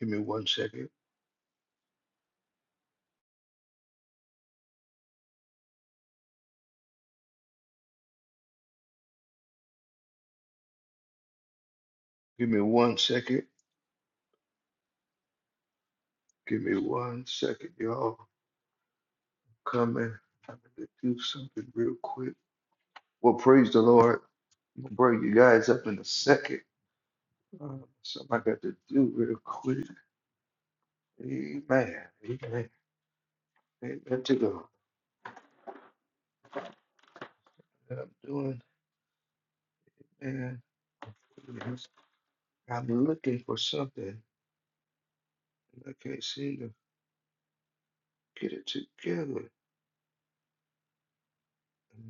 Give me one second. Give me one second. Give me one second, y'all. Coming. I'm gonna do something real quick. Well, praise the Lord. I'm gonna bring you guys up in a second. Uh, something I got to do real quick. Amen. Amen. Amen to God. What I'm doing, man. is I'm looking for something. and I can't seem to get it together. Mm-hmm.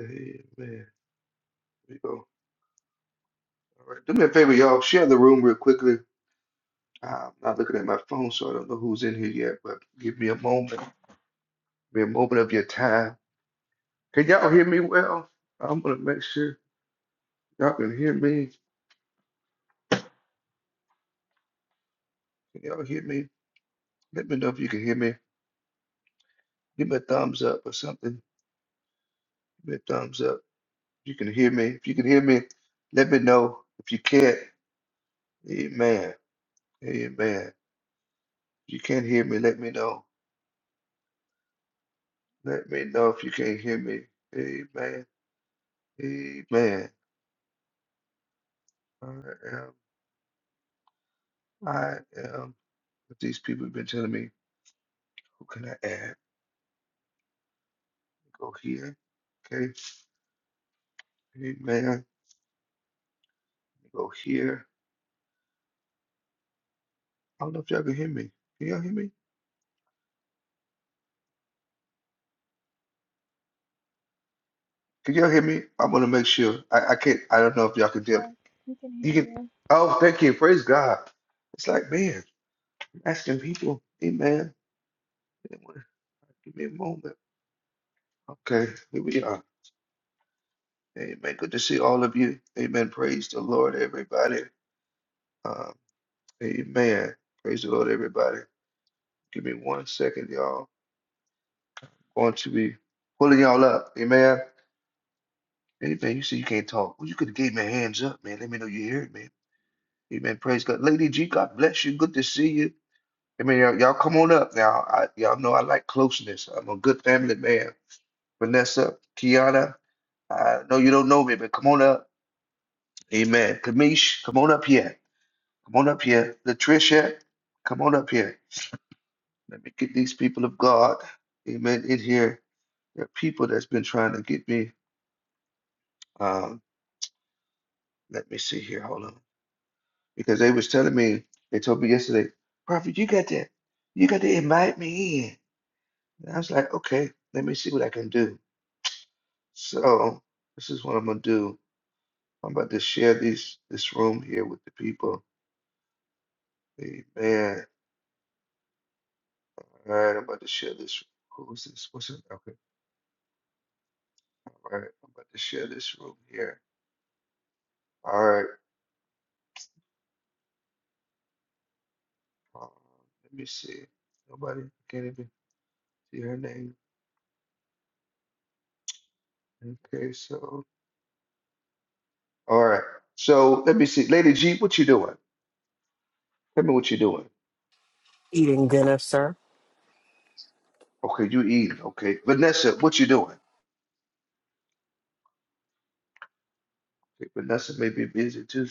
Amen. We go. All right. Do me a favor, y'all. Share the room real quickly Uh, I'm not looking at my phone, so I don't know who's in here yet, but give me a moment. Give me a moment of your time. Can y'all hear me well? I'm gonna make sure y'all can hear me. Can y'all hear me? Let me know if you can hear me. Give me a thumbs up or something. Give me a thumbs up. you can hear me. If you can hear me, let me know. If you can't, amen. Amen. If you can't hear me, let me know. Let me know if you can't hear me. Amen. Amen. I am. I am. What These people have been telling me. What can I add? Go here. Okay. Amen. Go here. I don't know if y'all can hear me. Can y'all hear me? Can y'all hear me? I want to make sure. I, I can't. I don't know if y'all can hear me. Yes, we can You hear can. you. Oh, thank you. Praise God. It's like, man, I'm asking people. Amen. Give me a moment. Okay. Here we are. Amen. Good to see all of you. Amen. Praise the Lord, everybody. Um, amen. Praise the Lord, everybody. Give me one second, y'all. Going to be pulling y'all up. Amen. Amen. You say you can't talk. Well, you could have gave me a hands up, man. Let me know you hear it, man. Amen. Praise God. Lady G, God bless you. Good to see you. Amen. Y'all, y'all come on up now. I, y'all know I like closeness. I'm a good family man. Vanessa, Kiana, I know you don't know me, but come on up. Amen. Kamish, come on up here. Come on up here. Latricia, come on up here. Let me get these people of God, amen, in here. There are people that's been trying to get me. Um, let me see here. Hold on. because they was telling me, they told me yesterday, Prophet, you got to, you got to invite me in. And I was like, okay, let me see what I can do. So this is what I'm gonna do. I'm about to share these this room here with the people. Amen. All right, I'm about to share this. Who's this? What's it? Okay. All right, I'm about to share this room here. All right. Um, let me see. Nobody can't even see her name. Okay, so all right. So let me see, Lady G, what you doing? Tell me what you doing. eating dinner, sir. Okay, you eating. Okay. Vanessa, what you doing? Okay, Vanessa may be busy too.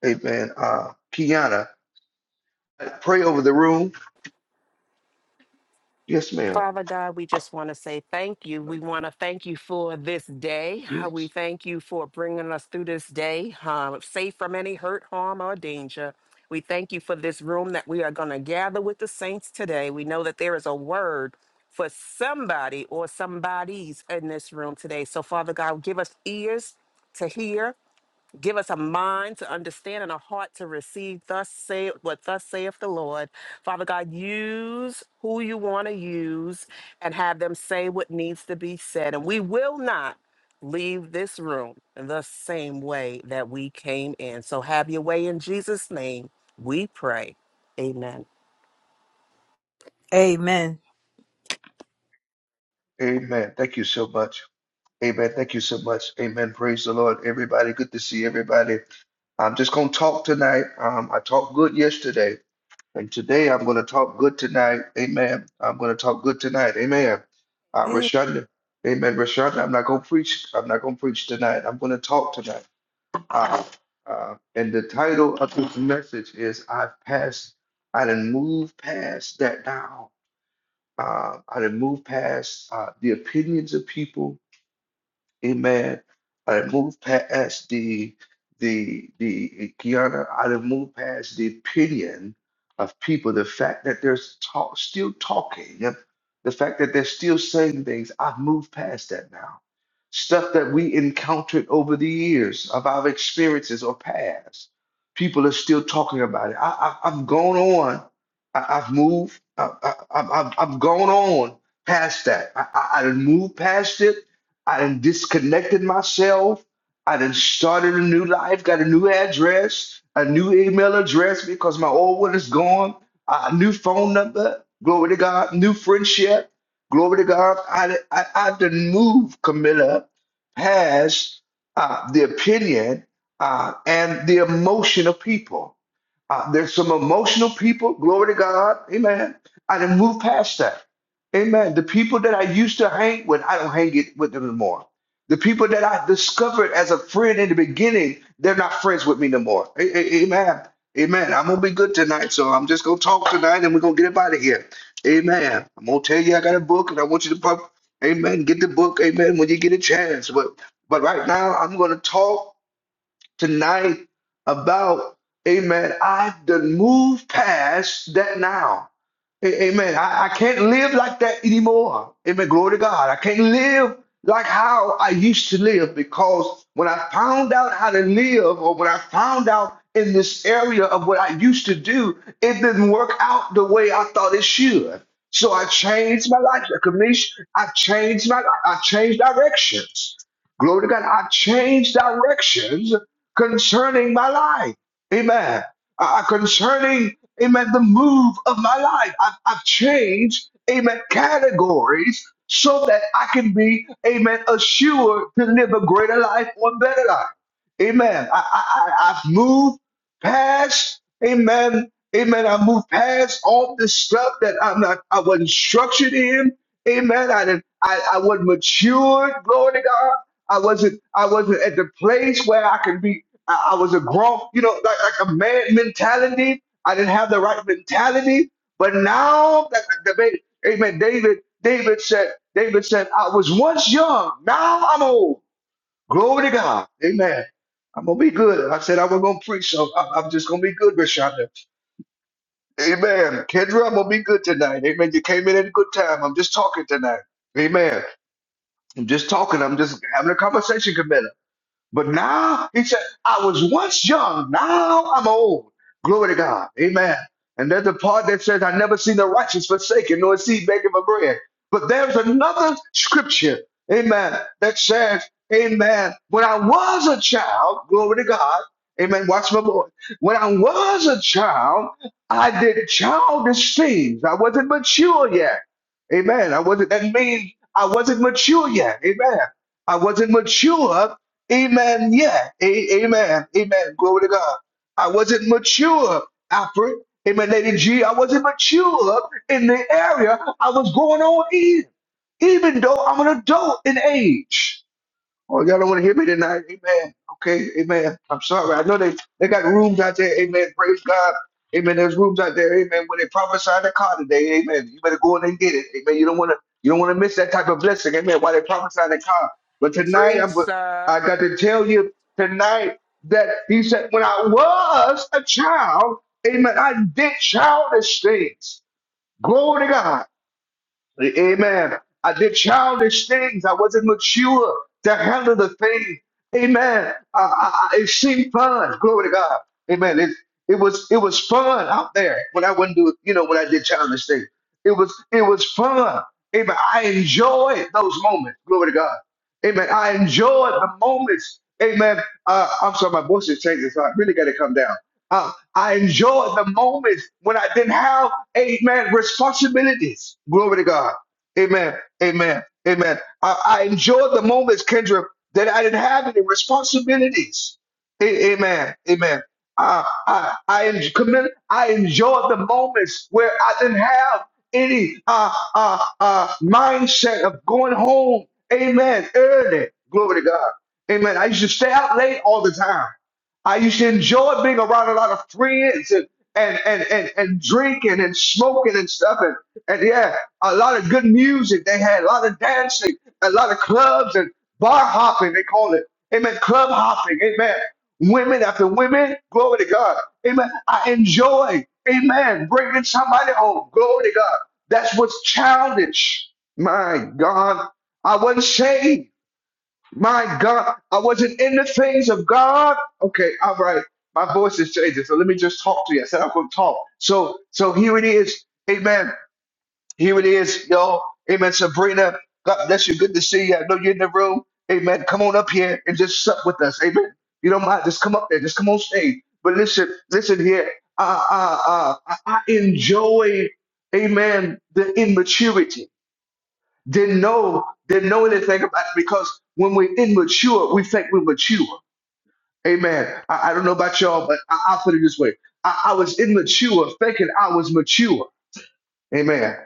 Hey man, uh Kiana, pray over the room. Yes, ma'am. Father God, we just want to say thank you. We want to thank you for this day. Uh, We Yes. thank you for bringing us through this day, um, safe from any hurt, harm, or danger. We thank you for this room that we are going to gather with the saints today. We know that there is a word for somebody or somebodies in this room today. So, Father God, give us ears to hear Give us a mind to understand and a heart to receive. Thus say what thus saith the Lord. Father God, use who you want to use and have them say what needs to be said. And we will not leave this room the same way that we came in. So have your way in Jesus' name. We pray. Amen. Amen. Amen. Thank you so much. Amen. Thank you so much. Amen. Praise the Lord. Everybody, good to see everybody. I'm just gonna talk tonight. Um, I talked good yesterday, and today I'm gonna talk good tonight. Amen. I'm gonna talk good tonight. Amen. Uh, Man. Rashonda. Amen. Rashonda, I'm not gonna preach. I'm not gonna preach tonight. I'm gonna talk tonight. Uh, uh, and the title of this message is I've passed, I done moved past that now. Uh, I done moved past uh, the opinions of people Amen. I moved past the the the Kiana. I done moved past the opinion of people. The fact that they're talk, still talking, the fact that they're still saying things. I've moved past that now. Stuff that we encountered over the years of our experiences or past, people are still talking about it. I, I, I've gone on. I, I've moved. I, I, I've, I've I've gone on past that. I, I, I done moved past it. I done disconnected myself. I done started a new life, got a new address, a new email address because my old one is gone, a new phone number. Glory to God, new friendship. Glory to God. I, I, I done moved Camilla past uh, the opinion uh, and the emotion of people. Uh, there's some emotional people, glory to God. Amen. I done moved past that. Amen. The people that I used to hang with, I don't hang it with them anymore. The people that I discovered as a friend in the beginning, they're not friends with me no more. A- a- Amen. Amen. I'm gonna be good tonight, so I'm just gonna talk tonight and we're gonna get up out of here. Amen. I'm gonna tell you I got a book and I want you to pop. Amen. Get the book, amen, when you get a chance. But but right now I'm gonna talk tonight about, amen, I've done moved past that now. A- Amen. I, I can't live like that anymore. Amen. Glory to God. I can't live like how I used to live because when I found out how to live, or when I found out in this area of what I used to do, it didn't work out the way I thought it should. So I changed my life. Commission. I changed my. life. I changed directions. Glory to God. I changed directions concerning my life. Amen uh, uh, concerning, amen, the move of my life. I've, I've changed, amen, categories so that I can be, amen, assured to live a greater life or better life. Amen. I, I, I- I've moved past, amen, amen. I moved past all this stuff that I'm not, I wasn't structured in. Amen. I didn't, I, I wasn't matured, glory to God. I wasn't, I wasn't at the place where I could be I, I was a grown, you know, like, like a man mentality. I didn't have the right mentality. But now, that, that, that- amen. David, David said, David said, I was once young. Now I'm old. Glory to God. Amen. I'm gonna be good. I said I was gonna preach, so I'm, I'm just gonna be good, Rashonda. Amen. Kendra, I'm gonna be good tonight. Amen. You came in at a good time. I'm just talking tonight. Amen. I'm just talking. I'm just having a conversation, Camilla. But now he said, I was once young, now I'm old. Glory to God. Amen. And there's a part that says, I never seen the righteous forsaken, nor seed begging for bread. But there's another scripture, amen, that says, Amen. When I was a child, glory to God, amen. Watch my boy. When I was a child, I did childish things. I wasn't mature yet. Amen. I wasn't, that means I wasn't mature yet. Amen. I wasn't mature. Amen. Yeah. A- amen. Amen. Glory to God. I wasn't mature, Alfred. Amen. Lady G, I wasn't mature in the area I was going on in, even though I'm an adult in age. Oh, y'all don't want to hear me tonight. Amen. Okay. Amen. I'm sorry. I know they, they got rooms out there. Amen. Praise God. Amen. There's rooms out there. Amen. When they prophesy the car today. Amen. You better go in and get it. Amen. You don't want to, you don't want to miss that type of blessing. Amen. While they prophesy the car. But tonight, Preach, I'm, go- sir. I got to tell you tonight that he said, when I was a child, amen, I did childish things. Glory to God. Amen. I did childish things. I wasn't mature to handle the thing. Amen. I, I, I- it seemed fun. Glory to God. Amen. It, it was it was fun out there when I wouldn't do you know when I did childish things. It was it was fun. Amen. I enjoyed those moments. Glory to God. Amen. I enjoyed the moments. Amen. Uh, I'm sorry, my voice is changing, so I really got to come down. Uh, I enjoyed the moments when I didn't have, amen, responsibilities. Glory to God. Amen. Amen. Amen. I, I enjoyed the moments, Kendra, that I didn't have any responsibilities. A- amen. Amen. I, I, I, en- commit- I enjoyed the moments where I didn't have any uh, uh, uh, mindset of going home. Amen. Early. Glory to God. Amen. I used to stay out late all the time. I used to enjoy being around a lot of friends and and and and, and drinking and smoking and stuff and and yeah, a lot of good music. They had a lot of dancing, a lot of clubs and bar hopping. They call it, amen. Club hopping, amen. Women after women, glory to God, amen. I enjoy, amen. Bringing somebody home, glory to God. That's what's childish. My God, I wasn't saved. My God, I wasn't in the things of God. Okay, all right. My voice is changing, so let me just talk to you. I said I'm going to talk. So, so here it is. Amen. Here it is, y'all. Amen. Sabrina, God bless you. Good to see you. I know you're in the room. Amen. Come on up here and just sup with us. Amen. You don't mind. Just come up there. Just come on stage. But listen, listen here. Uh, uh, uh, I I enjoy, amen, the immaturity. Didn't know, didn't know anything about it because when we're immature, we think we're mature. Amen. I, I don't know about y'all, but I, I'll put it this way. I, I was immature thinking I was mature. Amen.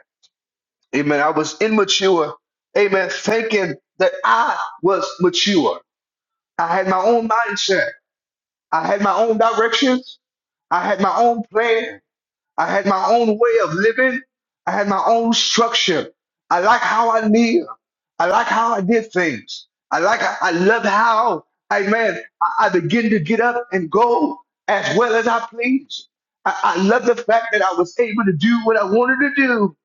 Amen. I was immature. Amen. Thinking that I was mature. I had my own mindset. I had my own directions. I had my own plan. I had my own way of living. I had my own structure. I like how I live. I like how I did things. I like I love how Amen. I, I begin to get up and go as well as I please. I, I love the fact that I was able to do what I wanted to do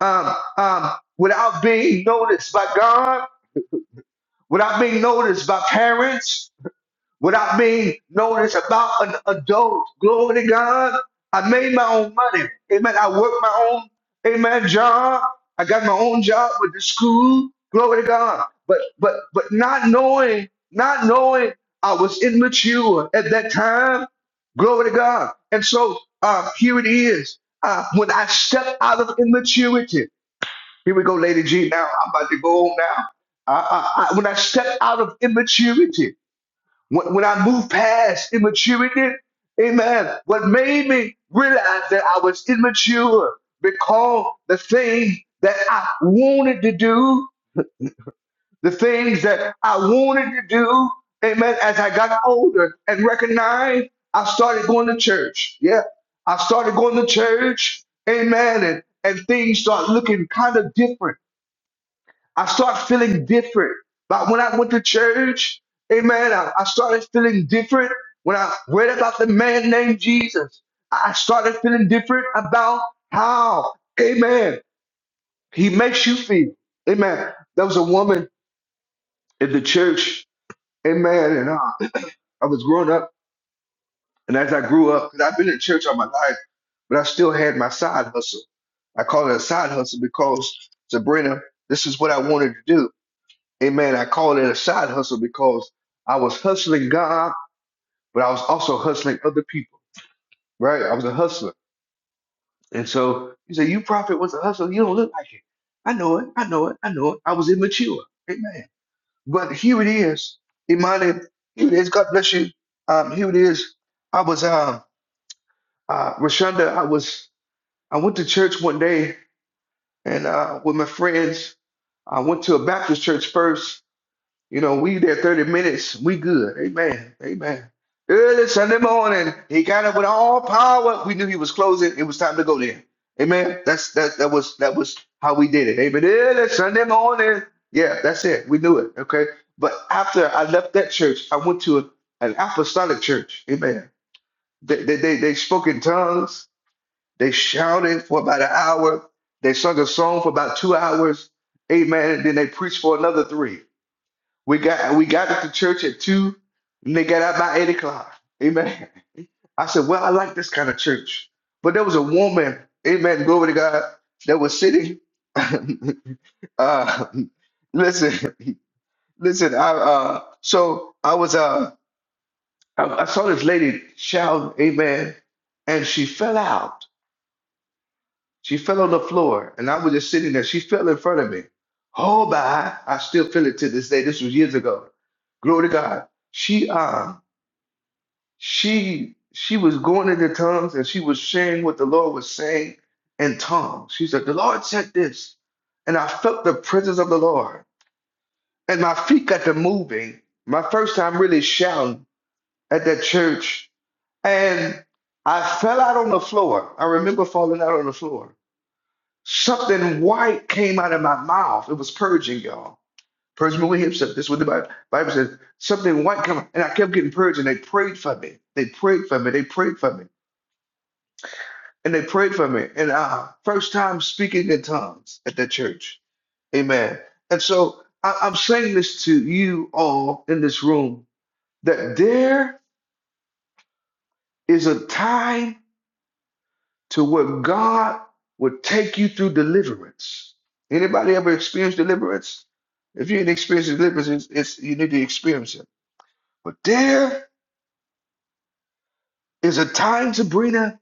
um, um, without being noticed by God, without being noticed by parents, without being noticed about an adult. Glory to God. I made my own money. Amen. I worked my own, amen, job. I got my own job with the school. Glory to God. But but but not knowing, not knowing I was immature at that time. Glory to God. And so uh, here it is. Uh, when I step out of immaturity, here we go, Lady G. Now I'm about to go on now. I, I, I, when I step out of immaturity, when, when I moved past immaturity, amen, what made me realize that I was immature because the things that I wanted to do, the things that I wanted to do, amen, as I got older and recognized, I started going to church. Yeah, I started going to church, amen, and, and things start looking kind of different. I start feeling different. But when I went to church, amen, I, I started feeling different. When I read about the man named Jesus, I started feeling different about how, amen, he makes you feel. Amen. There was a woman in the church, amen, and uh, I was growing up. And as I grew up, because I've been in church all my life, but I still had my side hustle. I call it a side hustle because, Sabrina, this is what I wanted to do. Amen. I call it a side hustle because I was hustling God, but I was also hustling other people, right? I was a hustler. And so you say, You prophet was a hustler. You don't look like it. I know it. I know it. I know it. I was immature. Amen. But here it is. Imani, here it is. God bless you. Um, here it is. I was, um, uh, Rashonda, I was, I went to church one day and uh, with my friends, I went to a Baptist church first You know, we there 30 minutes, we good. Amen. Amen. Early Sunday morning, he got up with all power. We knew he was closing. It was time to go there. Amen. That's that that was that was how we did it. Amen. Early Sunday morning. Yeah, that's it. We knew it. Okay. But after I left that church, I went to a, an apostolic church. Amen. They they they, they spoke in tongues. They shouted for about an hour. They sung a song for about two hours. Amen. And then they preached for another three. We got we got at the church at two, and they got out by eight o'clock. Amen. I said, well, I like this kind of church. But there was a woman, amen, glory to God, that was sitting. uh, listen, listen. I uh, so I was uh, I, I saw this lady shout, amen, and she fell out. She fell on the floor, and I was just sitting there. She fell in front of me. Oh, by I still feel it to this day. This was years ago. Glory to God. She um she she was going into tongues and she was sharing what the Lord was saying in tongues. She said, The Lord said this, and I felt the presence of the Lord. And my feet got to moving. My first time really shouting at that church. And I fell out on the floor. I remember falling out on the floor. Something white came out of my mouth. It was purging, y'all. Purge me with himself. This is what the Bible, Bible says. Something white came out. And I kept getting purged, and they prayed for me. They prayed for me. They prayed for me. and they prayed for me. And uh, first time speaking in tongues at that church. Amen. And so I, I'm saying this to you all in this room that there is a time to where God will take you through deliverance. Anybody ever experienced deliverance? If you ain't experienced deliverance, it's, it's you need to experience it. But there is a time, Sabrina,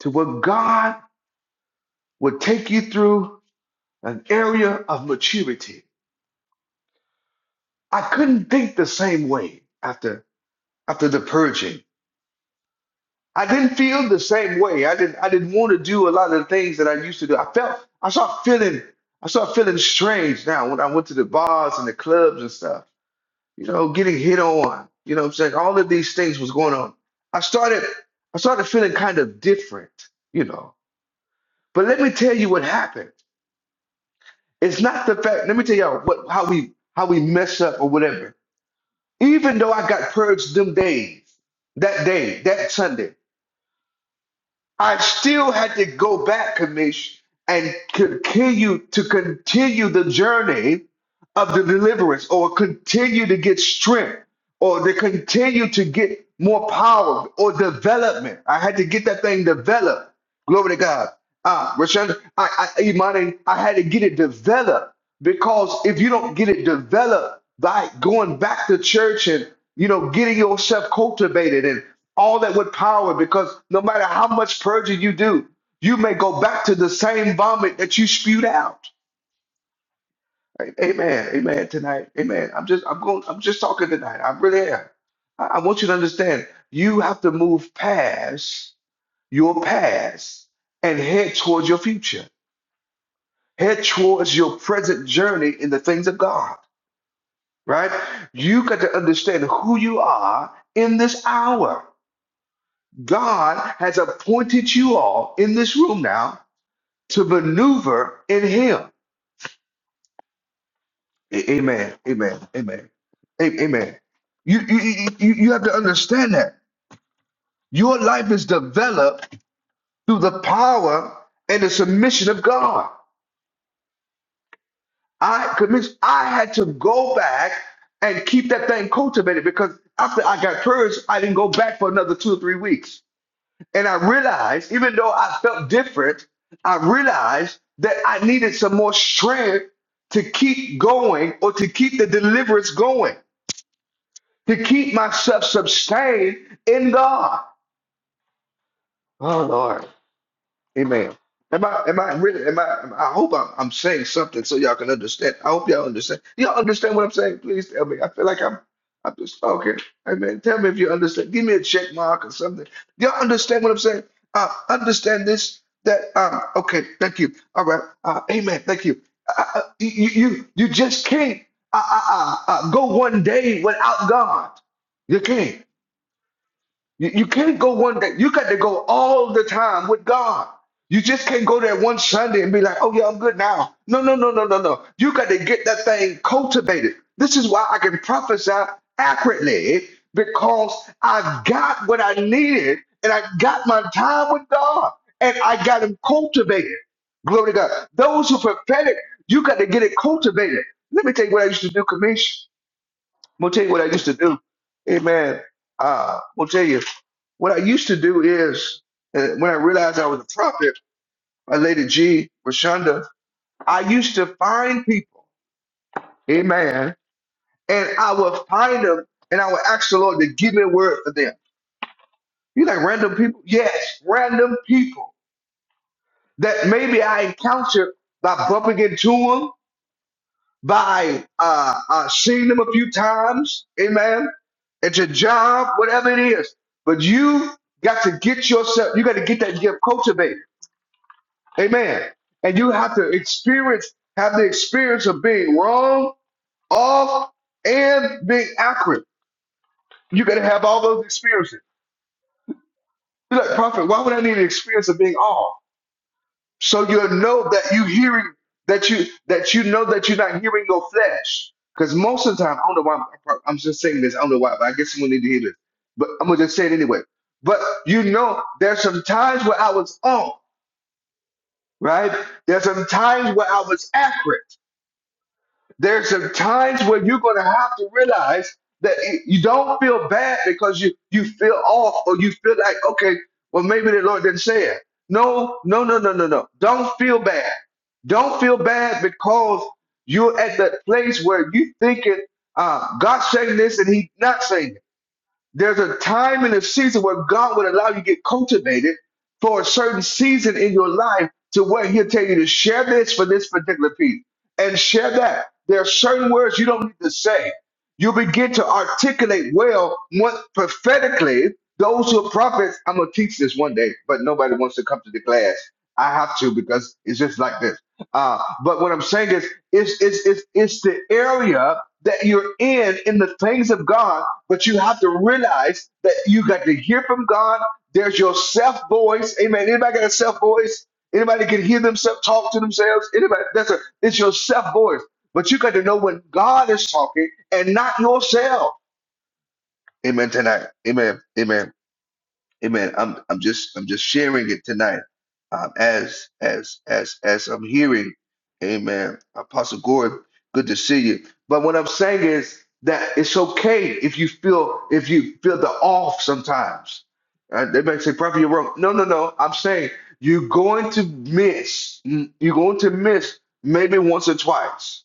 to where God will take you through an area of maturity I couldn't think the same way after after the purging. I didn't feel the same way. I didn't I didn't want to do a lot of the things that I used to do. I felt I started feeling I started feeling strange now when I went to the bars and the clubs and stuff. You know, getting hit on. You know what I'm saying? All of these things was going on. I started I started feeling kind of different, you know. But let me tell you what happened. It's not the fact, let me tell y'all what how we how we mess up or whatever Even though I got purged them days, that day, that Sunday, I still had to go back, Kamish, and continue to continue the journey of the deliverance, or continue to get strength, or to continue to get more power or development. I had to get that thing developed. Glory to God. Ah, Rashan, I, I, Imani, I had to get it developed because if you don't get it developed by going back to church and you know getting yourself cultivated and all that with power because no matter how much purging you do, you may go back to the same vomit that you spewed out. Amen. Amen. Tonight. Amen. I'm just I'm going I'm just talking tonight. I really am. I, I want you to understand you have to move past your past and head towards your future. Head towards your present journey in the things of God. Right? You got to understand who you are in this hour. God has appointed you all in this room now to maneuver in Him. A- Amen. Amen. Amen. A- Amen. You, you, you, you you have to understand that your life is developed through the power and the submission of God. I commis- I had to go back and keep that thing cultivated because after I got purged, I didn't go back for another two or three weeks. And I realized, even though I felt different, I realized that I needed some more strength to keep going or to keep the deliverance going, to keep myself sustained in God. Oh, Lord. Amen. Am I am I really am I I hope I'm I'm saying something so y'all can understand. I hope y'all understand. Y'all understand what I'm saying? Please tell me. I feel like I'm I'm just talking. Amen. Tell me if you understand. Give me a check mark or something. Y'all understand what I'm saying? Uh understand this that um okay, thank you. All right. Uh, amen. Thank you. Uh, uh, you you you just can't uh, uh, uh, uh, go one day without God. You can't. You, you can't go one day. You got to go all the time with God. You just can't go there one Sunday and be like, oh, yeah, I'm good now. No, no, no, no, no, no. You got to get that thing cultivated. This is why I can prophesy accurately because I got what I needed and I got my time with God and I got him cultivated. Glory to God. Those who prophetic, you got to get it cultivated. Let me tell you what I used to do, Commission. I'm gonna tell you what I used to do. Amen. Uh, I'm gonna tell you what I used to do is uh, when I realized I was a prophet, my lady G, Rashonda, I used to find people. Amen. And I would find them and I would ask the Lord to give me a word for them. You like random people? Yes, random people that maybe I encountered by bumping into them, by uh, uh, seeing them a few times. Amen. at your job, whatever it is. But you got to get yourself, you got to get that gift cultivated. Amen. And you have to experience, have the experience of being wrong, off, and being accurate. You got to have all those experiences. You're like, prophet, why would I need an experience of being off? so you know that you hearing that you that you know that you're not hearing your flesh. Because most of the time, I don't know why I'm, I'm just saying this. I don't know why, but I guess someone need to hear this. But I'm gonna just say it anyway. But you know, there's some times where I was on, right? There's some times where I was accurate. There's some times where you're going to have to realize that it- you don't feel bad because you you feel off or you feel like okay, well maybe the Lord didn't say it. No, no, no, no, no, no. Don't feel bad. Don't feel bad because you're at that place where you thinking uh, God's saying this and He's not saying. this. There's a time and a season where God will allow you to get cultivated for a certain season in your life to where He'll tell you to share this for this particular piece and share that. There are certain words you don't need to say. You begin to articulate well what prophetically. Those who are prophets, I'm gonna teach this one day, but nobody wants to come to the class. I have to because it's just like this. Uh, but what I'm saying is, it's it's it's, it's the area that you're in in the things of God, but you have to realize that you got to hear from God. There's your self voice. Amen. Anybody got a self voice? Anybody can hear themselves talk to themselves? Anybody? That's a it's your self voice. But you got to know when God is talking and not yourself. Amen tonight. Amen. Amen. Amen. I'm I'm just I'm just sharing it tonight. Um, as as as as I'm hearing, Amen. Apostle Gordon, good to see you. But what I'm saying is that it's okay if you feel if you feel the off sometimes. Uh, they might say, "Prophet, you're wrong." No, no, no. I'm saying you're going to miss. mm, You're going to miss maybe once or twice.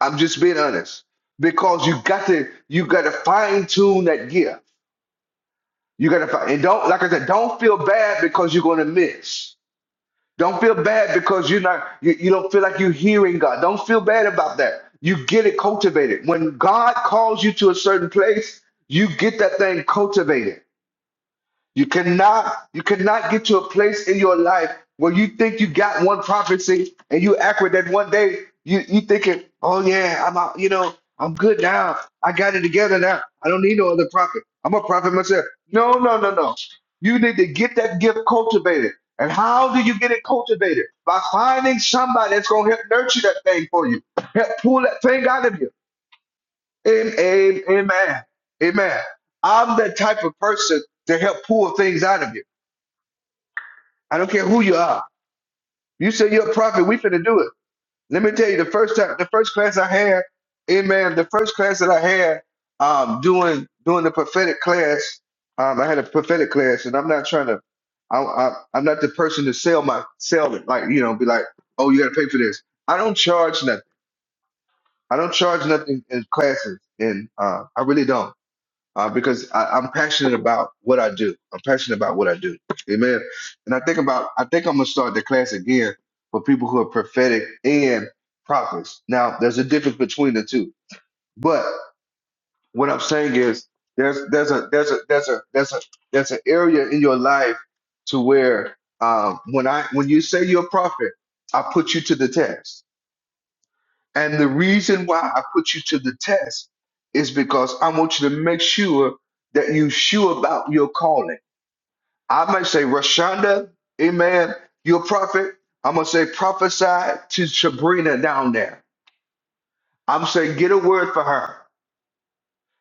I'm just being honest because you got to you got to fine tune that gear. You gotta find and don't like I said, don't feel bad because you're gonna miss. Don't feel bad because you're not you, you don't feel like you're hearing God. Don't feel bad about that. You get it cultivated. When God calls you to a certain place, you get that thing cultivated. You cannot, you cannot get to a place in your life where you think you got one prophecy and you act with that one day. You you thinking, oh yeah, I'm out, you know, I'm good now. I got it together now. I don't need no other prophet. I'm a prophet myself. No, no, no, no. You need to get that gift cultivated. And how do you get it cultivated? By finding somebody that's gonna help nurture that thing for you, help pull that thing out of you. Am- am- Amen. Amen. I'm that type of person to help pull things out of you. I don't care who you are. You say you're a prophet, we finna do it. Let me tell you, the first time, the first class I had, amen, the first class that I had um, doing doing the prophetic class, um, I had a prophetic class, and I'm not trying to, I, I, I'm not the person to sell my sell it, like you know, be like, oh, you gotta pay for this. I don't charge nothing. I don't charge nothing in classes, and uh, I really don't uh, because I, I'm passionate about what I do. I'm passionate about what I do. Amen. And I think about, I think I'm gonna start the class again for people who are prophetic and prophets. Now, there's a difference between the two, but what I'm saying is there's there's a there's a there's a there's a there's an area in your life to where um, when I when you say you're a prophet, I put you to the test. And the reason why I put you to the test is because I want you to make sure that you sure about your calling. I might say, Rashonda, amen, you're a prophet. I'm going to say, prophesy to Sabrina down there. I'm saying, get a word for her.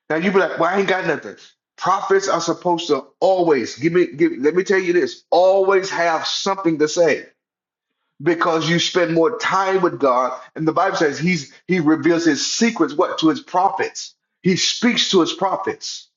Now you be like, well, I ain't got nothing. Prophets are supposed to always give me, give, let me tell you this, always have something to say. because you spend more time with God. And the Bible says he's he reveals his secrets what to his prophets. He speaks to his prophets.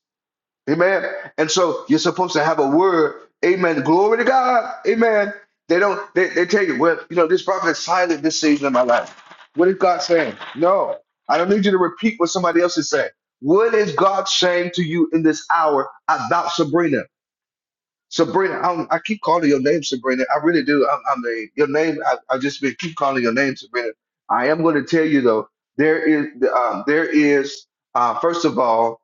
Amen. And so you're supposed to have a word. Amen. Glory to God. Amen. They don't they, they tell you, well, you know, this prophet is silent this season of my life. What is God saying? No. I don't need you to repeat what somebody else is saying. What is God saying to you in this hour about Sabrina? Sabrina, I'm, I keep calling your name, Sabrina. I really do. I'm, I'm a, your name. I, I just been keep calling your name, Sabrina. I am going to tell you though, there is, um, there is, uh, first of all,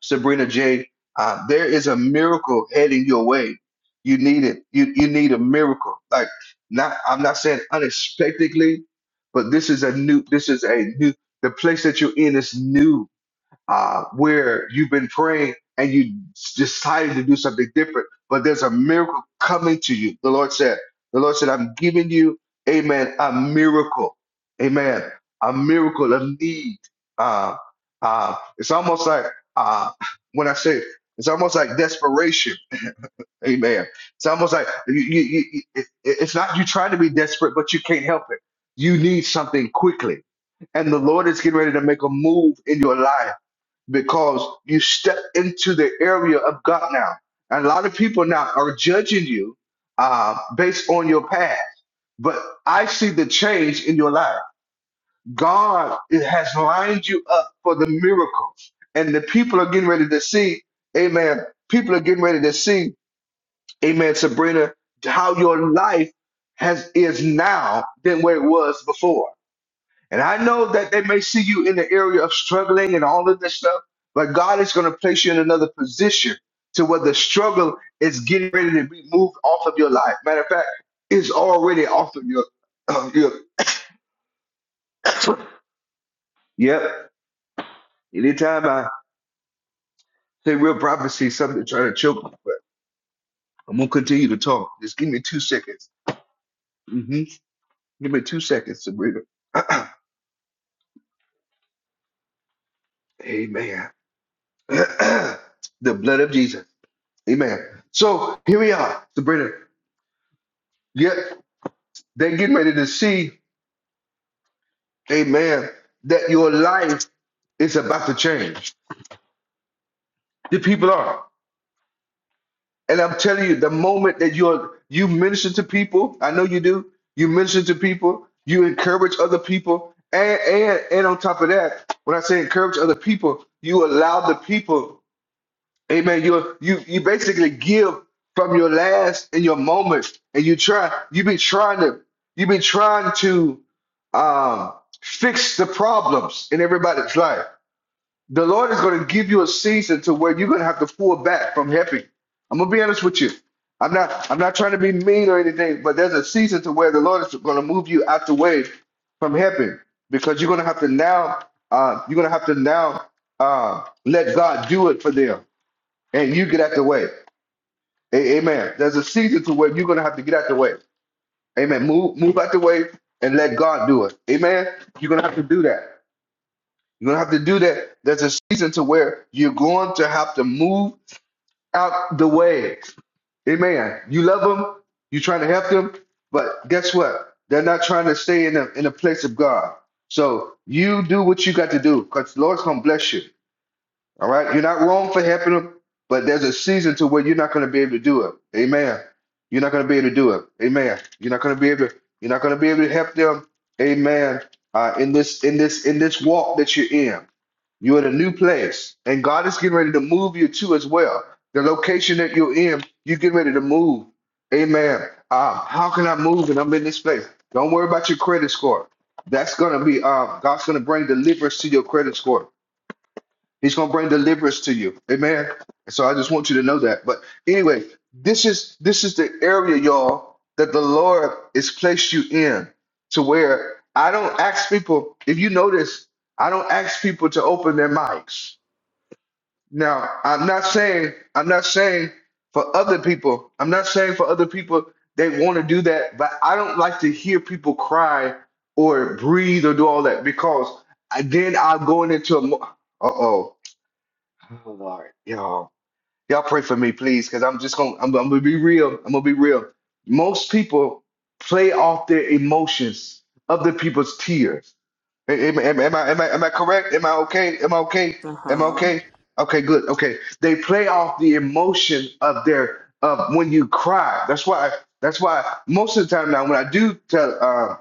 Sabrina J, uh, there is a miracle heading your way. You need it. You you need a miracle. Like not, I'm not saying unexpectedly, but this is a new. This is a new. The place that you're in is new uh, where you've been praying and you decided to do something different, but there's a miracle coming to you. The Lord said, The Lord said, I'm giving you, amen, a miracle. Amen. A miracle of need. Uh, uh, it's almost like, uh, when I say, it's almost like desperation. Amen. It's almost like you, you, you, it, it's not you trying to be desperate, but you can't help it. You need something quickly and the Lord is getting ready to make a move in your life because you step into the area of God now. And a lot of people now are judging you uh, based on your past. But I see the change in your life. God has lined you up for the miracles. And the people are getting ready to see, amen. People are getting ready to see, amen, Sabrina, how your life has is now than where it was before. And I know that they may see you in the area of struggling and all of this stuff, but God is going to place you in another position to where the struggle is getting ready to be moved off of your life. Matter of fact, it's already off of your, your yep. Anytime I say real prophecy, something trying to choke me, but I'm going to continue to talk. Just give me two seconds. hmm Give me two seconds to breathe. it. Amen. the blood of Jesus. Amen. So here we are, Sabrina. Yep. They're getting ready to see, amen, that your life is about to change. The people are. And I'm telling you, the moment that you're you minister to people, I know you do, you minister to people, you encourage other people, and and and on top of that, when I say encourage other people, you allow the people Amen. You you you basically give from your last in your moments, and you try. You be trying to. You be trying to um, fix the problems in everybody's life. The Lord is going to give you a season to where you're going to have to pull back from helping. I'm gonna be honest with you. I'm not. I'm not trying to be mean or anything, but there's a season to where the Lord is going to move you out the way from helping because you're going to have to now. Uh, you're going to have to now uh, let God do it for them and you get out the way. A- amen. There's a season to where you're gonna have to get out the way. Amen. Move, move out the way and let God do it. Amen. You're gonna have to do that. You're gonna have to do that. There's a season to where you're going to have to move out the way. Amen. You love them. You're trying to help them, but guess what? They're not trying to stay in the in the place of God. So you do what you got to do, because the Lord's gonna bless you. All right. You're not wrong for helping them, but there's a season to where you're not going to be able to do it. Amen. You're not going to be able to do it. Amen. You're not going to be able to, you're not going to be able to help them. Amen. Uh, in this, in this, in this walk that you're in, you're in a new place and God is getting ready to move you to as well. The location that you're in, you get ready to move. Amen. Uh, how can I move and I'm in this place? Don't worry about your credit score. That's going to be, uh, God's going to bring deliverance to your credit score. He's going to bring deliverance to you. Amen. So I just want you to know that. But anyway, this is this is the area, y'all, that the Lord has placed you in to where I don't ask people, if you notice, I don't ask people to open their mics. Now, I'm not saying, I'm not saying for other people, I'm not saying for other people they want to do that, but I don't like to hear people cry or breathe or do all that because I- then I'll go into a uh oh. Oh Lord, y'all, y'all pray for me, please, because I'm just gonna, I'm, I'm gonna be real. I'm gonna be real. Most people play off their emotions, other people's tears. A- Am, am, am I, am I, am I correct? Am I okay? Am I okay? Uh Am I huh. okay? Okay, good. Okay, they play off the emotion of their of when you cry. That's why. That's why most of the time now, when I do tell, uh,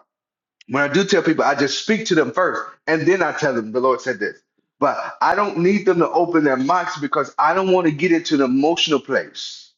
when I do tell people, I just speak to them first, and then I tell them the Lord said this. But I don't need them to open their mouths because I don't want to get into the emotional place.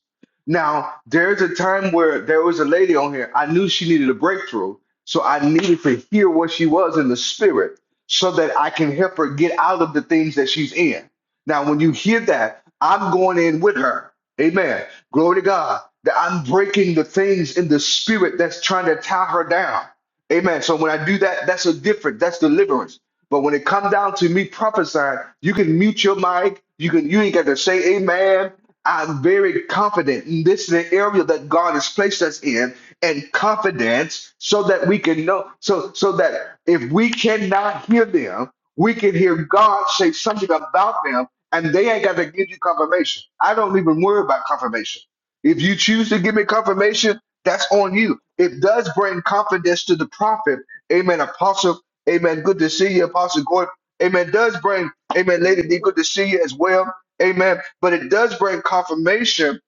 Now, there's a time where there was a lady on here. I knew she needed a breakthrough, so I needed to hear what she was in the spirit so that I can help her get out of the things that she's in. Now, when you hear that, I'm going in with her. Amen. Glory to God that I'm breaking the things in the spirit that's trying to tie her down. Amen. So when I do that, that's a different, that's deliverance. But when it comes down to me prophesying, you can mute your mic. You can you ain't got to say amen. I'm very confident. And This is the area that God has placed us in, and confidence, so that we can know, so so that if we cannot hear them, we can hear God say something about them, and they ain't got to give you confirmation. I don't even worry about confirmation. If you choose to give me confirmation, that's on you. It does bring confidence to the prophet. Amen. Apostle. Amen. Good to see you, Apostle Gordon. Amen. Does bring, Amen, Lady D, good to see you as well. Amen. But it does bring confirmation.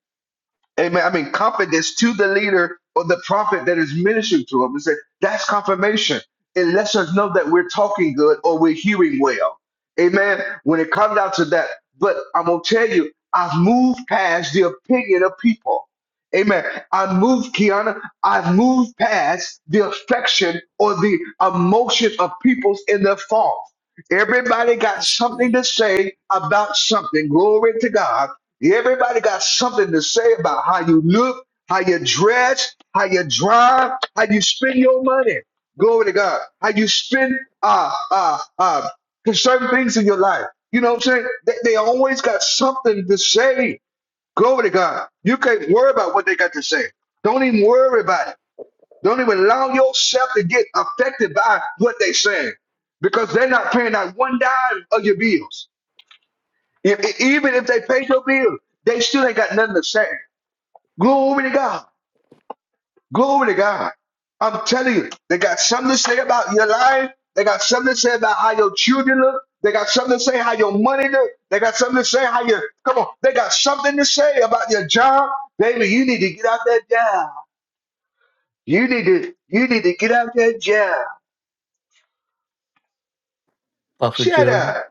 Amen. I mean, confidence to the leader or the prophet that is ministering to him. It's like, that's confirmation. It lets us know that we're talking good or we're hearing well. Amen. When it comes down to that, but I'm going to tell you, I've moved past the opinion of people. Amen. I've moved, Kiana, I've moved past the affection or the emotion of people's in their fault. Everybody got That's something good. to say about something. Glory to God. Everybody got something to say about how you look, how you dress, how you drive, how you spend your money. Glory to God. How you spend uh uh uh certain things in your life. You know what I'm saying? They, they always got something to say. Glory to God. You can't worry about what they got to say. Don't even worry about it. Don't even allow yourself to get affected by what they say because they're not paying out one dime of your bills. If, if- even if they paid your bill, they still ain't got nothing to say. Glory to God. Glory to God. I'm telling you, they got something to say about your life. They got something to say about how your children look. They got something to say how your money look. They got something to say how you come on. They got something to say about your job. Baby, you need to get out that job. You need to you need to get out that job. Prophet Shut Gerald. up.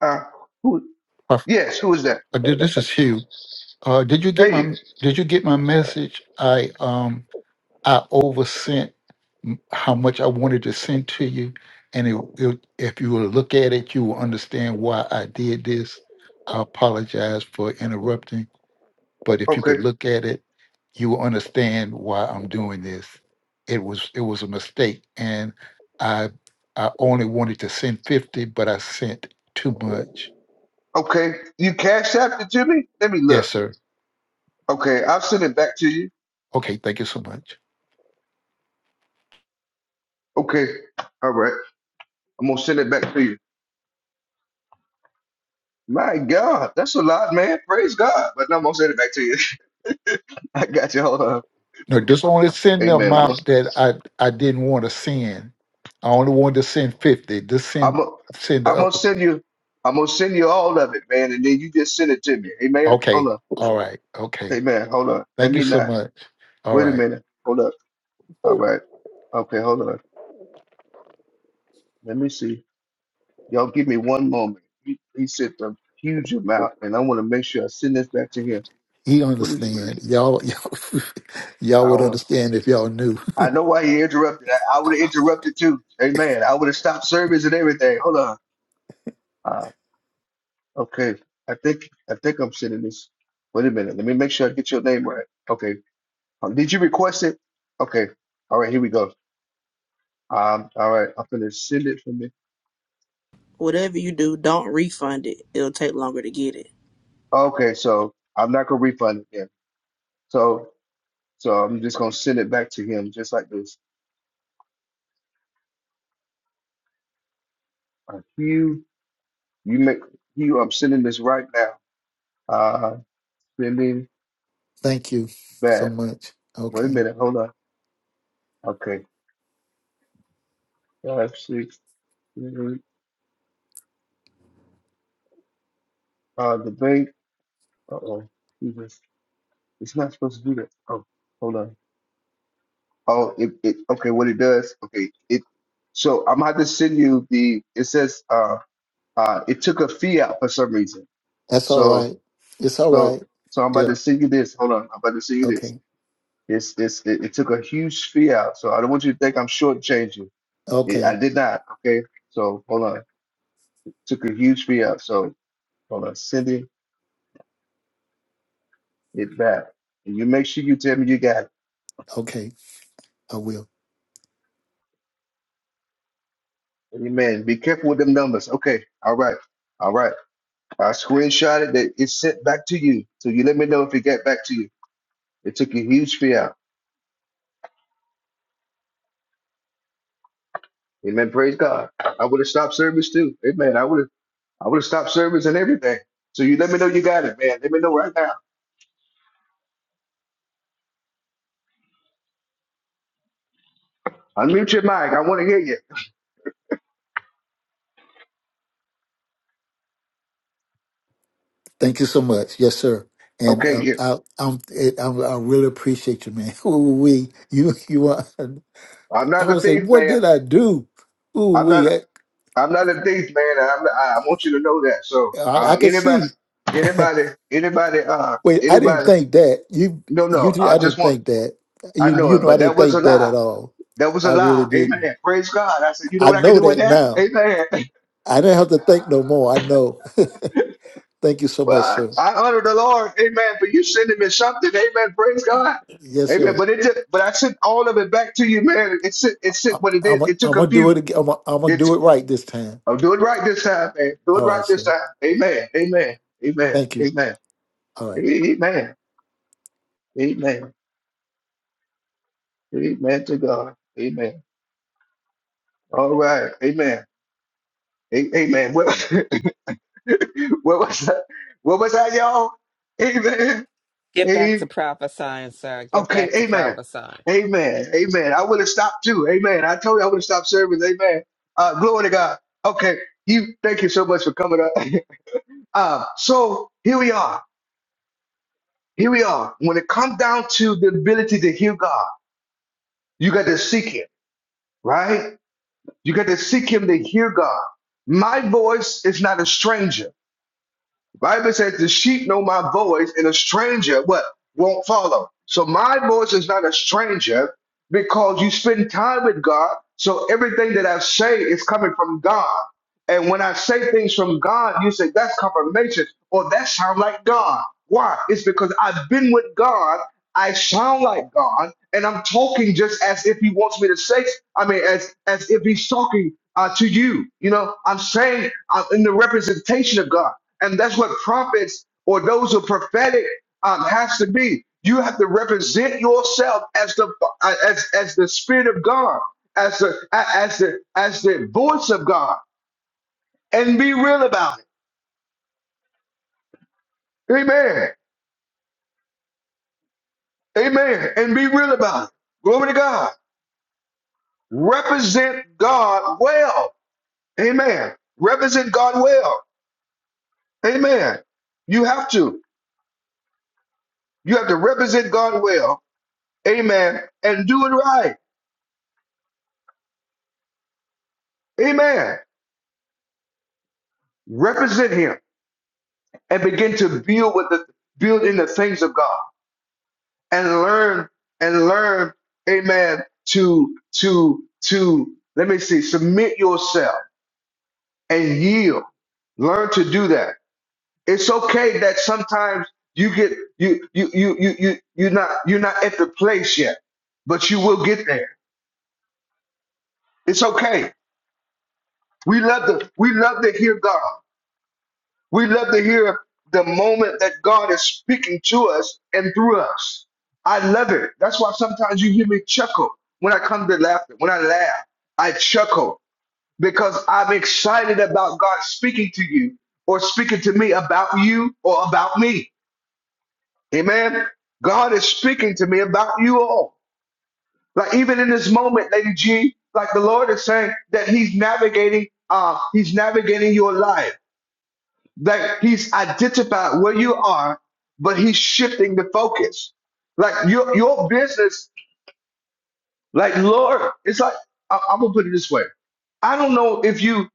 Uh, who Prophet, yes, who is that? uh, thi- this is Hugh. Uh, did you get Paige. my Did you get my message? I um I oversent m- how much I wanted to send to you, and it, it, if you will look at it, you will understand why I did this. I apologize for interrupting, but if you Okay. could look at it, you will understand why I'm doing this. It was it was a mistake, and I I only wanted to send fifty, but I sent too much. Okay. You cash out it to me? Let me look. Yes, sir. Okay, I'll send it back to you. Okay, thank you so much. Okay, all right. I'm gonna send it back to you. My God, that's a lot, man. Praise God. But no, I'm gonna send it back to you. I got you. Hold on. No, just only send the Amen. amount Once- that I I didn't want to send. I only wanted to send fifty. Just I'm send gonna, send the I'm gonna up. send you. I'm gonna send you all of it, man, and then you just send it to me. Amen. Hold Okay, on. all right. Okay, Amen. Hold on. Let thank you me so not. much. All Wait a right, minute. Hold up. All right. Okay. Hold on. Let me see. Y'all give me one moment. He, he sent a huge amount, and I want to make sure I send this back to him. he What is? understand. Y'all y'all y'all would Hold on. understand if y'all knew. I know why he interrupted. I, I would have interrupted too. Amen. I would have stopped service and everything. Hold on. Uh, okay. I think I think I'm sending this. Wait a minute. Let me make sure I get your name right. Okay. Um, did you request it? Okay. All right. Here we go. Um. All right. I'm gonna send it for me. Whatever you do, don't refund it. It'll take longer to get it. Okay. So I'm not gonna refund it. Then. So so I'm just gonna send it back to him just like this. Uh, Hugh, you make Hugh. I'm sending this right now. Uh, sending Thank you back. so much. Wait a Okay, minute. Hold on. Okay. five, six, seven, eight. Uh, the bank. Uh oh. Jesus. It's not supposed to do that. Oh, hold on. Oh, it, it. Okay, what it does. Okay, it. So I'm gonna have to send you the. It says. Uh, uh, it took a fee out for some reason. that's all So, right. It's all so, right. so I'm about Yeah. to send you this. Hold on. I'm about to send you this. Okay. It's, it's, it, it took a huge fee out. So I don't want you to think I'm shortchanging. It, I Okay. did not. Okay. So hold on. took a huge fee out. So hold on. Sending it back. And you make sure you tell me you got it. Okay. I will. Amen. Be careful with them numbers. Okay. All right. All right. I screenshotted that it's sent back to you. So you let me know if it got back to you. It took a huge fee out. Amen. Praise God. I would have stopped service too. Amen. I would have I would have stopped service and everything. So you let me know you got it, man. Let me know right now. Unmute your mic. I want to hear you. Thank you so much. Yes, sir. And Okay, uh, yeah. I, I'm, it, I'm, I really appreciate you, man. Ooh, we, you, you are. I'm I not a would say, thief, what man. did I do? Ooh, I'm we, not I, I'm not a thief, man. and I'm not, I I want you to know that. So I, uh I could anybody see. anybody anybody uh Wait, I didn't anybody think that. You, no you, no did- I I just didn't want think that. I You, know you it, know, I but that didn't was a think that lie. at all. That was a I really lie. didn't. Amen. Praise God. I said, you know I what I can know do with that that? now. Amen. I didn't have to think no more. I know. Thank you so much, Well, sir. I I honor the Lord. Amen. But you sending me something. Amen. Praise God. Yes, Amen. sir. But it did, but I sent all of it back to you, man. It sent it I, sent what it did. I'm, i It took I'm a gonna few. do it again. I'm, i I'm gonna It do it right this time. I'll do it right this time, man. Do it All right right, this sir. time. Amen. Amen. Amen. Thank you. Amen. All right. Amen. Amen. Amen to God. Amen. All right. Amen. A- Amen. Well, What was that? What was that, y'all? Amen. Get back to Amen. prophesying, sir. Get Okay, back to amen. prophesying. Amen. Amen. I would have stopped too. Amen. I told you I would have stopped service. Amen. Uh, glory to God. Okay. You thank you so much for coming up. uh, so here we are. Here we are. When it comes down to the ability to hear God, you got to seek him, right? You got to seek him to hear God. My voice is not a stranger. Bible says the sheep know my voice and a stranger what won't follow. So my voice is not a stranger because you spend time with God. So everything that I say is coming from God. And when I say things from God, you say that's confirmation or that sounds like God. Why? It's because I've been with God. I sound like God, and I'm talking just as if He wants me to say. I mean, as as if He's talking uh, to you. You know, I'm saying I'm in the representation of God and that's what prophets or those who are prophetic um, has to be. You have to represent yourself as the uh, as as the spirit of God, as the a- as the as the voice of God, and be real about it. Amen. Amen. And be real about it. Glory to God. Represent God well. Amen. Represent God well. Amen. You have to. You have to represent God well. Amen. And do it right. Amen. Represent Him. and begin to build with the build in the things of God and learn and learn, amen, to to to let me see, submit yourself and yield. Learn to do that. It's okay that sometimes you get you you you you you you're not you're not at the place yet, but you will get there. It's okay. We love to we love to hear God. We love to hear the moment that God is speaking to us and through us. I love it. That's why sometimes you hear me chuckle when I come to laughter. When I laugh, I chuckle because I'm excited about God speaking to you or speaking to me about you or about me. Amen. God is speaking to me about you all. Like even in this moment, Lady G, like the Lord is saying that He's navigating, uh, He's navigating your life. Like he's identified where you are, but he's shifting the focus. Like your your business, like Lord, it's like I, I'm gonna put it this way. I don't know if you.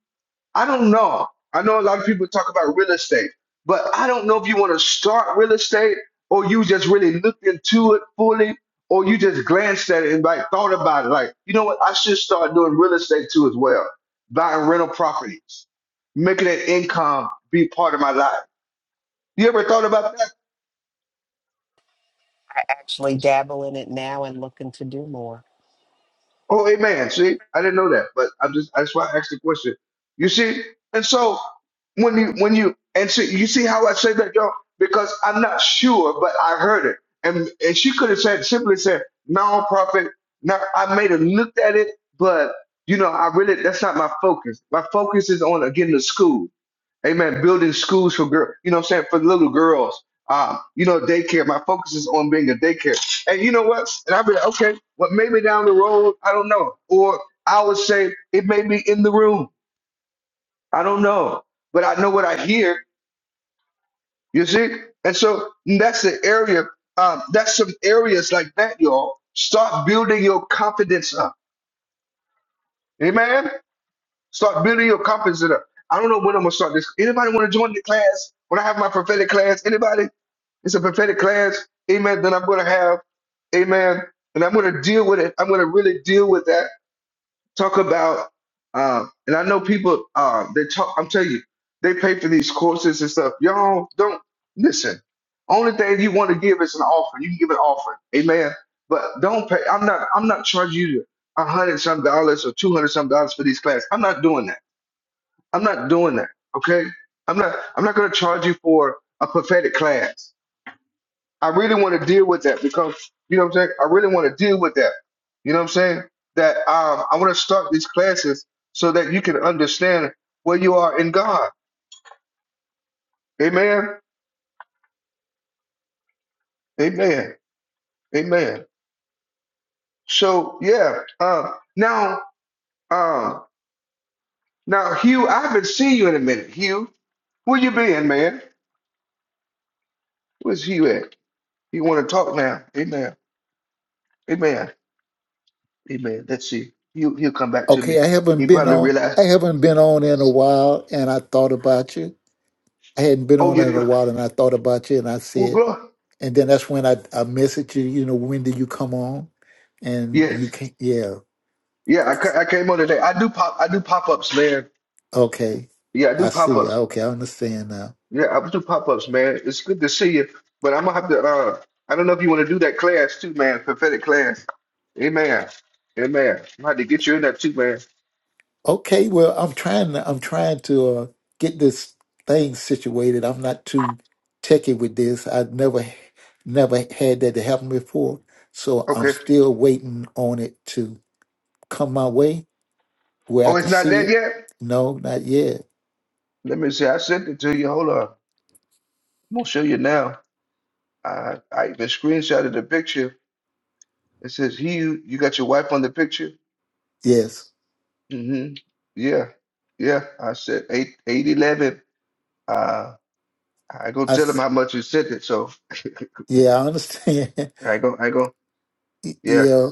I don't know. I know a lot of people talk about real estate, but I don't know if you want to start real estate or you just really looked into it fully, or you just glanced at it and like thought about it. Like you know what? I should start doing real estate too as well, buying rental properties, making that income be part of my life. You ever thought about that? I actually dabble in it now and looking to do more. Oh, amen. See, I didn't know that, but I'm just that's why I asked the question. You see, and so when you when you and see you see how I say that, y'all, because I'm not sure, but I heard it, and and she could have said simply said non-profit. Now I may have looked at it, but you know I really that's not my focus. My focus is on again the school. Amen. Building schools for girl, you know what I'm saying, for little girls. Um, you know, daycare. My focus is on being a daycare. And you know what? And I'll be like, okay, well, maybe down the road, I don't know. Or I would say it may be in the room. I don't know. But I know what I hear, you see? And so that's the area, um, that's some areas like that, y'all. Start building your confidence up. Amen. Start building your confidence up. I don't know when I'm gonna start this. Anybody want to join the class? When I have my prophetic class, anybody? It's a prophetic class. Amen. Then I'm going to have, amen. And I'm going to deal with it. I'm going to really deal with that. Talk about, uh, and I know people, uh, they talk, I'm telling you, they pay for these courses and stuff. Y'all don't listen. Only thing you want to give is an offering. You can give an offering. Amen. But don't pay. I'm not, I'm not charging you a hundred some dollars or two hundred some dollars for these classes. I'm not doing that. I'm not doing that. Okay. I'm not, I'm not going to charge you for a prophetic class. I really want to deal with that because you know what I'm saying. I really want to deal with that. You know what I'm saying. That um, I want to start these classes so that you can understand where you are in God. Amen. Amen. Amen. So yeah. Um, now, um, now, Hugh, I haven't seen you in a minute. Hugh, where you been, man? Where's Hugh at? You want to talk now? Amen. Amen. Amen. Let's see. He'll he'll come back to me. Okay, I haven't He been probably on. I realized. haven't been on in a while, and I thought about you. I hadn't been Oh, on in a you. while, and I thought about you, and I Oh, said, glory. and then that's when I I messaged you. You know, when did you come on? And Yeah. you can't. Yeah. Yeah, I, ca- I came on today. I do pop I do pop-ups, man. Okay. Yeah, I do I see. pop-ups. Okay, I understand now. Yeah, I do pop-ups, man. It's good to see you, but I'm gonna have to uh I don't know if you want to do that class too, man, prophetic class. Amen. Amen. I'm gonna have to get you in that too, man. Okay. Well, I'm trying. To, I'm trying to uh, get this thing situated. I'm not too techy with this. I never, never had that to happen before, so I'm Okay. still waiting on it to come my way where I Oh, it's could not see that it? yet? No, not yet. Let me see. I sent it to you. Hold on. I'm gonna show you now. I I even screenshotted the picture. It says he you, got your wife on the picture? Yes, Mm-hmm. Yeah. Yeah. I said eight eight eleven. Uh, I go I tell him s- how much you sent it. So yeah, I understand. I go, I go, Y- yeah, yeah,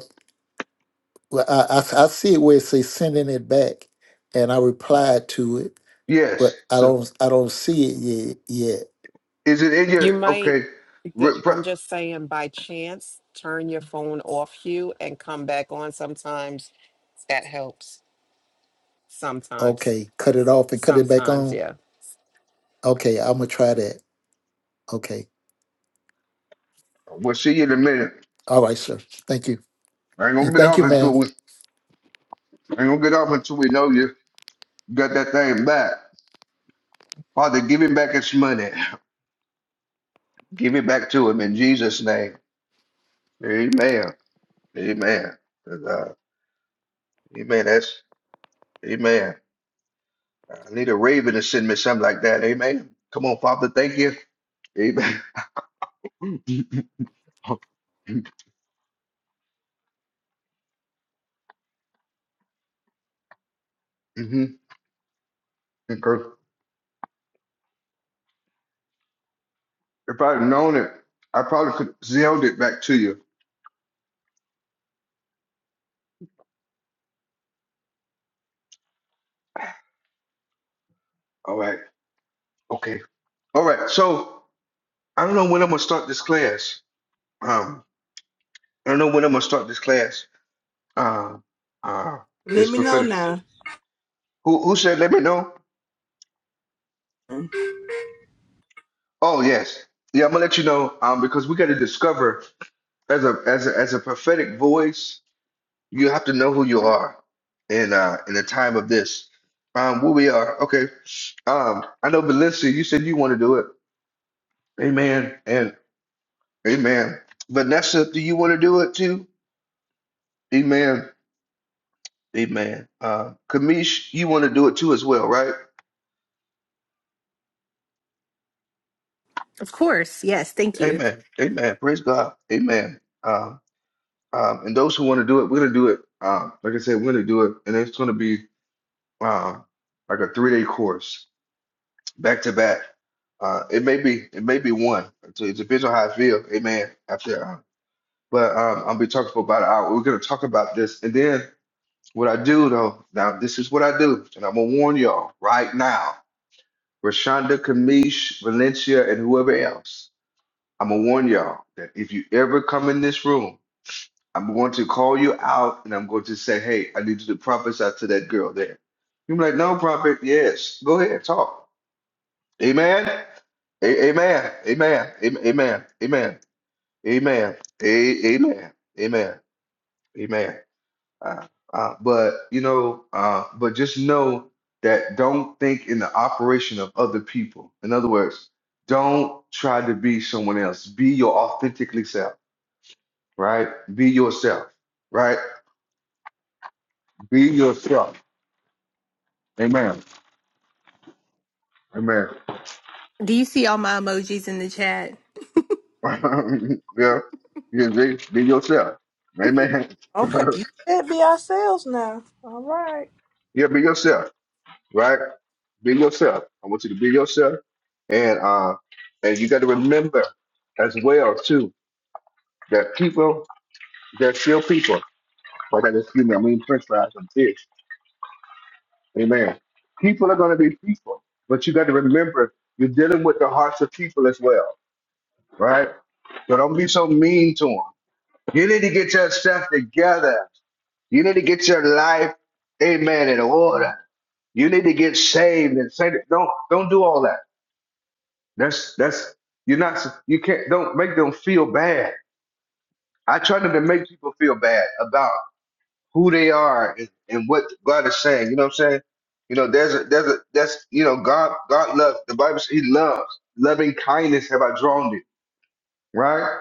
well, I, I I see it where it says sending it back, and I replied to it, yes. but I So don't I don't see it yet. Yet, is it in your You might okay? Th- re- pro- I'm just saying by chance, turn your phone off, Hugh, and come back on. Sometimes that helps. Sometimes. okay, cut it off and cut it back Sometimes, on. yeah. Okay, I'm gonna try that. Okay, We'll see you in a minute. all right, sir. Thank you, I ain't gonna and get thank off you, ma'am. until we, I ain't gonna get off until we know you got that thing back. Father, give him back his money. Give it back to him in Jesus' name. Amen. Amen. uh, amen. That's amen. I need a raven to send me something like that. Amen. Come on, Father. Thank you. Amen. hmm If I'd known it, I probably could zelled it back to you. All right. Okay. All right. So I don't know when I'm gonna start this class. Um, I don't know when I'm gonna start this class. Um, uh, Let this me know prophetic. now. Who who said let me know? Oh yes. Yeah, I'm gonna let you know. Um, because we gotta discover as a as a as a prophetic voice, you have to know who you are in uh in the time of this. Um, where we are. Okay. Um, I know Valencia, you said you want to do it. Amen. And Amen. Vanessa, do you want to do it too? Amen. Amen. Uh, Kamish, you want to do it too as well, right? Of course. Yes. Thank you. Amen. Amen. Praise God. Amen. Um, um, and those who want to do it, we're going to do it. Um, like I said, we're going to do it. And it's going to be uh, like a three day course, back to back. Uh, it may be it may be one. So it depends on how I feel. Amen. After, uh, but um, I'll be talking for about an hour. We're going to talk about this, and then What I do though, now this is what I do, and I'm gonna warn y'all right now. Rashonda, Kamish, Valencia, and whoever else, I'm gonna warn y'all that if you ever come in this room, I'm going to call you out and I'm going to say, hey, I need you to prophesy to that girl there. You're like, no, prophet, yes, go ahead, talk. Amen. A- amen. Amen. Amen. Amen. Amen. Amen. A- Amen. Amen. Amen. Uh, uh, but you know, uh, but just know that don't think in the operation of other people. In other words, don't try to be someone else. Be your authentically self, right? Be yourself, right? Be yourself. Amen. Amen. Do you see all my emojis in the chat? yeah. Yeah, be, be yourself. Amen. Okay. You said be ourselves now. All right. yeah, be yourself, right? Be yourself. I want you to be yourself. And uh and you gotta remember as well too That people, there's still people. But That is excuse me, I mean French fries and fish. Amen. People are going to be people, but you got to remember you're dealing with the hearts of people as well, right? So don't be so mean to them. You need to get your stuff together. You need to get your life, amen, in order. You need to get saved and say don't don't do all that. That's that's you're not you can't don't make them feel bad. I try not to make people feel bad about. who they are and, and what God is saying. You know what I'm saying? You know, there's a there's a that's you know God God loves the Bible says He loves loving kindness have I drawn thee right?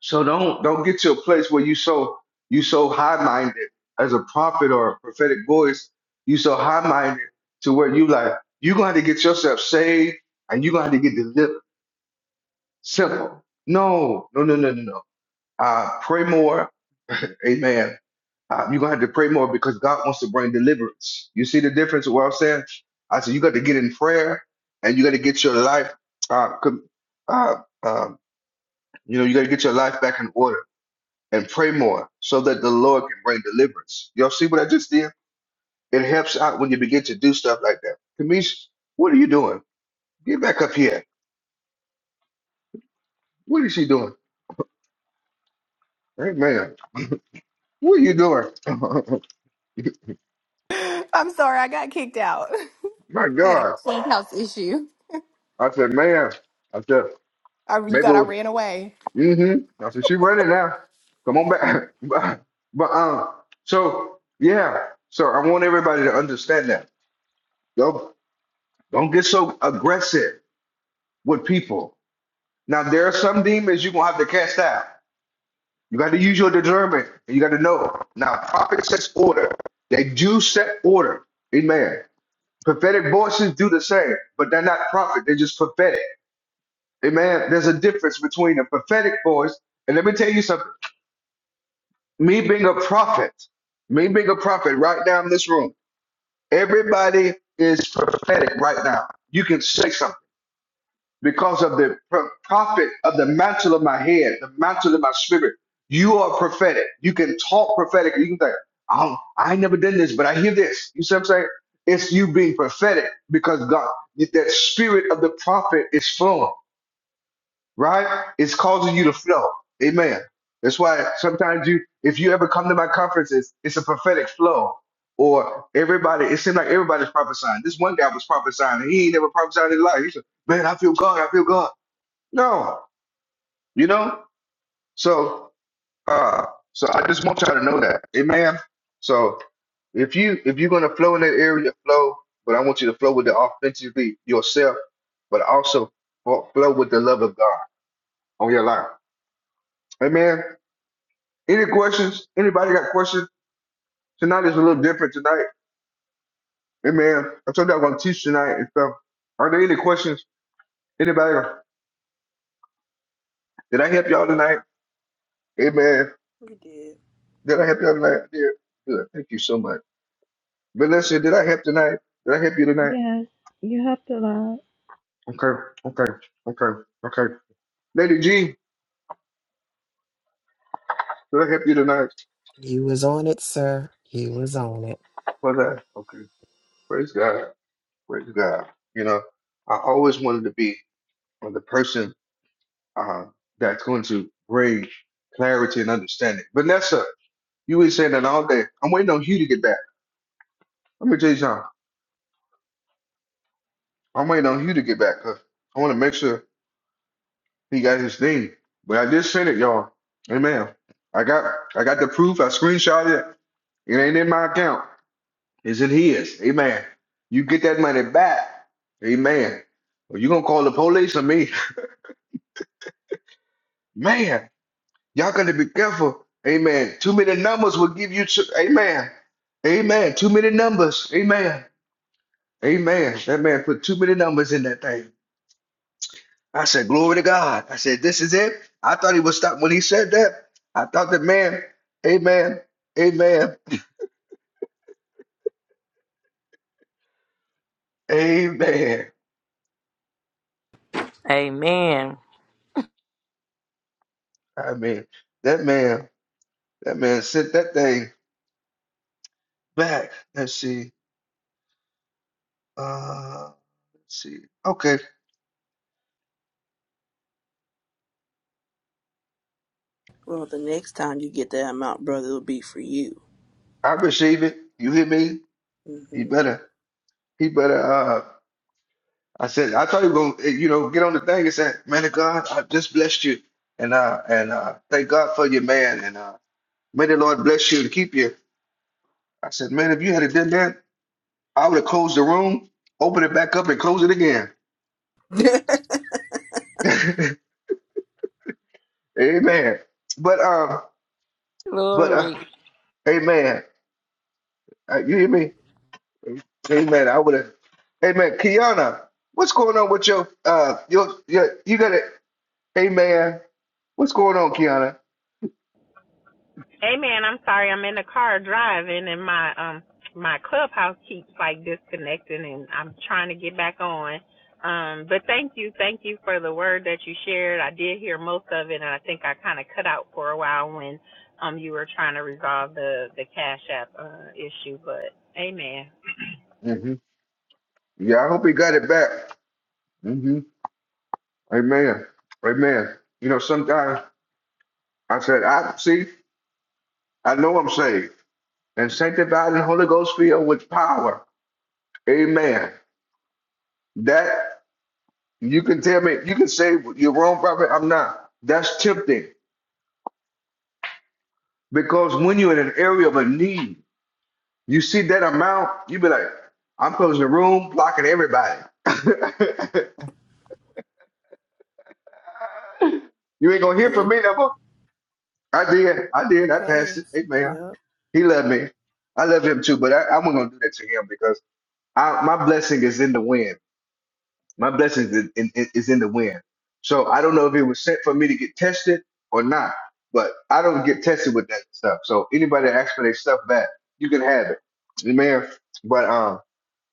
So don't don't get to a place where you so you so high minded as a prophet or a prophetic voice. You so high minded to where you like you're gonna have to get yourself saved and you're gonna have to get delivered. Simple. No, no, no, no, no, no. Uh, pray more. Amen Uh, you're gonna have to pray more because God wants to bring deliverance. You see the difference of what I'm saying? I said you got to get in prayer and you got to get your life, uh, com- uh, um, you know, you got to get your life back in order and pray more so that the Lord can bring deliverance. Y'all see what I just did? It helps out when you begin to do stuff like that. Kamish, what are you doing? Get back up here. What is she doing? Hey man, what are you doing? I'm sorry, I got kicked out. My I had a God! clubhouse issue. I said, man. I said, I you thought I maybe. ran away. hmm I said she ready now. Come on back. but but, um, so yeah. So I want everybody to understand that. Don't don't get so aggressive with people. Now there are some demons you're gonna have to cast out. You got to use your discernment and you got to know. Now prophet sets order. They do set order. Amen. Prophetic voices do the same, but they're not prophet. They're just prophetic. Amen. There's a difference between a prophetic voice and let me tell you something. me being a prophet, me being a prophet right now in this room, everybody is prophetic right now. You can say something because of the pro- prophet of the mantle of my head, the mantle of my spirit. You are prophetic. You can talk prophetically. You can say, oh, I ain't never done this, but I hear this. You see what I'm saying? It's you being prophetic because God, that spirit of the prophet is flowing right? It's causing you to flow. Amen. That's why sometimes you, if you ever come to my conferences, it's a prophetic flow. Or everybody, it seemed like everybody's prophesying. This one guy was prophesying. and He ain't never prophesied in his life. He said, "Man, I feel God. I feel God." No, you know. So, uh, so I just want y'all to know that, Amen. So, if you if you're gonna flow in that area, flow. But I want you to flow with the authentically yourself, but also fo- flow with the love of God on your life, Amen. Any questions? Anybody got questions? Tonight is a little different tonight. Amen. I told you I'm gonna teach tonight and stuff. Are there any questions? Anybody? Did I help y'all tonight? Amen. We did. did I help y'all tonight? I did. Good. Thank you so much. Vanessa, did I help tonight? Did I help you tonight? Yes, you have to laugh. Okay, okay, okay, okay. Lady G, did I help you tonight? He was on it, sir. He was on it. Was I? Okay. Praise God. Praise God. You know, I always wanted to be the person uh, that's going to bring clarity and understanding. Vanessa, You been saying that all day. I'm waiting on Hugh to get back. Let me tell you something. I'm waiting on Hugh to get back. 'cause I want to make sure he got his thing. But I just sent it, y'all. Amen. I got I got the proof. I screenshot it. It ain't in my account. It's in his. Amen. You get that money back. Amen. Or you gonna call the police on me. Man, y'all gotta be careful. Amen. Too many numbers will give you too, amen. Amen. Too many numbers. Amen. Amen. That man put too many numbers in that thing. I said, Glory to God. I said, This is it. I thought he would stop when he said that. I thought that man, amen, amen, amen. Amen. I mean, that man, that man sent that thing back. Let's see. Uh let's see. Okay. Well, the next time you get that amount, brother, it'll be for you. I receive it. You hear me? He Mm-hmm. better, he better uh I said, I thought he was gonna, eh, you know, get on the thing and say, Man of God, I just blessed you. And uh and uh thank God for you, man. And uh may the Lord bless you and keep you. I said, man, if you had have done that, I would have closed the room, opened it back up, and closed it again. Amen. But um, but uh, Glory. Amen. Uh, you hear me? Amen. I would have. Amen. Kiana, what's going on with your uh your your you got it? Amen. What's going on, Kiana? Hey man, I'm sorry. I'm in the car driving, and my um my clubhouse keeps like disconnecting, and I'm trying to get back on. Um, but thank you, thank you for the word that you shared. I did hear most of it, and I think I kind of cut out for a while when um you were trying to resolve the the cash app uh, issue. But amen. hmm Yeah, I hope he got it back. hmm Amen. Amen. You know, sometimes I said, I see, I know I'm saved and sanctified and Holy Ghost filled with power. Amen. That. You can tell me, you can say you're wrong, prophet. I'm not. That's tempting because when you're in an area of a need, you see that amount, you be like, I'm closing the room, blocking everybody. you ain't gonna hear from brother, me no more. I did, I we did, I passed it. passed. Amen. Yep. He loved me. I love him too, but I, I wasn't gonna do that to him because I, my blessing is in the wind. My blessing is in, in- is in the wind. So I don't know if it was sent for me to get tested or not, but I don't get tested with that stuff. So anybody that asks for their stuff back, you can have it. Amen. But um,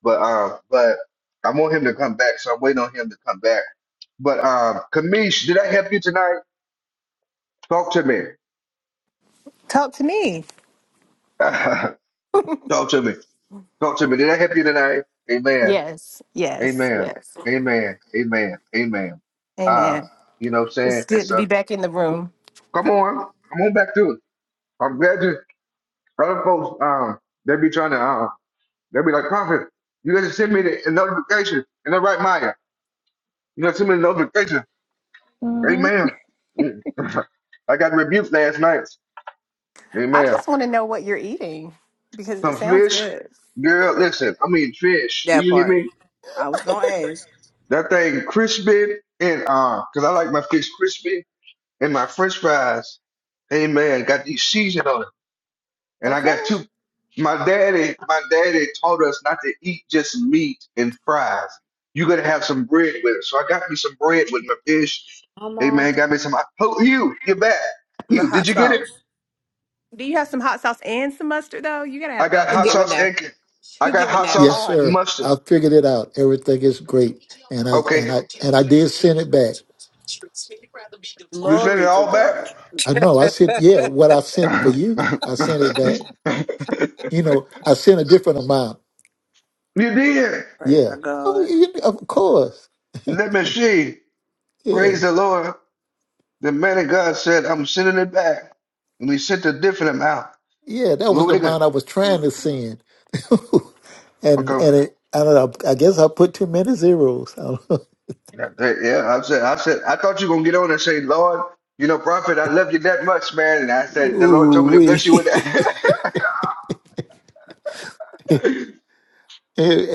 but um, but I want him to come back, so I'm waiting on him to come back. But um, Kamish, did I help you tonight? Talk to me. Talk to me. Talk to me. Talk to me. Did I help you tonight? Amen. Yes, yes, Amen. yes. Amen. Amen. Amen. Uh, Amen. you know what I'm It's saying? And good to so be back in the room. Come on, come on back to it. I'm glad you other folks um they be trying to um they be like prophet, you gotta send me the a notification in the right Maya. You know, send me the notification. Mm-hmm. Amen. Mm. I got rebuked last night. I Amen. just want to know what you're eating because it Some sounds fish, good. girl. Listen, I mean fish. Do That you hear part. me? I was going to ask. That thing crispy and uh, cause I like my fish crispy and my French fries. Amen. Got these seasoning on it. And I Okay. got two. My daddy, my daddy taught us not to eat just meat and fries. You gotta have some bread with it. So I got me some bread with my fish. Come Hey on. man, got me some. Oh, Hugh, you're back. The Hugh, did hot you get it? sauce. Do you have some hot sauce and some mustard though? You gotta I have got He both. hot giving sauce that and ca- I he got giving hot that Yes, sauce heart. and sir. mustard. I figured it out. Everything is great, and I and Okay, I and I did send it back. you sent it Glory to all back. God. I know. I said, yeah, what I sent for you, I sent it back. You know, I sent a different amount. you did. Praise our Yeah. Oh, God. you, of course. Let me see. Praise the Yes. Lord. The man of God said, "I'm sending it back," and he sent a different amount. Yeah, that was the Glory to God. amount I was trying to Mm-hmm. send. And Okay. and it, I don't know. I guess I put too many zeros. I don't know. Yeah, that- yeah, I said, I said, I thought you were gonna get on and say, Lord, you know, prophet, I love you that much, man. And I said, the Lord told Ooh me to wee. bless you with that. hey,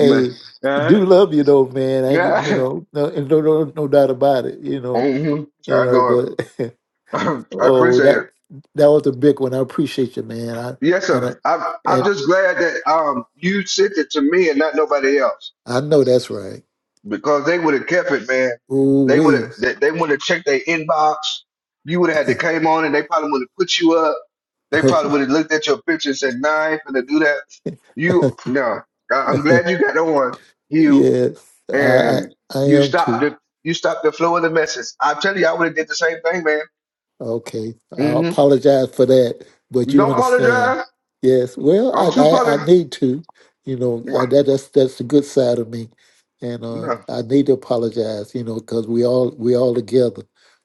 Man, uh, do love you though, man. I get- you yeah. know no, and no no no doubt about it. You know hmm you I know, go. but I oh appreciate it. that that was a big one. I appreciate you, man. I Yes, and I sir. I'm. I'm and just glad that um you sent it to me and not nobody else. I know that's right. because they would have kept it, man. Ooh They would have wee. they, they would have checked their inbox. You would have had to came on and they probably would have put you up. They probably would have looked at your picture and said, nah, I ain't gonna do that. You no. I- I'm glad you got on, you Yes, I, I and I you am stopped too. the you stopped the flow of the message. I tell you, I would have did the same thing, man. Okay, I Mm-hmm. apologize for that, but you Don't understand. apologize. Yes, well, I I'm too I, I apologize. need to, you know, uh that that's that's the good side of me, and uh, No. I need to apologize, you know, because we all we all together,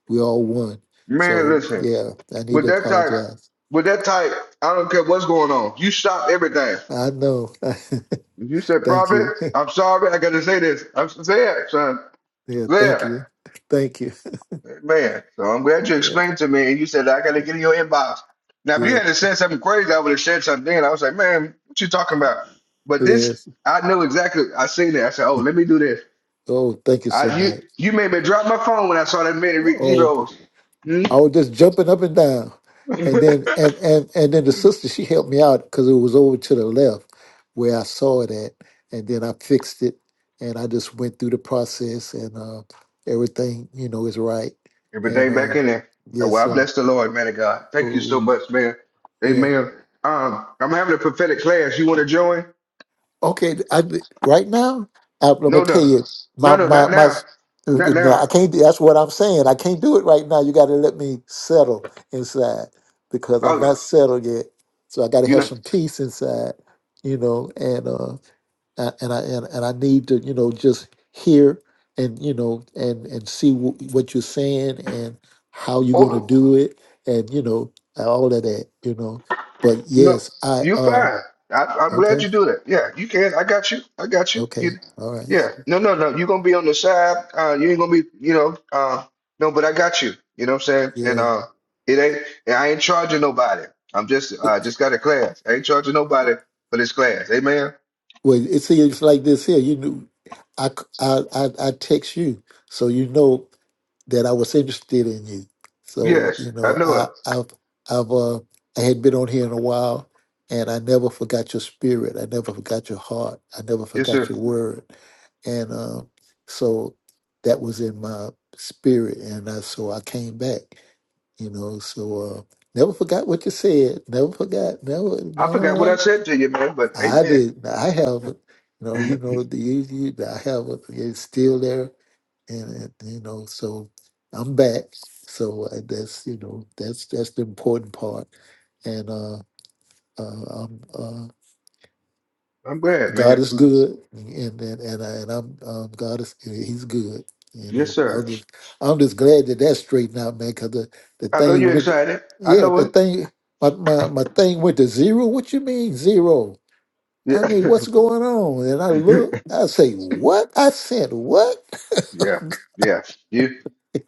we all one. Man, So listen. yeah, I need With to that type, apologize. with that type, I don't care what's going on. You stop everything. I know. You said thank prophet. you. I'm sorry, I gotta say this. I'm there, son. Yeah, thank There, you, thank you. man. So I'm glad you Yeah, explained to me, and you said I gotta get in your inbox. Now, if you yeah, had to said something crazy, I would have said something. And I was like, man, what you talking about? But this, yes. I knew exactly. I seen it. I said, oh, let me do this. Oh, thank you so I you much. you made me drop my phone when I saw that many re- Oh. zeros. Hmm? I was just jumping up and down. And then and and and then the sister she helped me out because it was over to the left where I saw it at. And then I fixed it and I just went through the process and uh everything, you know, is right. And Everything back uh in there. yes, Well, I sir. bless the Lord, man of God. Thank you so Ooh, much, man. yeah. Amen. Um, I'm having a prophetic class. You want to join? Okay, I, right now, I'm gonna No, tell no, you, no, my no, my not my. now, not now. I can't. That's what I'm saying. I can't do it right now. You got to let me settle inside because I'm Oh, not settled yet. So I got to you have know, some peace inside, you know. And uh, a- and I and, and I need to, you know, just hear and you know and and see w- what you're saying and how you're gonna oh do it and you know and all of that, you know. But no, yes, I you um. fine. I, I'm Okay. glad you do that. Yeah, you can. I got you. I got you. You, Okay. All right. yeah. No, no, no. You're gonna be on the side. Uh, you ain't gonna be. You know. Uh, no, but I got you. You know what I'm saying? And Yeah. uh, it ain't. and I ain't charging nobody. I'm just. uh, I just got a class. I ain't charging nobody for this class. Amen. Well, it seems like this here. You knew I, c- I, I, I text you, so you know that I was interested in you. So Yes, you I know, know it. I, I've, I've, uh, I had been on here in a while, and I never forgot your spirit. I never forgot your heart. I never Yes, forgot sir. your word. And uh, so that was in my spirit, and I, so I came back. You know, so uh, never forgot what you said. Never forgot. Never. I forgot what No. I said to you, man. But I amen. did. I have You know, you I'm know the you, you- I have it. It's still there, and, and you know, so I'm back. So uh, that's you know that's that's the important part. And uh, uh, I'm, uh, glad, God man. is good, and and and, I, and I'm um, God is yeah, He's good. You Yes, know, sir. I'm just I'm just glad that that's straightened out, man. Cause the the I know thing you're went, excited. I yeah, know the thing. My, my my thing went to zero. What you mean zero? it. I mean, what's Yeah. going on? And I look, I say, what? I said, what? yeah. Yeah. You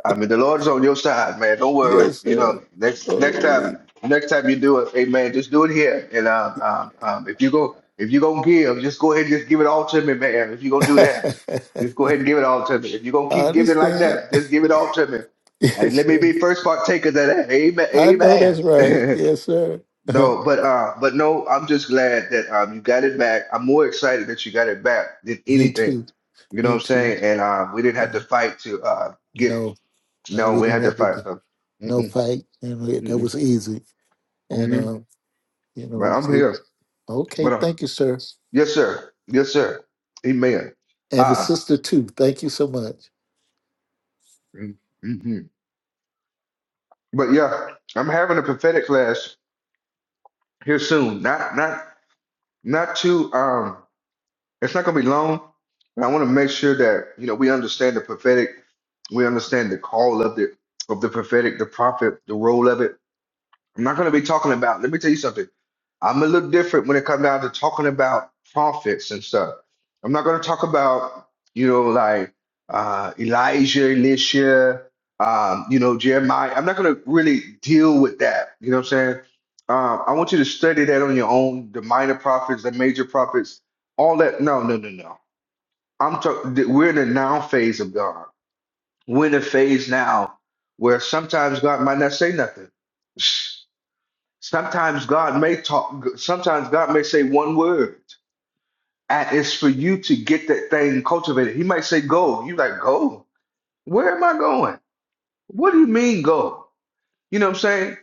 I mean the Lord's on your side, man. Don't worry. Yes, You know, sir. next next time Holy. next time you do it, amen, just do it here. And um um, um if you go if you gonna give, just go ahead and just give it all to me, man. If you gonna do I that, just go ahead and give it all to me. If you're gonna keep giving like understand. that, just give it all to me. And let Yes, me sir. be first partakers of that. I know Amen. that's right. Amen. Yes, sir. No, but uh, but no, I'm just glad that um you got it back. I'm more excited that you got it back than Me anything. too. You know what Me I'm too. saying? And uh, we didn't have Yeah. to fight to uh get. No, no, No, we we had didn't to have to fight. do So, no mm-mm, fight. And we- that mm-mm, was easy. And, mm-hmm. um, you But know, I'm it, here. okay, But um, thank you, sir. yes, sir. Yes, sir. Amen. And the Ah, sister, too. Thank you so much. mm-hmm. But yeah, I'm having a prophetic class here soon. Not not not too. Um. It's not going to be long, but I want to make sure that you know we understand the prophetic, we understand the call of the of the prophetic, the prophet, the role of it. I'm not going to be talking about, let me tell you something. I'm a little different when it comes down to talking about prophets and stuff. I'm not going to talk about, you know, like uh, Elijah, Elisha, um, you know, Jeremiah. I'm not going to really deal with that. You know what I'm saying? Um, I want you to study that on your own, the minor prophets, the major prophets, all that. No, no, no, no. I'm talking, we're in the now phase of God. We're in a phase now where sometimes God might not say nothing. Sometimes God may talk, sometimes God may say one word, and it's for you to get that thing cultivated. He might say, Go. You like, Go? Where am I going? What do you mean, go? You know what I'm saying?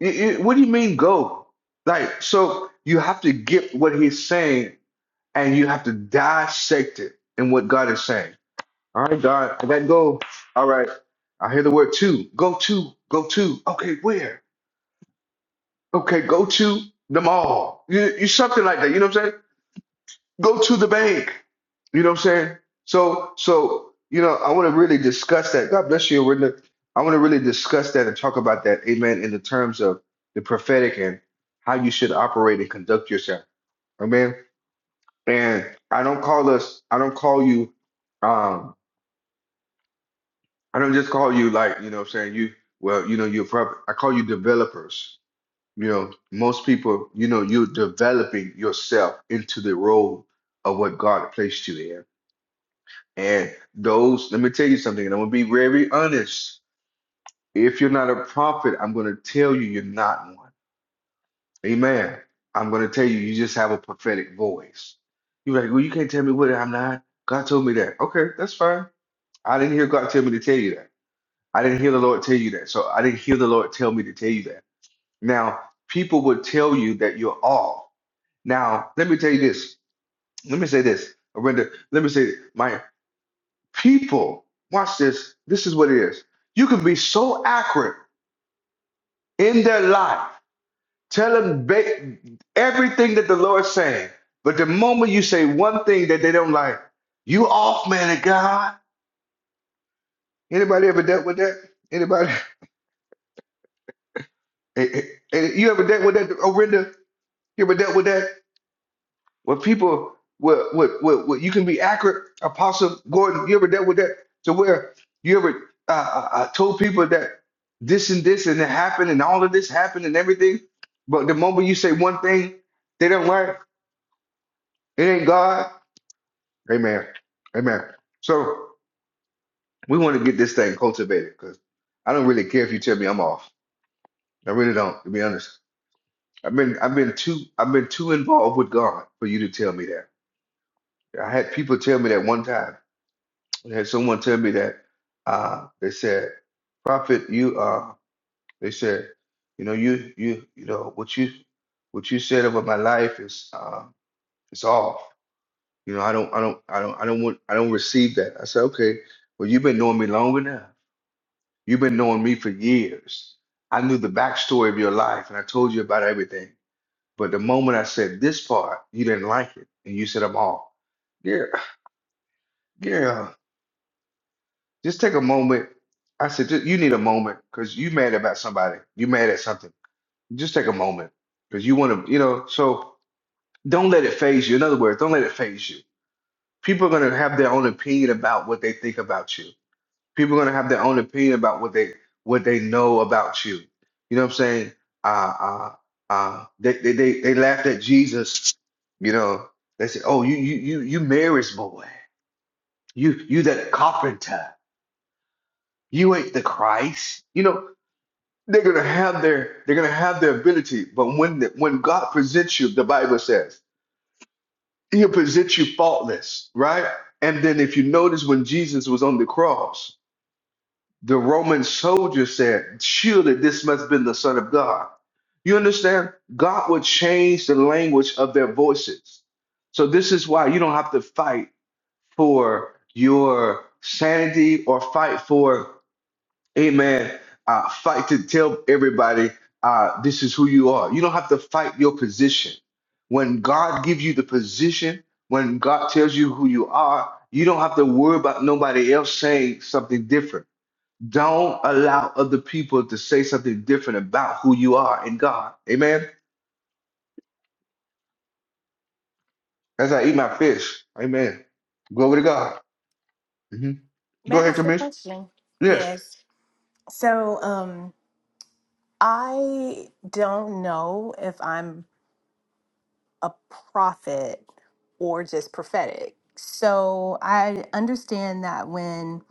It- it- what do you mean, go? Like, so you have to get what he's saying and you have to dissect it in what God is saying. All right, God, I gotta go. All right, I hear the word to. Go to, go to. Okay, where? Okay, go to the mall. You, you something like that. You know what I'm saying? Go to the bank. You know what I'm saying? So, so you know, I want to really discuss that. God bless you. We're gonna- I want to really discuss that and talk about that. Amen. In the terms of the prophetic and how you should operate and conduct yourself. Amen. And I don't call us. I don't call you. Um, I don't just call you like you know. what I'm saying you. Well, you know, you're probably. I call you developers. You know, most people. You know, you're developing yourself into the role of what God placed you in And those, let me tell you something, and I'm gonna be very honest. If you're not a prophet, I'm gonna tell you you're not one. Amen. I'm gonna tell you you just have a prophetic voice. You're like, well, you can't tell me what I'm not. God told me that. Okay, that's fine. I didn't hear God tell me to tell you that. I didn't hear the Lord tell you that. So I didn't hear the Lord tell me to tell you that. Now, people would tell you that you're all. Now, let me tell you this. Let me say this. Brenda, let me say, my. People, watch this. This is what it is. You can be so accurate in their life, tell them ba- everything that the Lord's saying. But the moment you say one thing that they don't like, you off, man of God. Anybody ever dealt with that? Anybody? Eh, eh, eh, You ever dealt with that, Orinda? You ever dealt with that? What people, what, what, what, what you can be accurate, Apostle Gordon. You ever dealt with that? To where you ever uh, uh, uh, told people that this and this and it happened and all of this happened and everything, but the moment you say one thing, they don't like it. Ain't God. Amen. Amen. So we want to get this thing cultivated because I don't really care if you tell me I'm off. I really don't, to be honest. I've been I've been too I've been too involved with God for you to tell me that. I had people tell me that one time. I had someone tell me that uh, they said, "Prophet, you uh," they said, "You know, you you you know what you what you said about my life is uh, is off. You know, I don't I don't I don't I don't want I don't receive that." I said, "Okay, well, you've been knowing me long enough. You've been knowing me for years. I knew the backstory of your life, and I told you about everything. But the moment I said this part, you didn't like it, and you said I'm off." Yeah, yeah. Just take a moment. I said, "Ju- you need a moment because you mad about somebody. You mad at something. Just take a moment because you want to, you know, so don't let it phase you. In other words, don't let it phase you. People are going to have their own opinion about what they think about you. People are going to have their own opinion about what they what they know about you. You know what I'm saying? Uh, uh, uh, they, they, they, they laughed at Jesus. You know, they said, oh, you, you, you, you Mary's boy. You, you that carpenter. You ain't the Christ. You know, They're gonna have their they're gonna have their ability, but when the, when God presents you, the Bible says He'll present you faultless, right? And then if you notice when Jesus was on the cross, the Roman soldier said, "Surely this must have been the Son of God." You understand? God would change the language of their voices. So this is why you don't have to fight for your sanity or fight for Amen. Uh, fight to tell everybody uh, this is who you are. You don't have to fight your position. When God gives you the position, when God tells you who you are, you don't have to worry about nobody else saying something different. Don't allow other people to say something different about who you are in God. Amen. As I eat my fish. Amen. Glory to God. hmm May Go I ahead, ask a Commission. question? Yes. Yes. So, um. I don't know if I'm a prophet or just prophetic. So I understand that when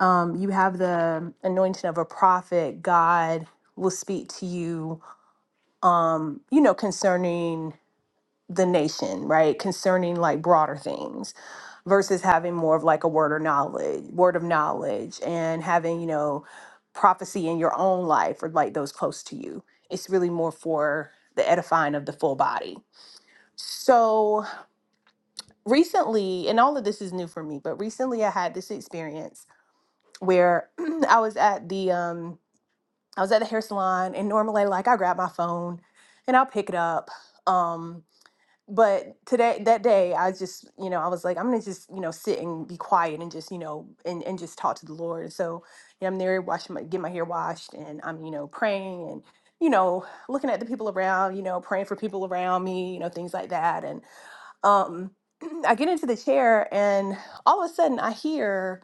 um, you have the anointing of a prophet, God will speak to you, um, you know, concerning the nation, right? Concerning like broader things. versus having more of like a word or knowledge, word of knowledge, and having, you know, prophecy in your own life or like those close to you. It's really more for the edifying of the full body. So recently, and all of this is new for me, but recently I had this experience where I was at the um I was at the hair salon and normally like I grab my phone and I'll pick it up. Um but today that day i just you know i was like i'm gonna just you know sit and be quiet and just you know and, and just talk to the lord and so you know, i'm there washing my get my hair washed and i'm you know praying and you know looking at the people around you know praying for people around me you know things like that and um i get into the chair and all of a sudden i hear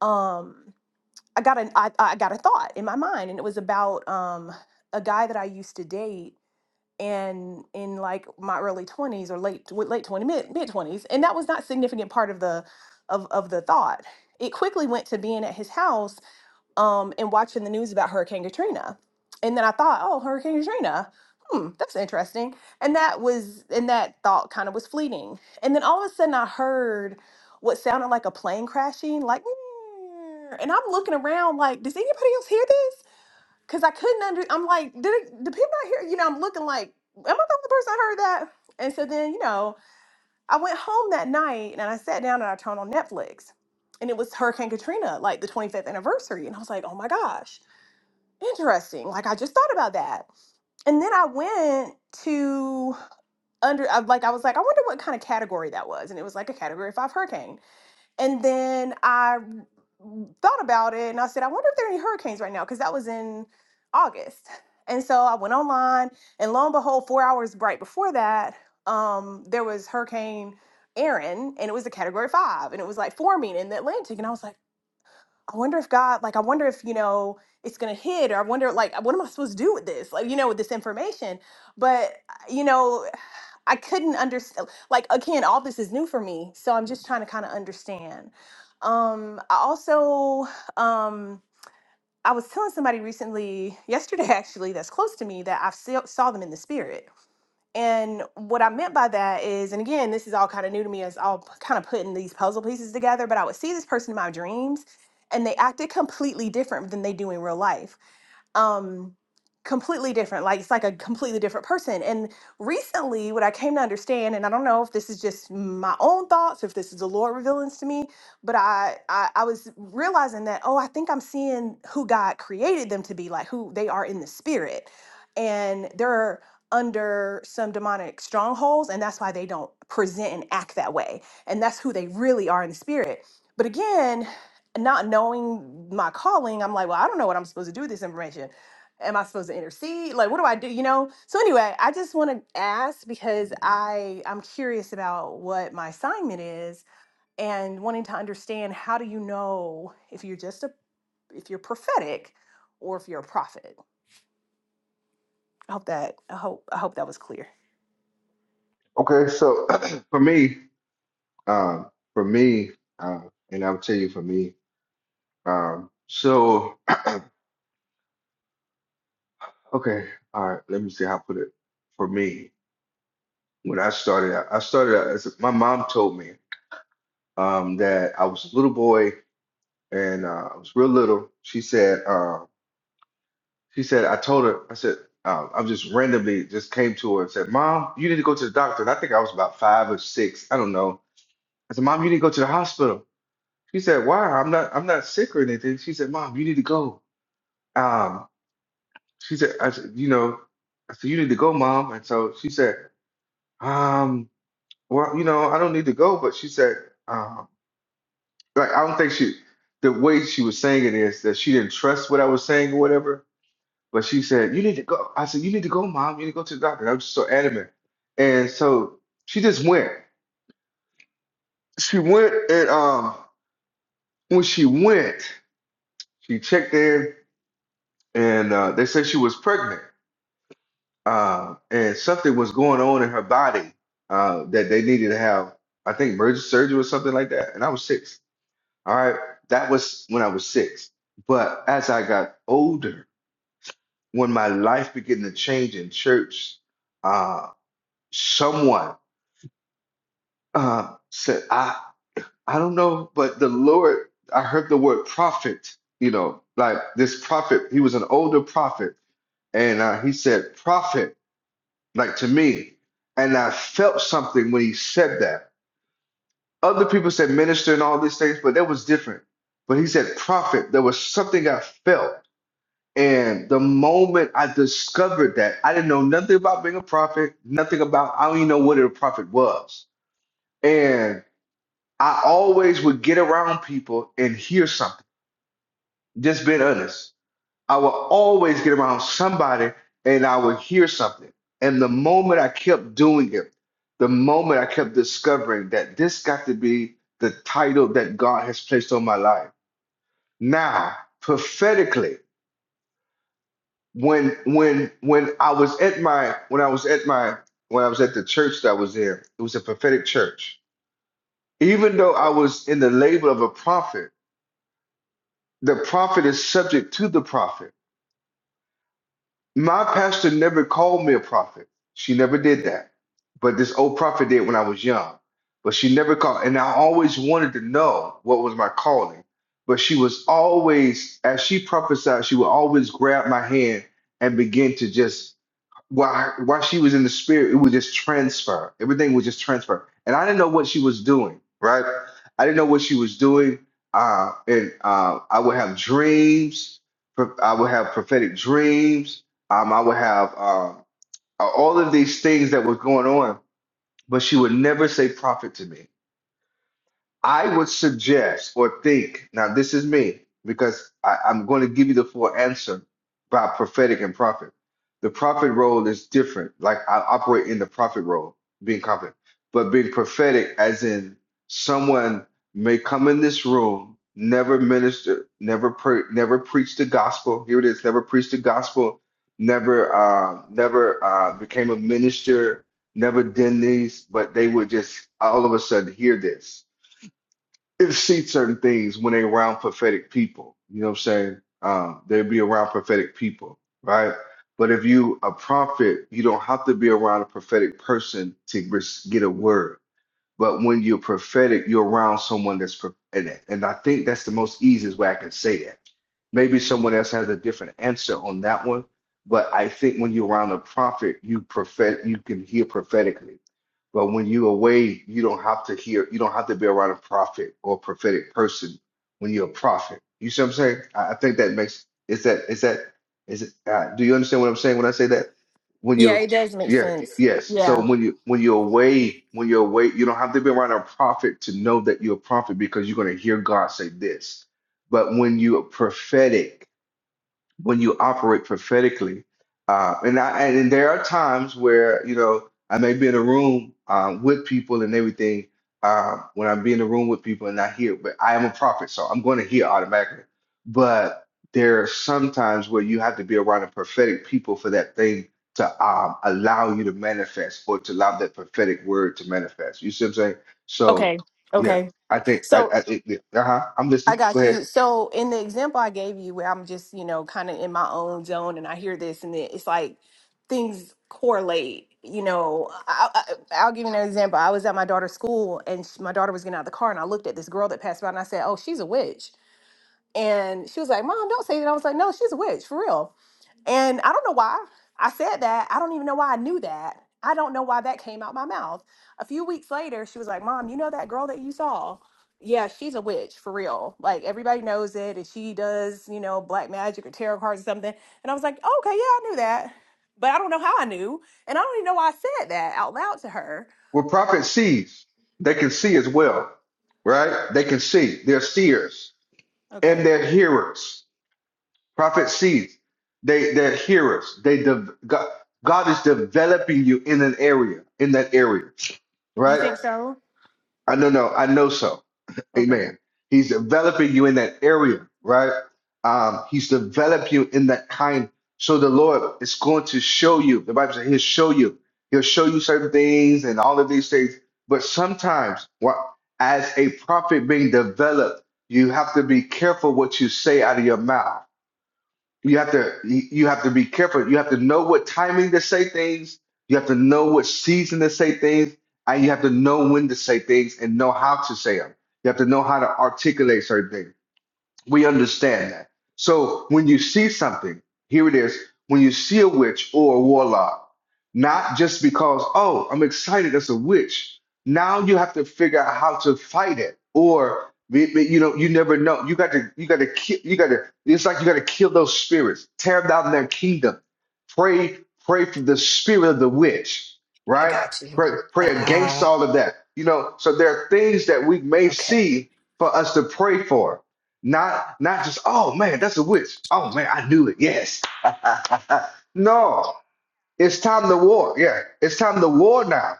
um i got an I, I got a thought in my mind and it was about um a guy that i used to date and in like my early 20s or late late 20s mid mid 20s and that was not significant part of the of, of the thought it quickly went to being at his house um and watching the news about hurricane katrina and then i thought oh hurricane katrina hmm that's interesting and that was and that thought kind of was fleeting and then all of a sudden i heard what sounded like a plane crashing like "Mm," and i'm looking around like does anybody else hear this Cause I couldn't under. I'm like, did it, the people out here? You know, I'm looking like, am I the only person that heard that? And so then, you know, I went home that night and I sat down and I turned on Netflix, and it was Hurricane Katrina, like the 25th anniversary, and I was like, oh my gosh, interesting. Like I just thought about that, and then I went to under. I- Like I was like, I wonder what kind of category that was, and it was like a Category Five hurricane. And then I thought about it and I said, I wonder if there are any hurricanes right now, because that was in August. And so I went online and lo and behold, four hours right before that, um, there was Hurricane Aaron and it was a category five and it was like forming in the Atlantic. And I was like, I wonder if God, like, I wonder if, you know, it's gonna hit, or I wonder, like, what am I supposed to do with this? Like, you know, with this information. But, uh, you know, I couldn't understand. Like again, all this is new for me, so I'm just trying to kind of understand. Um, I also, um, I was telling somebody recently, yesterday actually, that's close to me that I saw saw them in the spirit. And what I meant by that is, and again, this is all kind of new to me as all kind of putting these puzzle pieces together. But I would see this person in my dreams, and they acted completely different than they do in real life um completely different like it's like a completely different person and recently what i came to understand and i don't know if this is just my own thoughts if this is the lord revealing this to me but I, I i was realizing that oh i think i'm seeing who god created them to be like who they are in the spirit and they're under some demonic strongholds and that's why they don't present and act that way and that's who they really are in the spirit but again not knowing my calling, I'm like, well, I don't know what I'm supposed to do with this information. Am I supposed to intercede? Like, what do I do? You know. So anyway, I just want to ask because I I'm curious about what my assignment is and wanting to understand how do you know if you're just a if you're prophetic or if you're a prophet. I hope that I hope I hope that was clear. Okay. So for me, um, for me, uh, and I'll tell you for me. Um, so, okay, all right, let me see how I put it. For me, when I started out, I started out as my mom told me um, that I was a little boy and uh, I was real little. She said, uh, she said, I told her, I said, uh, I just randomly just came to her and said, Mom, you need to go to the doctor. And I think I was about five or six. I don't know. I said, Mom, you need to go to the hospital. She said, Why? I'm not, I'm not sick or anything. She said, Mom, you need to go. Um, she said, I said, you know, I said, you need to go, mom. And so she said, um, well, you know, I don't need to go. But she said, um, like, I don't think she, the way she was saying it is that she didn't trust what I was saying or whatever. But she said, you need to go. I said, you need to go, mom. You need to go to the doctor. And I was just so adamant. And so she just went. She went, and um, when she went, she checked in, and uh, they said she was pregnant. uh, and something was going on in her body uh, that they needed to have, I think, emergency surgery or something like that. And I was six. All right. That was when I was six. But as I got older, when my life began to change in church, uh, someone uh, said, I, I don't know, but the Lord, I heard the word prophet, you know, like this prophet, he was an older prophet. And uh, he said, prophet. like to me. And I felt something when he said that. Other people said minister and all these things, but that was different. But he said prophet. There was something I felt. And the moment I discovered that, I didn't know nothing about being a prophet, nothing about, I don't even know what a prophet was. And I always would get around people and hear something, just being honest. I would always get around somebody and I would hear something. And the moment I kept doing it, the moment I kept discovering that this got to be the title that God has placed on my life. Now, prophetically, when when when I was at my when I was at my when I was at the church that I was in, it was a prophetic church. Even though I was in the label of a prophet, the prophet is subject to the prophet. My pastor never called me a prophet. She never did that. But this old prophet did when I was young. But she never called. And I always wanted to know what was my calling. But she was always, as she prophesied, she would always grab my hand and begin to just while while she was in the spirit, it was just transfer. Everything was just transfer, and I didn't know what she was doing. Right, I didn't know what she was doing. Uh, and uh, I would have dreams. pro- I would have prophetic dreams. Um, I would have um, all of these things that were going on, but she would never say prophet to me. I would suggest or think, now this is me, because I, I'm going to give you the full answer by prophetic and prophet. The prophet role is different. Like I operate in the prophet role, being confident, but being prophetic, as in someone may come in this room, never minister, never pre- never preach the gospel. Here it is, never preached the gospel, never uh, never uh, became a minister, never did these, but they would just all of a sudden hear this it sees certain things when they're around prophetic people. You know what I'm saying? Um, they'll be around prophetic people, right? But if you a prophet, you don't have to be around a prophetic person to res- get a word. But when you're prophetic, you're around someone that's pro- and and I think that's the most easiest way I can say that Maybe someone else has a different answer on that one. But I think when you're around a prophet, you prophet you can hear prophetically. But when you're away, you don't have to hear, you don't have to be around a prophet or prophetic person when you're a prophet. You see what I'm saying? I, I think that makes is that is that is it uh, do you understand what I'm saying when I say that? When Yeah, you it does make yeah, sense. yes. So Yeah. when you when you're away, when you're away, you don't have to be around a prophet to know that you're a prophet because you're gonna hear God say this. But when you are prophetic, when you operate prophetically, uh, and I and there are times where you know I may be in a room um, with people and everything. Uh, when I'm be in a room with people and I hear, but I am a prophet, so I'm going to hear automatically. But there are some times where you have to be around a prophetic people for that thing to um, allow you to manifest or to allow that prophetic word to manifest. You see what I'm saying? So Okay. yeah, Okay. I think I, So I uh-huh. I'm I listening. Go got ahead. you. So in the example I gave you, where I'm just, you know, kind of in my own zone, and I hear this, and it- it's like things correlate. You know, I, I, I'll give you an example. I was at my daughter's school, and sh my daughter was getting out of the car, and I looked at this girl that passed by, and I said, "Oh, she's a witch." And she was like, Mom, don't say that. I was like, No, she's a witch, for real. And I don't know why I said that. I don't even know why I knew that. I don't know why that came out my mouth. A few weeks later, she was like, Mom, you know that girl that you saw? Yeah, she's a witch for real. Like everybody knows it. And she does, you know, black magic or tarot cards or something. And I was like, "Oh, Okay, yeah, I knew that. But I don't know how I knew. And I don't even know why I said that out loud to her. Well, prophet sees. They can see as well, right? They can see. They're seers and Okay. they're hearers. Prophet sees. They they're hearers. They de- God, God is developing you in an area, in that area, You right? think so? I know, no, I know so. Okay. Amen. He's developing you in that area, right? Um, he's developed you in that kind. So the Lord is going to show you. The Bible says He'll show you. He'll show you certain things and all of these things. But sometimes, what as a prophet being developed, you have to be careful what you say out of your mouth you have to you have to be careful. You have to know what timing to say things. You have to know what season to say things, and you have to know when to say things and know how to say them. You have to know how to articulate certain things. We understand that. So when you see something, here it is. When you see a witch or a warlock, not just because, oh, I'm excited That's a witch. Now you have to figure out how to fight it. Or may- may- you know, you never know. You got to you gotta kill you gotta it's like you gotta kill those spirits, tear down their kingdom. Pray, pray for the spirit of the witch, right? Pray, pray against Ah, all of that. You know, so there are things that we may see for us to pray for not not just, oh man, that's a witch. Oh man, I knew it. Yes. Uh, no, it's time to war. Yeah, it's time to war now.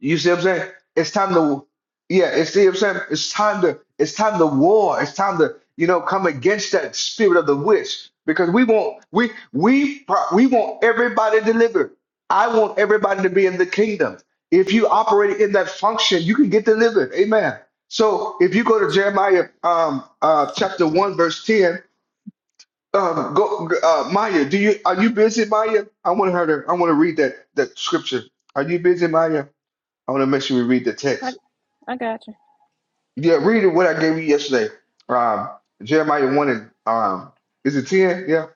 You see what I'm saying? It's time to, yeah, You see what I'm saying? It's time to, it's time to war. It's time to, you know, come against that spirit of the witch because we want, we, we, pro- we want everybody delivered. I want everybody to be in the kingdom. If you operate in that function, you can get delivered. Amen. So if you go to Jeremiah um, uh, chapter 1, verse 10, um, go, uh, Maya, do you, are you busy, Maya? I want her to, I want to read that, that scripture. Are you busy, Maya? I want to make sure we read the I, text. I got you. Yeah, read it what I gave you yesterday. Um, Jeremiah 1 and um, is it 10? Yeah,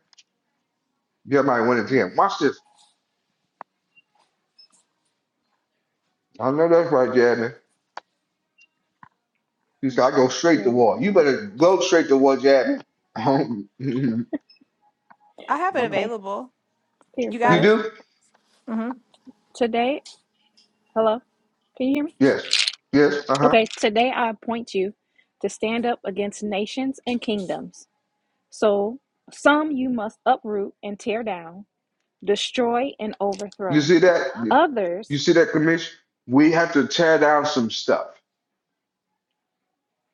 Jeremiah 1 and Mhm. 10. Watch this. I know that's right, Jasmine. She said, I go straight to Here we war. You go. better go straight to war, Jasmine. you I have it Okay, available. here You it got goes. it? do? Today, hello, can you hear me? Yes. Yes. Uh huh. Okay, today I appoint you to stand up against nations and kingdoms. So some you must uproot and tear down, destroy and You overthrow. see that? You Others, see that, commission? We have to tear down some stuff.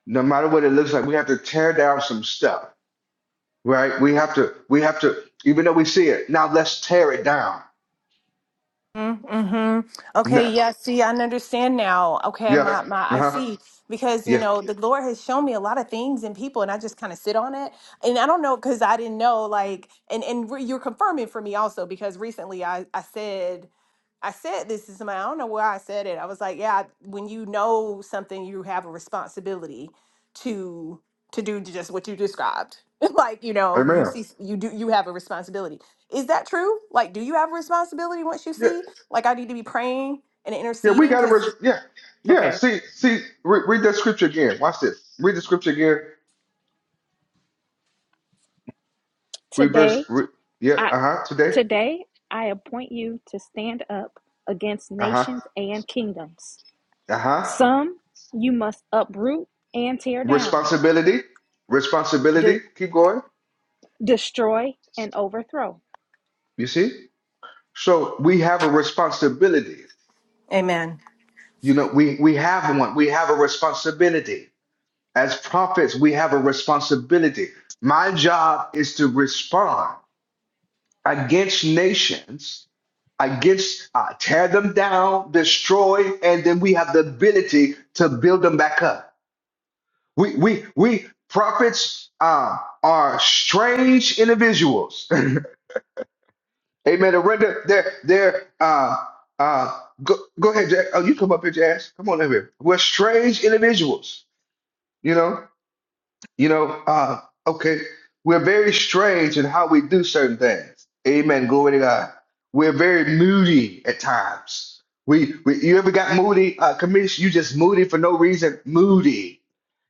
No matter what it looks like, we have to tear down some stuff, right? We have to, we have to, even though we see it, now let's tear it down Mm-hmm. Mm-hmm. Okay, No. yeah, see, I understand now. Okay, Yeah. my my Uh I huh. see because you Yeah. know the Lord has shown me a lot of things and people and I just kind of sit on it. And I don't know because I didn't know like and and re- you're confirming for me also because recently I I said I said this to somebody. I don't know where I said it. I was like, yeah, when you know something, you have a responsibility to to do just what you described. like, you know, you Amen. see, you do, you have a responsibility is that true? Like, do you have a responsibility once you Yeah. see? Like, I need to be praying and Yeah. We interceding got a verse. because, Yeah. Yeah. okay, See. See. Re- read that scripture again. Watch this. Read the scripture again. Read verse. today Re- yeah. I Uh huh. Today. today I appoint you to stand up against Uh huh. nations and kingdoms. Uh huh. Some you must uproot and tear down Responsibility. de- Responsibility. Keep going. destroy and overthrow. You see. So we have a responsibility. amen. You know, we we have one. We have a responsibility. As prophets, we have a responsibility. My job is to respond. against nations, against uh, tear them down, destroy, and then we have the ability to build them back up. We we we prophets uh, are strange individuals. Amen. To render their their uh uh go, go ahead, Jack. Oh, you come up here, Jazz. Come on over here. We're strange individuals, you know. You know, uh, okay, we're very strange in how we do certain things. Amen. Glory to God. We're very moody at times. We, we you ever got moody, uh, commission? You just moody for no reason. Moody.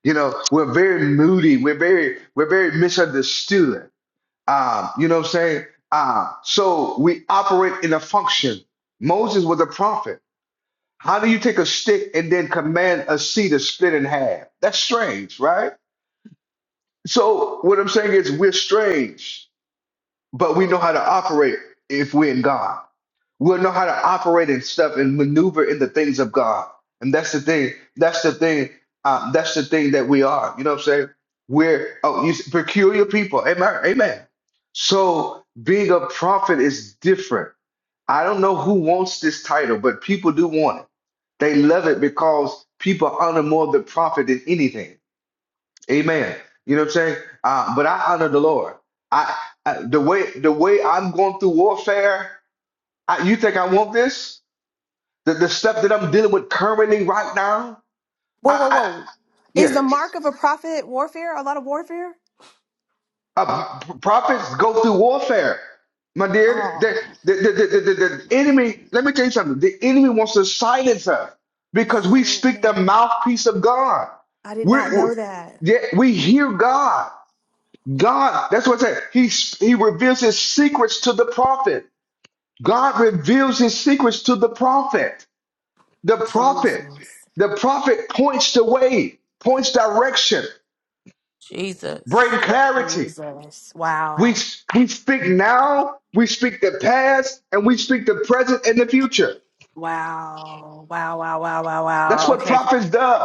You know, we're very moody. We're very, we're very misunderstood. Um, you know what I'm saying? Uh, so we operate in a function. Moses was a prophet. How do you take a stick and then command a sea to split in half? That's strange, right? So what I'm saying is we're strange, but we know how to operate if we're in God. We'll know how to operate and stuff and maneuver in the things of God. And that's the thing. That's the thing. Uh, that's the thing that we are. You know what I'm saying? We're oh, you peculiar people. Amen. Amen. So being a prophet is different. I don't know who wants this title, but people do want it. They love it because people honor more the prophet than anything. Amen. You know what I'm saying? Uh, but I honor the Lord. I, I the way the way I'm going through warfare. I, you think I want this? The, the stuff that I'm dealing with currently right now. Whoa, I, whoa, I whoa. Is yeah. the mark of a prophet warfare? A lot of warfare? Uh, prophets go through warfare, my dear. Oh, The, the, the, the, the, the enemy. Let me tell you something. The enemy wants to silence us because we oh speak the man. mouthpiece of God. I did We, not we know that. yeah, we hear God. God, that's what I said. He he reveals his secrets to the prophet. God reveals his secrets to the prophet. The Jesus. prophet. The prophet points the way, points direction, bring Jesus. clarity. Jesus. We Wow. we speak now, we speak the past, and we speak the present and the future. Wow. Wow. Wow. Wow. Wow. That's Wow. what Okay. prophets do.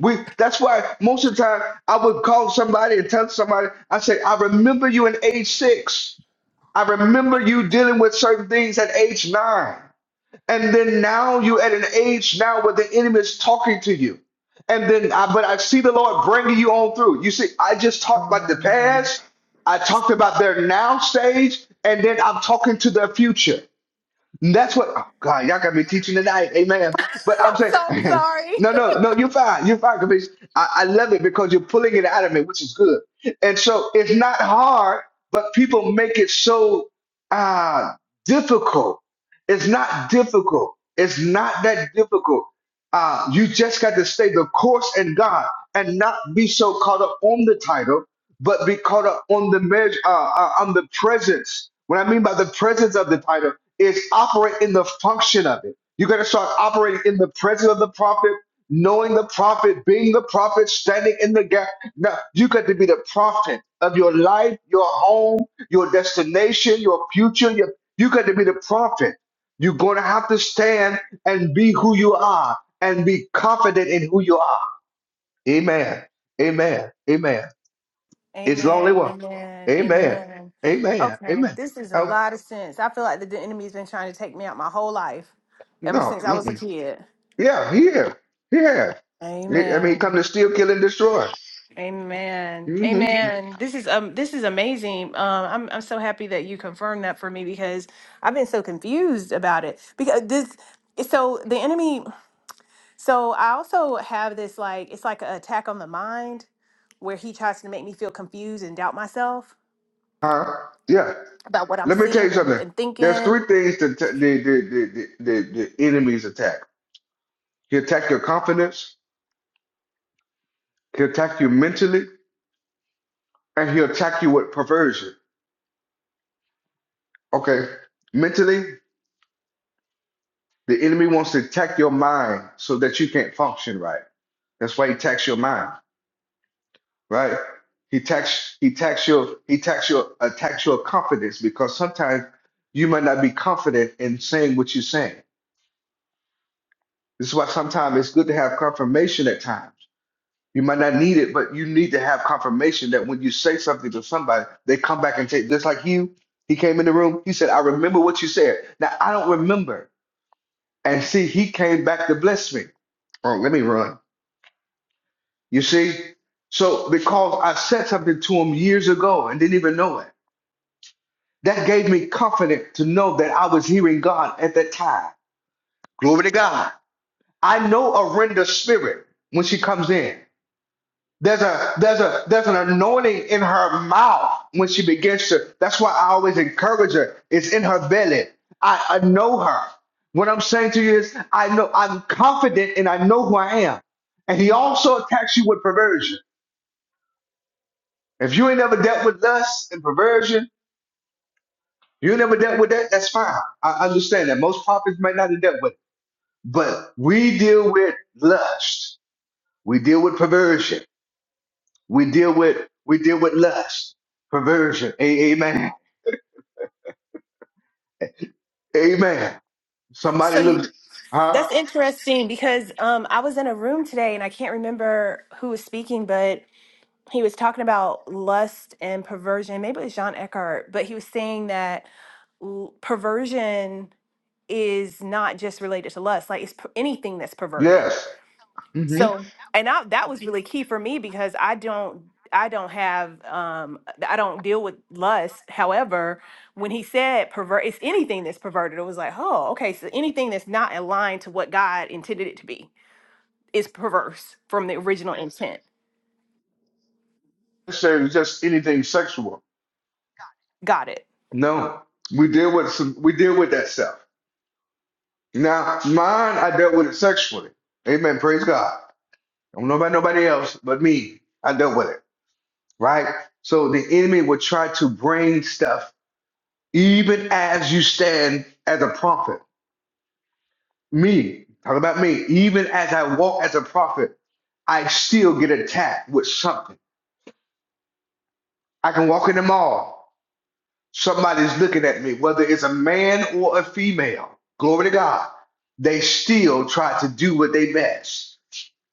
We that's why most of the time I would call somebody and tell somebody, I say, I remember you in 86. I remember you dealing with certain things at age nine. And then now you're at an age now where the enemy is talking to you. And then, I, but I see the Lord bringing you on through. You see, I just talked about Oh the man. past. I That's- talked about their now stage. And then I'm talking to their future. And That's what oh God, y'all got me teaching tonight. Amen. But I'm I'm saying, so sorry. no, no, no, you're fine. You're fine, Caprice. I, I love it because you're pulling it out of me, which is good. And so it's not hard, but people make it so uh difficult. It's not difficult. It's not that difficult. Uh, you just got to stay the course in God and not be so caught up on the title, but be caught up on the measure, uh, uh, on the presence. What I mean by the presence of the title is operate in the function of it. You got to start operating in the presence of the prophet, knowing the prophet, being the prophet, standing in the gap. Now, you got to be the prophet of your life, your home, your destination, your future. Your, you got to be the prophet. You're going to have to stand and be who you are and be confident in who you are. Amen. Amen. Amen. It's lonely Amen. one. Amen. Amen. Amen. Amen. Okay, Amen. this is a Oh, lot of sense. I feel like the, the enemy's been trying to take me out my whole life, ever no. since I was Mm-mm. a kid. Yeah, he have. He have. I I mean, he come Amen. to steal, kill, and destroy. Amen. hmm Amen. This is um this is amazing. Um I'm I'm so happy that you confirmed that for me because I've been so confused about it. Because this so the enemy so I also have this like it's like an attack on the mind where he tries to make me feel confused and doubt myself Uh, yeah. about what I'm Let me tell seeing you and, something. and There's three thinking. things that t- the, the, the, the, the, the enemies attack. He attack your confidence. He attack you mentally, and he attack you with perversion. Okay. Mentally, the enemy wants to attack your mind so that you can't function right. That's why he attacks your mind. right? He tax he tax your he tax your attacks your confidence because sometimes you might not be confident in saying what you're saying. This is why sometimes it's good to have confirmation at times. You might not need it, but you need to have confirmation that when you say something to somebody, they come back and take just like you. He came in the room, he said, I remember what you said. Now I don't remember. And see, he came back to bless me. Oh, let me run. You see? So because I said something to him years ago and didn't even know it That gave me confidence to know that I was hearing God at that time. Glory to God. I know a render spirit when she comes in. There's a there's a there's an anointing in her mouth when she begins to. That's why I always encourage her. It's in her belly. I, I know her. What I'm saying to you is I know I'm confident and I know who I am. And he also attacks you with perversion. If you ain't never dealt with lust and perversion, you never dealt with that, that's fine. I understand that. Most prophets might not have dealt with it. But we deal with lust. We deal with perversion. We deal with we deal with lust, perversion. A- amen. Amen. Somebody So you looked, huh? That's interesting because um, I was in a room today and I can't remember who was speaking, but he was talking about lust and perversion. Maybe it was John Eckhart, but he was saying that l- perversion is not just related to lust, like it's per- anything that's perverted. Yes. Mm-hmm. So, and I, that was really key for me because I don't I don't have um I don't deal with lust. However, when he said pervert, it's anything that's perverted. It was like, oh, okay, so anything that's not aligned to what God intended it to be is perverse from the original intent. Necessarily just anything sexual. Got it. No, we deal with some. We deal with that stuff. Now, mine, I dealt with it sexually. Amen. Praise God. I don't know about nobody else but me. I dealt with it. Right. So the enemy will try to bring stuff even as you stand as a prophet. Me, talk about me. Even as I walk as a prophet, I still get attacked with something. I can walk in the mall. Somebody's looking at me, whether it's a man or a female. Glory to God. They still try to do what they best.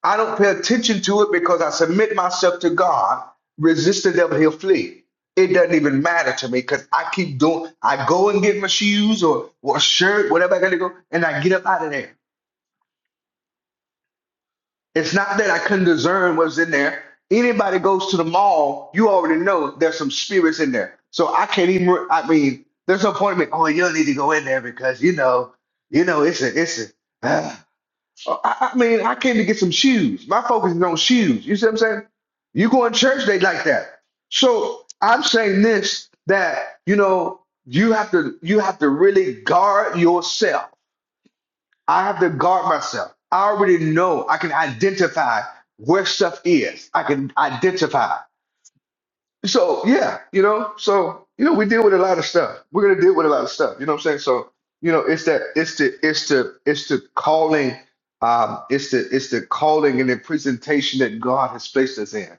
I don't pay attention to it because I submit myself to God. Resist the devil, he'll flee. It doesn't even matter to me because I keep doing. I go and get my shoes or or a shirt, whatever I gotta go, and I get up out of there. It's not that I couldn't discern what's in there. Anybody goes to the mall, you already know there's some spirits in there. So I can't even. I mean, there's no point in me. Oh, you don't need to go in there because you know, you know, it's a, it's a. Uh, I, I mean, I came to get some shoes. My focus is on shoes. You see what I'm saying? You go in church, they like that. So I'm saying this that you know you have to you have to really guard yourself. I have to guard myself. I already know I can identify where stuff is. I can identify. So yeah, you know, so you know, we deal with a lot of stuff. We're gonna deal with a lot of stuff. You know what I'm saying? So you know, it's that it's the it's the it's the calling, um, it's the it's the calling and the presentation that God has placed us in.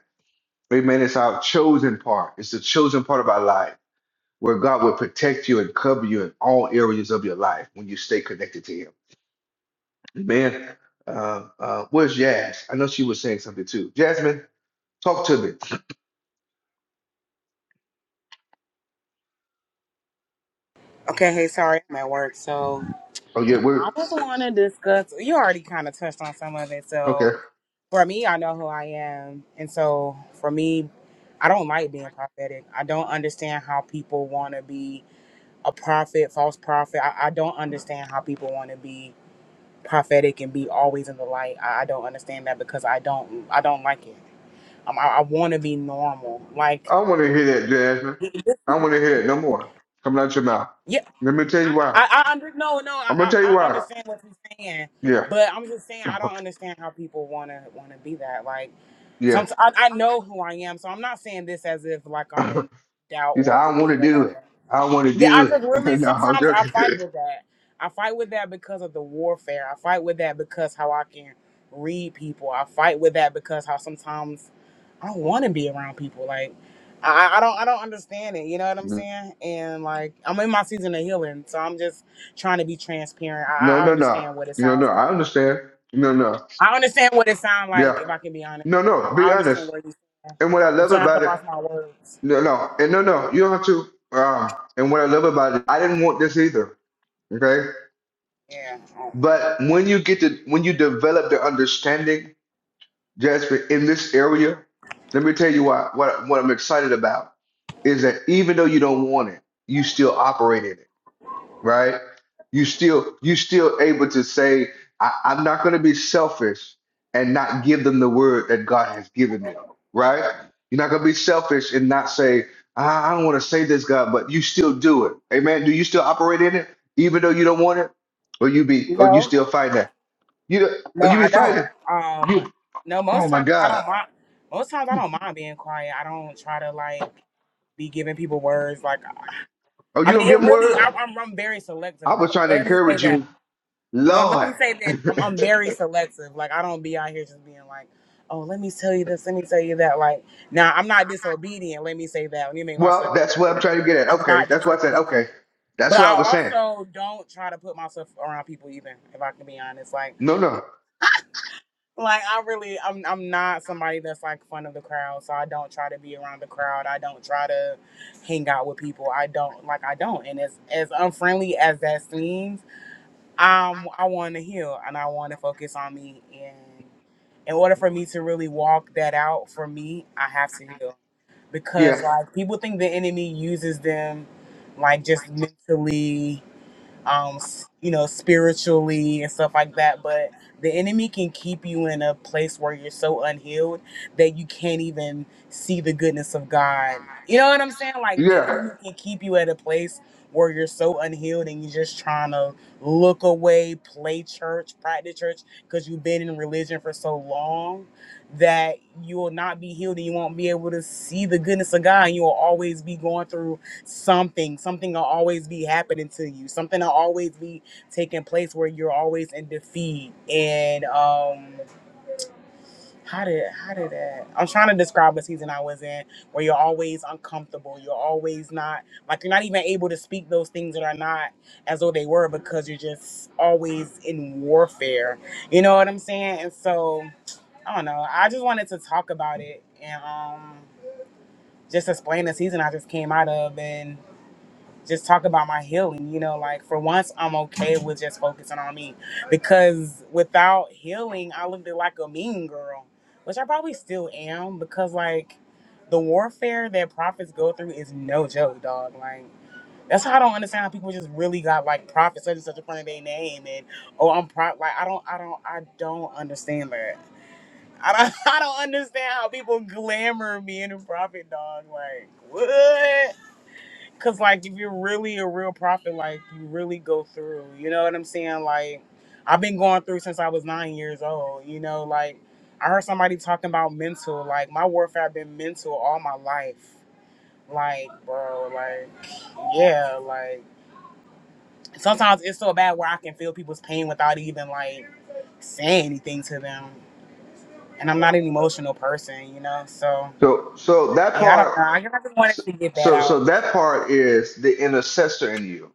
Amen. It's our chosen part. It's the chosen part of our life where God will protect you and cover you in all areas of your life when you stay connected to Him. Amen. Uh, uh, where's Jazz? I know she was saying something too. Jasmine, talk to me. Okay, hey, sorry, I'm at work. So Oh yeah, we're I just want to discuss. You already kind of touched on some of it. So okay. for me, I know who I am, and so for me, I don't like being prophetic. I don't understand how people want to be a prophet, false prophet. I, I don't understand how people want to be prophetic and be always in the light. I, I don't understand that because I don't, I don't like it. Um, I, I want to be normal, like. I want to hear that, Jasmine. I want to hear it no more coming out your mouth. yeah. Let me tell you why. I, I under no no I'm gonna I, tell you I I why. understand what you're saying, Yeah, but I'm just saying I don't understand how people wanna wanna be that. Like yeah. some I, I know who I am, so I'm not saying this as if like I'm in doubt he said, or I don't really want or to do it. nothing. I don't want to Yeah, do I just really it. no, I'm sometimes I joking. fight with that. I fight with that because of the warfare. I fight with that because how I can read people. I fight with that because how sometimes I don't want to be around people. Like, I, I don't, I don't understand it. You know what I'm saying? And like, I'm in my season of healing, so I'm just trying to be transparent. No, I, I no, no. understand what it No, no. sounds like. I understand. No, no. I understand what it sounds like. Yeah. If I can be honest, No, um, no. Be I understand honest. what you're saying, And what I and love so I have to about it, watch my words. no, no. And no, no. You don't have to. Um, and what I love about it, I didn't want this either. Okay. Yeah. um, But when you get to, when you develop the understanding Jasper, in this area, let me tell you why, what, what I'm excited about is that even though you don't want it, you still operate in it, right? You still, you still able to say, I, I'm not going to be selfish and not give them the word that God has given them, right? You're not going to be selfish and not say, I, I don't want to say this, God, but you still do it. Amen. Do you still operate in it, even though you don't want it? Or you be, or you No, still find that? You, or no, you be I don't. fighting. Um, You, no, oh most my times I God. don't mind. Most times I don't mind being quiet. I don't try to like be giving people words. Like, Oh, I you mean, don't it give him really, word? I, I'm, I'm very selective. I was trying to Let me say encourage that. you. No, let Lord. me say this. I'm, I'm very selective. Like I don't be out here just being like, oh, let me tell you this, let me tell you that. Like now, I'm not disobedient. Let me say that. Let me make myself Well, very that's what I'm clear. trying to get at. I'm Okay. not That's what I said. disobedient, Okay. That's but what I I was saying. also don't try to put myself around people either. If I can be honest, like No, no. like I really, I'm I'm not somebody that's like fun of the crowd. So I don't try to be around the crowd. I don't try to hang out with people. I don't like I don't. And as as unfriendly as that seems um I want to heal and I want to focus on me and in order for me to really walk that out for me I have to heal because Yeah. like people think the enemy uses them like just mentally um, s- you know, spiritually and stuff like that. But the enemy can keep you in a place where you're so unhealed that you can't even see the goodness of God. You know what I'm saying? Like the Yeah. enemy can keep you at a place where you're so unhealed and you're just trying to look away, play church, practice church, because you've been in religion for so long that you will not be healed and you won't be able to see the goodness of God. And you will always be going through something something will always be happening to you something will always be taking place where you're always in defeat and um how did how did that i'm trying to describe a season i was in where you're always uncomfortable you're always not like you're not even able to speak those things that are not as though they were because you're just always in warfare you know what i'm saying and so i don't know i just wanted to talk about it and um just explain the season i just came out of and just talk about my healing. You know, like for once, I'm okay with just focusing on me because without healing, I looked like a mean girl, which I probably still am because like the warfare that prophets go through is no joke, dog. Like. That's how I don't understand how people just really got like prophets such and such in front of their name and oh I'm pro like I don't I don't I don't understand that. I don't I don't understand how people glamour being a prophet dog. Like what? Cause like if you're really a real prophet, like you really go through. You know what I'm saying? Like I've been going through since I was nine years old. You know, like I heard somebody talking about mental. Like my warfare been mental all my life. Like bro, like yeah, like sometimes it's so bad where I can feel people's pain without even like saying anything to them. And I'm not an emotional person, you know. So So so that yeah, I part don't know. I just wanted so to get that so out. so that part is the intercessor in you.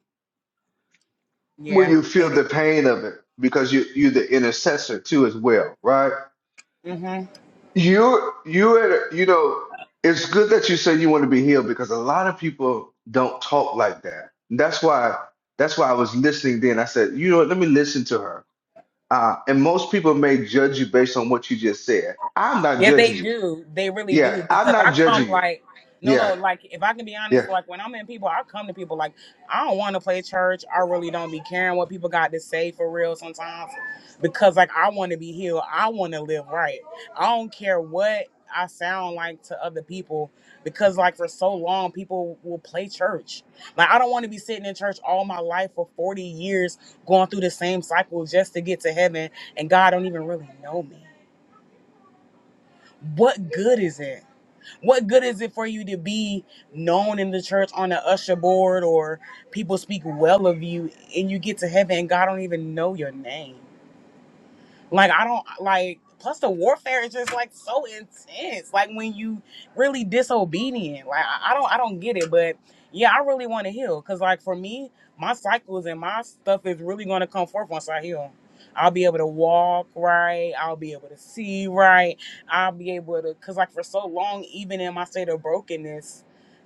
When Yeah, you feel it is. the pain of it, because you you're the intercessor too as well, right? Mm-hmm. You you had- you know, it's good that you say you want to be healed because a lot of people don't talk like that. That's why that's why I was listening then. I said, you know what, let me listen to her. Uh, and most people may judge you based on what you just said. I'm not Yeah, they judging you. do. They really Yeah, do I'm because I not judging come you. like no, Yeah, no. Like if I can be yeah, honest, like when I'm in people, I come to people like I don't want to play church. I really don't be caring what people got to say for real sometimes because like I want to be healed. I want to live right. I don't care what I sound like to other people because like for so long people will play church. Like I don't want to be sitting in church all my life for 40 years going through the same cycle just to get to heaven and God don't even really know me. What good is it? What good is it for you to be known in the church on the usher board or people speak well of you and you get to heaven and God don't even know your name? Like I don't like. Plus the warfare is just like so intense. Like when you really disobedient. Like I, I don't I don't get it. But yeah, I really want to heal because like for me, my cycles and my stuff is really going to come forth once I heal. I'll be able to walk right. I'll be able to see right. I'll be able to because like for so long, even in my state of brokenness.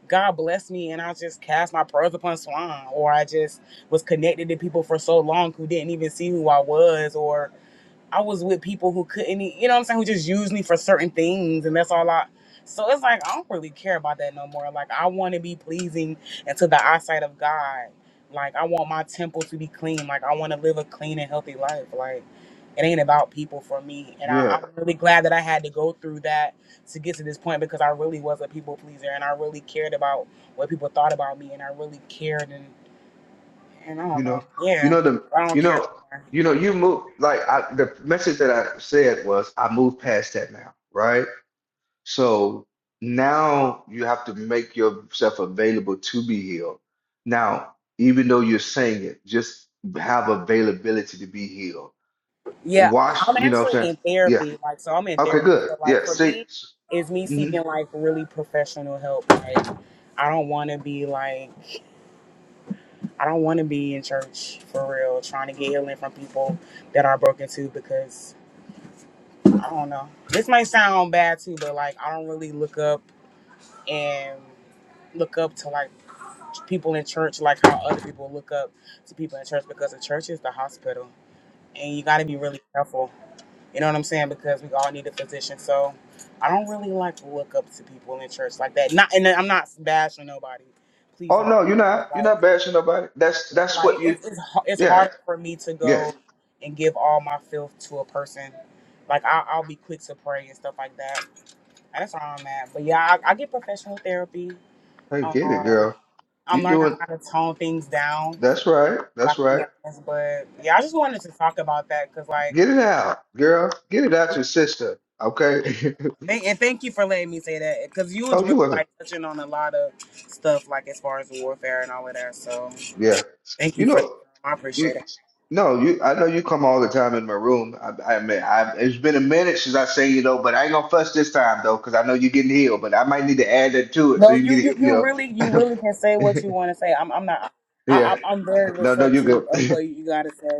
God blessed me, and I just cast my pearls upon swine, or I just was connected to people for so long who didn't even see who I was, or I was with people who couldn't, e- you know what I'm saying, who just used me for certain things, and that's all I. So it's like I don't really care about that no more. Like I want to be pleasing and to the eyesight of God. Like I want my temple to be clean. Like I want to live a clean and healthy life. Like it ain't about people for me. And I, yeah. I'm really glad that I had to go through that to get to this point because I really was a people pleaser and I really cared about what people thought about me and I really cared and and I don't You know. know, you Yeah, know the I don't you care. know no more. you know you move like I, the message that I said was I move past that now, right? So now you have to make yourself available to be healed. Now, even though you're saying it, just have availability to be healed. Yeah, Wash, I'm you know what actually I'm saying? in Yeah. therapy. Like, so I'm in Okay, therapy. good. So, like, Yeah. for See. me, it's me mhm. seeking like really professional help. Like, I don't want to be like, I don't want to be in church for real, trying to get healing from people that are broken too. Because I don't know. This might sound bad too, but like, I don't really look up and look up to like people in church like how other people look up to people in church because the church is the hospital and you got to be really careful You know what I'm saying? Because we all need a physician. So I don't really like to look up to people in church like that. Not, and I'm not bashing nobody. Please Oh don't. no, you're But not. You're like, not bashing nobody. That's yeah, that's what like you it's it's har- it's yeah. hard for me to go Yes. and give all my filth to a person. Like I, I'll be quick to pray and stuff like that. And that's where I'm at. But yeah, I, I get professional therapy. Hey, get it, Um, girl. I'm You learning doing how to tone things down. If that's right, I that's can be right. honest, but yeah, I just wanted to talk about that because like. Get it out, girl. Get it out your sister. Okay. And, and thank you for letting me say that because you was Oh, you really wasn't. like touching on a lot of stuff, like as far as warfare and all of that. So Yeah. thank You you for. I know, appreciate it. No, you. I know you come all the time in my room. I, I mean, I, it's been a minute since I seen you though, but I ain't gonna fuss this time though, because I know you're getting healed. But I might need to add that to it so No, you can you get you it. you You know, really you really can say what you want to say. I'm I'm not. yeah. I, I'm I'm very No, no, you receptive go. of what you gotta say.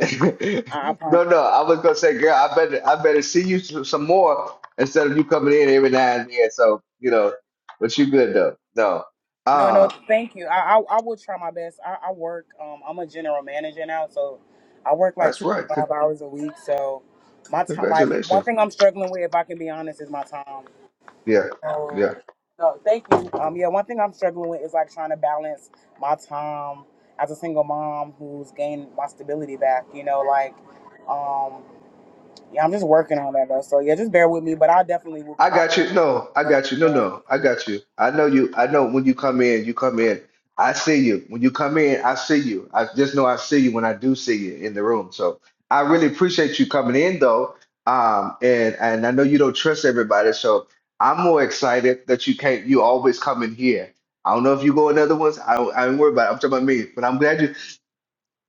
I, I no, promise. no. I was gonna say, girl, I better, I better see you s- some more instead of you coming in every now and then. So you know, but you good though. No, No, no, ah, thank you. I, I I will try my best. I, I work. Um, I'm a general manager now, so I work like that's right. Con- 65 hours a week. So my time, like one Congratulations. thing I'm struggling with, if I can be honest, is my time. Yeah, So, yeah. no, thank you. Um, yeah, one thing I'm struggling with is like trying to balance my time as a single mom who's gained my stability back. You know, like, um, yeah, I'm just working on that though. So yeah, just bear with me, but I definitely will I pop got you. No, I when I got you. No, can. no, I got you. I know you. I know when you come in, you come in. I see you. When you come in, I see you. I just know I see you when I do see you in the room. So I really appreciate you coming in though. Um, and and I know you don't trust everybody, so I'm more excited that you can't. You always come in here. I don't know if you go in other ones. I I ain't worried about. It. I'm talking about me, but I'm glad you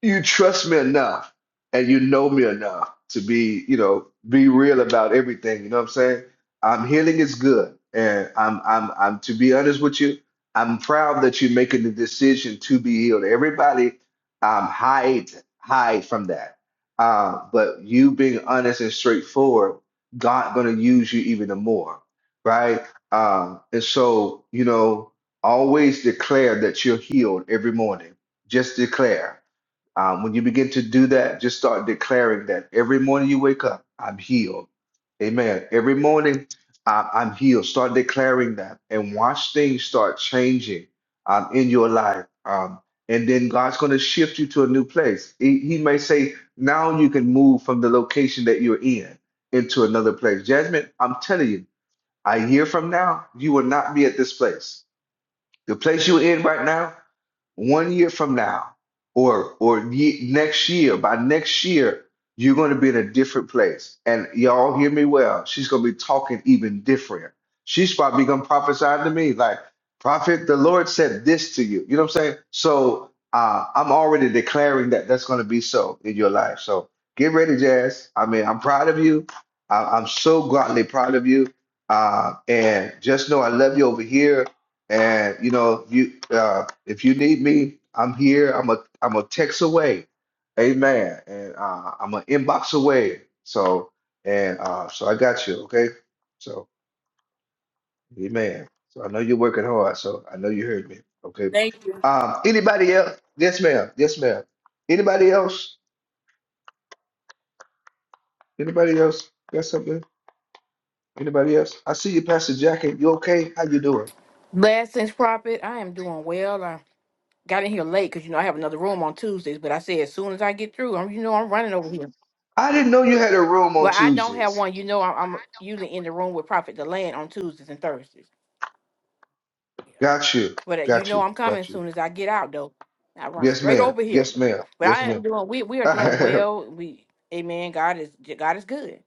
you trust me enough and you know me enough to be, you know, be real about everything. You know what I'm saying? I'm healing is good. And I'm I'm I'm to be honest with you, I'm proud that you're making the decision to be healed. Everybody um hide hide from that. Uh, but you being honest and straightforward, God gonna use you even more, right? Uh, and so, you know, always declare that you're healed every morning. Just declare um, when you begin to do that, just start declaring that every morning you wake up, I'm healed. Amen. Every morning, I- I'm healed. Start declaring that and watch things start changing um, in your life. Um, and then God's going to shift you to a new place. He, he may say, now you can move from the location that you're in into another place. Jasmine, I'm telling you, a year from now, you will not be at this place. The place you're in right now, one year from now or or ye next year by next year you're going to be in a different place and y'all hear me well she's going to be talking even different she's probably going to prophesy to me like prophet the lord said this to you you know what i'm saying so uh, i'm already declaring that that's going to be so in your life so get ready jazz i mean i'm proud of you I, i'm so godly proud of you uh, and just know i love you over here and you know, you uh, if you need me, I'm here. I'm a I'm a text away, amen. And uh, I'm an inbox away. So and uh, so I got you, okay. So amen. So I know you're working hard. So I know you heard me, okay. Thank you. Um, anybody else? Yes, ma'am. Yes, ma'am. Anybody else? Anybody else got something? Anybody else? I see you, Pastor Jackie. You okay? How you doing? Blessings, Prophet. I am doing well. I got in here late because you know I have another room on Tuesdays, but I said as soon as I get through, I'm you know I'm running over here. I didn't know you had a room on Well, I don't have Tuesdays. one. You know I'm, I'm usually in the room with Prophet Deland on Tuesdays and Thursdays. Yeah. Got you. But uh, you Got know you. I'm coming Got as you. soon as I get out though. I run Yes, straight ma'am. over here. Yes, ma'am. But Yes, I am ma'am. doing. We we are doing well. We Amen. God is God is good.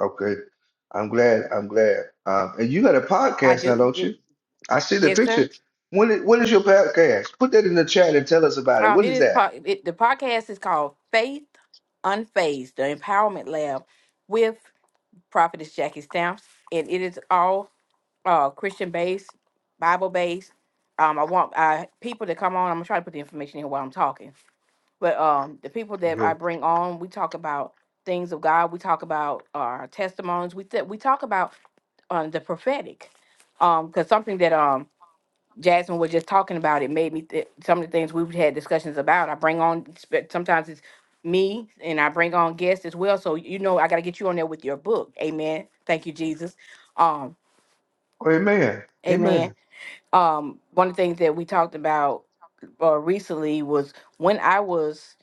Okay. I'm glad. I'm glad. Um, and you got a I podcast now, do. don't you? It, I see the yes, sir. picture. What is, what is your podcast? Put that in the chat and tell us about it. Um, What it is is. that? po- It, the podcast is called Faith Unfazed, the Empowerment Lab with Prophetess Jackie Stamps, and it is all uh, Christian based, Bible based. Um, I want uh, people to come on. I'm gonna try to put the information in while I'm talking. But um, the people that Yeah. I bring on, we talk about things of God. We talk about our testimonies. We th- we talk about um, the prophetic, because something that um Jasmine was just talking about, it made me th- some of the things we've had discussions about. I bring on spe- sometimes it's me and I bring on guests as well. So you know I gotta get you on there with your book. Amen. Thank you, Jesus. Um, Oh, amen. amen. Amen. Um, one of the things that we talked about uh, recently was when I was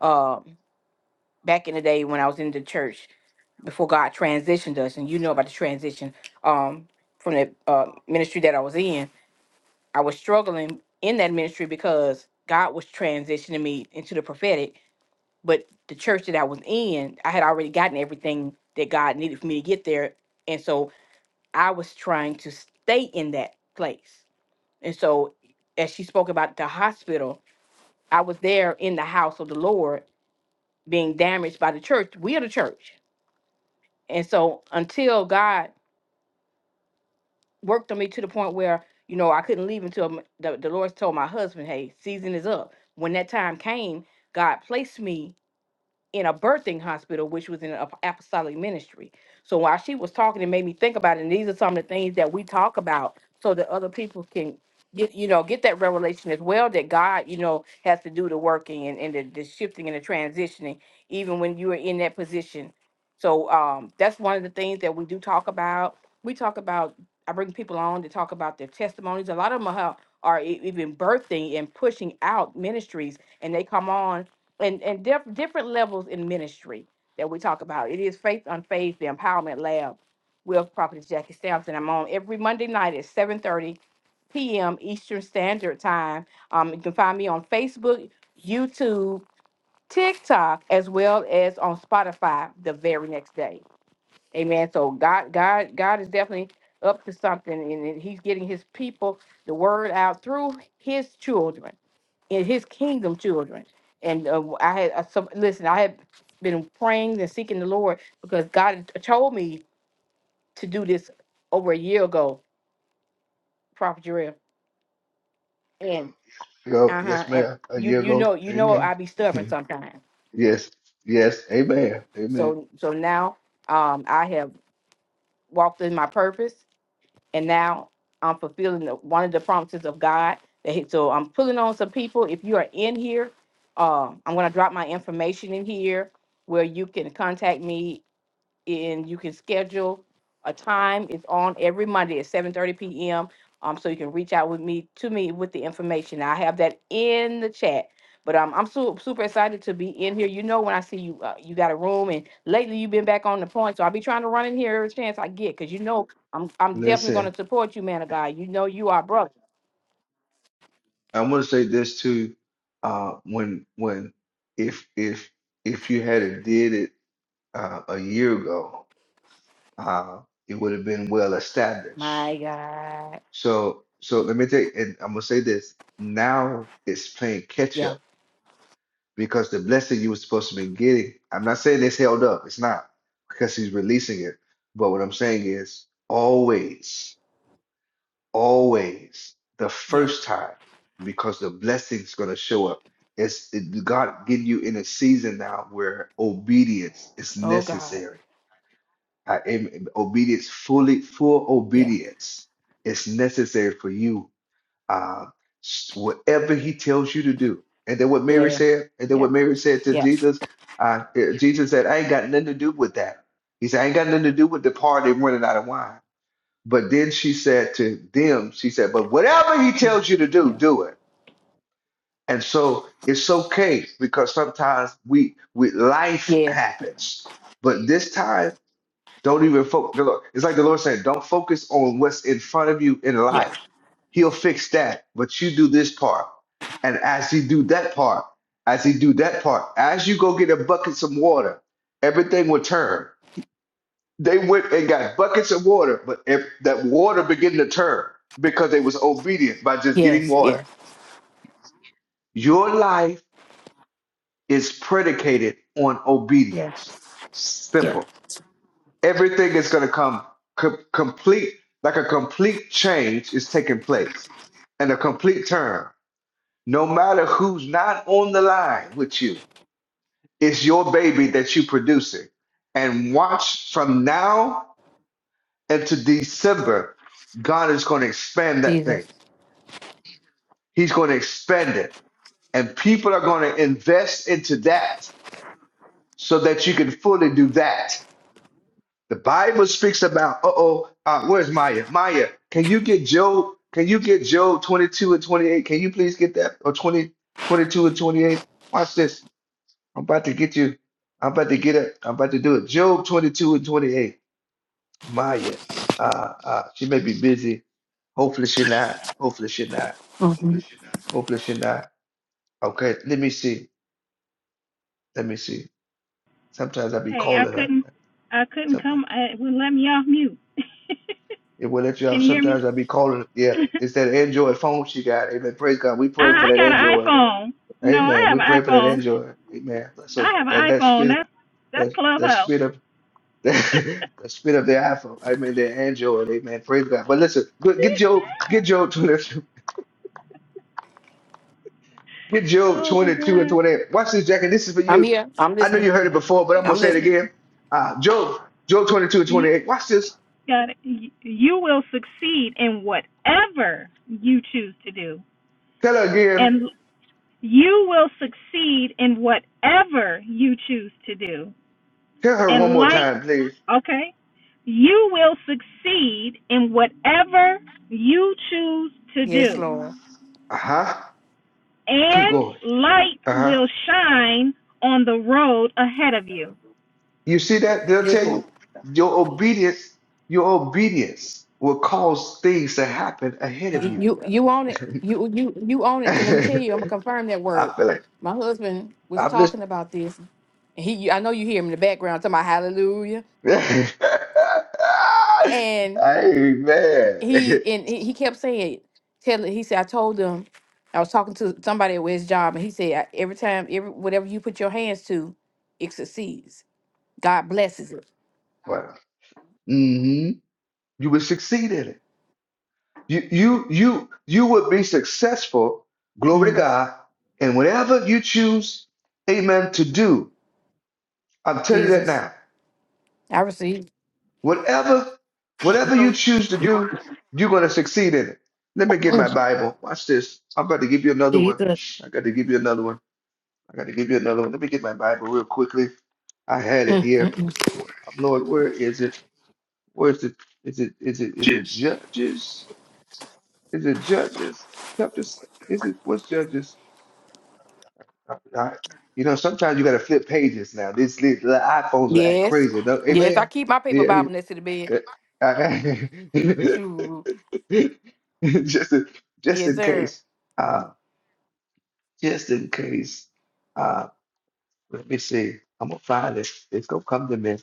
uh, back in the day when I was in the church before God transitioned us, and you know about the transition um, from the uh, ministry that I was in I was struggling in that ministry because God was transitioning me into the prophetic, but the church that I was in, I had already gotten everything that God needed for me to get there. And so I was trying to stay in that place. And so as she spoke about the hospital, I was there in the house of the Lord being damaged by the church. We are the church. And so until God worked on me to the point where you know I couldn't leave until m- the, the Lord told my husband, "Hey, season is up." When that time came, God placed me in a birthing hospital, which was in an ap- apostolic ministry. So while she was talking, it made me think about it. And these are some of the things that we talk about so that other people can get, you know, get that revelation as well that God, you know, has to do the working and, and the, the shifting and the transitioning, even when you are in that position. So um, that's one of the things that we do talk about. We talk about, I bring people on to talk about their testimonies. A lot of them are, are e- even birthing and pushing out ministries, and they come on and and diff- different levels in ministry that we talk about. It is Faith on Faith, the Empowerment Lab with Prophetess Jackie Sampson. I'm on every Monday night at 7:30 p.m. Eastern Standard Time. Um, you can find me on Facebook, YouTube, TikTok, as well as on Spotify the very next day. Amen. So God, God, God is definitely up to something, and and He's getting His people the word out through His children in his kingdom children and uh, i had uh, some listen i had been praying and seeking the lord because god had told me to do this over a year ago prophet Jarrell. and go, uh-huh yes, and ma'am. A you year you ago. know you know Amen. i be stubborn sometimes Yes. Yes. Amen. Amen. so so now um i have walked in my purpose and now i'm fulfilling the, one of the promises of god that he, so i'm pulling on some people if you are in here um i'm going to drop my information in here where you can contact me and you can schedule a time. It's on every Monday at seven thirty PM. Um, so you can reach out with me, to me with the information. I have that in the chat. But um, I'm su- super excited to be in here. You know, when I see you, uh, you got a room, and lately you've been back on the point. So I'll be trying to run in here every chance I get, cause you know I'm I'm definitely Listen, gonna support you, man of God. You know you are brother. I'm gonna say this too. Uh, when when if if if you had did it uh, a year ago. uh, it would have been well My established. God, So, so let me take, and I'm gonna say this now it's playing catch yeah, up because the blessing you were supposed to be getting, I'm not saying it's held up, it's not because he's releasing it. But what I'm saying is always, always the yeah. first time because the blessing's gonna show up. It's it, God getting you in a season now where obedience is Oh God, necessary I am obedience, fully full yeah, obedience is necessary for you. Uh, whatever he tells you to do, and then what Mary yeah, said, and then yeah, what Mary said to yeah, Jesus, uh, eh, Jesus said, "I ain't got nothing to do with that." He said, "I ain't got nothing to do with the party running out of wine." But then she said to them, she said, "But whatever he yeah, tells you to do, yeah, do it." And so it's okay because sometimes we, we life yeah. happens, but this time don't even focus. It's like the Lord saying, don't focus on what's in front of you in Yes, life. He'll fix that, but you do this part. And as you do that part, as you do that part, as you go get a bucket some water, everything will turn. They went and got buckets of water, but if that water began to turn because they was obedient by just getting yes, yes. water. Your life is predicated on Yeah. obedience. Yeah. Simple. Everything is going to come co- complete, like a complete change is taking place and a complete turn. No matter who's not on the line with you, it's your baby that you are producing. And watch from now into December, God is going to expand that thing. Jesus. He's going to expand it. And people are going to invest into that so that you can fully do that. The Bible speaks about, uh-oh, uh, where's Maya? Maya, can you get Job? Can you get Job 22 and 28? Can you please get that? Or 20, 22 and 28? Watch this. I'm about to get you. I'm about to get it. I'm about to do it. Job 22 and 28. Maya, uh, uh, she may be busy. Hopefully she not. Hopefully she not. hmm Hopefully she not. Okay, let me see. Let me see. Sometimes I be Hey, I calling her. couldn't, I couldn't Sometimes. come. I, it wouldn't let me off mute. It will let you Can out. you hear me? Sometimes I'll be calling. Yeah, it's that Android phone she got. Amen. Praise God. We I, pray for I that got an Android. iPhone. No, I Amen. have We an pray for that iPhone. Android. Amen. So I have that an that iPhone. spirit, That's that's that that Clubhouse. spirit of that, spirit of the iPhone. I mean the Android. Amen. Praise God. But listen, go- get Job, get Job twenty, get Job oh my twenty-two and God. twenty-eight. Watch this, Jackie. This is for I'm you. here. I'm I know you listening. heard it before, but I'm gonna I'm say it listening. again. Uh, Job, Job twenty-two and You twenty-eight. Watch this. got it. You you will succeed in whatever you choose to do, Tell her again. and you will succeed in whatever you choose to do. Tell her one and more light, time, please. okay, you will succeed in whatever you choose to Yes, do, Lord. Uh huh. Keep and going. light Uh huh. will shine on the road ahead of you. You see that? They'll tell you Listen. your obedience, your obedience will cause things to happen ahead of You you. you, you own it. You you you own it. Cause let me tell you, I'm gonna I confirm that word. feel like My husband was I'm listening. talking about this. And he I know you hear him in the background talking about hallelujah. And Amen. he and he he kept saying, telling he said, I told him I was talking to somebody at his job, and he said, "I- every time every whatever you put your hands to, it succeeds. God blesses it. Well, hmm you will succeed in it. You you you you would be successful, glory to Mm, God, and whatever you choose, amen, to do. I'm telling you that Jesus. now. I received. Whatever, whatever you choose to do, you're going to succeed in it. Let me get my Mm, Bible. Watch this. I'm about to give you another one. Jesus. I got to give you another one. I got to give you another one. Let me get my Bible real quickly. I had it Mm, mm, here. mm. Oh, Lord, where is it? Where is it? Is it? Is it? Is it Judges? Is it Judges? Chapter? s- Is it? What's Judges? I, I- you know, sometimes you got to flip pages now. These, these the iPhones are act Yes. crazy. Don't, Yes, I amen. keep my paper Yeah. Bible next to the bed. yeah. I, Shoot. just in, just Yes, in sir. case. Uh, just in case. Uh, let me see. I'm gonna find it. It's gonna come to me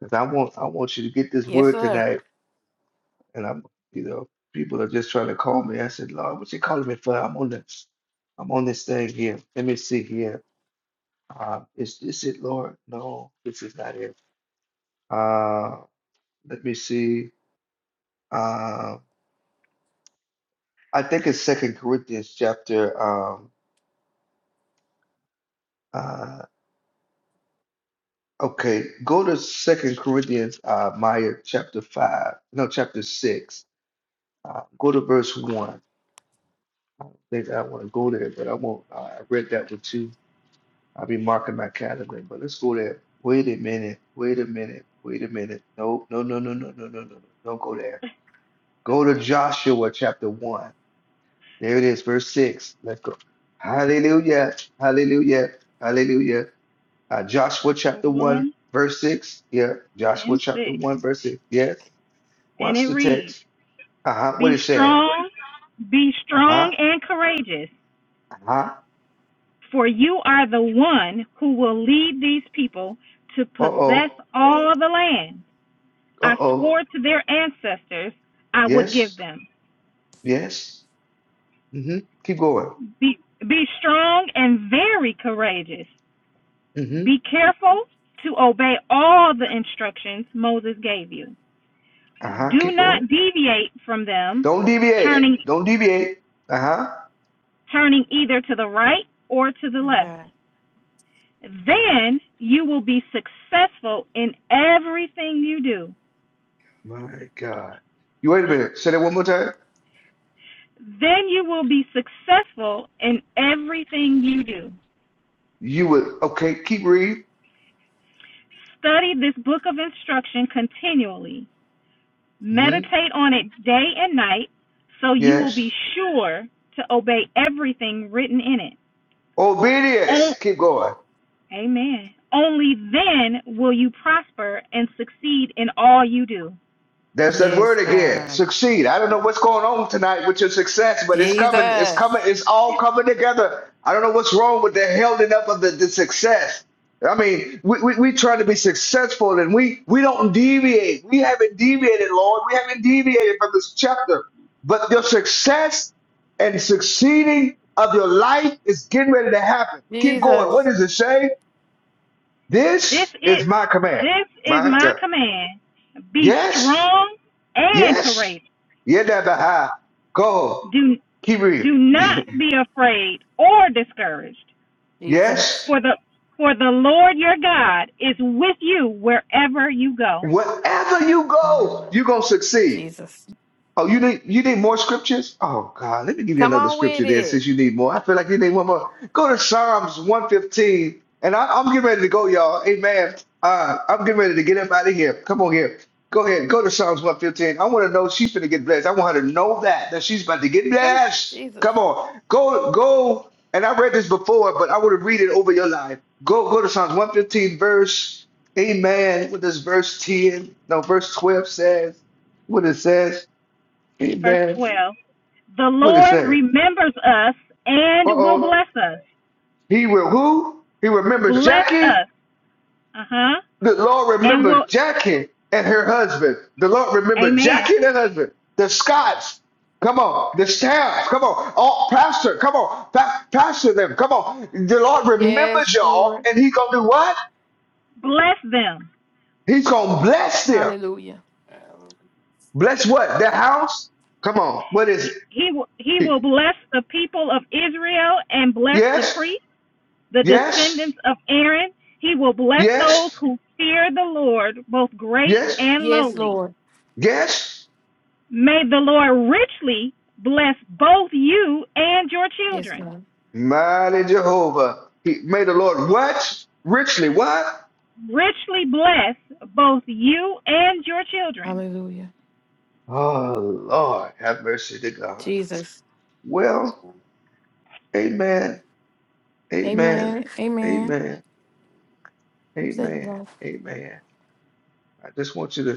because I want I want you to get this Yes, word sir. tonight. And I'm you know people are just trying to call me. I said, Lord, what you calling me for? I'm on this. I'm on this thing here. Let me see here. Uh, is this it, Lord? No, this is not it. Uh, let me see. Uh, I think it's Second Corinthians chapter. Um, uh, Okay, go to Second Corinthians, uh, Maya chapter five, no, chapter six. Uh, go to verse one. I don't think I want to go there, but I won't. Uh, I read that one too. I'll be marking my calendar, but let's go there. Wait a minute. Wait a minute. Wait a minute. No, no, no, no, no, no, no, no, no. Don't go there. Go to Okay, Joshua chapter one. There it is, verse six. Let's go. so Hallelujah. Hallelujah. Hallelujah. Uh, Joshua Joshua chapter 1, 1 verse 6. Yeah, Joshua and 6. chapter 1, verse 6. Yes. And Watch it the reads text. Uh huh. What Be it said. strong, be Uh huh. strong and courageous, Uh huh. for you are the one who will lead these people to Uh possess oh. all the land Uh I swore oh. to their ancestors I would Yes. give them. Yes. Mm hmm. Keep going. Be, be strong and very courageous. Mm hmm. Be careful to obey all the instructions Moses gave you. Uh huh. Do Keep not going. deviate from them, Don't turning, deviate. Don't deviate. Uh huh. turning either to the right or to the Oh my left. God. Then you will be successful in everything you do. My God. You wait a minute. Say that one more time. Then you will be successful in everything you do. You would. Okay. Keep reading. Study this book of instruction continually. Mm hmm. Meditate on it day and night, so you will be Yes. sure to obey everything written in it. Obedience. On- Keep going. Amen. Only then will you prosper and succeed in all you do. There's that Yes, word again. God. Succeed. I don't know what's going on tonight with your success, but it's coming. It's coming. Jesus. It's all coming together. I don't know what's wrong with the holding up of the, the success. I mean, we, we, we try to be successful and we, we don't deviate. We haven't deviated, Lord. We haven't deviated from this chapter. But your success and succeeding of your life is getting ready to happen. Keep going. What Jesus. does it say? This This it is my command. this is My my God. command. Be Yes. strong and Yes. courageous. Yedabaha. Go. Do Keep do reading. not be afraid or discouraged Jesus. Yes. For the for the Lord your God is with you wherever you go. Wherever you My go, God. you're going to succeed. Jesus. Oh, you need you need more scriptures? Oh God, let me give you Come another on scripture with there since it. you need more. I feel like you need one more. Go to Psalms 115. And I, I'm getting ready to go, y'all. Amen. Uh, I'm getting ready to get up out of here. Come on here. Go ahead. Go to Psalms 115. I want to know she's going to get blessed. I want her to know that, that she's about to get Whew. blessed. Jesus. Come on. Go, go. And I read this before, but I want to read it over your life. Go, go to Psalms 115, verse, amen. What does verse 10, no, verse 12 says, what it says. Verse Amen. 12. The What it Lord say? remembers us Uh and will oh. bless us. He will who? He remembers Bless Jackie. us. Uh-huh. The Lord And will remembers Jackie and her husband. The Lord remembered Amen. Jackie and her husband. The Scots. Come on. The staff. Come on. All pastor. Come on. Pa- pastor them. Come on. The Lord remembers Yes, y'all Lord. and he gonna do what? Bless them. He's gonna bless them. Hallelujah. Bless what? Their house? Come on. What is He, it? he will he He- will bless the people of Israel and bless the Yes. priests, the Yes. descendants of Aaron. He will bless those Yes. who fear the Lord, both great Yes. and Yes, lowly Lord. Yes. May the Lord richly bless both you and your Yes, children. God. Mighty Jehovah. He made the Lord what? Richly what? Richly bless both you and your children. Hallelujah. Oh Lord, have mercy to God. Jesus. Well, amen. Amen. Amen. Amen. Amen. You it, Amen. Lord. Amen. I just want you to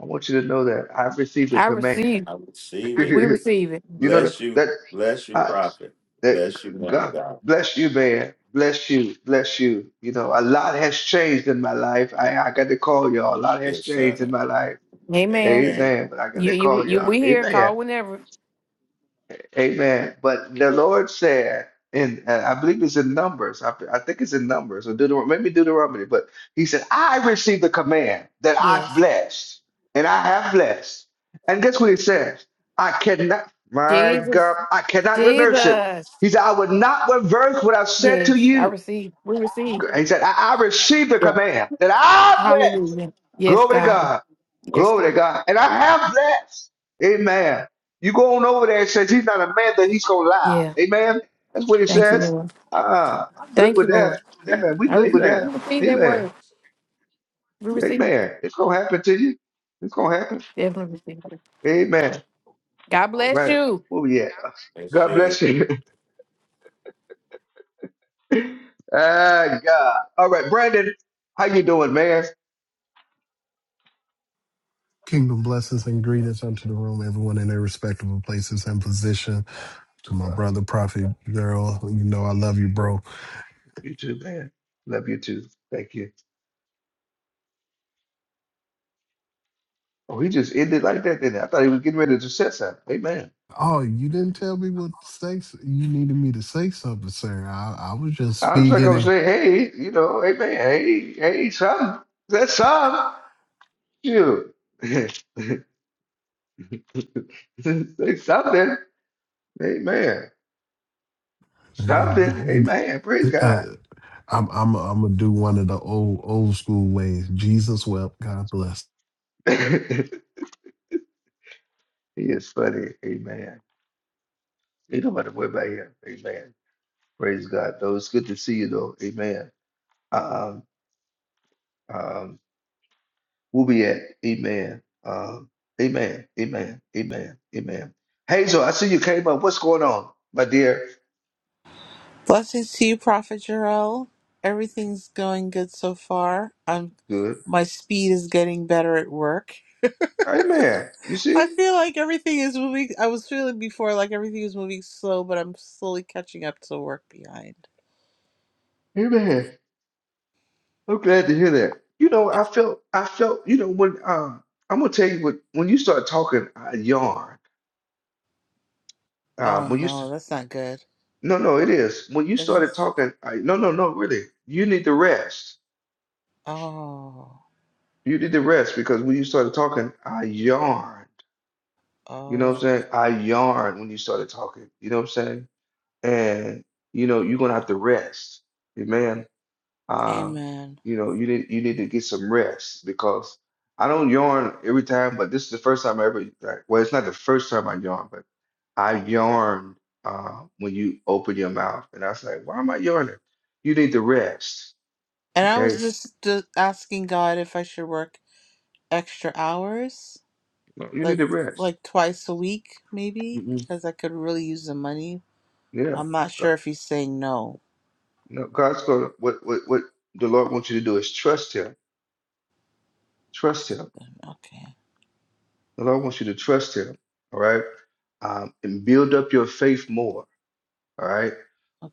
I want you to know that I've received a I command. receive. I receive it. We you receive it. know that Bless you. that, Bless you, I, prophet. that Bless you, man of God God. bless you, man. Bless you, bless you. You know, a lot has changed in my life. I, I got to call y'all. A lot has Yes, sir. changed in my life Amen. Amen. Amen. But I got to You you call you y'all. we here, Amen. call whenever. Amen. But the Lord said, and uh, I believe it's in Numbers. I, I think it's in Numbers or Deuteronomy, maybe Deuteronomy. But he said, I received the command that I've Yes. blessed, and I have blessed. And guess what he says? I cannot, my Jesus. God, I cannot reverse it. Jesus. He said, I would not reverse what I've said to Yes. I you. receive. We receive. He said, I, I received the Yeah. command that I bless. Hallelujah. Yes, Glory to God. God. Yes, Glory God. to God. And I have blessed. Amen. You go on over there, it says he's not a man that he's going to lie. Yeah. Amen. That's what it Thank you, says. Lord. Uh, I'm good Thank you, with that. Lord. There. Amen. We I good re- with Amen. that. we receive that Amen. word. We receive. Amen. It's going to happen to you. It's going to happen. Definitely receive. it. Amen. God All bless right. you. Where we at? Bless God you. bless you. ah, God. All right. Brandon, how you doing, man? Kingdom blessings and greetings unto the room, everyone in their respectable places and position. To my brother, Prophet Gerald, you know I love you, bro. You too, man. Love you too. Thank you. Oh, he just ended like that, didn't he? I thought he was getting ready to set something. Amen. Oh, you didn't tell me what to say. s- You needed me to say something, sir. I, I was just I was like, I'm speaking saying, hey, you know, hey, man, hey, hey, something. That's something. You. Say something. Amen. Something. and Amen. Praise uh, God. I'm I'm I'm gonna do one of the old old school ways. Jesus wept. God bless. He is funny. Amen. Ain't nobody worry about him. Amen. Praise God, though. It's good to see you, though. Amen. Um, um, we'll be at. Amen. Uh, amen. Amen. Amen. Amen. Hazel, I see you came up. What's going on, my dear? Blessings to you, Prophet Jarrell. Everything's going good so far. I'm Good. my speed is getting better at work. Amen. You I see? feel like everything is moving. I was feeling before like everything was moving slow, but I'm slowly catching up to work behind. Amen. I'm glad to hear that. You know, I felt, I felt, you know, when uh, I'm gonna tell you what when you start talking, I yarn. Uh, Oh when you, no, s- that's not good. no, no, it is when you It started is. talking. I, no, no, no, really. You need to rest. Oh, You need to rest because when you started talking, I yarn. You know what I'm oh, saying? I yarn when you started talking. You know what I'm saying? and you know you're gonna have to rest amen um amen. you know you need you need to get some rest because I don't yarn every time but this is the first time I ever like, well it's not the first time I yawn but I yarn uh when you open your mouth and I was like why am I yarning you need to rest And I okay was just, just asking God if I should work extra hours, No, you need like to rest like twice a week, maybe, mm because I could really use the money. yeah I'm not Go- sure if he's saying no. no God's gonna what what what the Lord wants you to do is trust him trust him Okay. the Lord wants you to trust him all right um, and build up your faith more. All right.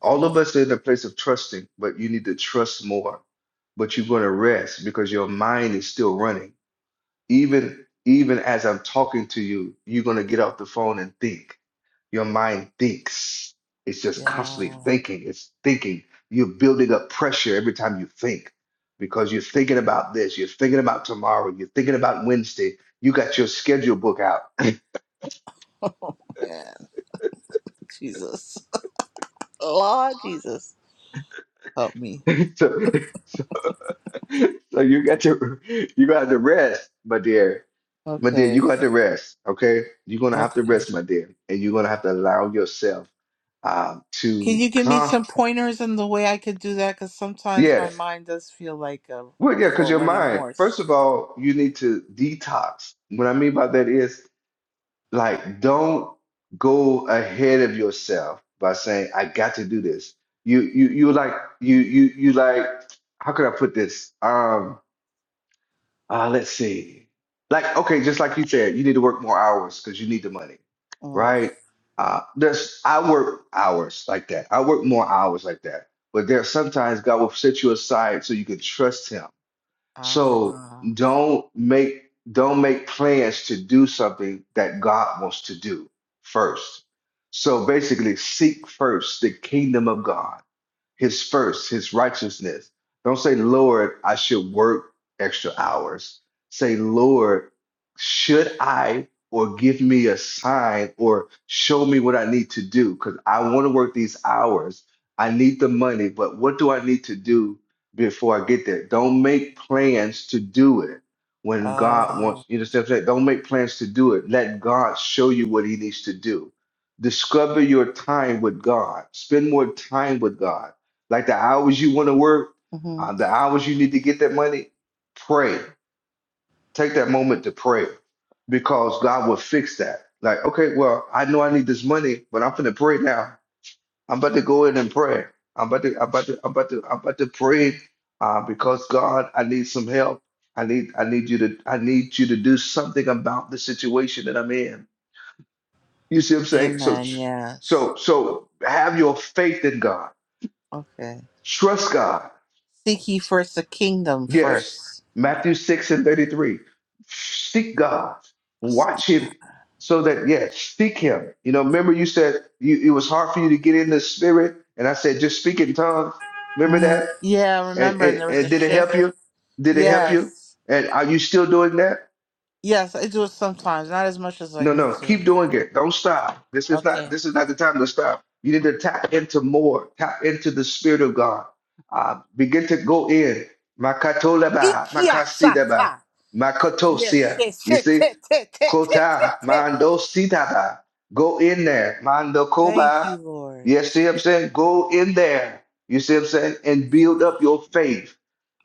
All of us are in a place of trusting, but you need to trust more. But you're going to rest because your mind is still running. Even even as I'm talking to you, you're going to get off the phone and think. Your mind thinks. It's just constantly Yeah. thinking. It's thinking. You're building up pressure every time you think because you're thinking about this. You're thinking about tomorrow. You're thinking about Wednesday. You got your schedule book out. Oh man. Jesus. Lord Jesus. Help me. so, So you got to you got to rest, my dear. My dear, you Okay. got to to rest, okay? You're gonna have to Okay. rest, my dear. And you're gonna have to allow yourself um Can to you give me con some pointers in the way I could do that? Because sometimes my yes. mind does feel like a, Well, a, yeah, because for a your running mind, first horse. of all, you need to detox. What I mean by that is like don't go ahead of yourself by saying, I got to do this. You you you like you you you like how could I put this? Um, Uh, let's see. Like, okay, just like you said, you need to work more hours because you need the money, Mm. right? Uh, there's I work hours like that. I work more hours like that. But there are sometimes God will set you aside so you can trust Him. So Ah. don't make don't make plans to do something that God wants to do first. So basically, seek first the kingdom of God his first, his righteousness. Don't say, Lord, I should work extra hours. Say, Lord, should I or give me a sign or show me what I need to do? Because I want to work these hours. I need the money, but what do I need to do before I get there? Don't make plans to do it when God wants Oh. you to step that. Don't make plans to do it. Let God show you what he needs to do. Discover your time with God. Spend more time with God like the hours you want to work, hmm uh, the hours you need to get that money, pray. Take that moment to pray because God will fix that. Like, okay, well, I know I need this money, but I'm finna pray now. I'm about to go in and pray. I'm about to, I'm about to, I'm about to, I'm about to pray uh, because God, I need some help. I need, I need you to, I need you to do something about the situation that I'm in. You see what I'm saying? So, Amen. Yes. so, so have your faith in God. Okay. Trust God Seek ye first the kingdom Yes, first. Matthew 6 and 33. Seek God, watch Him so that, yes, seek Him. You know, remember you said you, it was hard for you to get in the spirit, and I said, just speak in tongues. Remember Mhm. that? Yeah, And, remember, and and, there was a and did it help shift. you? Did it help you? Yes. And are you still doing that? Yes, I do it sometimes, not as much as I No, need no, to. keep doing it. Don't stop. This is not Okay. this is not the time to stop. You need to tap into more, tap into the spirit of God. Uh, begin to go in. Makatolaba, Ikia makasidaba, sata. Yes, makatosia. yes, You yes, see? yes, yes, yes, yes, yes, Kota, yes. mando sitaba. Go in there. Mando Thank koba. you, Lord. You see what I'm saying? Go in there. You see what I'm saying? And Mhm. build up your faith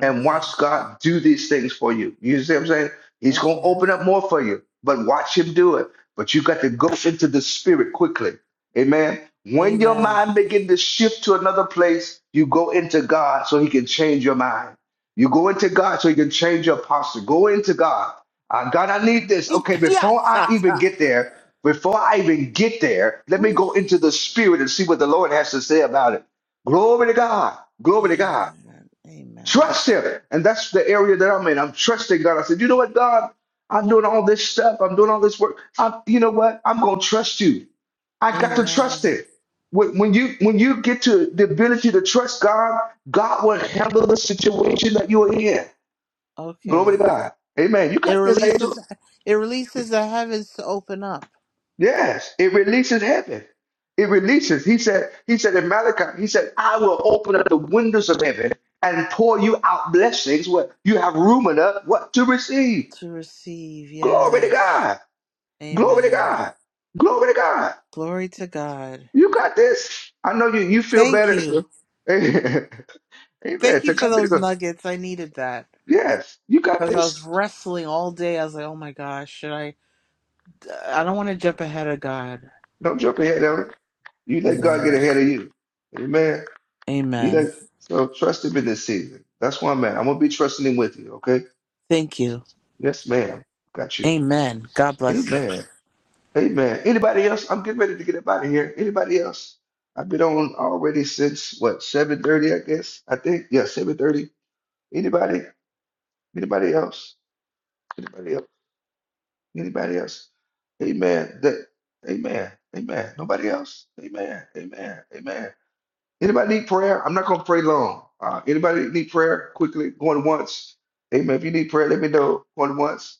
and watch Okay. God do these things for you. You see what I'm saying? He's going to Okay. open up more for you, but watch him do it. But you got to go into the spirit quickly. Amen. When your Amen. mind begin to shift to another place, you go into God so he can change your mind. You go into God so he can change your posture. Go into God. Uh, God, I need this. Okay, Ikia before I even sata. get there, before I even get there, let me Whew. go into the spirit and see what the Lord has to say about it. Glory to God. Glory to God. Amen. Amen. Trust him. And that's the area that I'm in. I'm trusting God. I said, you know what, God? I'm doing all this stuff. I'm doing all this work. i you know what? I'm going to trust you. I got to trust Amen. him. When, when you when you get to the ability to trust God, God will handle the situation that you are in. Glory to Okay. God. Amen. You It got this, Angel. releases it releases the heavens to open up Yes, it releases heaven. It releases. He said, he said in Malachi, he said, I will open up the windows of heaven and pour you out blessings where you have room enough what to receive. to receive. Glory to Yes. God. Glory to Amen. God. Glory to God. Glory to God. You got this. I know you you feel Thank better. you. sir. Amen. Thank you To for God be the those glory. nuggets. I needed that Yes, you got because I was this. wrestling all day. I was like, oh my gosh, should I? I don't want to jump ahead of God. Don't jump ahead of it. You let God Yeah. get ahead of you. Amen. He like, Amen. so trust him in this season. That's why, I'm at. I'm gonna be trusting him with you, okay? Thank you. Yes, ma'am. Got you. Amen. God bless you. Amen. Amen. Anybody else? I'm getting ready to get up out of here. Anybody else? I've been on already since what, 7:30, I guess. I think. Yeah, 7:30. Anybody? Anybody else? Anybody else? Anybody else? Amen. That, amen. Amen. Nobody else? Amen. Amen. Amen. Anybody need prayer? I'm not going to pray long. Uh, anybody need prayer? Quickly, going once. Amen. If you need prayer, let me know. Going once,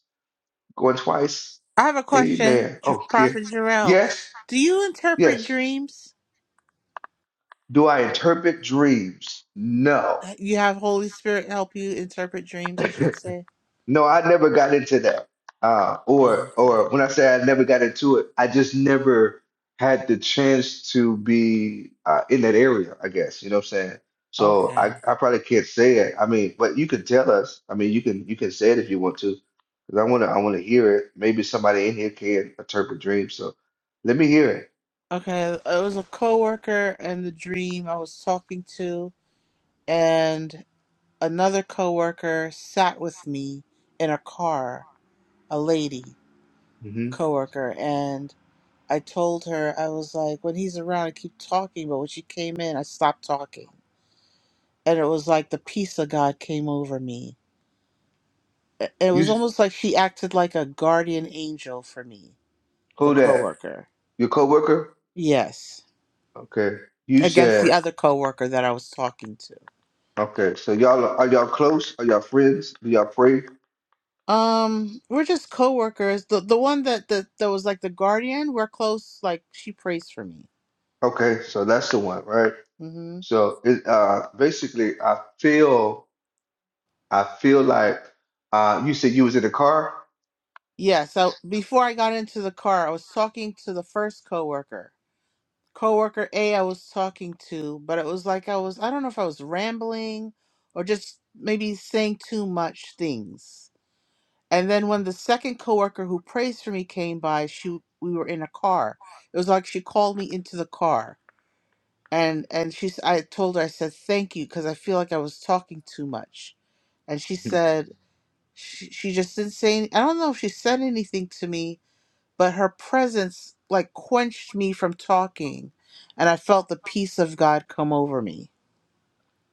going twice. I have a question, Amen. J- Oh, yeah. Prophet Jarrell. Yes, Do you interpret yes. dreams? Do I interpret dreams? No. You have Holy Spirit help you interpret dreams, I should say. No, I never got into that. Uh, Oh, or okay. or when I say I never got into it, I just never had the chance to be uh, in that area, I guess. You know what I'm saying? So Okay. I, I probably can't say it. I mean, but you can tell us. I mean, you can you can say it if you want to, because I wanna I wanna hear it. Maybe somebody in here can interpret dreams. So let me hear it. Okay. It was a coworker and the dream I was talking to, and. Another coworker sat with me in a car, a lady hmm coworker, and I told her I was like, when he's around, I keep talking, but when she came in, I stopped talking, and it was like the peace of God came over me. I- It You was s- almost like she acted like a guardian angel for me, the who that? coworker. Your coworker? Yes, Okay. You against the said other coworker that I was talking to. okay. So y'all are y'all close? Are y'all friends? Do y'all pray? Um, we're just coworkers. The the one that that, that was like the guardian, we're close. Like she prays for me. Okay, so that's the one, right? Mm-hmm. So it uh basically I feel I feel like uh you said you was in a car? Yeah, so before I got into the car, I was talking to the first coworker. Coworker A I was talking to, but it was like I was I don't know if I was rambling or just maybe saying too much things. And then when the second coworker who prays for me came by, she we were in a car. It was like she called me into the car. And and she s- I told her I said thank you because I feel like I was talking too much. And she Mhm. said she, she just didn't say any, I don't know if she said anything to me but her presence like quenched me from talking and I felt the peace of God come over me.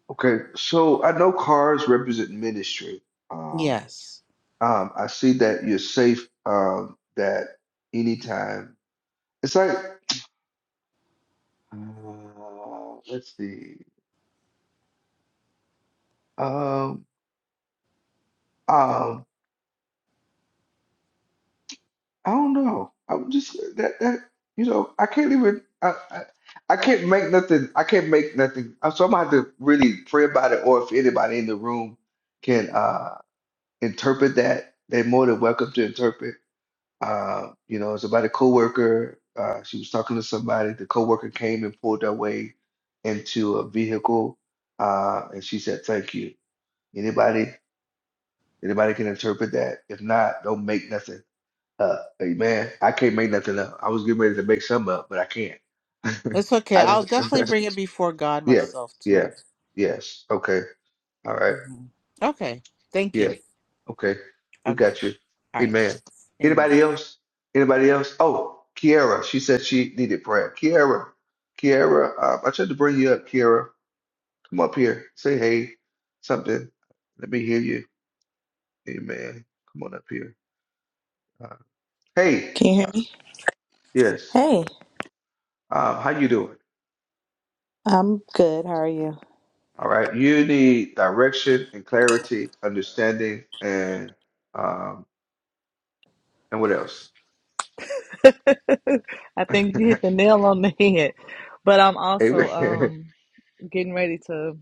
Okay, so I know cars represent ministry. Um, Yes. um, I see that you're safe. Um, that anytime it's like uh, let's see. Um, um, I don't know. I'm just that that you know I can't even I I, I can't make nothing. I can't make nothing. uh, So I'm gonna have to really pray about it. Or if anybody in the room can uh interpret that, they're more than welcome to interpret. Uh, you know, it's about a coworker. Uh, she was talking to somebody. The coworker came and pulled her way into a vehicle, uh, and she said, "Thank you." Anybody, anybody can interpret that. If not, don't make nothing up. Hey man, I can't make nothing up. I was getting ready to make some up, but I can't. It's okay. I I'll definitely just, bring it before God yeah, myself yeah, too. yes. Okay. All right. hmm Okay. Thank Yeah. you. Okay. We Okay. got you. All right. Amen. Thanks. Amen. Anybody else? Anybody else? Oh, Kiara. She said she needed prayer. Kiara. Kiara, um, I tried to bring you up, Kiara. Come up here. Say hey, something. Let me hear you. Amen. Come on up here. Uh, hey. Can you hear me? Yes. Hey, Um, how you doing? I'm good. How are you? All right. You need direction and clarity, understanding, and um, and what else? I think you hit the nail on the head. But I'm also Amen. um, getting ready to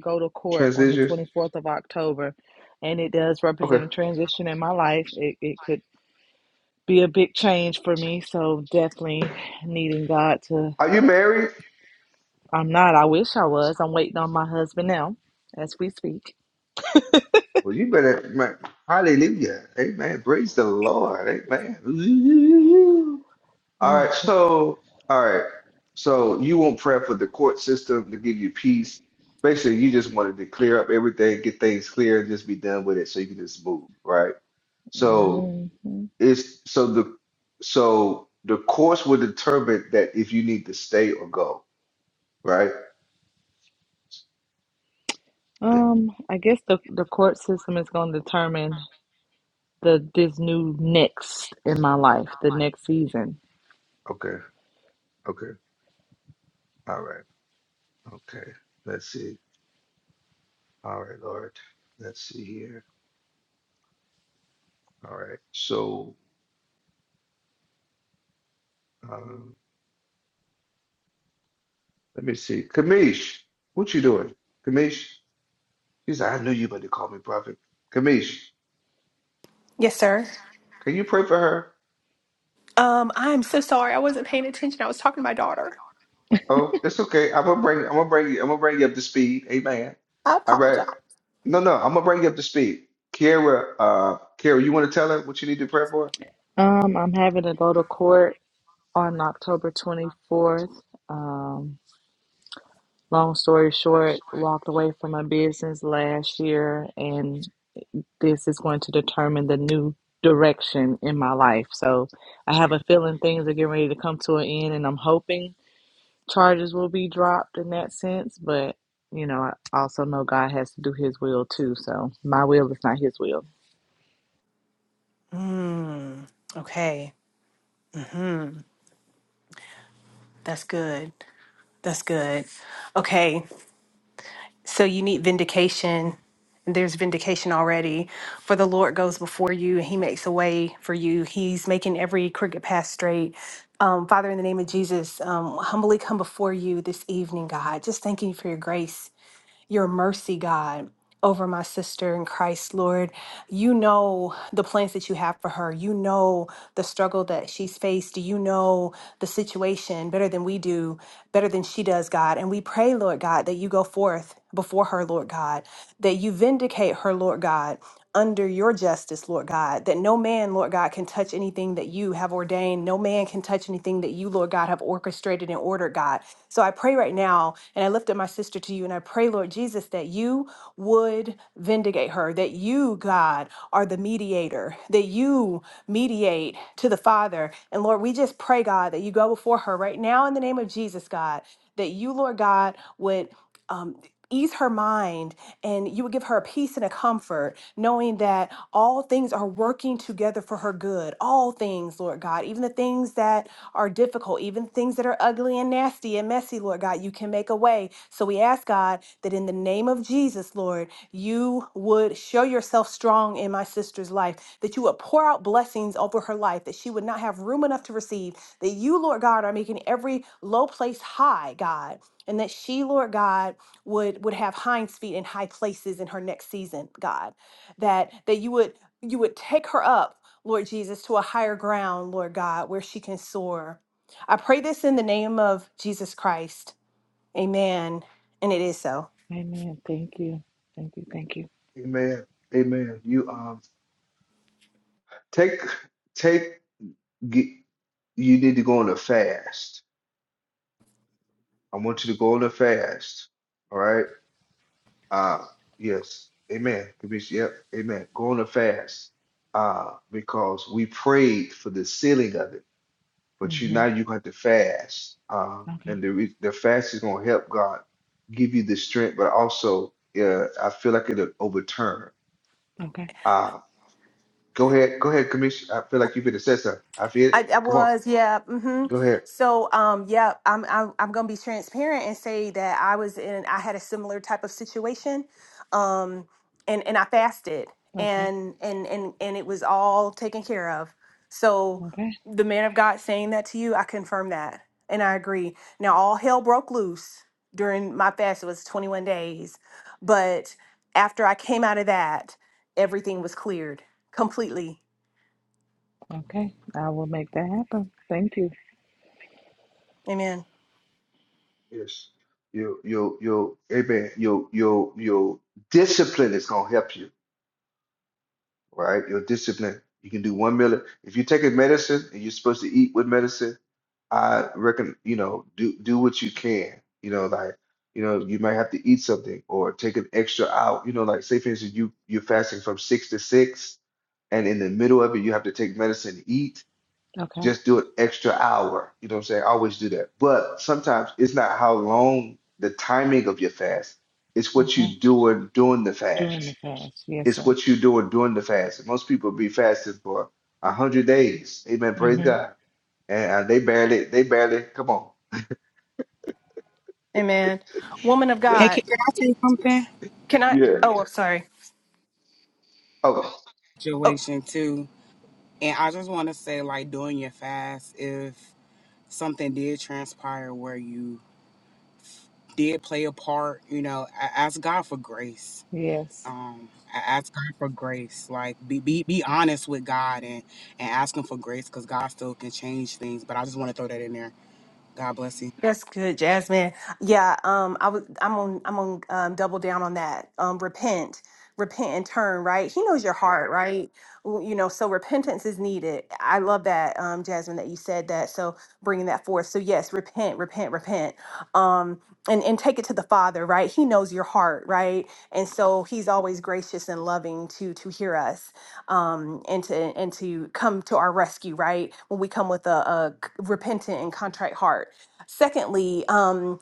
go to court on the Transitions. 24th of October, and it does represent Okay. a transition in my life. It, it could be a big change for me, so definitely needing God to. Are you married? I'm not. I wish I was. I'm waiting on my husband now, as we speak. Well, you better. Man, hallelujah. Amen. Praise the Lord. Amen. All right. So, all right. So you want prayer for the court system to give you peace. Basically, you just wanted to clear up everything, get things clear, and just be done with it, so you can just move, right? So Mhm. It's so the so the course will determine that if you need to stay or go, right? Um, I guess the the court system is going to determine. the this new next in my life, the next season. Okay. Okay. All right. Okay. Let's see. All right, Lord. Let's see here. All right. So um, let me see. Kamish, what you doing? Kamish, she's like, I knew you about to call me prophet. Kamish, Yes, sir. can you pray for her? Um, I'm so sorry. I wasn't paying attention. I was talking to my daughter. Oh, it's okay. I'm gonna bring. I'm gonna bring you. I'm gonna bring you up to speed. Amen. I All right. apologize. No, no, I'm gonna bring you up to speed. Kiara, uh, Kiara, you want to tell her what you need to pray for? Um, I'm having to go to court on October 24th. Um, long story short, walked away from my business last year, and this is going to determine the new direction in my life. So I have a feeling things are getting ready to come to an end, and I'm hoping charges will be dropped in that sense, but. You know, I also know God has to do His will too. So my will is not His will. Mm, okay, that's good. That's good. Okay, So you need vindication, and there's vindication already. For the Lord goes before you, and He makes a way for you. He's making every crooked path straight. Um, Father, in the name of Jesus, um, humbly come before you this evening, God. Just thanking you for your grace your mercy, God. Over my sister in Christ, Lord. You know the plans that you have for her. You know the struggle that she's faced. You know the situation better than we do, better than she does, God. And we pray, Lord God, that you go forth before her, Lord God, that you vindicate her, Lord God under your justice, Lord God, that no man, Lord God, can touch anything that you have ordained. No man can touch anything that you, Lord God, have orchestrated and ordered, God. So I pray right now, and I lift up my sister to you, and I pray, Lord Jesus, that you would vindicate her, that you, God, are the mediator, that you mediate to the Father. And Lord, we just pray, God, that you go before her right now in the name of Jesus, God, that you, Lord God, would. Um, ease her mind and you would give her a peace and a comfort, knowing that all things are working together for her good. All things, Lord God, even the things that are difficult, even things that are ugly and nasty and messy, Lord God, you can make a way. So we ask God that in the name of Jesus, Lord, you would show yourself strong in my sister's life, that you would pour out blessings over her life, that she would not have room enough to receive, that you, Lord God, are making every low place high, God, and that she, Lord God, would would have hinds feet in high places in her next season god that that you would you would take her up lord jesus to a higher ground lord god where she can soar i pray this in the name of jesus christ amen and it is so Amen. Thank you. Thank you. Thank you. Amen. Amen. You um take take get, you need to go on a fast. I want you to go on a fast. All right. Uh yes. Amen. Commission. Yep. Amen. Go on a fast. Uh, because we prayed for the sealing of it. but you hmm now you have to fast. Uh, Okay. and the re- the fast is going to help God give you the strength, but also uh, I feel like it'll overturn. Okay. Uh, go ahead, go ahead, Commissioner. I feel like you've been assessor. I feel I, it. I Come on, was, yeah. hmm go ahead. So, um, yeah, I'm, I'm, I'm gonna be transparent and say that I was in, I had a similar type of situation, um, and and I fasted, Okay. and and and and it was all taken care of. So, Okay. the man of God saying that to you, I confirm that, and I agree. Now, all hell broke loose during my fast. It was 21 days, but after I came out of that, everything was cleared completely. Okay. I will make that happen. Thank you. Amen. Yes, you you you amen. Your your your discipline is going to help you right? Your discipline. You can do one meal. If you are taking medicine and you're supposed to eat with medicine, I reckon, you know, do do what you can. You know, like, you know, you might have to eat something or take an extra out. You know, like say for instance, you you're fasting from six to six, and in the middle of it, you have to take medicine to eat. Okay. Just do an extra hour. You know what I'm saying? I always do that. But sometimes it's not how long the timing of your fast, it's what Okay. you do during the During fast the fast. Yes, it's sir. what you're doing during the fast. Most people be fasting for a hundred days. Amen. Praise hmm God. And uh, they barely, they barely, come on. Amen. Woman of Hey, God, can can I say something? can I? Yeah. Oh, I'm Yes. sorry. Oh, Oh, Situation too, and I just want to say like during your fast, if something did transpire where you did play a part, you know, a- ask God for grace Yes. um I ask God for grace. Like be be, be honest with God and and ask him for grace because God still can change things. But I just want to throw that in there. God bless you. That's good, Jasmine. Yeah, um, I was, I'm on, I'm on, um, double down on that. Um, repent, repent and turn. Right, He knows your heart, right? W- You know, so repentance is needed. I love that, um, Jasmine, that you said that. So bringing that forth. So yes, repent, repent, repent, um, and and take it to the Father, right? He knows your heart, right? And so He's always gracious and loving to to hear us, um, and to and to come to our rescue, right? When we come with a, a c- repentant and contrite heart Secondly, um,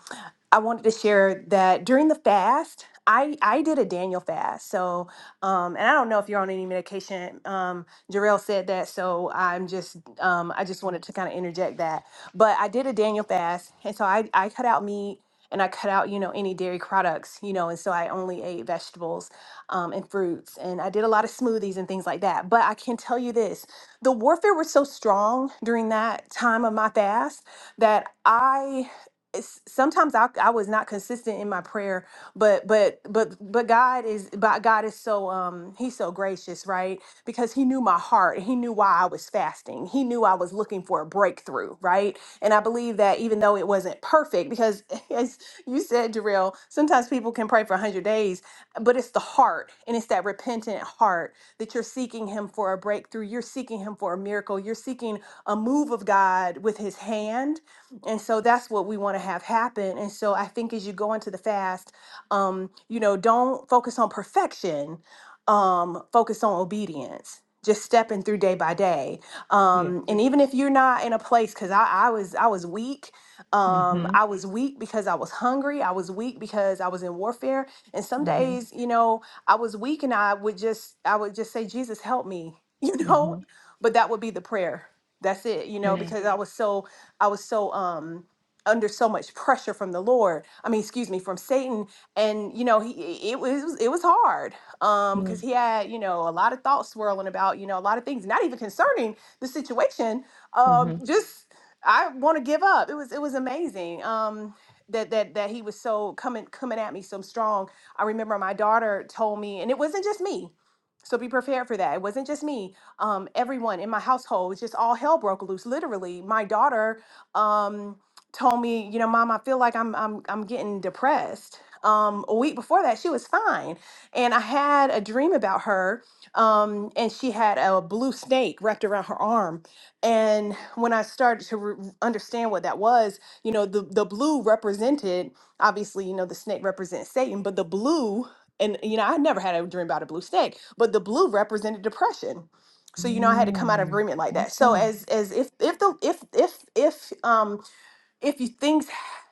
I wanted to share that during the fast, I, I did a Daniel fast. So, um, and I don't know if you're on any medication. Um, Jarrell said that, so I'm just um, I just wanted to kind of interject that. But I did a Daniel fast, and so I I cut out meat and I cut out you know any dairy products, you know, and so I only ate vegetables um, and fruits, and I did a lot of smoothies and things like that. But I can tell you this: the warfare was so strong during that time of my fast that I s- sometimes I, I was not consistent in my prayer but but but but god is but god is so um he's so gracious right because he knew my heart he knew why i was fasting he knew i was looking for a breakthrough right and i believe that even though it wasn't perfect because as you said Jarrell, sometimes people can pray for 100 days but it's the heart and it's that repentant heart that you're seeking him for a breakthrough you're seeking him for a miracle you're seeking a move of god with his hand and so that's what we want to have happen. And so I think as you go into the fast, um, you know, don't focus on perfection, um, focus on obedience. Just stepping through day by day, Yes. um, and even if you're not in a place, because I, I was I was weak, um, hmm I was weak because I was hungry, I was weak because I was in warfare, and some hmm days, you know, I was weak, and I would just I would just say, Jesus, help me, you know, hmm but that would be the prayer. That's it, you know, Yeah. because I was so I was so um under so much pressure from the Lord. I mean, excuse me, from Satan. And you know, he it was it was hard. Um, because he had, you know, a lot of thoughts swirling about, you know, a lot of things, not even concerning the situation. Mm-hmm. Um, just I want to give up. It was it was amazing. Um that, that that he was so coming coming at me so strong. I remember my daughter told me, and it wasn't just me. So be prepared for that. It wasn't just me. Um, everyone in my household, just all hell broke loose. Literally, my daughter um, told me, you know, mom, I feel like I'm I'm I'm getting depressed. Um, a week before that, she was fine, and I had a dream about her, um, and she had a blue snake wrapped around her arm. And when I started to re- understand what that was, you know, the the blue represented obviously, you know, the snake represents Satan, but the blue, and you know, I never had a dream about a blue snake, but the blue represented depression so you know i had to come out of Mm. agreement like that so Okay. as as if if the if if if um if you things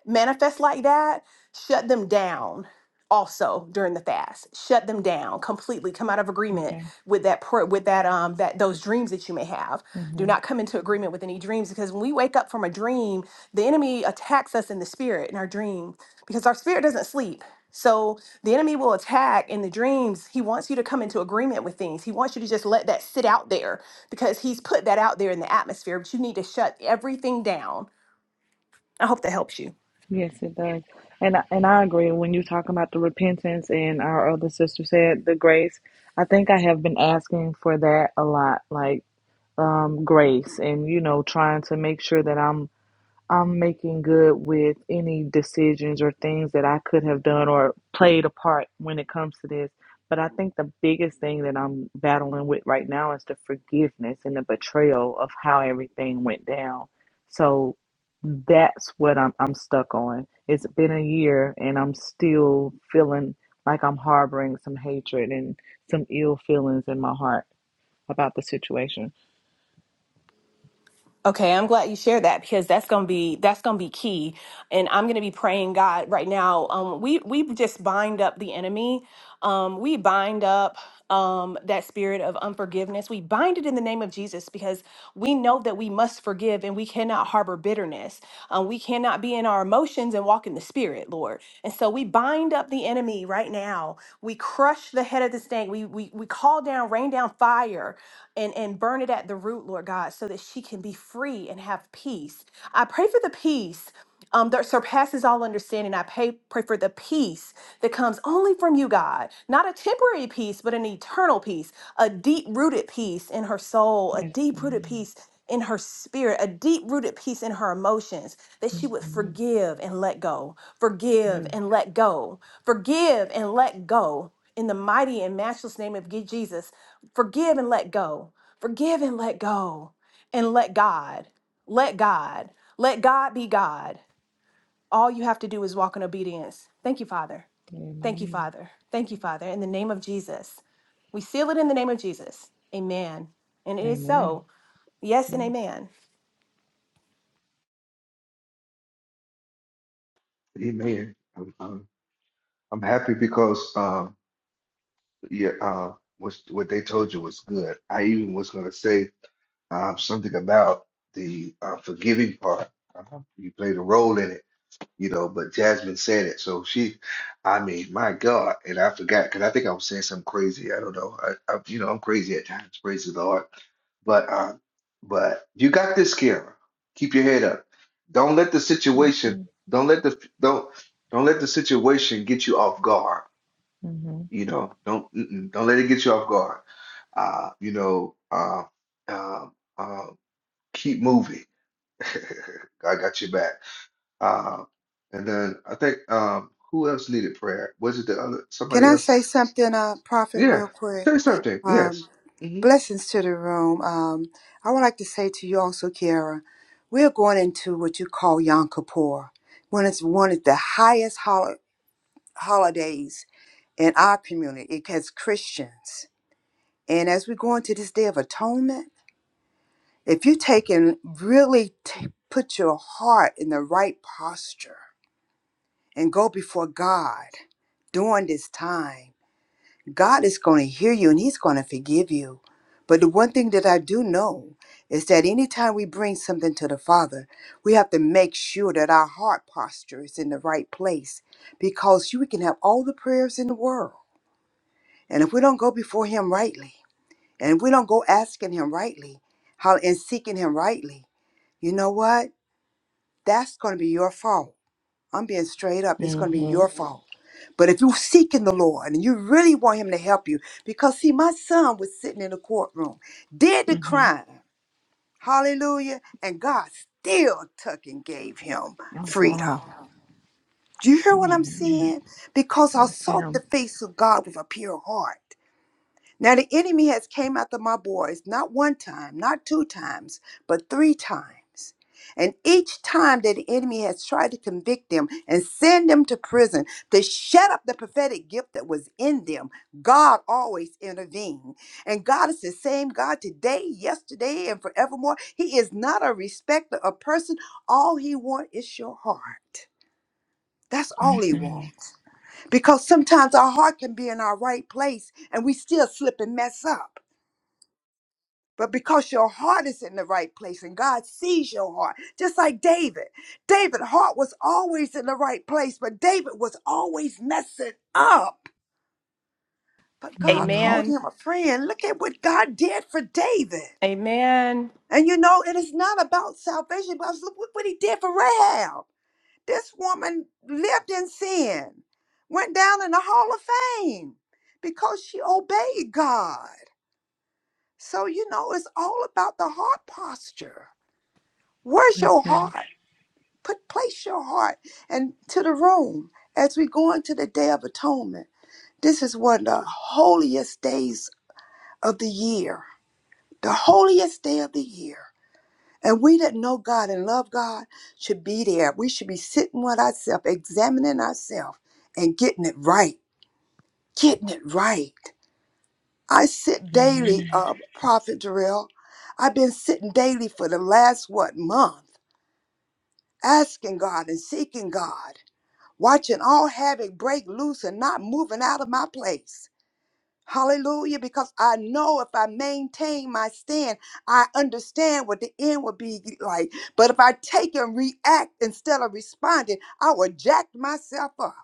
manifest like that, shut them down also during the fast. Shut them down completely. Come out of agreement Okay. with that pro- with that um that those dreams that you may have. Do hmm not come into agreement with any dreams because when we wake up from a dream, the enemy attacks us in the spirit in our dream because our spirit doesn't sleep. So the enemy will attack in the dreams. He wants you to come into agreement with things. He wants you to just let that sit out there because he's put that out there in the atmosphere, but you need to shut everything down I hope that helps you. Yes, it does. And I, and I agree when you talk about the repentance and our other sister said the grace. I think I have been asking for that a lot. Like um, grace and you know trying to make sure that I'm I'm making good with any decisions or things that I could have done or played a part when it comes to this. But I think the biggest thing that I'm battling with right now is the forgiveness and the betrayal of how everything went down. So that's what I'm I'm stuck on. It's been a year and I'm still feeling like I'm harboring some hatred and some ill feelings in my heart about the situation. Okay, I'm glad you shared that because that's gonna be that's gonna be key, and I'm gonna be praying God right now. Um, we we just bind up the enemy. Um, we bind up um that spirit of unforgiveness. We bind it in the name of Jesus because we know that we must forgive and we cannot harbor bitterness. Um, we cannot be in our emotions and walk in the spirit, Lord. And so we bind up the enemy me right now. We crush the head of the snake. We we we call down, rain down fire and, and burn it at the root, Lord God, so that she can be free and have peace. I pray for the peace. Um, that surpasses all understanding. I pray, pray for the peace that comes only from you, God. Not a temporary peace, but an eternal peace, a deep rooted peace in her soul, a Yes. deep rooted peace in her spirit, a deep rooted peace in her emotions, that she would Mhm. forgive and let go, forgive Yes. and let go Forgive and let go in the mighty and matchless name of Ge- Jesus. Forgive and let go. Forgive and let go. And let God, let God, let God be God. All you have to do is walk in obedience. Thank you, Father. Thank you, Amen. Father. Thank you, Father. In the name of Jesus, we seal it in the name of Jesus. Amen. And it is Amen. so. Yes, and Yes. amen. amen. I'm, I'm, I'm happy because um, yeah, uh, what what they told you was good. I even was going to say um, something about the uh, forgiving part. Uh-huh. You played a role in it you know. But Jasmine said it, so she, I mean, my God, and I forgot because I think I was saying something crazy. I don't know. I, I you know, I'm crazy at times. Praise the Lord. But um, but you got this, Kara. Keep your head up. Don't let the Yes. situation. ma'am. Don't let the don't don't let the situation get you off guard. Mhm. You know, don't mm-mm, don't let it get you off guard. Uh, you know, uh, uh, uh, keep moving. God got your back. Uh, and then I think um, who else needed prayer? Was it the other Can somebody I else? say something, uh, Prophet, Yeah, real quick? say something. Yes. Um, hmm blessings to the room. Um, I would like to say to you also, Kiara, we're going into what you call Yom Kippur, when it's one of the highest hol- holidays in our community as Christians. And as we go into this day of atonement, if you take and really t- put your heart in the right posture and go before God during this time, God is going to hear you and He's going to forgive you. But the one thing that I do know is that anytime we bring something to the Father, we have to make sure that our heart posture is in the right place because you- we can have all the prayers in the world. And if we don't go before Him rightly, and if we don't go asking Him rightly how, and seeking Him rightly, you know what? That's going to be your fault I'm being straight up. It's going to be your Mhm. fault. But if you're seeking the Lord and you really want Him to help you, because see, my son was sitting in the courtroom, did the Mhm. crime, hallelujah, and God still took and gave him Oh freedom. wow. Do you hear what I'm Amen. saying? Because I Yes, sought the ma'am. face of God with a pure heart. Now the enemy has came after my boys not one time, not two times, but three times. And each time that the enemy has tried to convict them and send them to prison to shut up the prophetic gift that was in them, God always intervened. And God is the same God today, yesterday, and forevermore. He is not a respecter of person. All he wants is your heart. That's all he Mhm. wants. Because sometimes our heart can be in our right place and we still slip and mess up. But because your heart is in the right place and God sees your heart, just like David. David' heart was always in the right place, but David was always messing up. But God Mhm. called Amen. him a friend. Look at what God did for David. Amen. And you know, it is not about salvation, but look what what he did for Rahab. This woman lived in sin, went down in the Hall of Fame because she obeyed God. So, you know, it's all about the heart posture. Where's Yes, your ma'am. heart? Put place your heart into the room as we go into the Day of Atonement. This is one of the holiest days of the year, the holiest day of the year. And we that know God and love God should be there. We should be sitting with ourselves, examining ourselves, and getting it right. Getting it right. I sit daily, Amen. uh, Prophet Jarrell. I've been sitting daily for the last what month, asking God and seeking God watching all havoc break loose and not moving out of my place. Hallelujah, because I know if I maintain my stand, I understand what the end will be like. But if I take and react instead of responding, I will jack myself up.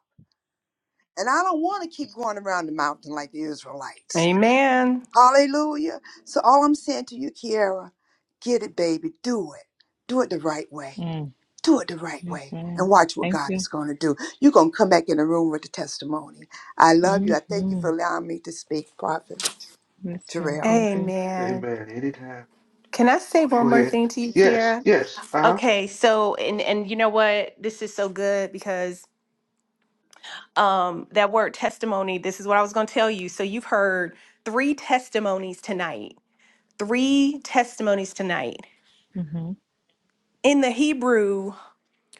And I don't want to keep going around the mountain like the Israelites. Amen. Hallelujah. So all I'm saying to you, Kiara, get it, baby. Do it. Do it the right way Mm. do it the right Yes, way and ma'am. watch what Thank God you. is going to do. You're going to come back in the room with the testimony. I love you. I thank you for Mhm. allowing me to speak, Prophet Yes, ma'am. Terrell. Thank you. Amen. Amen. Anytime. Can I say one Go more ahead. thing to you, Tiara? Yes. Yes. Uh huh. Okay, so and and you know what? This is so good because um that word testimony, this is what I was going to tell you. So you've heard three testimonies tonight. Three testimonies tonight. Mhm. In the Hebrew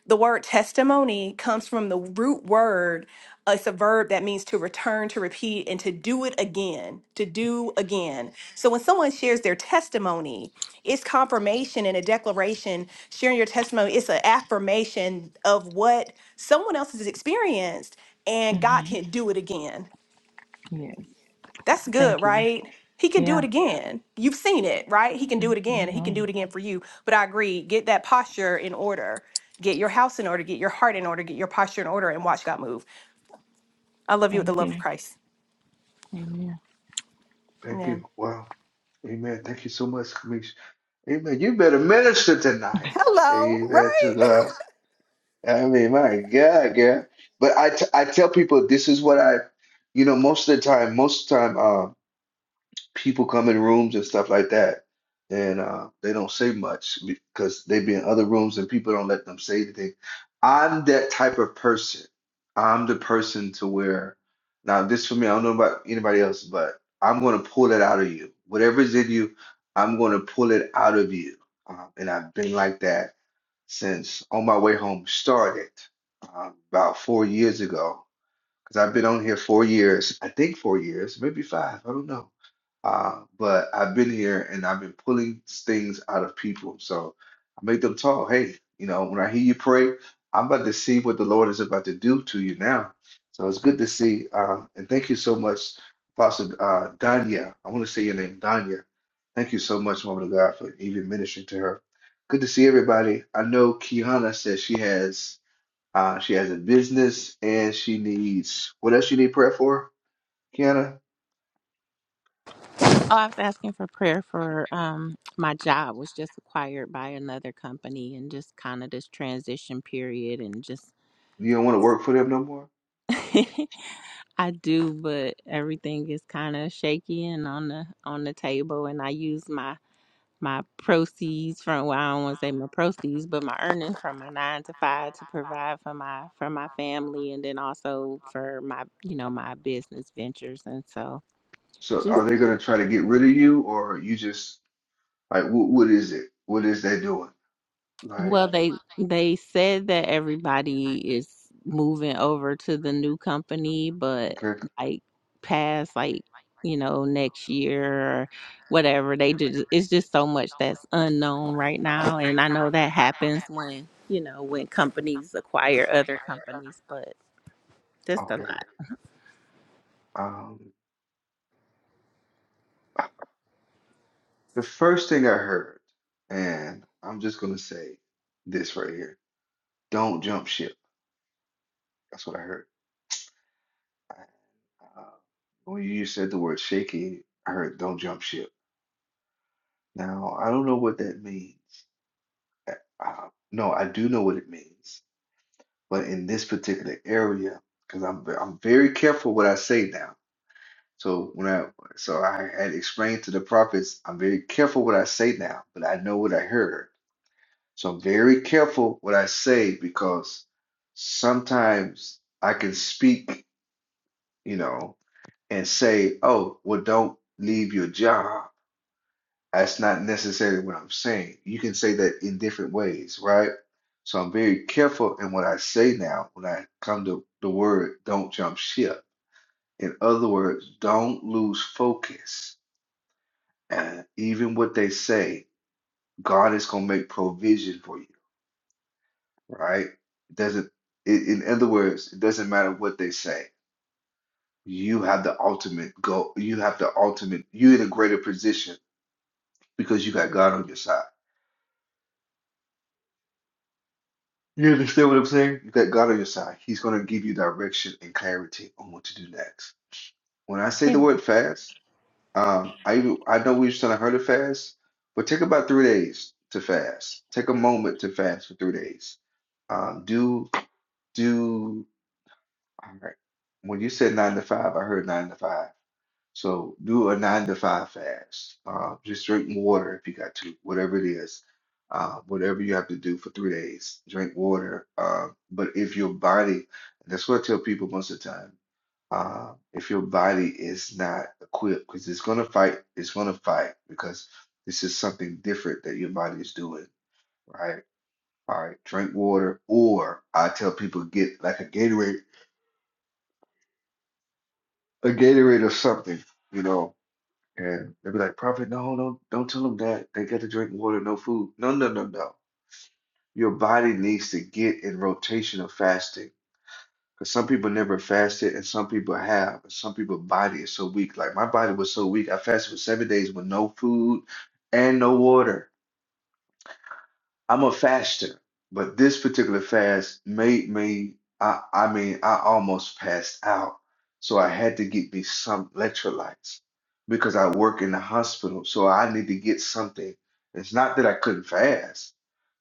The word testimony comes from the root word. uh, It's a verb that means to return, to repeat, and to do it again, to do again. So when someone shares their testimony, it's confirmation and a declaration. Sharing your testimony, it's an affirmation of what someone else has experienced, and God Mhm. can do it again. Yes. That's good, Thank you. right? He can do Yeah. it again. You've seen it, right? He can do it again, and he can do Mhm. it again for you. But I agree, get that posture in order. Get your house in order, get your heart in order, get your posture in order, and watch God move. I love you with the Thank love of you. Christ. Amen. Thank Amen. you. Wow. Amen. Thank you so much, Kamisha. Amen. You better minister tonight. Hello, Amen right? to God. I mean, my God, girl. But I, t I tell people this is what I, you know, most of the time, most of the time. um, people come in rooms and stuff like that, and uh, they don't say much because they be in other rooms and people don't let them say anything. I'm that type of person. I'm the person to where now this for me. I don't know about anybody else, but I'm gonna pull that out of you. Whatever's in you, I'm gonna pull it out of you. Um, and I've been like that since on my way home started um, about four years ago because I've been on here four years, I think four years, maybe five, I don't know. Uh, but I've been here and I've been pulling things out of people. So I make them talk. Hey, you know, when I hear you pray, I'm about to see what the Lord is about to do to you now. So it's good to see. Uh, and thank you so much, Apostle uh, Danya. I want to say your name, Danya. Thank you so much, Woman of God, for even ministering to her. Good to see everybody. I know Kiana says she has. Uh, she has a business and she needs what else you need prayer for, Kiana? Oh, I was asking for prayer for um my job was just acquired by another company and just kind of this transition period and just You don't want to work for them no more. I do, but everything is kind of shaky and on the on the table, and I use my my proceeds from well, I don't want to say my proceeds, but my earnings from my nine to five to provide for my for my family, and then also for my you know my business ventures, and so So just are they gonna try to get rid of you or you just like what what is it? What is they doing? Like Well, they they said that everybody is moving over to the new company, but okay, like past like you know next year or whatever, they just it's just so much that's unknown right now, and I know that happens when you know when companies acquire other companies, but just a okay. lot. Um the first thing I heard, and I'm just gonna say this right here. Don't jump ship. That's what I heard. Uh, when you said the word shaking, I heard don't jump ship. Now I don't know what that means. Uh, no, I do know what it means, but in this particular area, because I'm ve- I'm very careful what I say now. So when I so I had explained to the prophets, I'm very careful what I say now, but I know what I heard. So I'm very careful what I say because sometimes I can speak, you know, and say, "Oh, well, don't leave your job." That's not necessarily what I'm saying. You can say that in different ways, right? So I'm very careful in what I say now when I come to the word don't jump ship. In other words, don't lose focus. And even what they say, God is going to make provision for you, right? It doesn't, i- in other words, it doesn't matter what they say. You have the ultimate goal. You have the ultimate, you're in a greater position because you got God on your side. You understand what I'm saying? You got God on your side. He's going to give you direction and clarity on what to do next. When I say the word fast, um, I even I know we just trying to heard it fast, but take about three days to fast. Take a moment to fast for three days. Um, do do. All right. When you said nine to five, I heard nine to five. So do a nine to five fast. Uh, just drink water if you got to, whatever it is. Uh, whatever you have to do for three days, drink water. Uh, but if your body, that's what I tell people most of the time. Uh, if your body is not equipped, because it's gonna fight, it's gonna fight because this is something different that your body is doing, right? All right, drink water, or I tell people get like a Gatorade a Gatorade or something, you know. And they'd be like, Prophet, no, no, don't tell them that. They got to drink water, no food. No, no, no, no. Your body needs to get in rotation of fasting. Because some people never fasted and some people have. And some people's body is so weak. Like my body was so weak. I fasted for seven days with no food and no water. I'm a faster, but this particular fast made me, I, I mean, I almost passed out. So I had to get me some electrolytes because I work in the hospital. So I need to get something. It's not that I couldn't fast,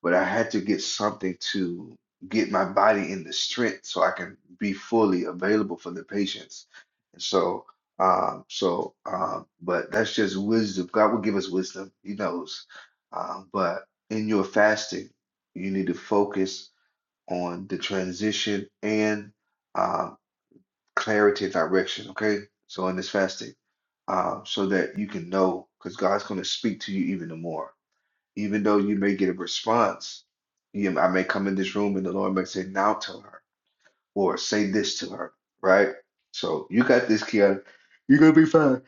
but I had to get something to get my body in the strength so I can be fully available for the patients. And so, um, so, um, but that's just wisdom. God will give us wisdom. He knows. Um, but in your fasting, you need to focus on the transition and uh, clarity and direction. Okay, so in this fasting, uh, so that you can know, because God's going to speak to you even the more. Even though you may get a response, you, I may come in this room and the Lord may say, "Now tell her," or "Say this to her." Right? So you got this, Kiana. You're gonna be fine.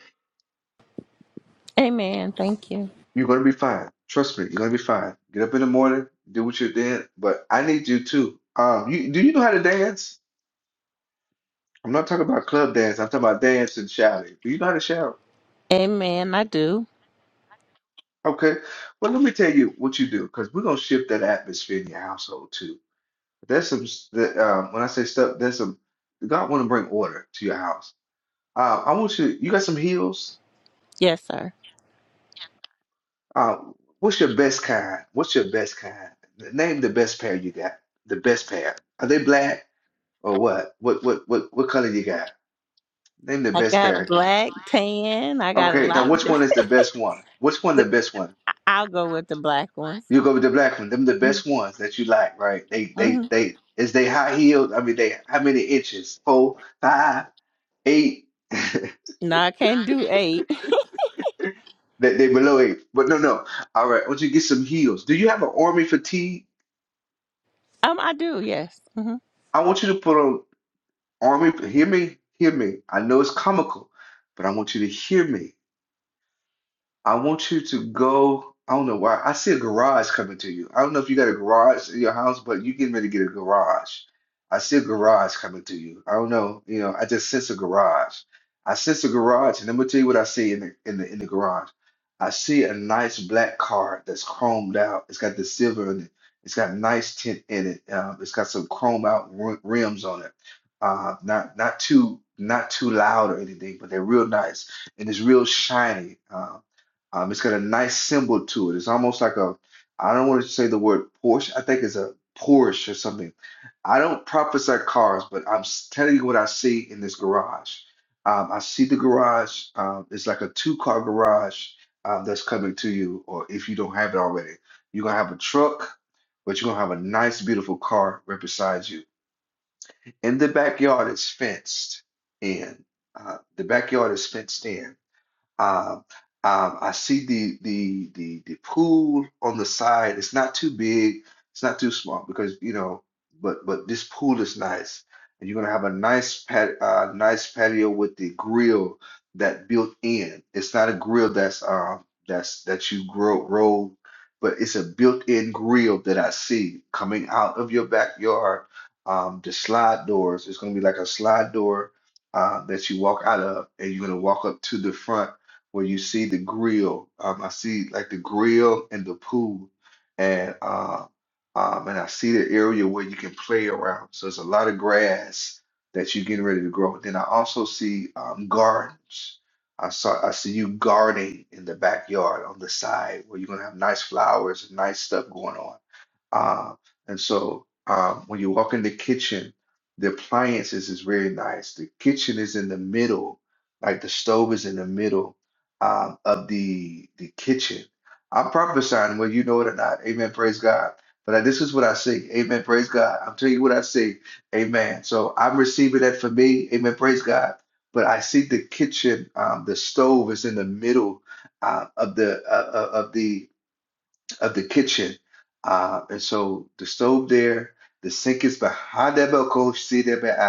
Amen. Thank you. You're gonna be fine. Trust me, you're gonna be fine. Get up in the morning, do what you did, but I need you too. Um, you do you know how to dance? I'm not talking about club dance. I'm talking about dance and shouting. Do you know how to shout? Amen. I do. Okay. Well, let me tell you what you do, because we're gonna shift that atmosphere in your household too. There's some s- that um, when I say stuff, there's some God want to bring order to your house. Uh, I want you. You got some heels. Yes, sir. Uh, what's your best kind? What's your best kind? Name the best pair you got. The best pair. Are they black? Or what? What what what what color you got? Name the I best got parrot. black tan. I got a Okay, now lot. which one is Of, the best one? Which one the best one? I'll go with the black ones. You go with the black one. Them the Mm, best ones that you like, right? They mm-hmm. they they is they high heeled? I mean they how many inches? Four, five, eight. No, I can't do eight. They they below eight. But no no. All right, I want you to get some heels. Do you have an army fatigue? Um, I do. Yes. hmm I want you to put on army hear me, hear me. I know it's comical, but I want you to hear me. I want you to go. I don't know why. I see a garage coming to you. I don't know if you got a garage in your house, but you getting ready to get a garage. I see a garage coming to you. I don't know. You know, I just sense a garage. I sense a garage, and I'm gonna tell you what I see in the in the in the garage. I see a nice black car that's chromed out. It's got the silver in it. It's got nice tint in it. Um, it's got some chrome out rim- rims on it. Uh, not not too not too loud or anything, but they're real nice and it's real shiny. Uh, um, it's got a nice symbol to it. It's almost like a, I don't want to say the word Porsche. I think it's a Porsche or something. I don't prophesy cars, but I'm s- telling you what I see in this garage. Um, I see the garage. Um, it's like a two-car garage um, that's coming to you, or if you don't have it already, you're gonna have a truck, but you're gonna have a nice, beautiful car right beside you. In the backyard, it's fenced in. Uh, the backyard is fenced in. Um, um, I see the the the the pool on the side. It's not too big. It's not too small because you know. But but this pool is nice, and you're gonna have a nice pat uh, nice patio with the grill that built in. It's not a grill that's um that's that you grow roll, but it's a built-in grill that I see coming out of your backyard. Um, the slide doors. It's gonna be like a slide door uh, that you walk out of, and you're gonna walk up to the front where you see the grill. Um, I see like the grill and the pool, and uh, um, and I see the area where you can play around. So it's a lot of grass that you're getting ready to grow. Then I also see um, gardens. I saw I see you gardening in the backyard on the side where you're gonna have nice flowers and nice stuff going on. Uh, and so uh, when you walk in the kitchen, the appliances is very nice. The kitchen is in the middle, like the stove is in the middle um, of the the kitchen. I'm prophesying, whether you know it or not. Amen. Praise God. But I, this is what I see. Amen. Praise God. I'm telling you what I see. Amen. So I'm receiving that for me. Amen. Praise God. But I see the kitchen, um, the stove is in the middle uh, of the uh, uh, of the of the kitchen. Uh, and so the stove there, the sink is behind that balcony, see that behind.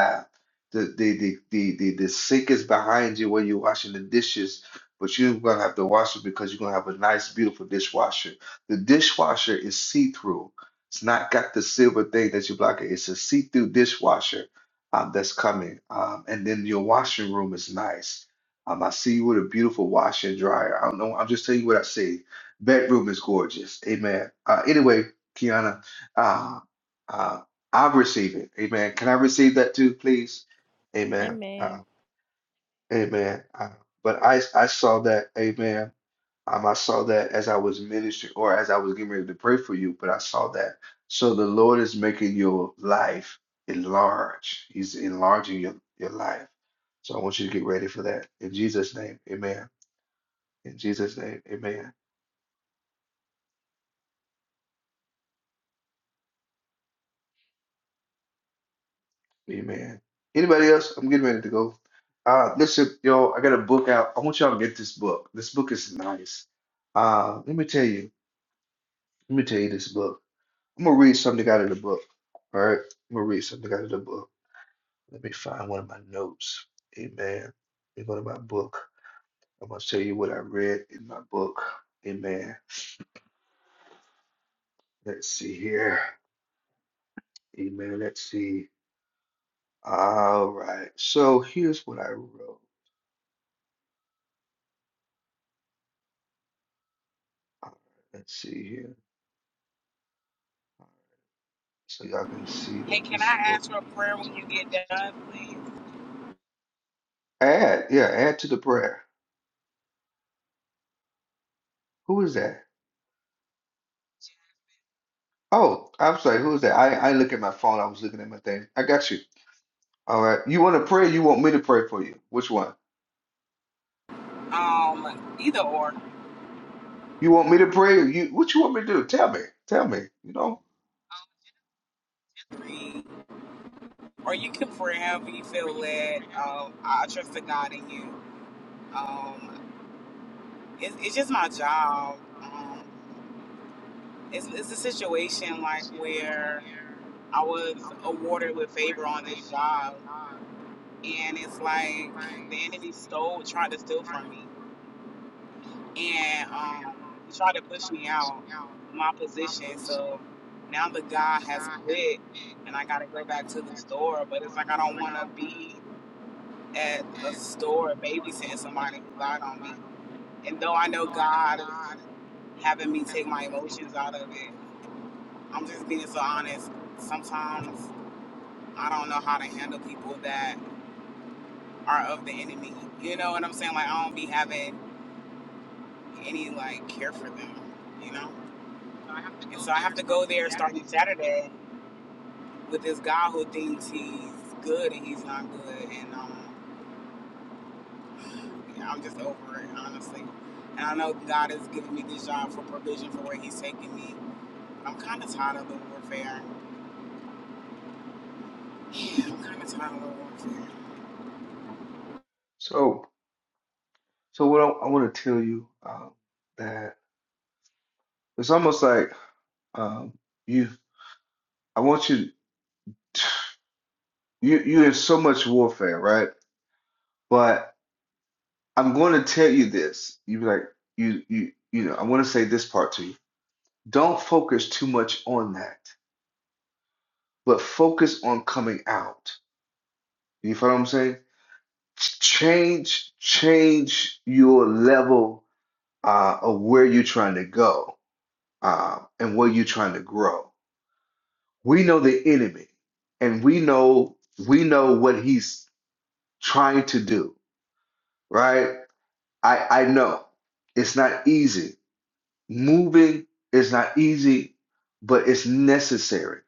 the, the the the the the sink is behind you when you're washing the dishes, but you're gonna have to wash it because you're gonna have a nice, beautiful dishwasher. The dishwasher is see-through. It's not got the silver thing that you block it. It's a see-through dishwasher um, that's coming. Um, and then your washing room is nice. Um, I see you with a beautiful washer and dryer. I don't know. I'm just telling you what I see that room is gorgeous. Amen. Uh, anyway, Kiana, uh, uh, I receive it. Amen. Can I receive that too, please? Amen. Amen. Uh, amen. Uh, but I, I saw that. Amen. Um, I saw that as I was ministering or as I was getting ready to pray for you, but I saw that. So the Lord is making your life enlarge. He's enlarging your, your life. So I want you to get ready for that. In Jesus' name, amen. In Jesus' name, amen. Amen. Anybody else? I'm getting ready to go. Uh, listen, yo, I got a book out. I want y'all to get this book. This book is nice. Uh, let me tell you. Let me tell you this book. I'm gonna read something out of the book. All right. I'm gonna read something out of the book. Let me find one of my notes. Amen. Let me go to my book. I'm gonna tell you what I read in my book. Amen. Let's see here. Amen. Let's see. All right. So here's what I wrote. All right, Let's see here. so y'all can see Hey, that can this I book. ask for a prayer when you get done, please? Add, yeah, add to the prayer. Who is that? Oh, I'm sorry. Who is that? I I look at my phone. I was looking at my thing. I got you. All right. You want to pray? You want me to pray for you? Which one? Um, either or You want me to pray? or You what you want me to do? Tell me. Tell me. You know. three, or you can pray however you feel led. Um, I trust the God in you. Um, it's, it's just my job. Um, it's, it's a situation like where I was awarded with favor on this job, and it's like the enemy stole, tried to steal from me, and um, he tried to push me out my position. So now the guy has quit, and I gotta go back to the store. But it's like I don't want to be at a store babysitting somebody who lied on me. And though I know God is having me take my emotions out of it, I'm just being so honest. Sometimes I don't know how to handle people that are of the enemy. You know what I'm saying? Like I don't be having any like care for them, you know? And so I have to go there starting Saturday with this guy who thinks he's good and he's not good. And um, I'm just over it, honestly. And I know God has given me this job for provision for where He's taking me. I'm kind of tired of the warfare. Yeah, I'm kind of tired of the warfare. So so what I, I want to tell you um, that it's almost like um, you. I want you. You you in so much warfare, right? But. I'm going to tell you this. You be like you you you know. I want to say this part to you. Don't focus too much on that, but focus on coming out. You follow what I'm saying? Change change your level uh, of where you're trying to go uh, and where you're trying to grow. We know the enemy, and we know we know what he's trying to do. Right? I I know it's not easy Moving is not easy, but it's necessary.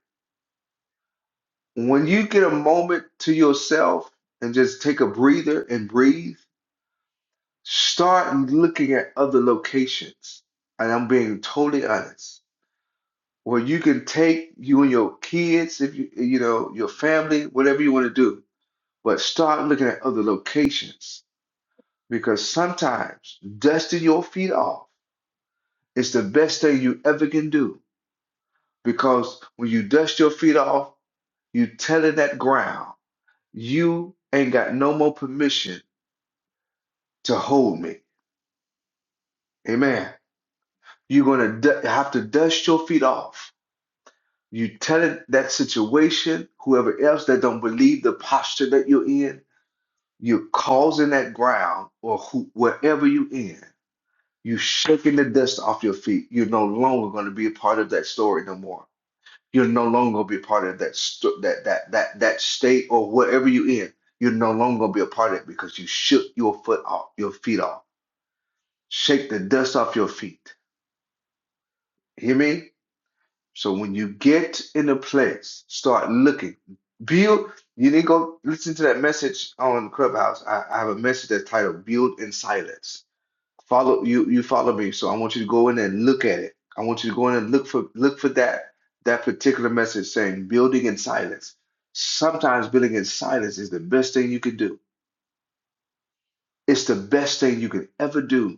When you get a moment to yourself and just take a breather and breathe, start looking at other locations. And I'm being totally honest. Where you can take you and your kids, if you you know, your family, whatever you want to do, but start looking at other locations because sometimes dusting your feet off is the best thing you ever can do Because when you dust your feet off, you telling that ground, you ain't got no more permission to hold me. Amen. You're going to have to dust your feet off. You telling that situation, whoever else that don't believe the posture that you're in, you're causing that ground or who, wherever you in, you shaking the dust off your feet. You're no longer going to be a part of that story no more. you are no longer gonna be a part of that st- that that that that state or wherever you in. you are no longer gonna be a part of it because you shook your foot off, your feet off. Shake the dust off your feet. Hear me? So when you get in a place, start looking. Build. You need to go listen to that message on Clubhouse. I, I have a message that's titled "Build in Silence." follow you you follow me so i want you to go in there and look at it i want you to go in and look for look for that that particular message saying building in silence sometimes building in silence is the best thing you can do it's the best thing you can ever do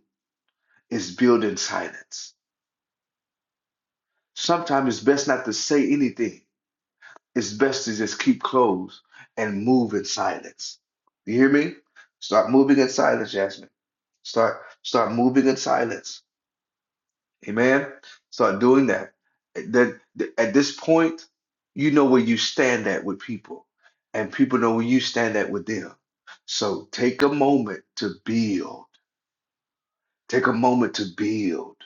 is build in silence sometimes it's best not to say anything it's best to just keep close and move in silence you hear me start moving in silence jasmine start start moving in silence Amen. Start doing that. That at this point, you know where you stand at with people, and people know where you stand at with them. So take a moment to build. Take a moment to build.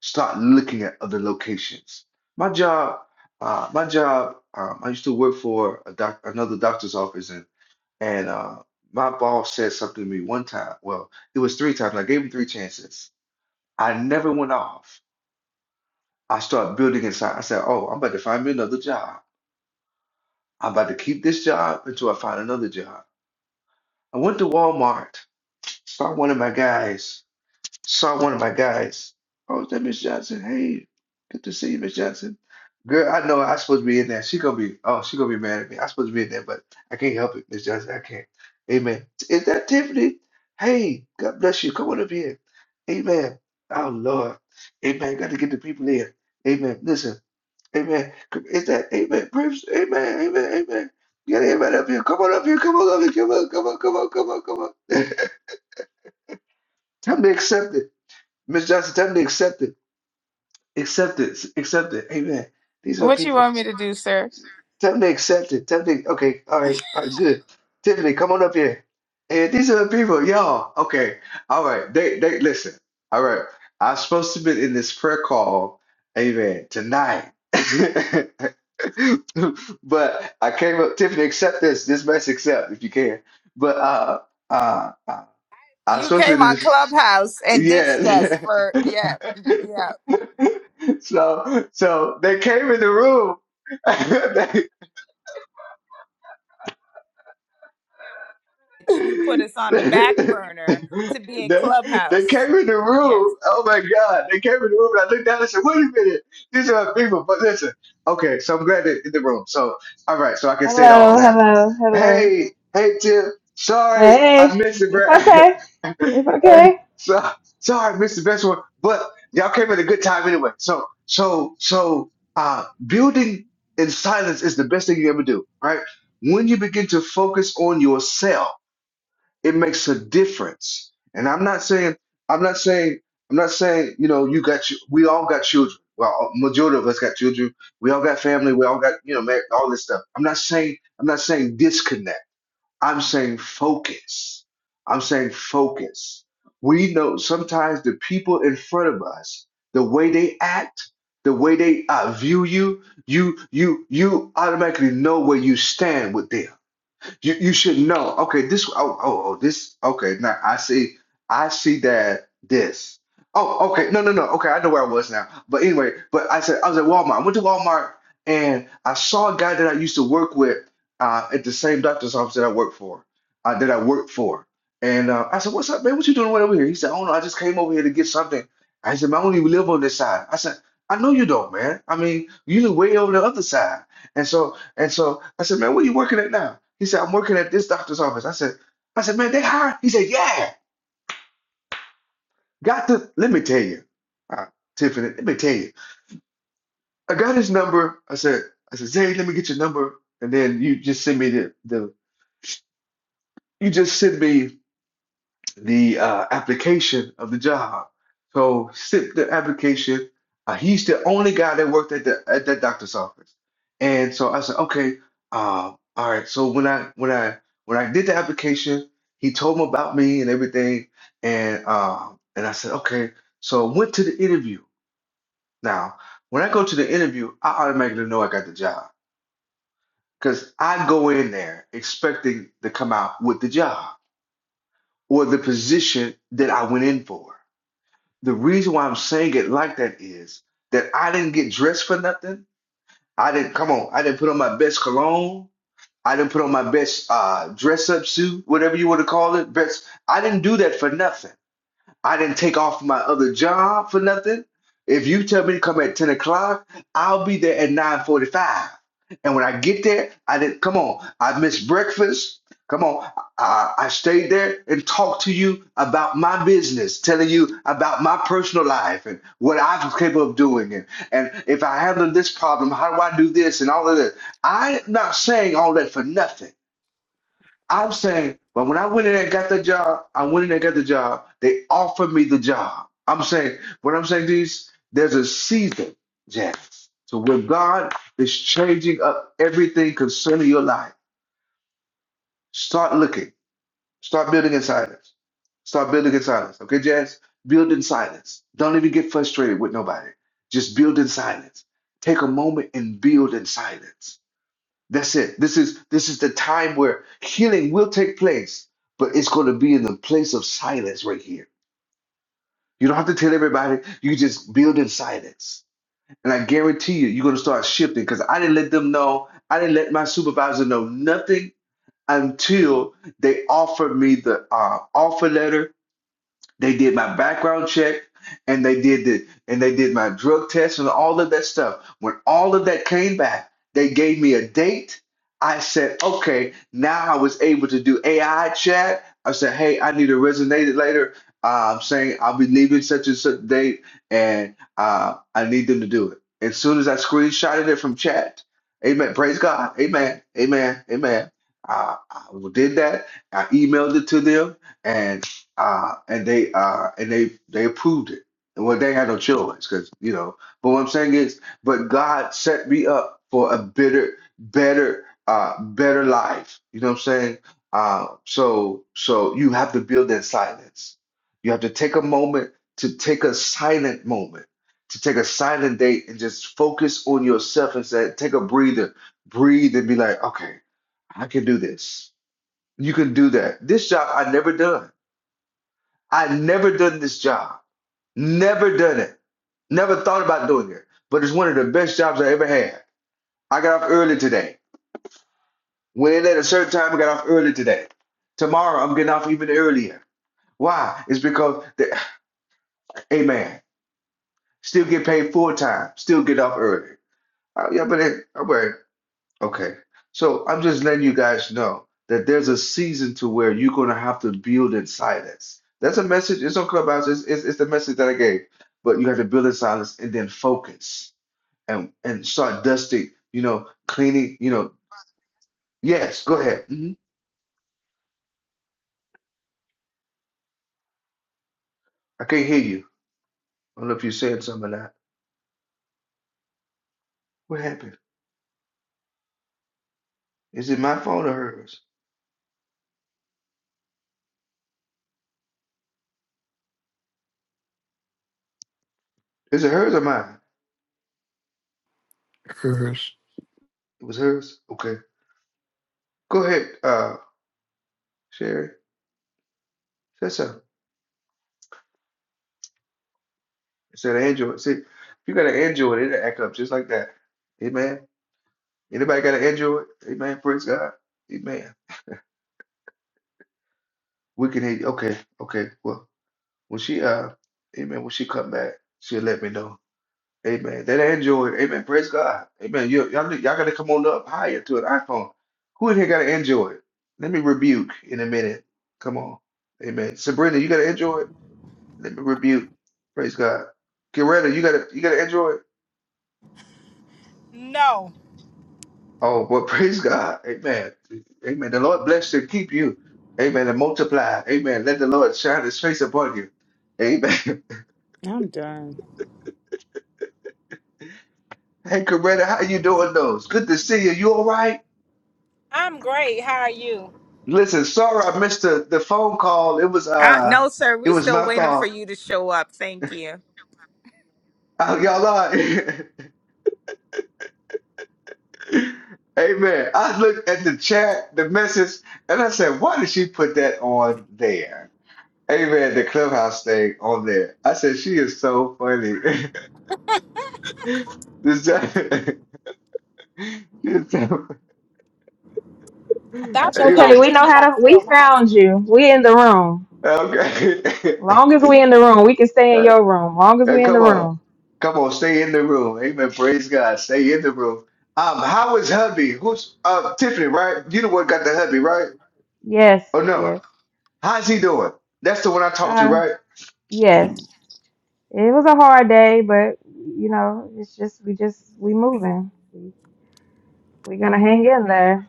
Start looking at other locations. My job, uh, my job. Um, I used to work for a doc, another doctor's office, and and uh, my boss said something to me one time. Well, it was three times. and I gave him three chances. I never went off. I start building inside. I said, Oh, I'm about to find me another job. I'm about to keep this job until I find another job. I went to Walmart, saw one of my guys, saw one of my guys. Oh, is that Miss Johnson? Hey, good to see you, Miss Johnson. Girl, I know I'm supposed to be in there. She gonna be, oh, she gonna be mad at me. I'm supposed to be in there, but I can't help it, Miss Johnson. I can't. Amen. Is that Tiffany? Hey, God bless you. Come on up here. Amen. Oh Lord. Amen. Got to get the people in. Amen. Listen. Amen. Is that amen? Praise, amen, amen, amen. Get amen up here. Come on up here. Come on up here. Come on, come on, come on, come on, come on. time to accept it. Miss Johnson, time to accept it. Accept it. Accept it. Amen. These are What you people. want What me you to want do, me to sir? do, sir? Tell them they accept it. Tell them they, okay, all right, all right, good. Tiffany, come on up here. And these are the people, y'all. Okay, all right. They, they listen. All right, I'm supposed to be in this prayer call, amen, tonight. but I came up, Tiffany, accept this. This mess, accept if you can. But uh, uh, uh, I'm You supposed to came be. in on this. Clubhouse and ditched us Yes. for yeah, yeah. So, so they came in the room. You put us on the back they, burner to be in they, they Clubhouse. came in the Yes. room. Oh my God! They came in the room, and I looked down and said, "Wait a minute, these are my people." But listen, okay. So I'm glad they're in the room. So all right, so I can say it all Hello, now. hello, hello. Hey, hey, Tim. Sorry, Hey, I missed it, it's bro. okay. It's hey, okay. so, sorry, I missed the best one, but y'all came at a good time anyway. So, so, so, uh, building in silence is the best thing you ever do, right? When you begin to focus on yourself, it makes a difference. And I'm not saying, I'm not saying, I'm not saying, you know, you got, you, we all got children. Well, majority of us got children. We all got family. We all got, you know, mar- all this stuff. I'm not saying, I'm not saying disconnect. I'm saying focus. I'm saying focus. We know sometimes the people in front of us, the way they act, the way they uh, view you, you you you automatically know where you stand with them. You you should know. Okay, this oh oh oh this okay now I see I see that this. Oh, okay. No, no, no. Okay, I know where I was now. But anyway, but I said I was at Walmart. I went to Walmart and I saw a guy that I used to work with uh, at the same doctor's office that I worked for, uh, that I worked for. And uh, I said, "What's up, man? What you doing right over here?" He said, "Oh no, I just came over here to get something." I said, "Man, I only live on this side." I said, "I know you don't, man. I mean, you live way over the other side." And so and so I said, man, where you working at now? He said, I'm working at this doctor's office. I said, I said, man, they hire. He said, yeah. Got the. Let me tell you, uh, Tiffany. Let me tell you. I got his number. I said, I said, Zay, let me get your number, and then you just send me the the. You just send me. the uh, application of the job. So sent the application. Uh, he's the only guy that worked at the at that doctor's office, and so I said, okay, uh, all right. So when I when I when I did the application, he told him about me and everything, and uh, and I said, okay. So I went to the interview. Now, when I go to the interview, I automatically know I got the job because I go in there expecting to come out with the job or the position that I went in for. the reason why I'm saying it like that is that I didn't get dressed for nothing. I didn't come on. I didn't put on my best cologne. I didn't put on my best uh, dress up suit, whatever you want to call it. Best. I didn't do that for nothing. I didn't take off my other job for nothing. If you tell me to come at 10 o'clock, I'll be there at 9.45. And when I get there, I didn't come on. I missed breakfast. Come on. I, I stayed there and talked to you about my business, telling you about my personal life and what I was capable of doing. And, and if I handle this problem, how do I do this and all of this? I'm not saying all that for nothing. I'm saying, but when I went in there and got the job, I went in there and got the job. They offered me the job. I'm saying, what I'm saying is, there's a season, Jack. So when God is changing up everything concerning your life, start looking, start building in silence, start building in silence. Okay, Jazz, build in silence. Don't even get frustrated with nobody. Just build in silence. Take a moment and build in silence that's it. This is this is the time where healing will take place, but it's going to be in the place of silence right here. You don't have to tell everybody. You just build in silence, and I guarantee you, you're going to start shifting. Because I didn't let them know. I didn't let my supervisor know nothing until they offered me the uh, offer letter they did my background check and they did the and they did my drug test and all of that stuff. When all of that came back, they gave me a date. I said, okay, now I was able to do AI chat. I said, hey, I need to resonate it later. Uh, I'm saying I'll be leaving such and such date and uh, I need them to do it. As soon as I screenshotted it from chat, amen, praise God, amen, amen, amen. Uh, I did that. I emailed it to them and uh, and they uh, and they they approved it. And well, they had no choice because you know. But what I'm saying is, but God set me up for a better, better, uh, better life. You know what I'm saying? Uh, so so you have to build that silence. You have to take a moment to take a silent moment, to take a silent date and just focus on yourself and say, take a breather, breathe and be like, okay, I can do this. You can do that. This job I never done. I've never done this job, never done it, never thought about doing it, but it's one of the best jobs I ever had. I got off early today. When it at a certain time, I got off early today. Tomorrow, I'm getting off even earlier. Why? It's because, the, amen, still get paid full time, still get off early. Uh, yeah, but it, okay. Okay. So I'm just letting you guys know that there's a season to where you're going to have to build in silence. That's a message. It's on Clubhouse. It's, it's, it's the message that I gave. But you have to build in silence and then focus and, and start dusting, you know, cleaning, you know. Yes, go ahead. hmm I can't hear you. I don't know if you said something or not. What happened? Is it my phone or hers? Is it hers or mine? Hers. It was hers. Okay. Go ahead, uh, Sherry. Say something. It's an Android. See, if you got an Android, it'll act up just like that. Amen. Anybody got an Android? Amen. Praise God. Amen. We can hear you. Okay. Okay. Well, when she uh, Amen. When she come back, she'll let me know. Amen. That Android. Amen. Praise God. Amen. You, y'all, need- y'all got to come on up higher to an iPhone. Who in here got an Android? Let me rebuke in a minute. Come on. Amen. Sabrina, you got an Android? Let me rebuke. Praise God. Coretta, you got a, you got an Android? No, Oh, well, praise God. Amen. Amen. The Lord bless you, and keep you. Amen. And multiply. Amen. Let the Lord shine his face upon you. Amen. I'm done. Hey, Coretta, how you doing those? Good to see you. You all right? I'm great. How are you? Listen, sorry I missed the, the phone call. It was Uh, uh no, sir. it We was still my waiting for fault. you to show up. Thank you. Oh, y'all are. Amen. I looked at the chat, the message, and I said, why did she put that on there? Amen. The clubhouse thing on there. I said, she is so funny. This time, this time, I thought It's you were amen. okay. gonna We know Mickey how Mouse to. We Clubhouse. found you. We in the room. Okay. Long as we in the room, we can stay in your room. Long as Now, we in the come on. room. Come on, stay in the room. Amen. Praise God. Stay in the room. Um, how is hubby? Who's uh Tiffany, right? You the one got the hubby, right? Yes, Oh no. yes. How's he doing? That's the one I talked to, Uh, right? yes. It was a hard day, but you know, it's just we just we moving. We we gonna hang in there.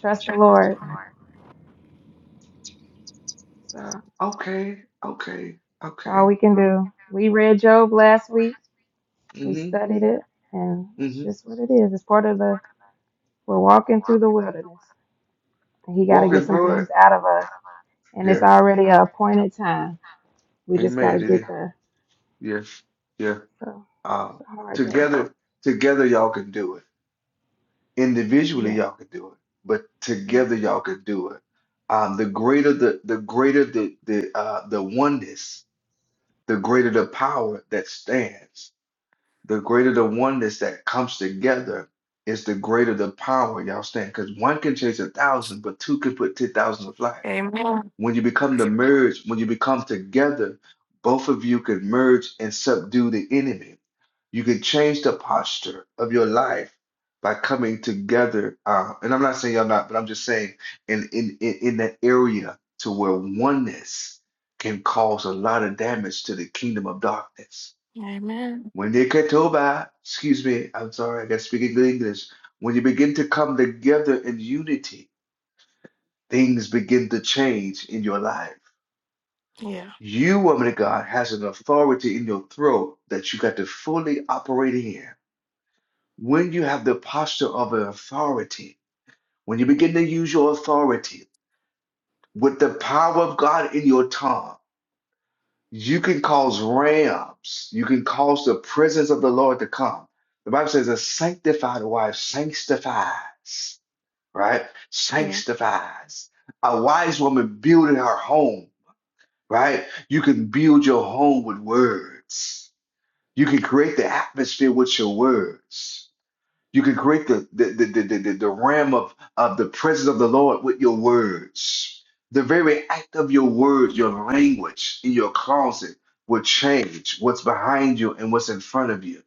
Trust the Lord. So Okay, okay, that's all okay. we can do. We read Job last week. We Mm-hmm. studied it, and it's Mm-hmm. just what it is. It's part of the We're walking through the wilderness, and He got to get Walking some through things it. out of us. And it's Yeah. already a appointed time. We just got to Amen. It is. get there. Yeah. Yeah. So it's Um, a hard day. together, together y'all can do it. individually Yes, y'all can do it, but yes. together y'all can do it. Um, the greater the the greater the the uh, the oneness, the greater the power that stands. The greater the oneness that comes together is the greater the power y'all stand. Because one can chase a thousand, but two can put ten thousand to flight. Amen. When you become the merge, when you become together, both of you can merge and subdue the enemy you can change the posture of your life by coming together. Uh, and I'm not saying y'all not, but I'm just saying in in in, in that area to where oneness can cause a lot of damage to the kingdom of darkness. Amen. When they get over, excuse me, I'm sorry, I gotta speak good English. When you begin to come together in unity, things begin to change in your life. Yeah. You, woman of God, has an authority in your throat that you got to fully operate in When you have the posture of an authority, when you begin to use your authority with the power of God in your tongue, you can cause rams, you can cause the presence of the Lord to come. The Bible says a sanctified wife sanctifies, right? Yeah. Sanctifies. A wise woman building her home, right? You can build your home with words. You can create the atmosphere with your words. You can create the the, the, the, the, the realm of, of the presence of the Lord with your words. The very act of your words, your language in your closet will change what's behind you and what's in front of you.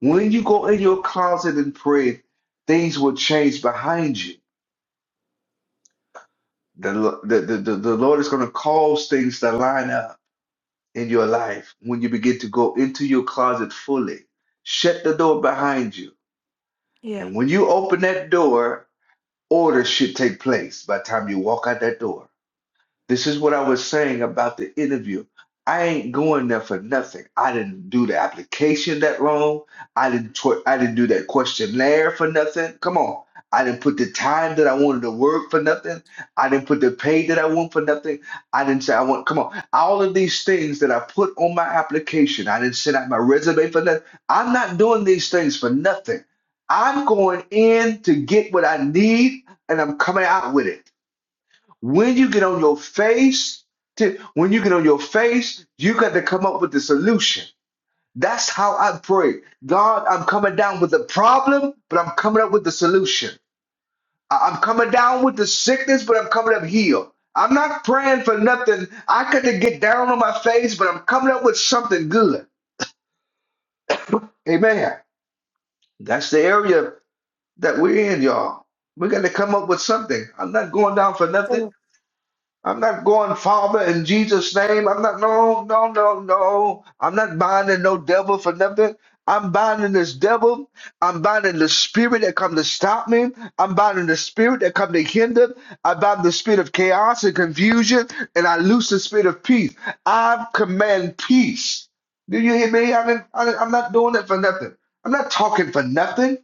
When you go in your closet and pray, things will change behind you. The, Lo- the, the, the the Lord is going to cause things to line up in your life when you begin to go into your closet fully. Shut the door behind you. Yeah. And when you open that door Order should take place by the time you walk out that door. This is what I was saying about the interview. I ain't going there for nothing. I didn't do the application that long. I didn't tw- I didn't do that questionnaire for nothing. Come on. I didn't put the time that I wanted to work for nothing. I didn't put the pay that I want for nothing. I didn't say I want, come on. All of these things that I put on my application, I didn't send out my resume for nothing. I'm not doing these things for nothing. I'm going in to get what I need and I'm coming out with it. When you get on your face, to, when you get on your face, you got to come up with the solution. That's how I pray. God, I'm coming down with the problem, but I'm coming up with the solution. I- I'm coming down with the sickness, but I'm coming up healed. I'm not praying for nothing. I got to get down on my face, but I'm coming up with something good. Amen. That's the area that we're in, y'all. We got to come up with something. I'm not going down for nothing. Mm. I'm not going, Father, in Jesus' name. I'm not, no, no, no, no. I'm not binding no devil for nothing. I'm binding this devil. I'm binding the spirit that come to stop me. I'm binding the spirit that come to hinder. I bind the spirit of chaos and confusion, and I loose the spirit of peace. I command peace. Do you hear me? I mean, I, I'm not doing it for nothing. I'm not talking for nothing.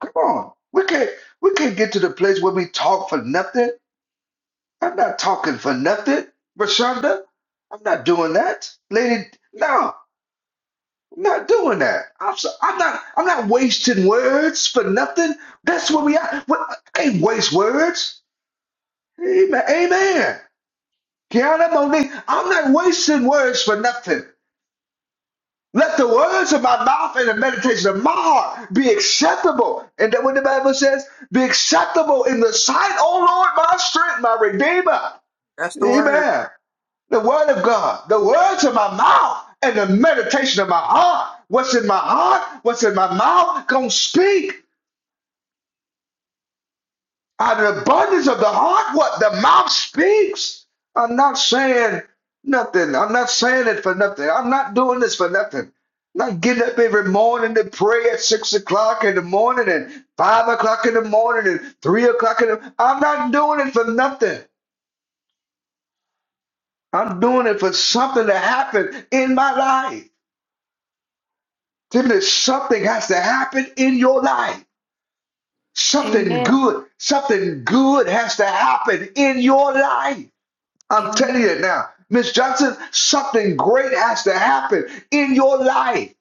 Come on. We can't, we can't get to the place where we talk for nothing. I'm not talking for nothing, Rashonda. I'm not doing that, lady. No, I'm not doing that. I'm so, I'm not I'm not wasting words for nothing. That's what we are. What, I ain't waste words. Amen. Amen. Kiana Monique, I'm not wasting words for nothing. Let the words of my mouth and the meditation of my heart be acceptable. And that what the Bible says, be acceptable in the sight, O Lord, my strength, my redeemer. That's the word. Amen. The word of God, the words of my mouth, and the meditation of my heart. What's in my heart? What's in my mouth? Gonna speak out of the abundance of the heart. What the mouth speaks. I'm not saying nothing. I'm not saying it for nothing. I'm not doing this for nothing. I'm Not getting up every morning to pray at six o'clock in the morning and five o'clock in the morning and three o'clock in the. I'm not doing it for nothing. I'm doing it for something to happen in my life. Tiffany, something has to happen in your life. Something Amen. good, something good has to happen in your life. I'm telling Amen. you now, Miss Johnson, something great has to happen in your life.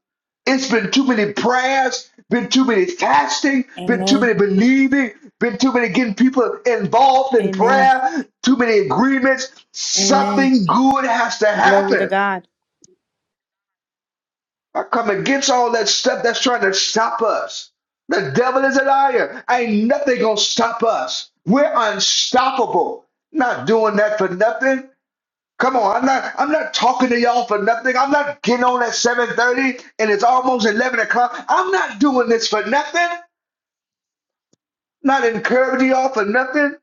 It's been too many prayers, been too many fasting, been too Amen. many believing, been too many getting people involved in Amen. prayer, too many agreements. Amen. Something good has to Glory to happen. God. I come against all that stuff that's trying to stop us. The devil is a liar. Ain't nothing gonna stop us. We're unstoppable. Not doing that for nothing. Come on, I'm not. I'm not talking to y'all for nothing. I'm not getting on at 7:30 and it's almost 11 o'clock. I'm not doing this for nothing. Not encouraging y'all for nothing.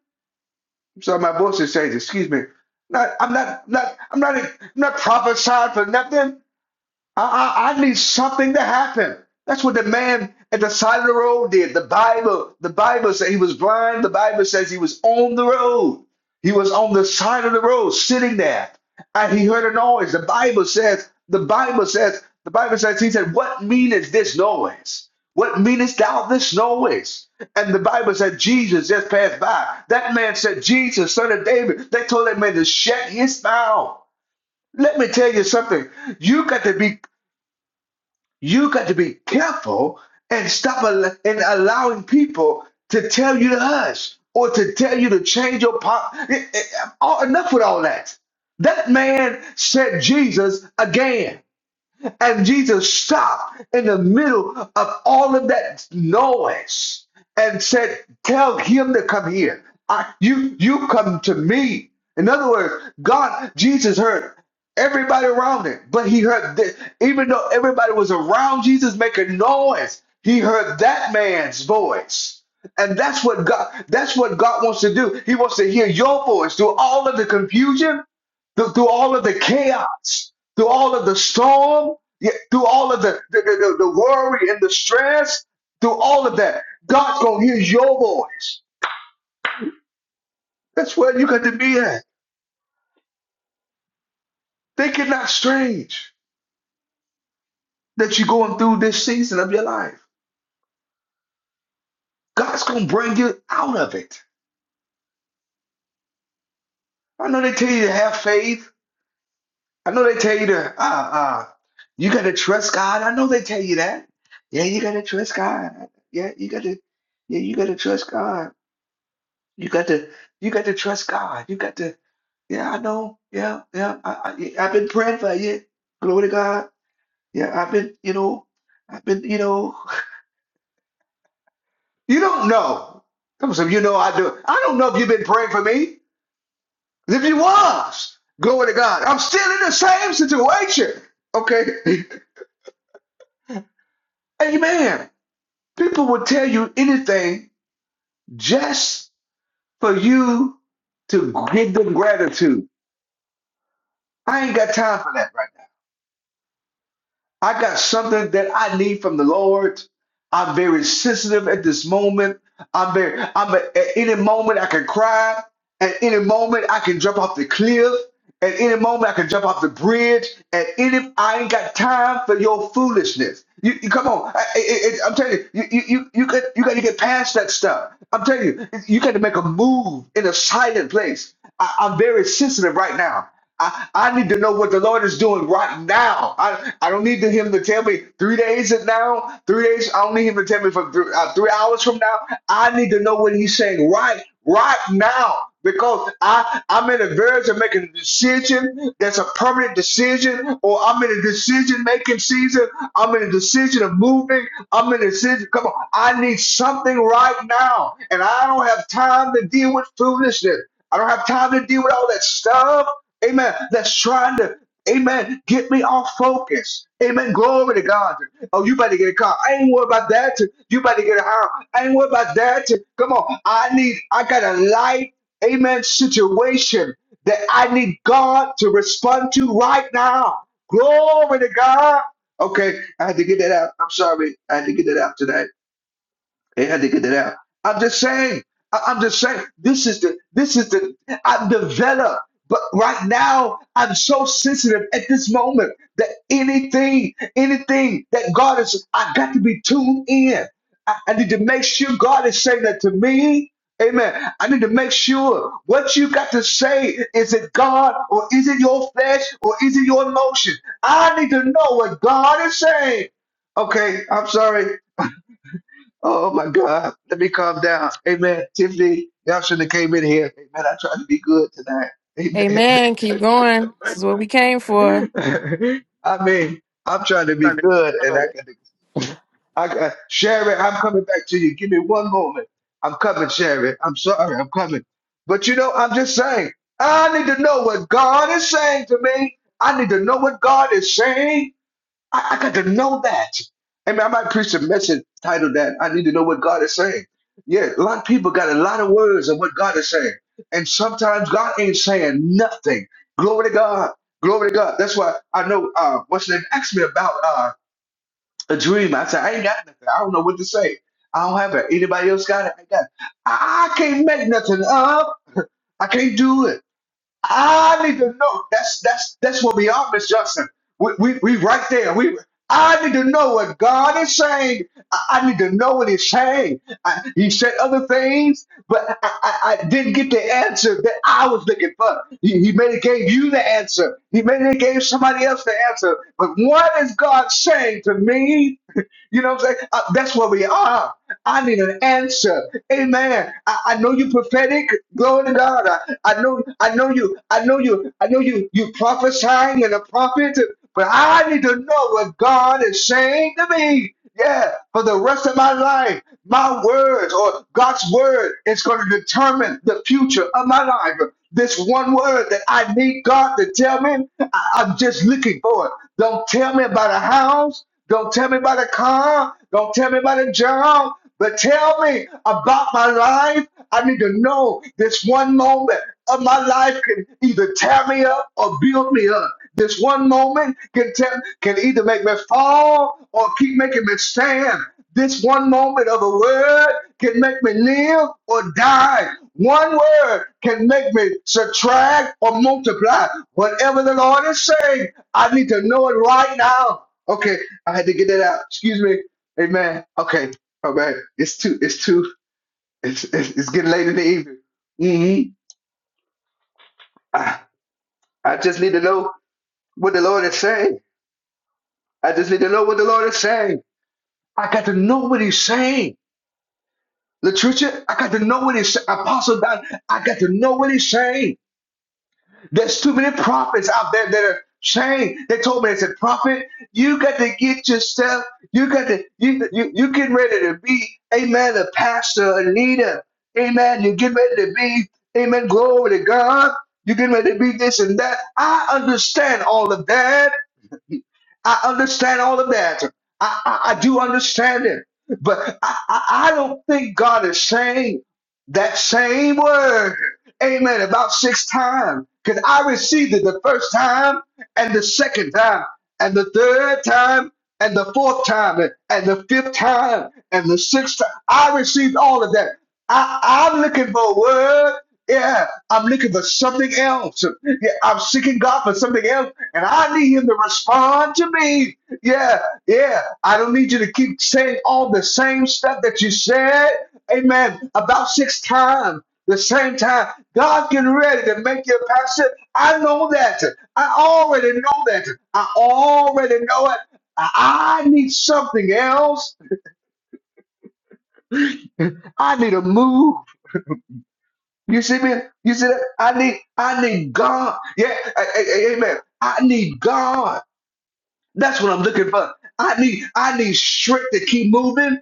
Sorry, my voice is changing. Excuse me. Not. I'm not. Not. I'm not. I'm not prophesying for nothing. I, I, I need something to happen. That's what the man at the side of the road did. The Bible, the Bible said he was blind. The Bible says he was on the road. He was on the side of the road, sitting there, and he heard a noise. The Bible says, the Bible says, the Bible says, he said, What meaneth this noise? What meanest thou this noise? And the Bible said Jesus just passed by. That man said, Jesus, son of David. They told that man to shut his mouth. Let me tell you something. You got to be. You got to be careful and stop al- and allowing people to tell you to hush or to tell you to change your pop. Enough with all that. That man said Jesus again. And Jesus stopped in the middle of all of that noise and said, Tell him to come here. I, you, you come to me. In other words, God, Jesus heard everybody around him, but he heard this. Even though everybody was around Jesus making noise, he heard that man's voice. And that's what God that's what God wants to do. He wants to hear your voice through all of the confusion through, through all of the chaos, through all of the storm, yeah, through all of the, the, the, the worry and the stress, through all of that, God's gonna hear your voice. That's where you got to be at. Think it not strange that you're going through this season of your life. God's gonna bring you out of it. I know they tell you to have faith. I know they tell you to uh uh you gotta trust God. I know they tell you that. Yeah, you gotta trust God. Yeah, you gotta yeah, you gotta trust God. You got to you got to trust God. You got to yeah, I know. Yeah, yeah. I, I yeah, I've been praying for you. Glory to God. Yeah, I've been, you know, I've been, you know, you don't know. Come on, some you know I do. I don't know if you've been praying for me. If you was, glory to God. I'm still in the same situation. Okay. Amen. People will tell you anything just for you to give them gratitude. I ain't got time for that. I got something that I need from the Lord. I'm very sensitive at this moment. I'm very, I'm at, any moment I can cry. At any moment I can jump off the cliff. At any moment, I can jump off the bridge. At any, I ain't got time for your foolishness. You, you come on. I, I, I, am telling you, you, you, you, you got, you got to get past that stuff. I'm telling you, you got to make a move in a silent place. I, I'm very sensitive right now. I, I need to know what the Lord is doing right now. I, I don't need to Him to tell me three days and now, three days. I don't need Him to tell me for three, uh, three hours from now. I need to know what he's saying right, right now. Because I, I'm in a verge of making a decision that's a permanent decision, or I'm in a decision making season. I'm in a decision of moving. I'm in a decision. Come on, I need something right now. And I don't have time to deal with foolishness. I don't have time to deal with all that stuff. Amen. That's trying to, amen, get me off focus. Amen. Glory to God. Oh, you better get a car. I ain't worried about that. You better get a house. I ain't worried about that. Come on. I need, I got a life, amen, situation that I need God to respond to right now. Glory to God. Okay, I had to get that out. I'm sorry. I had to get that out today. Yeah, They had to get that out. I'm just saying. I- I'm just saying. This is the. This is the. I've developed, but right now I'm so sensitive at this moment that anything, anything that God is, I got to be tuned in. I, I need to make sure God is saying that to me. Amen. I need to make sure what you got to say is it God or is it your flesh or is it your emotion? I need to know what God is saying. Okay, I'm sorry. Oh my God. Let me calm down. Amen. Tiffany, y'all shouldn't have came in here. Amen. I tried to be good tonight. Amen. Keep going. This is what we came for. Amen. I mean, I'm trying to be Sunday, good and I Sunday. got to I got Sherry, I'm coming back to you. Give me one moment. I'm coming, Sherry. I'm sorry, I'm coming. But you know, I'm just saying, I need to know what God is saying to me. I need to know what God is saying I, I got to know that. I mean, I might preach a message titled that I need to know what God is saying. Yeah, a lot of people got a lot of words of what God is saying. And sometimes God ain't saying nothing. Glory to God. Glory to God. That's why I know uh what's the name asked me about uh a dream. I said, I ain't got nothing. I don't know what to say. I don't have it. Anybody else got it? I got it. I can't make nothing up. I can't do it. I need to know. That's that's that's where we are, Miss Johnson. We, we we right there. We I need to know what God is saying. I, I need to know what He's saying. I, he said other things, but I, I, I didn't get the answer that I was looking for. He, he may have gave you the answer. He may have gave somebody else the answer. But what is God saying to me? You know what I'm saying? Uh, that's where we are. I need an answer. Amen. I, I know you prophetic. Glory to God. I, I know I know you. I know you. I know you. You prophesying and a prophet. But I need to know what God is saying to me. Yeah, for the rest of my life, my words or God's word is going to determine the future of my life. This one word that I need God to tell me, I, I'm just looking for it. Don't tell me about a house. Don't tell me about a car. Don't tell me about a job. But tell me about my life. I need to know this one moment of my life can either tear me up or build me up. This one moment can te- can either make me fall or keep making me stand. This one moment of a word can make me live or die. One word can make me subtract or multiply. Whatever the Lord is saying, I need to know it right now. Okay, I had to get that out. Excuse me. Amen. Okay. Oh man, it's too, it's too, it's it's, it's getting late in the evening. hmm I, I just need to know what the Lord is saying. I just need to know what the Lord is saying. I got to know what He's saying. Latrucia, I got to know what He's saying. Apostle Don, I got to know what He's saying. There's too many prophets out there that are chained. They told me, they said, Prophet, you got to get yourself, you got to, you, you, you getting ready to be, amen, a pastor, a leader. Amen. You get ready to be, amen, glory to God. You get ready to be this and that. I understand all of that. I understand all of that. I, I, I do understand it. But I, I, I don't think God is saying that same word, amen, about six times. Because I received it the first time, and the second time, and the third time, and the fourth time, and and the fifth time, and the sixth time. I received all of that. I, I'm looking for a word. Yeah, I'm looking for something else. Yeah, I'm seeking God for something else and I need him to respond to me. Yeah, yeah. I don't need you to keep saying all the same stuff that you said. Amen. About six times. The same time, God getting ready to make you a pastor. I know that. I already know that. I already know it. I need something else. I need a move. You see me? You see that? I need I need God. Yeah, amen. I need God. That's what I'm looking for. I need I need strength to keep moving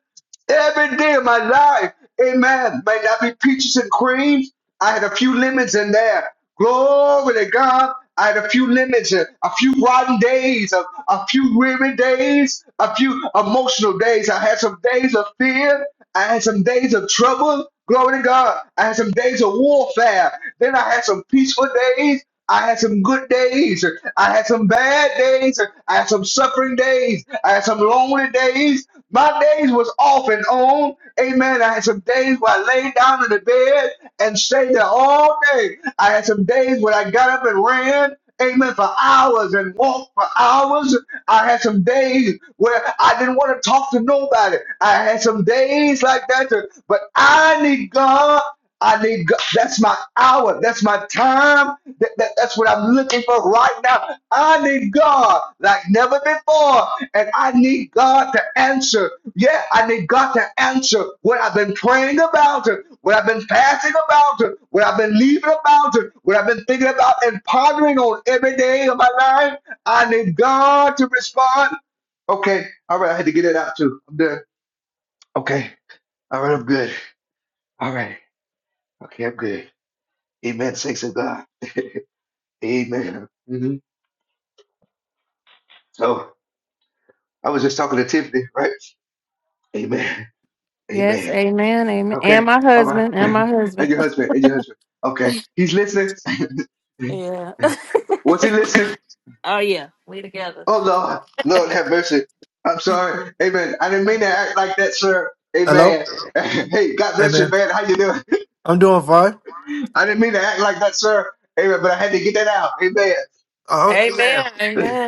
every day of my life. Amen. May not be peaches and creams. I had a few lemons in there. Glory to God. I had a few lemons, a a few rotten days, a, a few weary days, a few emotional days. I had some days of fear. I had some days of trouble. Glory to God. I had some days of warfare. Then I had some peaceful days. I had some good days. I had some bad days. I had some suffering days. I had some lonely days. My days was off and on. Amen. I had some days where I laid down in the bed and stayed there all day. I had some days where I got up and ran. Amen. For hours and walked for hours. I had some days where I didn't want to talk to nobody. I had some days like that. But I need God. I need God. That's my hour. That's my time. That, that, that's what I'm looking for right now. I need God like never before. And I need God to answer. Yeah, I need God to answer what I've been praying about, what I've been fasting about, what I've been leaving about, what I've been thinking about and pondering on every day of my life. I need God to respond. Okay. All right. I had to get it out too. I'm done. Okay. All right. I'm good. All right. Okay. I'm good. Amen. Thanks to God. Amen. hmm So I was just talking to Tiffany, right? Amen. Yes. Amen. Amen. Amen. And Okay. my All right. husband. And my and husband. your husband. And your husband. Okay. He's listening. Yeah. Was he listening? oh yeah. We together. Oh Lord. Lord have mercy. I'm sorry. Amen. I didn't mean to act like that, sir. Hello? Amen. hey, God bless Amen. you, man. How you doing? I'm doing fine. I didn't mean to act like that, sir. Amen. But I had to get that out. Amen. Uh, Amen. I Amen.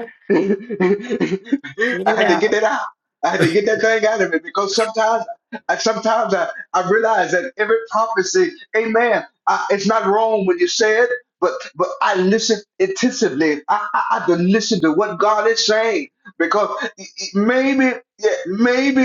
Get it had to get out. it out. I had to get that thing out of me because sometimes, I, sometimes I, I realize that every prophecy, Amen. I, it's not wrong when you say it, but but I listen intensively. I, I, I have to listen to what God is saying because maybe, yeah, maybe.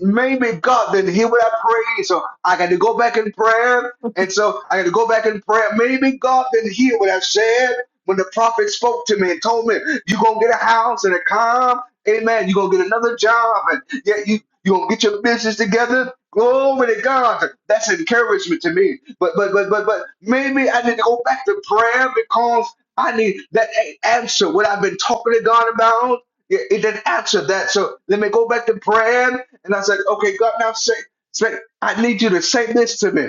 Maybe God didn't hear what I prayed, so I got to go back in prayer, and so I got to go back in prayer. Maybe God didn't hear what I said, when the prophet spoke to me and told me, you're going to get a house and a calm. Amen. You're going to get another job and yet you, you're going to get your business together. Glory to God. That's encouragement to me. But, but, but, but, but maybe I need to go back to prayer because I need that answer. What I've been talking to God about, it, it didn't answer that. So let me go back to prayer. And I said, okay, God, now say, say, I need you to say this to me.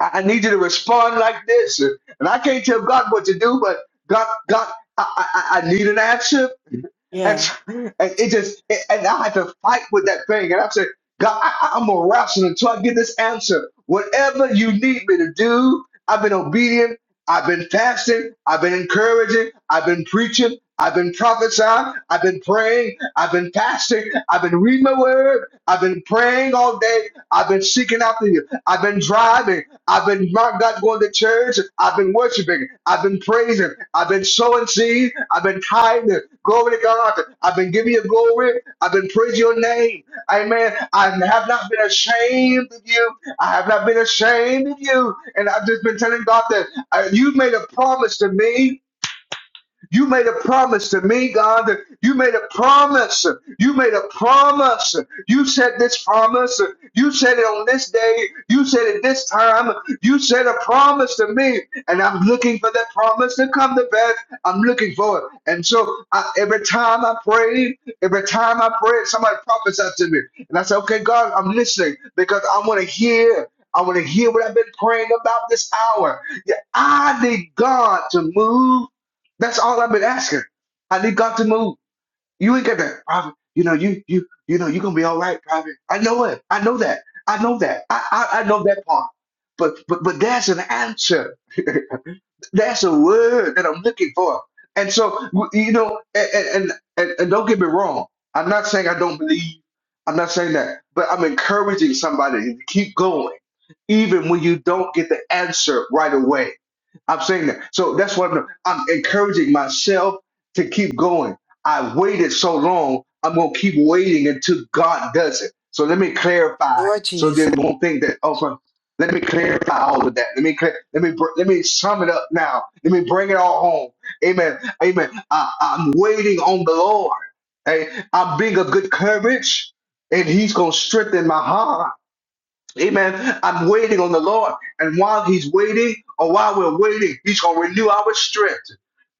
I, I need you to respond like this. And, and I can't tell God what to do, but God, God, I, I, I need an answer. And, Yeah. and it just, and I had to fight with that thing. And I said, God, I, I'm going to wrestle until I get this answer. Whatever you need me to do, I've been obedient. I've been fasting. I've been encouraging. I've been preaching. I've been prophesying. I've been praying. I've been fasting. I've been reading my word. I've been praying all day. I've been seeking after you. I've been driving. I've been my God going to church. I've been worshiping. I've been praising. I've been sowing seed. I've been tithing. Glory to God. I've been giving you glory. I've been praising your name. Amen. I have not been ashamed of you. I have not been ashamed of you. And I've just been telling God that uh, you made a promise to me you made a promise to me, God. You made a promise. You made a promise. You said this promise. You said it on this day. You said it this time. You said a promise to me. And I'm looking for that promise to come to pass. I'm looking for it. And so I, every time I pray, every time I pray, somebody prophesies to me. And I say, okay, God, I'm listening because I want to hear. I want to hear what I've been praying about this hour. Yeah, I need God to move. That's all I've been asking. I need God to move. You ain't got that, prophet. You know, you you you know, you're gonna be all right, prophet. I know it. I know that. I know that. I I, I know that part. But but but there's an answer. That's a word that I'm looking for. And so, you know, and and, and, and don't get me wrong. I'm not saying I don't believe. I'm not saying that, but I'm encouraging somebody to keep going, even when you don't get the answer right away. I'm saying that. So that's what I'm, I'm encouraging myself to keep going. I waited so long. I'm gonna keep waiting until God does it. So let me clarify. Lord So then Jesus. we won't think that. Oh, let me clarify all of that. Let me clear, let me br- let me sum it up now. Let me bring it all home. Amen. Amen. I, I'm waiting on the Lord. Hey, I'm being of good courage, and He's gonna strengthen my heart. Amen. I'm waiting on the Lord. And while he's waiting, or while we're waiting, he's going to renew our strength.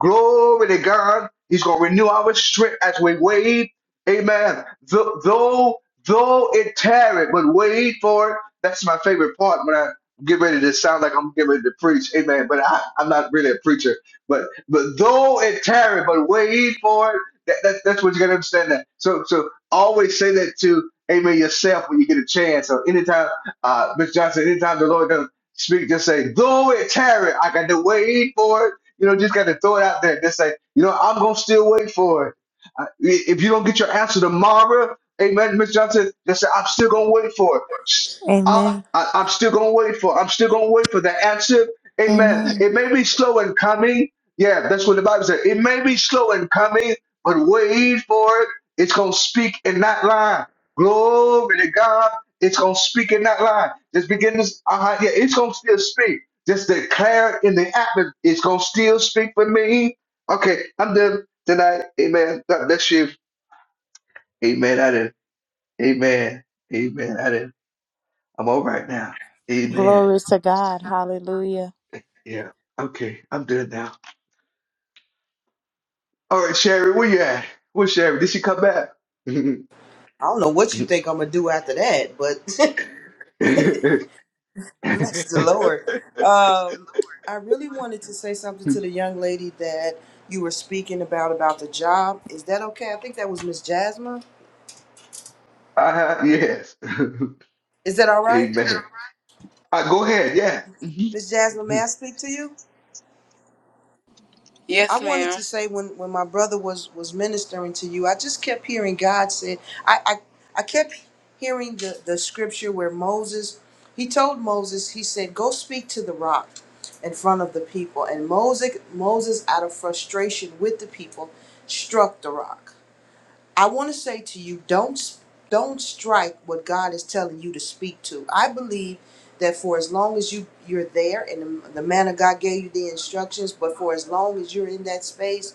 Glory to God. He's going to renew our strength as we wait. Amen. Though, though, though it tarry, but wait for it. That's my favorite part when I get ready to sound like I'm getting ready to preach. Amen. But I, I'm not really a preacher. But but though it tarry, but wait for it. That, that, that's what you got to understand. That. So so always say that to Amen yourself when you get a chance. So anytime uh, Miss Johnson, anytime the Lord doesn't speak, just say, "Do it, Terry. I got to wait for it." You know, just got to throw it out there. Just say, you know, I'm gonna still wait for it. Uh, if you don't get your answer tomorrow, Amen, Miss Johnson, just say, "I'm still gonna wait for it. S- I, Amen. I, I'm still gonna wait for. It. I'm still gonna wait for the answer." Amen. It Amen. may be slow in coming. Yeah, that's what the Bible said. It may be slow in coming, but wait for it. It's gonna speak and not lie. Glory to God. It's gonna speak and not lie. Just begin this. Uh, yeah, it's gonna still speak. Just declare in the atmosphere. It's gonna still speak for me. Okay, I'm done tonight. Amen. God bless you. Amen. I did. Amen. Amen. I did. I'm all right now. Amen. Glory to God. Hallelujah. Yeah. Okay. I'm done now. All right, Sherry, where you at? Where's Sherry? Did she come back? uh-huh, I don't know what you think I'm gonna do after that, but bless the Lord. Um, I really wanted to say something to the young lady that you were speaking about about the job. Is that okay? I think that was Miss Jasmine. yes. Is that all right, Amen. Uh, go ahead. Yeah. Mhm. Miss Jasmine? May I speak to you? I Yes, wanted ma'am. to say when, when my brother was was ministering to you, I just kept hearing God said I I, I kept hearing the, the scripture where Moses he told Moses, he said, Go speak to the rock in front of the people. And Moses Moses out of frustration with the people struck the rock. I want to say to you, don't don't strike what God is telling you to speak to. I believe that for as long as you you're there, and the, the man of God gave you the instructions, but for as long as you're in that space,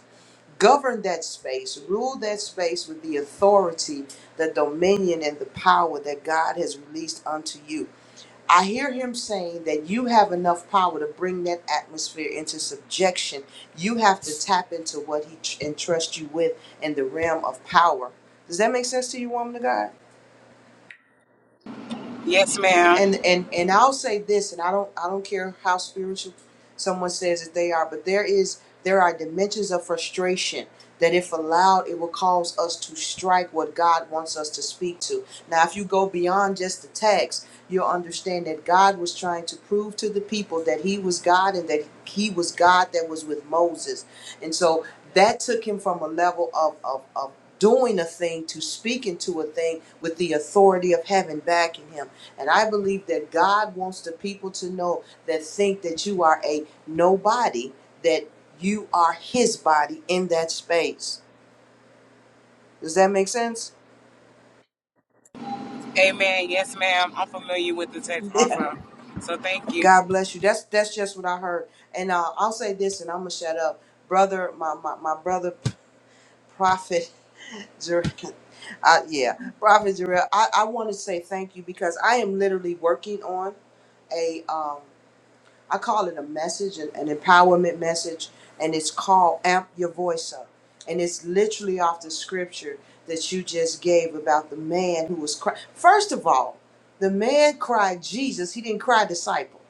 govern that space, rule that space with the authority, the dominion, and the power that God has released unto you. I hear him saying that you have enough power to bring that atmosphere into subjection. You have to tap into what he tr- entrusts you with in the realm of power. Does that make sense to you, woman of God? Yes, and ma'am. and and I'll say this, and I don't I don't care how spiritual someone says that they are, but there is there are dimensions of frustration that if allowed it will cause us to strike what God wants us to speak to. Now if you go beyond just the text, you'll understand that God was trying to prove to the people that he was God and that he was God that was with Moses. And so that took him from a level of of, of doing a thing to speaking to a thing with the authority of heaven backing him and I believe that God wants the people to know that think that you are a nobody, that you are his body in that space. Does that make sense? Amen. Yes, ma'am. I'm familiar with the text Yeah. also. So thank you. God bless you. That's that's just what I heard. And uh, I'll say this and I'm gonna shut up. Brother, my my, my brother prophet Jer- I, yeah, Prophet Jarrell, I, I want to say thank you because I am literally working on a um I call it a message, an, an empowerment message, and it's called Amp Your Voice Up. And it's literally off the scripture that you just gave about the man who was crying. First of all, the man cried Jesus, he didn't cry disciple.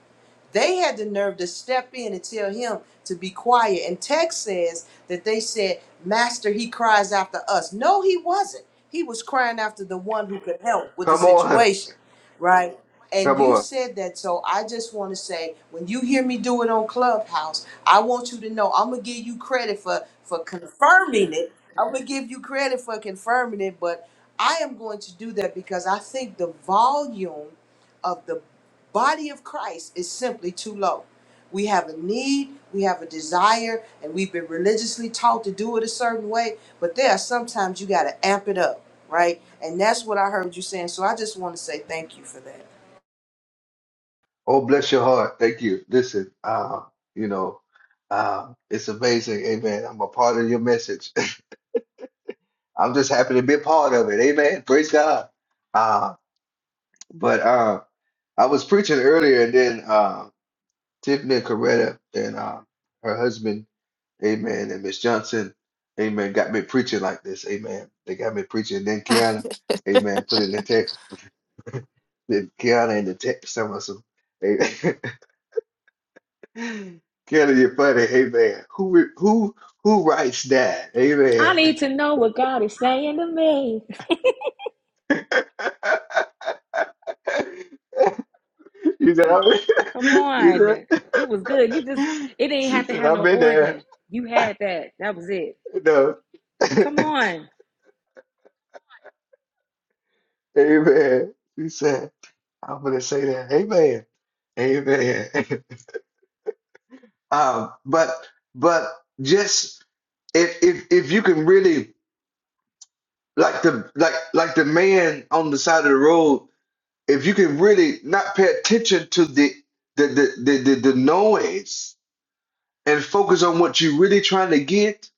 They had the nerve to step in and tell him to be quiet. And text says that they said, Master, he cries after us. No, he wasn't. He was crying after the one who could help with the Come on, situation, right? And come you on. said that, so I just want to say, when you hear me do it on Clubhouse, I want you to know I'm gonna give you credit for for confirming it. I'm gonna give you credit for confirming it, but I am going to do that because I think the volume of the body of Christ is simply too low. We have a need, we have a desire, and we've been religiously taught to do it a certain way, but there are sometimes you got to amp it up, right? And that's what I heard you saying. So I just want to say thank you for that. Oh, bless your heart. Thank you. Listen, um, you know, um, it's amazing. Amen. I'm a part of your message. I'm just happy to be a part of it. Amen. Praise God. Uh, but uh, I was preaching earlier, and then uh, Tiffany and Coretta and uh, her husband, Amen, and Miss Johnson, Amen, got me preaching like this. Amen. They got me preaching. Then Kiana, Amen, put in the text. Then Kiana in the text. Some of some. Kelly, you're funny. Amen. Who re- who who writes that? I Amen. need to know what God is saying to me. you said I'm Come you on. said It was good. You just, it didn't she have to said i have have no been there. organ. You had that. That was it. No. Come on. Amen. She said, I'm gonna say that. Amen. Amen. um, but but just if if if you can really like the like like the man on the side of the road if you can really not pay attention to the the the the, the, the noise and focus on what you're really trying to get,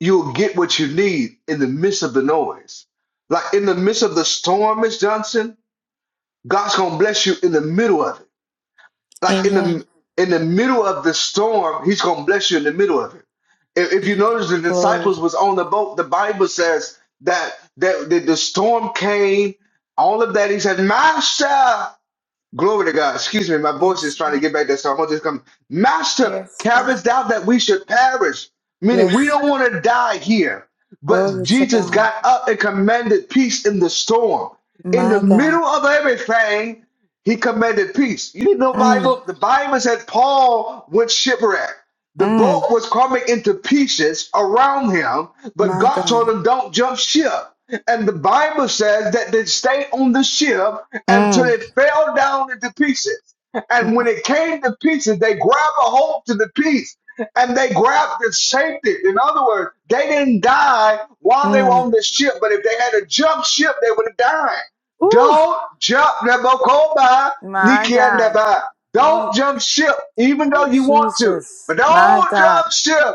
you'll get what you need in the midst of the noise. Like in the midst of the storm, Miss Johnson, God's gonna bless you in the middle of it. Like in Amen. the in the middle of the storm, He's gonna bless you in the middle of it. If, if you notice, the Glory. disciples was on the boat. The Bible says that that, that the storm came. All of that. He said, "Master." Glory to God. Excuse me, my voice Yes, is trying to God. get back there, so I'm gonna just come. Master Yes, God. carest out that we should perish, meaning we Yes. don't want to die here. But Glory to Jesus God. got up and commanded peace in the storm. In the My God. middle of everything, he commanded peace. You didn't know Mm, Bible? The Bible said Paul went shipwrecked. The mm, boat was coming into pieces around him, but My God told God. him, Don't jump ship. And the Bible says that they stayed on the ship until mm, it fell down into pieces. And My, when it came to pieces, they grabbed a hold to the piece and they grabbed the safety. In other words, they didn't die while they were mm. on the ship, but if they had to jump ship, they would have died. ooh, Don't jump, Nebokoba, my God. Nikiandaba. E, Don't jump ship, even ooh, though you want to. Jesus. But My don't God. jump ship.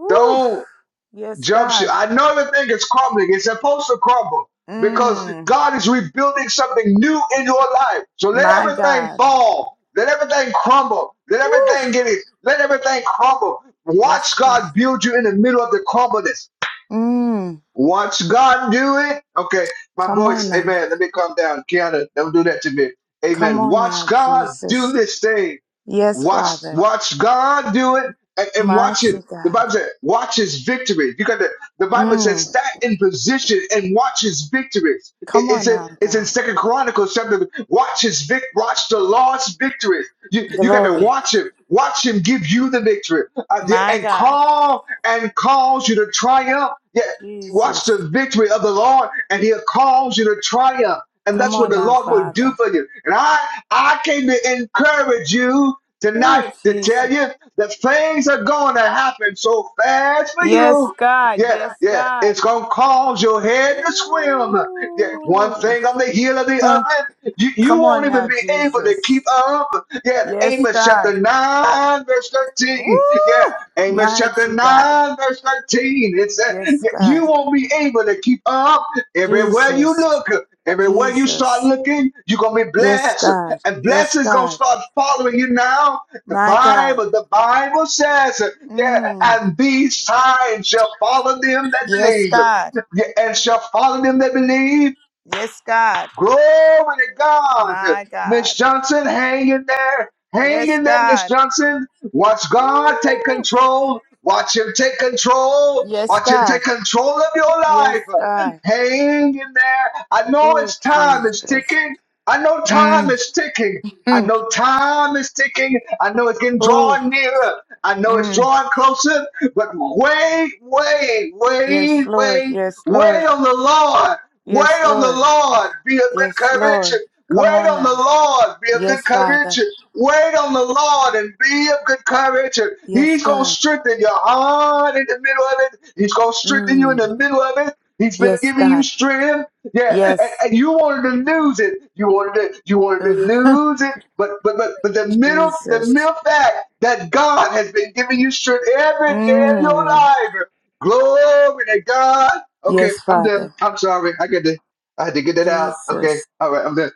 Ooh, Don't yes, jump ship. God. I know everything is crumbling. It's supposed to crumble because Mm, God is rebuilding something new in your life. So let my everything God. fall. Let everything crumble. Let Ooh, everything get it. Let everything crumble. Watch yes, God. God build you in the middle of the crumbleness. Mm, Watch God do it. Okay, my come on voice. now. Amen. Let me calm down. Kiana, don't do that to me. Come Amen. on Watch now, God do Jesus. this thing Yes, Watch, Father. watch God do it, and, and watch Mighty it. The God. Bible says, "Watch His victories." You got the. The Bible says, Mm, "Stand in position and watch His victories." It, come it's on in now, it's in God. Second Chronicles chapter. Watch His vic. Watch the Lord's victories. You you got to Glory. watch Him. Watch Him give you the victory, uh, the- My and God. call and cause you to triumph. Yeah, Jesus. watch the victory of the Lord, and He'll cause you to triumph. And Come that's what on the now, Lord will Father. do for you. And I I came to encourage you Oh, tonight to tell Jesus. you that things are going to happen so fast for Yes, you. God. Yeah, Yes, yeah, it's God. gonna cause your head to swim. Yeah, one Ooh. thing on the heel of the Huh. other, you, you Come on won't even now, be able Jesus. to keep up. Yeah, Yes, Amos God. chapter 9, verse 13. Yeah, Woo! Amos chapter Mighty God. 9, verse 13. It says Yes, yeah, God. You won't be able to keep up everywhere you Jesus. look. Everywhere you start Jesus. looking, you're gonna be Yes, blessed God. and Yes, blessings gonna God. start following you now. The My God. Bible, the Bible says, yeah, Mm. and these signs shall follow them that Yes, believe. God. Yeah, and shall follow them that believe Yes, God. Glory to God. My Miss God. Johnson, hang in there. Hang Yes, in there, Miss God. Johnson. Watch God take Woo. control. Watch Him take control. Yes, Watch Him God. take control of your Yes, life. God. Hang in there. I know Oh, it's time Jesus. is ticking. I know time Mm, is ticking. I mm, know time is ticking. I know it's getting Oh, drawn nearer. I know it's mm. drawing closer. But wait, wait, yes, wait, Lord. wait, Yes, Lord. wait on the Lord. Yes, Wait on the Lord. Lord, be of good Yes, courage. Lord. Come Wait on on the now. Lord, be of good Yes, Father. courage. Wait on the Lord and be of good courage. Yes, He's going to God. strengthen your heart in the middle of it. He's going to strengthen you in Mm. the middle of it. He's been Yes, giving you God. strength. Yeah, Yes. and, and you wanted to lose it. You wanted to, you wanted Ooh. to lose it. But but but but the middle the Jesus. middle fact that God has been giving you strength every day of your Mm. life. Glory to God. Okay, Yes, I'm done. Father. I'm sorry. I get to I had to get that out. Okay. Jesus. All right, I'm done.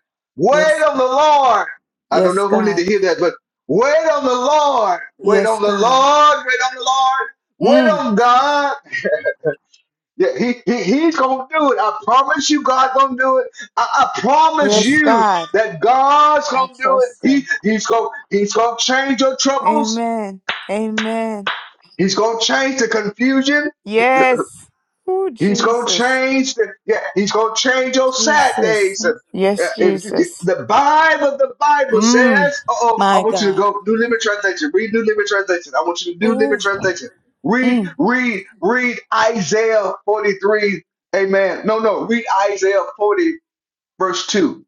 Yes, Wait on God. the Lord. I don't Yes, know who need God. to hear that, but wait on the Lord. Wait Yes, on the God. Lord. Wait on the Lord. Wait Mm. on God. Yeah, he, he, he's gonna do it. I promise you, God's gonna do it. I, I promise Yes, you God. that God's I gonna do trust it. He Him. he's gonna he's gonna change your troubles. Amen. Amen. He's gonna change the confusion. Yes. Oh, He's gonna Jesus. change. The, yeah, he's gonna change your sad Jesus. days. And, uh, Yes, and Jesus. the Bible, the Bible Mm. says. Uh oh, I My want you to God. go New Living Translation. Read New Living Translation. I want you to New Living Ooh. Translation. Read, Mm. read, read Isaiah 43. Amen. No, no, read Isaiah 40, verse 2.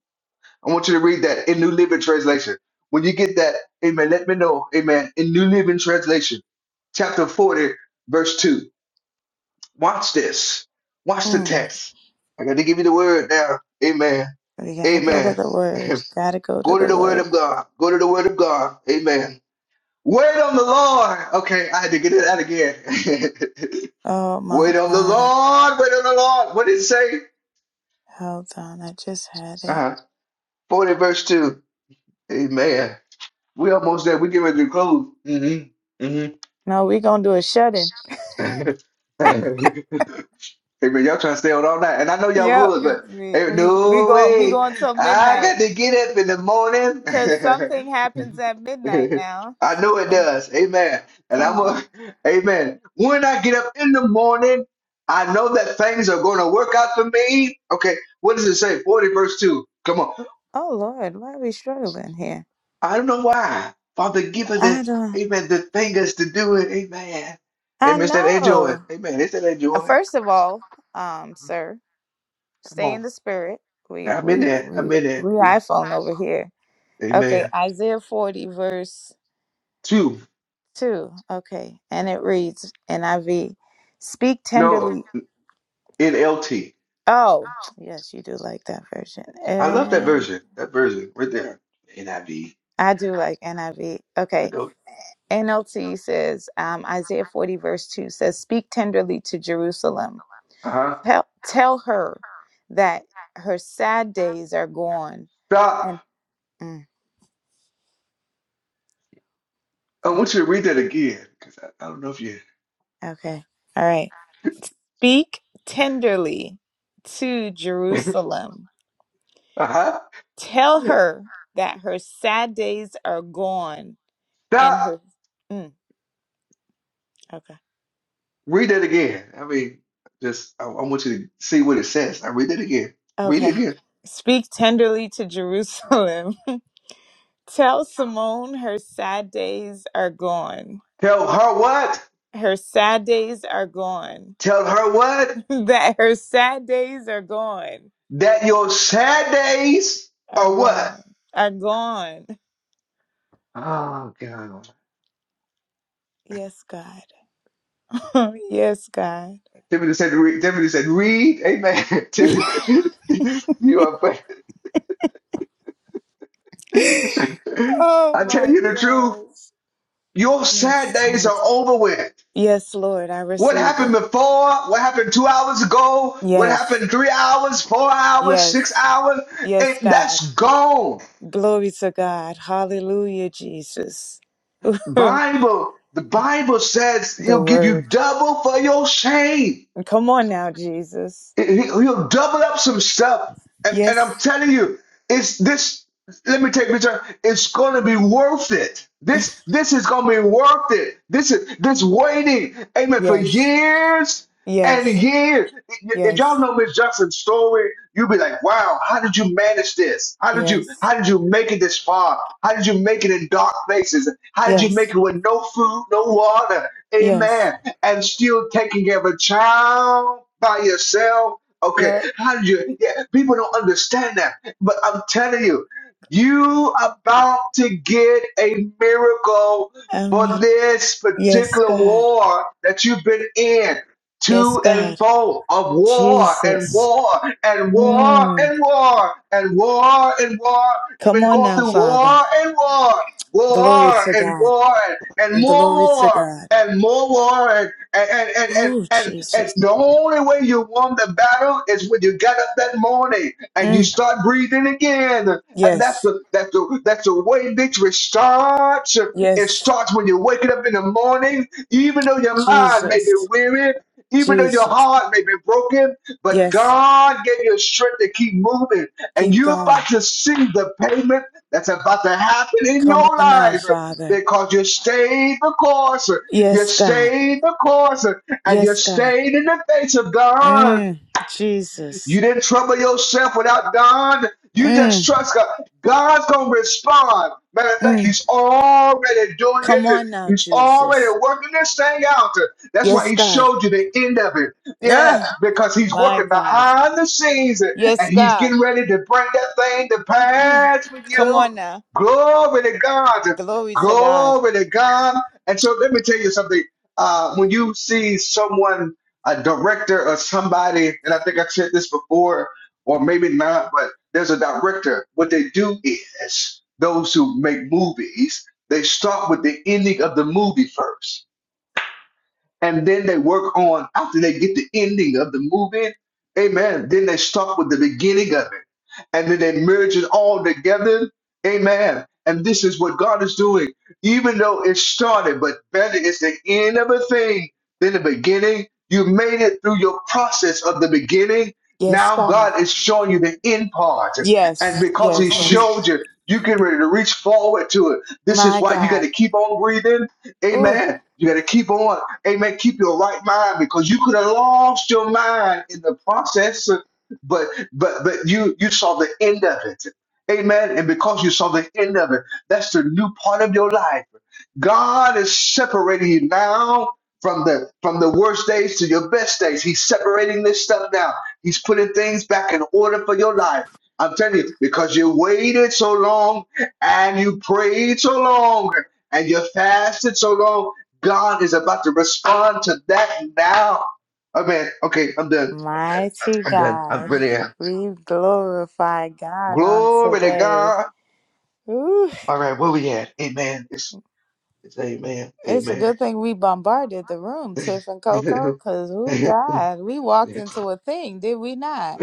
I want you to read that in New Living Translation. When you get that, amen, let me know. Amen. In New Living Translation, chapter 40, verse 2. Watch this. Watch the Mm. text. I got to give you the word now. Amen. We gotta go to Amen. the word. Gotta go to Go to the the word word. of God. Go to the word of God. Amen. Wait on the Lord. Okay, I had to get it out again. Oh my wait on the God. Lord. Wait on the Lord. What did it say? Hold on. I just had it. Uh-huh. 40 verse 2. Amen. We almost there. We get ready to close. Mm-hmm. No, we gonna do a shut in. Mm-hmm. Hey man, y'all trying to stay on all night, and I know y'all Yep. would, We but we hey, we we no going we way. going till I got midnight. to get up in the morning. Cause something happens at midnight now. I know it Something. does. Amen. And Come I'm a, on. amen. When I get up in the morning, I know that things are going to work out for me. Okay, what does it say? 40 verse 2. Come on. Oh Lord, why are we struggling here? I don't know why. Father, give her I the, don't amen, the fingers to do it. Amen. I Amen. It's that enjoy. know. Amen. It's that Uh, enjoy. First of all, um, sir, Come stay on. in the spirit. We I'm in we there. we I'm in there. we We, iPhone over here. Okay, amen. Isaiah 40 verse Two. 2. Okay. And it reads NIV, speak No, tenderly. NLT. Oh, yes, you do like that version. I love that And version. That version right there. NIV. I do like NIV. I Okay. know. NLT says, um, Isaiah 40 verse 2 says, speak tenderly to Jerusalem. Uh-huh. Tell tell her that her sad days are gone Stop. and mm, I okay want you to read that again because I, I don't know if you. Okay. All right. Speak tenderly to Jerusalem. Uh-huh. Tell her that her sad days are gone and Stop. her. Mm, okay. Read that again. I mean, just I, I want you to see what it says. I read it again. Read it Okay. again. Speak tenderly to Jerusalem. Tell Simone her sad days are gone. Tell her what? Her sad days are gone. Tell her what? that her sad days are gone. That your sad days Are are what? gone. Are gone. Oh God. Yes, God. yes, God. Timothy said, re- Timothy said, read. Amen. Tiffany, you are, Oh I tell my you the truth, gosh. your Yes. sad days God. are over with. Yes, Lord, I What receive happened it. before? What happened two hours ago? What Yes. happened three hours, four hours, six Yes. hours? Yes, It, God. that's gone. Glory to God. Hallelujah, Jesus. the Bible, the Bible says he'll give you word. double for your shame. Come on now, Jesus. He- He'll double up some stuff. And, and Yes. I'm telling you, it's this. Let me take my time. It's going to be worth it. This this is going to be worth it. This is this waiting, amen, for Yes. years and Yes. years. If y'all Yes. know Miss Jackson's story, you'll be like, wow, how did you manage this? How did you Yes. how did you make it this far? How did you make it in dark places? How did you make Yes. it with no food, no water? Yes. Amen and still taking care of a child by yourself. Okay, Yeah. how do you? Yeah, people don't understand that, but I'm telling you, you about to get a miracle Um for this yes, particular God. war that you've been in. Yes, To and God. fro of war and Jesus. war and war Mm. and war and war and war. You've Come been on going now, through Father. war and war, Glory war to and God. war and more Glory to war God. and more war and and, and, and, Oh, and and Jesus. the only way you won the battle is when you get up that morning and you Mm, start breathing again and that's yes. the that's the that's the way victory starts it Yes. starts when you're waking up in the morning even though your mind may be Jesus. weary even though your Jesus. heart may be broken but Yes. God gave you strength to keep moving and Keep you're about going. to see the payment that's about to happen in Come your on now, life Father. because you stayed the course. You Yes, God. stayed the course and you Yes, God. stayed in the face of God. Mm, Jesus. You didn't trouble yourself without God. You just Mm, trust God. God's gonna respond. Matter of fact, mm. He's already doing Come it. on now, He's already Jesus. working this thing out. That's why Yes, He God. showed you the end of it. Yeah, Ah, because He's my working God. behind the scenes Yes, and He's God. getting ready to bring that thing to Mhm. pass for Come you. on now. Glory to God. Glory to God. Glory to God. And so let me tell you something. Uh, when you see someone a director or somebody, and I think I said this before, or maybe not, but there's a director. What they do is those who make movies, they start with the ending of the movie first and then they work on after they get the ending of the movie. Amen. Then they start with the beginning of it, and then they merge it all together. Amen. And this is what God is doing, even though it started, but better is the end of a thing than the beginning. You made it through your process of the beginning. Yes, Now God. God is showing you the end part, and Yes. because He Yes. showed you, you get ready to reach forward to it. This is My why you got to God. keep on breathing. Amen. You got to keep on. Amen. Keep your right mind because you could have lost your mind in the process, but but but you you saw the end of it. Amen. And because you saw the end of it, that's the new part of your life. God is separating you now from the from the worst days to your best days. He's separating this stuff now. He's putting things back in order for your life. I'm telling you, because you waited so long and you prayed so long and you fasted so long God is about to respond to that now. Amen. Okay, I'm done. Mighty I'm done. I God, really am. we glorify God on Glory to today. God. Ooh, All right, where we at? Amen. It's, it's amen. it's a Amen. good thing we bombarded the room, Tiff and Coco, because, ooh, God, we walked into a thing, did we not?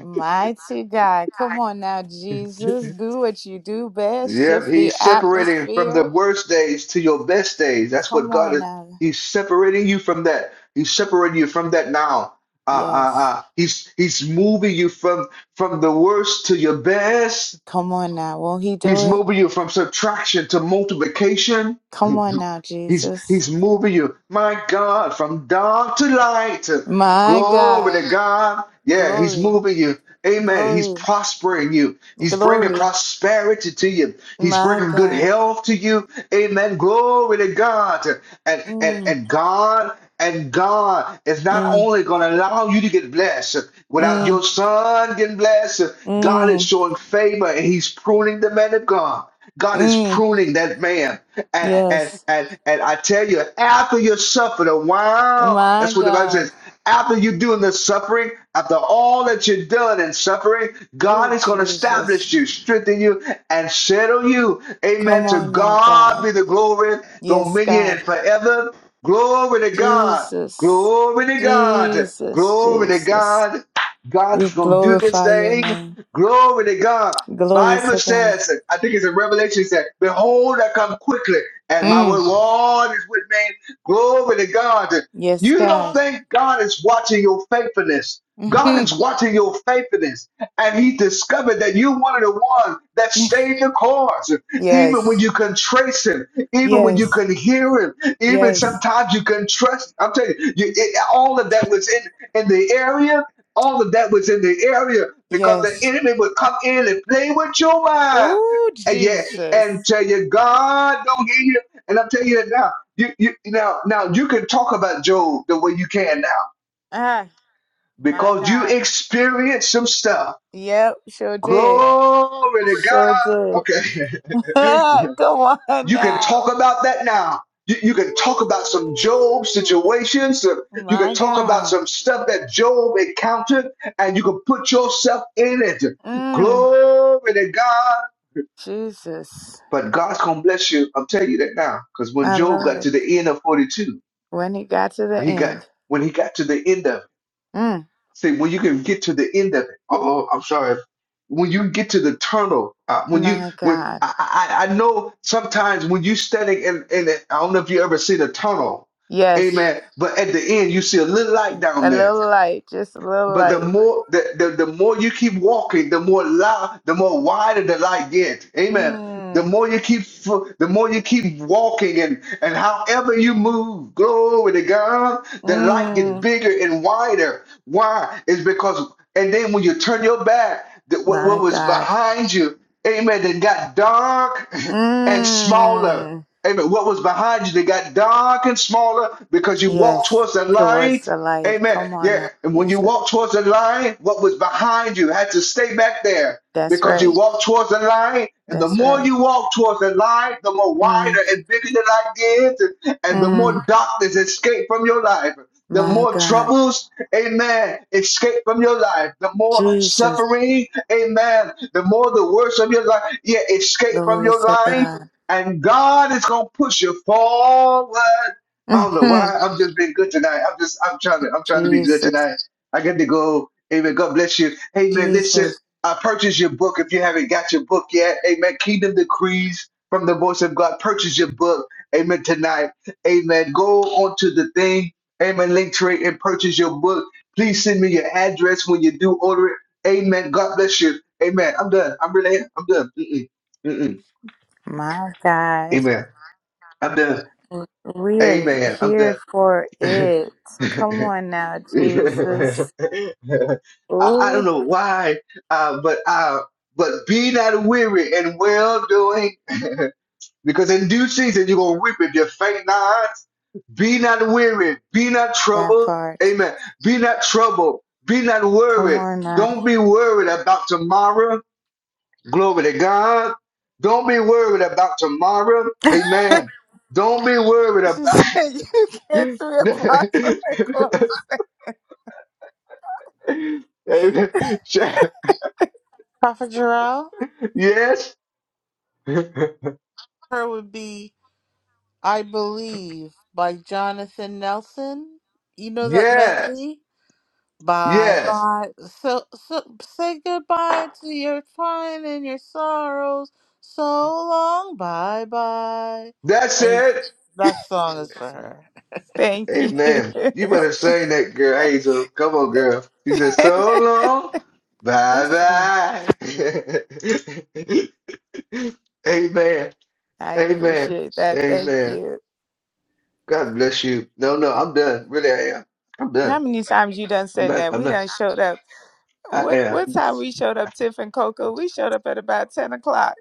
Mighty God, come on now, Jesus, do what you do best, yep, shift the he's separating from the atmosphere. worst days to your best days. That's Come what God on is. now. He's separating you from that. He's separating you from that now. Uh, uh, Yes, uh, he's he's moving you from from the worst to your best come on now. Won't he do He's it? moving you from subtraction to multiplication. Come on now, He's Jesus. he's moving you, my God, from dark to light. My Glory God, to God. Yeah, he's glory, moving you. Amen. He's glory. prospering you. He's bringing Glory. prosperity to you. He's My bringing good God. health to you. Amen. Glory to God. And and Mm, and God and God is not mm, only going to allow you to get blessed without mm, your son getting blessed. God is mm, showing favor and he's pruning the man of God. God is mm. pruning that man. And and Yes. and and I tell you, after you suffered a while, My that's what the Bible says. God. After you doing the suffering, after all that you've done in suffering, God Oh, is going to Jesus. establish you, strengthen you, and settle you. Come Amen. To on now, God God. be the glory, Yes, dominion, God. and forever. Glory to God. Jesus. Glory to God. Jesus. Glory to Jesus. God. God We is going to do this glorify your thing. name. Glory to God. Glory Bible to God. says, I think it's in Revelation it says, Behold, I come quickly, and my Mm. reward is with me. Glory to God. Yes, You don't God. think God is watching your faithfulness. God is Mhm. watching your faithfulness, and He discovered that you're one of the ones that stayed the course, yes. even when you can trace Him, even when you Yes. can hear Him, even Yes. sometimes you can trust. I'm telling you, you it, all of that was in in the area, all of that was in the area because the Yes. enemy would come in and play with your mind. Oh, And yeah, Jesus. and tell you God don't hear you. And I'm telling you that now. You, you now now you can talk about Job the way you can now Ah, my because you God. experienced some stuff. Yep, sure did. Glory to Sure God. did. Okay. Come on You can now. talk about that now. You, you can talk about some Job Ooh, situations. some- You can my talk about God. some stuff that Job encountered, and you can put yourself in it. Mm, Glory to God. Jesus. But God's gonna bless you. I'm telling you that now. Because when I Job love got it. to the end of 42, When he got to the he got end. when he got to the end of Mm, Say when you can get to the end of it. Oh, I'm sorry. When you get to the tunnel, uh, when you my when God. I, I I know sometimes when you standing in in it, I don't know if you ever see the tunnel, Yes. amen. But at the end, you see a little light down A there. little light. Just a little But the light. more the, the, the more you keep walking, the more light, the more wider the light gets. Amen. The Mm, more you keep fo- the more you keep walking and, and however you move, glory to God, the light gets mm, bigger and wider. Why? It's because and then when you turn your back, the, what, what my was God. behind you, amen, then got dark and smaller. Mm, Amen. What was behind you, they got dark and smaller because you walked yes. towards the Towards light. the light. Amen. Come on Yeah. now, And when you Jesus. walked towards the light, what was behind you had to stay back there That's because you right. walked towards the light. And the That's more right. you walk towards the light, the more Mm. wider and bigger the light gets, and and the more Mm, darkness escape from your life. The my more God. troubles, amen, escape from your life. The more Jesus. suffering, amen. The more the worst of your life, yeah, escape from Glory your to life God. and God is gonna push you forward. I don't know Mhm. why. I'm just being good tonight. I'm just I'm trying to I'm trying to be good Jesus. tonight. I get to go. Amen. God bless you. Amen. Listen, Jesus. I purchased your book. If you haven't got your book yet, Amen. Kingdom Decrees from the Voice of God. Purchase your book. Amen. Tonight. Amen. Go onto the thing. Amen. Link trade and purchase your book. Please send me your address when you do order it. Amen. God bless you. Amen. I'm done. I'm really I'm done. Mm-mm. Mm-mm. My God. Amen. I'm done. We're Amen. I'm here done. for it. Come I, on now, Jesus. I don't Ooh, know why, uh, but uh, but be not weary in well doing, because in due season you're gonna reap if you faint not. Be not weary. Be not that troubled. part. Amen. Be not troubled. Be not Come worried. on now. Don't be worried about tomorrow. Glory to God. Don't be worried about tomorrow. Amen. Don't be worried she about. said, You can't Amen. see a apostle and close. Yes. Prophet Jarrell, her would be I Believe by Jonathan Nelson. You know that Yes. medley? Bye Yes. bye. So, so say goodbye to your crying and your sorrows. So long, bye bye. That's And it. that song is for her. Thank you. Amen. You better sing that girl, Angel. Come on, girl. She said, so long. Bye bye. Amen. I Amen. appreciate that. Thank Amen. you. God bless you. No, no, I'm done. Really, I am. I'm How done. many times you done I'm said not. that? I'm We not. done showed up. I What, am. what time we showed up, Tiff and Coco? We showed up at about 10 o'clock.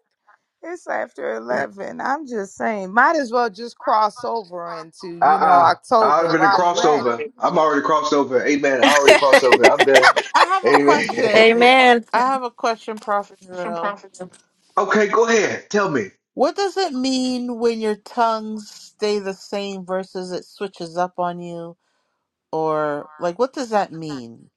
It's after 11. I'm just saying, might as well just cross over into, you know, Uh-uh. I October already while you crossed at it. over. I'm already crossed over. Amen. I already crossed over. I'm done. I have a Amen. question. I have a question, Prophet Jarrell. okay, go ahead. Tell me. What does it mean when your tongues stay the same versus it switches up on you? Or like, what does that mean?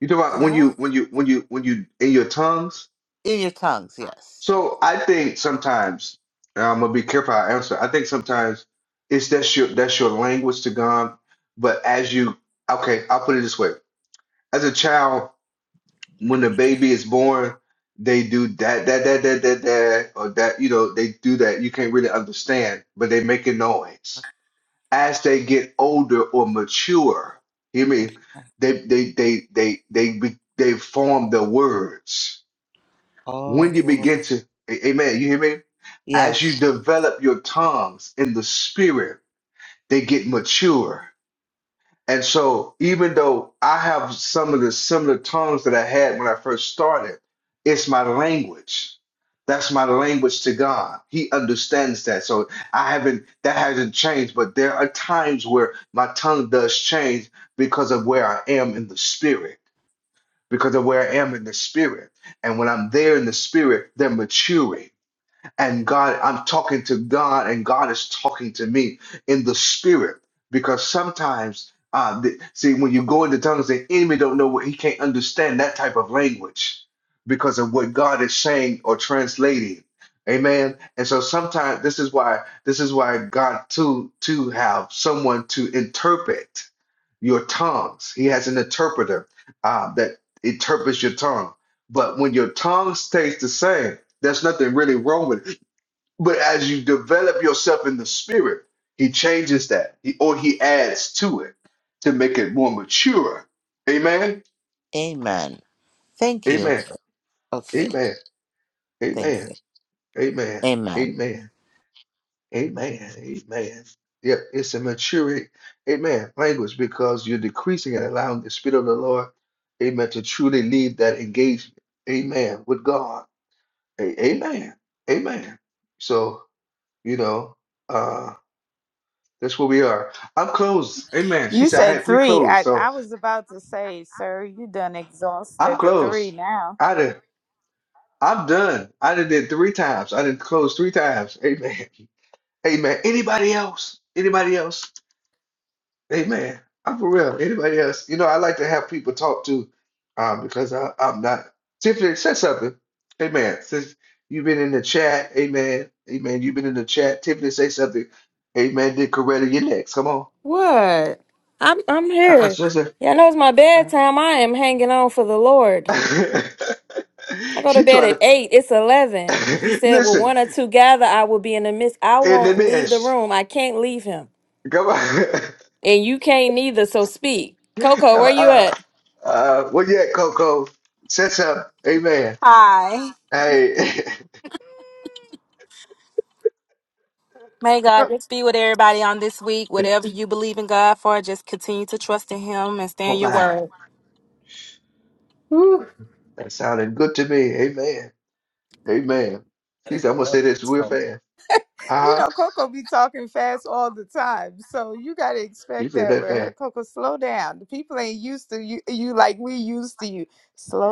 You talk Do about you when know? you when you when you when you in your tongues. In your tongues, yes. So I think sometimes and I'm gonna be careful how I answer. I think sometimes it's that's your that's your language to God. But as you okay, I'll put it this way. As a child, when the baby is born, they do that, that, that, that, that, that, or that, you know, they do that. You can't really understand, but they make a noise. As they get older or mature, hear me, they, they, they, they, they, be- they form the words. When you begin Oh, to, a- amen, you hear me? As you yes. develop your tongues in the spirit, they get mature and so, even though I have some of the similar tongues that I had when I first started, it's my language. That's my language to God. He understands that. So I haven't, that hasn't changed, but there are times where my tongue does change because of where I am in the spirit, because of where I am in the spirit. And when I'm there in the spirit, they're maturing and God, I'm talking to God, and God is talking to me in the spirit. Because sometimes, uh, the, see, when you go into tongues, the enemy don't know what he can't understand that type of language because of what God is saying or translating. Amen. And so sometimes this is why this is why God to to have someone to interpret your tongues. He has an interpreter uh, that interprets your tongue. But when your tongue stays the same, there's nothing really wrong with it. But as you develop yourself in the spirit, he changes that he, or he adds to it to make it more mature. Amen. Amen. Thank you. Amen. Okay. Amen. Thank Amen. you. Amen. Amen. Amen. Amen. Amen. Yep, it's a maturing, amen, language because you're decreasing and allowing the Spirit of the Lord, amen, to truly lead that engagement, amen, with God. A- amen. Amen. So, you know, uh. That's where we are. I'm closed. Amen. She You said I said had three three. closed. I, So I was about to say, sir, you done I'm exhausted the three closed. now. I done, I'm done. I done did three times. I done closed three times. Amen. Amen. Anybody else? Anybody else? Amen. I'm for real. Anybody else? You know, I like to have people talk to um, because I, I'm not. Tiffany said something. Amen. Since you've been in the chat, amen. Amen. You've been in the chat. Tiffany say something. Amen. Did Coretta, you're next. Come on. What? I'm I'm Uh, uh, here. sister. Y'all know it's my bedtime. I am hanging on for the Lord. I go to she bed tried at to eight. It's eleven. He said, "Well, listen one or two gather, I will be in the midst. I in the won't leave the mist. room. I can't leave him. Come on. and you can't neither. So speak, uh, Coco. Where you uh, at? uh, where you at, Coco? Set up. Amen. Hi. Hey. May God just be with everybody on this week. Whatever you believe in God for, just continue to trust in Him and oh, stand your my. word. Whew. That sounded good to me. Amen. Amen. She said, I'm going to say this real fast. you Uh huh. know, Coco be talking fast all the time, so you gotta She expect said that that with her. fast. Coco, slow down. The people ain't used to you, you like we used to you.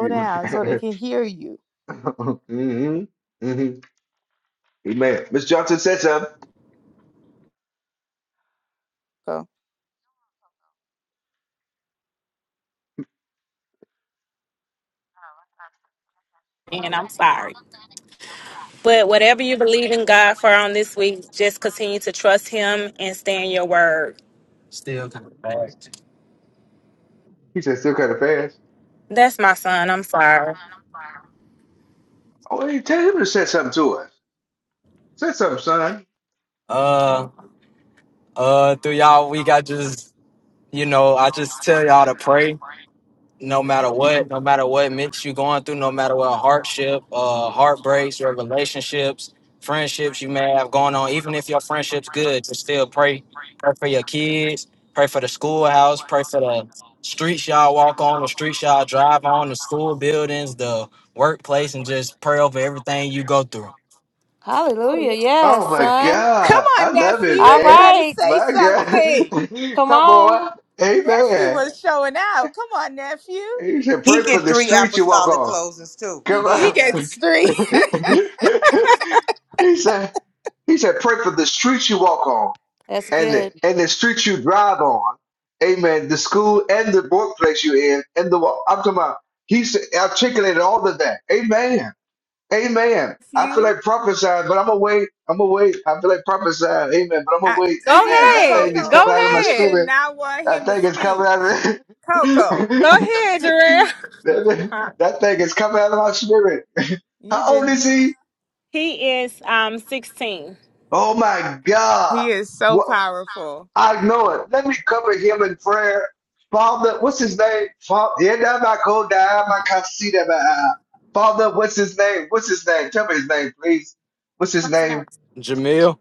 down so they can hear you. mm-hmm. Mm-hmm. Amen. Miss Johnson said something. Go. And I'm sorry. But whatever you believe in God for on this week, just continue to trust Him and stand your word. Oh, amen. He said, still kind of fast. That's my son. I'm sorry. Oh, hey, tell him to say something to us. Say something, son. Uh, Oh, uh, through y'all week, I just, you know, I just tell y'all to pray. no matter No matter what, no what, matter no matter what what mix you going through, no matter what hardship, uh, heartbreaks, or relationships, friendships you may have going on, even if your friendship's good, just still pray. Pray for your kids, pray for the schoolhouse, pray for the streets y'all walk on, the streets y'all drive on, the school buildings, the workplace, and just pray over everything you go through. hallelujah! Yes, you're son. Come going on, through, no matter what hard. Oh my God, I love nephew. it, All You man. better right, say My God, something. come come on. on, Nephew Amen. was showing out. Come on, nephew. He said, He "Pray for get the three streets you walk apostolic on." closings too. Come He, He he on. ain't done. gets three. he said, "He said, pray for the streets you walk on." That's and the, good. and the streets you drive on, amen, the school and the workplace you're in, and the I'm talking about he's articulated all of that. Amen. Amen. I feel Nephew, like prophesying, but I'm gonna wait. I'm gonna wait. I feel like prophesying, amen, but I'm gonna I wait, Go see amen. that, That ahead. thing is Coco. coming Go out of my You ahead. did spirit. not want That him to thing is speak, coming out of Coco. Go ahead, Jarrell. that, that thing is coming out of my spirit. You How old didn't. is he? He is um 16. Oh my God. He is so powerful. I know it. Let me cover him in prayer. Father, what's his name? Father, Father, what's his name? What's his name? Tell me his name, please. What's his name? Jamil?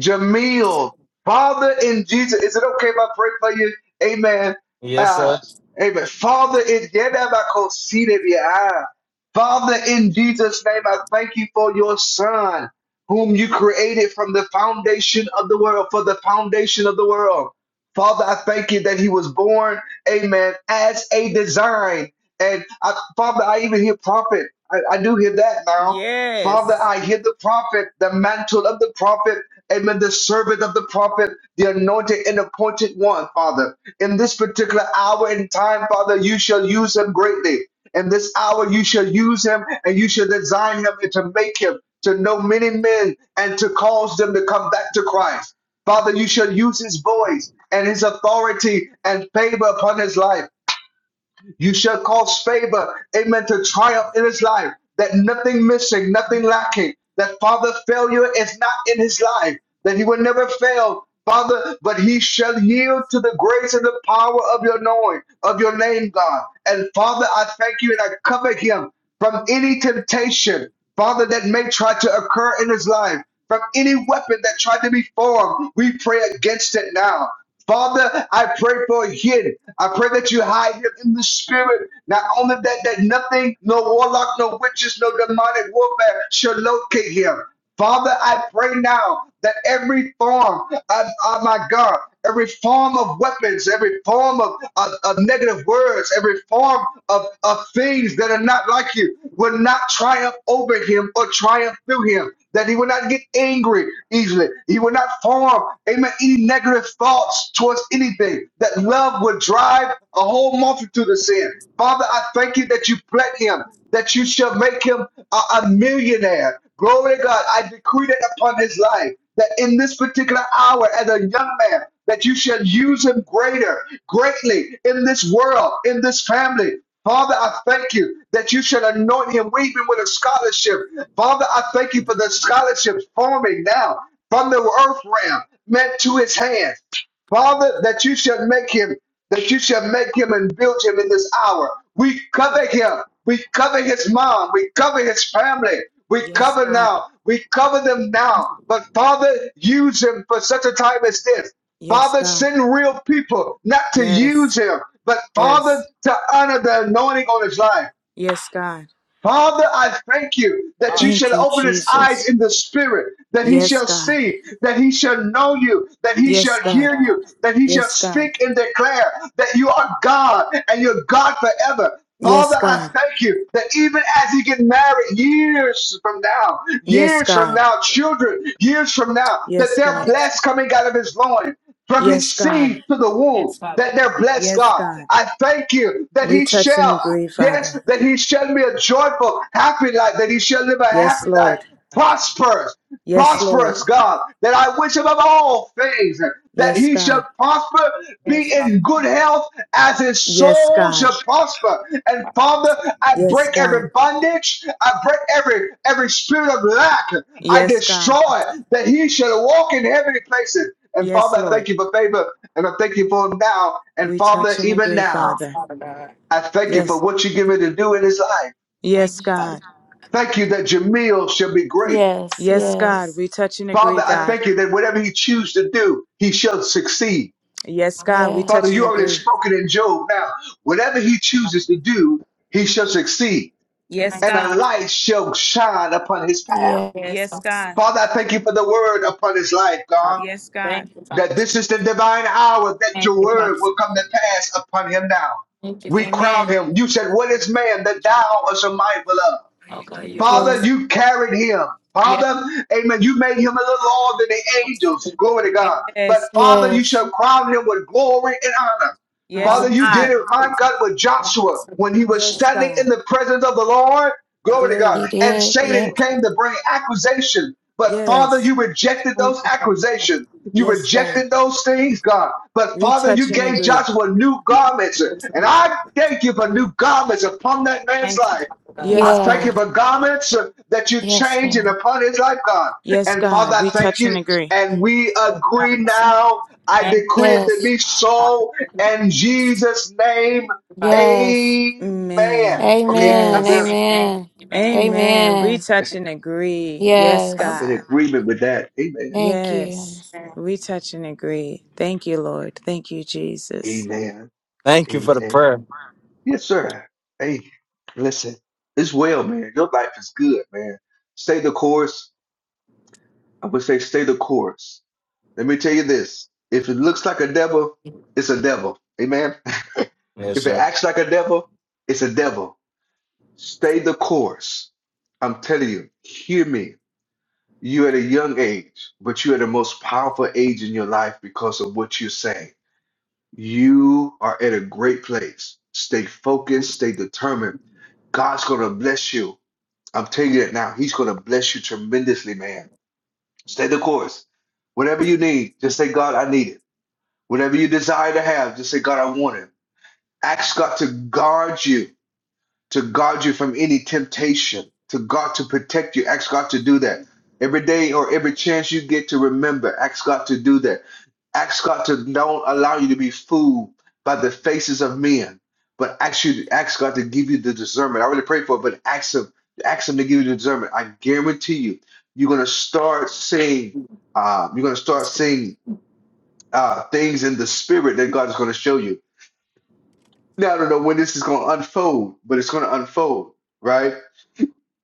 Jamil, Father in Jesus. Is it okay if I pray for you? Amen. Yes, Uh, sir. amen. Father in behind. Father in Jesus' name, I thank you for your Son, whom you created from the foundation of the world, for the foundation of the world. Father, I thank you that he was born, amen, as a design. And I, Father, I even hear prophet. I, I do hear that now. Father, Yes. I hear the prophet, the mantle of the prophet Amen. The servant of the prophet, the anointed and appointed one, Father. In this particular hour and time, Father, you shall use him greatly. In this hour, you shall use him and you shall design him and to make him to know many men and to cause them to come back to Christ. Father, you shall use his voice and his authority and favor upon his life. You shall cause favor, amen, to triumph in his life, that nothing missing, nothing lacking, that Father, failure is not in his life, that he will never fail, Father, but he shall yield to the grace and the power of your knowing, of your name, God. And Father, I thank you and I cover him from any temptation, Father, that may try to occur in his life, from any weapon that tried to be formed, we pray against it now. Father, I pray for him. I pray that you hide him in the spirit. Not only that, that nothing, no warlock, no witches, no demonic warfare shall locate him. Father, I pray now that every form of, of my God, every form of weapons, every form of, of, of negative words, every form of, of things that are not like you will not triumph over him or triumph through him that he will not get angry easily. He will not form, amen, any negative thoughts towards anything. That love will drive a whole multitude of sin. Father, I thank you that you bless him, that you shall make him a, a millionaire. Glory to God. I decree that upon his life, that in this particular hour, as a young man, that you shall use him greater, greatly in this world, in this family. Father, I thank you that you should anoint him even with a scholarship. Father, I thank you for the scholarships forming now from the earth realm meant to his hands. Father, that you should make him, that you should make him and build him in this hour. We cover him. We cover his mom. We cover his family. We Yes, cover God. now. We cover them now. But Father, use him for such a time as this. Yes, Father, God. send real people, not to Yes. use him, but Father, Yes. to honor the anointing on his life. Yes, God. Father, I thank you that you Thank shall you, open his Jesus. eyes in the spirit, that he Yes, shall God. see, that he shall know you, that he Yes, shall Father God. hear God. you, that he shall Yes, God. speak and declare that you are God and you're God forever. Yes, Father, I God. thank you that even as he get married years from now, Yes, years from God. now, children, years from now, that Yes, they're God. Yes, blessed coming out of his loins from Yes, his God. seed to the womb yes, Father that God. they're blessed, Yes, God. God. I thank you that We he touch and shall, agree, yes, Father. that he shall be a joyful, happy life, that he shall live a Yes, Yes, happy life, Lord. prosperous, Yes, yes, Lord. prosperous, God, that I wish above all things that Yes, he God. shall prosper, yes, be Father in God. good health as his Yes, soul God. shall prosper. And Father, I Yes, break God. every bondage, I break every every spirit of lack, I Yes, God. destroy that he shall walk in heavenly places. And Yes, Father, I Lord. thank you for favor and I thank you for him now. And We Father, touch and even agree, now, Yes, Father. Father God. I thank you for Yes. what you give me to do in his life. Thank Yes, you, Father God. God. Thank you that Jamil shall be great. Yes, Yes, Thank you, God. yes, We touch and agree, Father, I God. thank you that whatever he chooses to do, he shall succeed. Yes, God. Father. We Father, touch and you yes, already agree. spoken in Job now. Whatever he chooses to do, he shall succeed. Yes, Thank And you. a God. light shall shine upon his path. yeah, Yes, Yes, Father God. Father, I thank you for the word upon his life, God. God. Yes, God. Thank you, Father. that this is the divine hour that Thank your you, word Father. will come to pass upon him now. We crown Amen. him. You said, What is man that thou art so mindful of? yeah, Father, you carried him. Yes, Father, amen. You made him a little lower than the angels. Glory to God. yes, But Father, you yes. shall crown him with glory and honor. yes, Father, Hallelujah. you did God. it, my God, with Joshua when he was Yes, standing in God. the presence of the Lord. Glory to God. He Glory. And did. Satan Yep. came to bring accusation. But Father, Yes, you rejected those Father, accusations. You yes, God. rejected those things, God. But We Father, touch you and gave agree. Joshua new garments. And we I thank you for new garments upon that man's Thank you, life. Father I God. Yes, thank Yeah. you God. for garments uh, that you Yes, change and God. upon his life, God. Yes, And Father, God. I We thank touch and you. agree. And we Yes, agree Father God. now. I Thank you, decree it Father to Yes. be God. so Hallelujah. in Thank Jesus' name. you, Father. Yes. Amen. Amen. Okay, I'm Amen. done. Yes. Amen. Amen. Amen. Amen. We Amen. touch and Amen. agree. Yes, I'm Yes. in God. agreement with that. Amen. Thank you. Yes. We touch and agree. Thank you, Lord. Thank you, Jesus. Amen. Thank you for the Amen. prayer. Yes, sir. Hey, listen. It's well, man. Your life is good, man. Stay the course. I would say stay the course. Let me tell you this. If it looks like a devil, it's a devil. Amen. Yes, If it sir. acts like a devil, it's a devil. Stay the course. I'm telling you, hear me. You're at a young age, but you're at the most powerful age in your life because of what you're saying. You are at a great place. Stay focused, stay determined. God's going to bless you. I'm telling you that now. He's going to bless you tremendously, man. Stay the course. Whatever you need, just say, God, I need it. Whatever you desire to have, just say, God, I want it. Ask God to guard you, to guard you from any temptation, to God to protect you. Ask God to do that. Every day or every chance you get to remember, ask God to do that. Ask God to don't allow you to be fooled by the faces of men, but ask you ask God to give you the discernment. I already prayed for it, but ask Him, ask Him to give you the discernment. I guarantee you, you're gonna start seeing, uh, you're gonna start seeing uh, things in the spirit that God is going to show you. Now, I don't know when this is going to unfold, but it's going to unfold, right?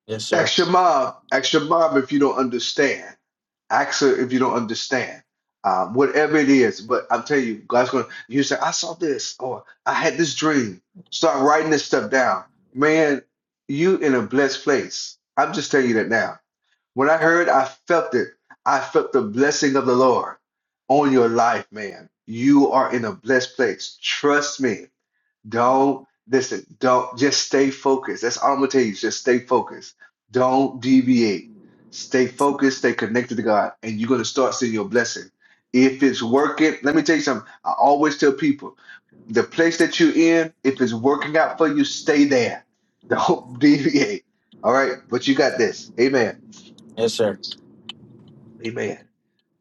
Yes, sir. Ask your mom. Ask your mom if you don't understand. Ask her if you don't understand. Um, whatever it is, but I'm telling you, God's going to, you say, I saw this, or I had this dream. Start writing this stuff down. Man, you in a blessed place. I'm just telling you that now when I heard, I felt it. I felt the blessing of the Lord on your life, man. You are in a blessed place. Trust me. Don't listen. Don't just stay focused. That's all I'm gonna tell you. is Just stay focused. Don't deviate. Stay focused. Stay connected to God, and you're gonna start seeing your blessing. If it's working, let me tell you something. I always tell people the place that you're in, if it's working out for you, stay there. Don't deviate. All right. But you got this. Amen. Yes, sir. Amen.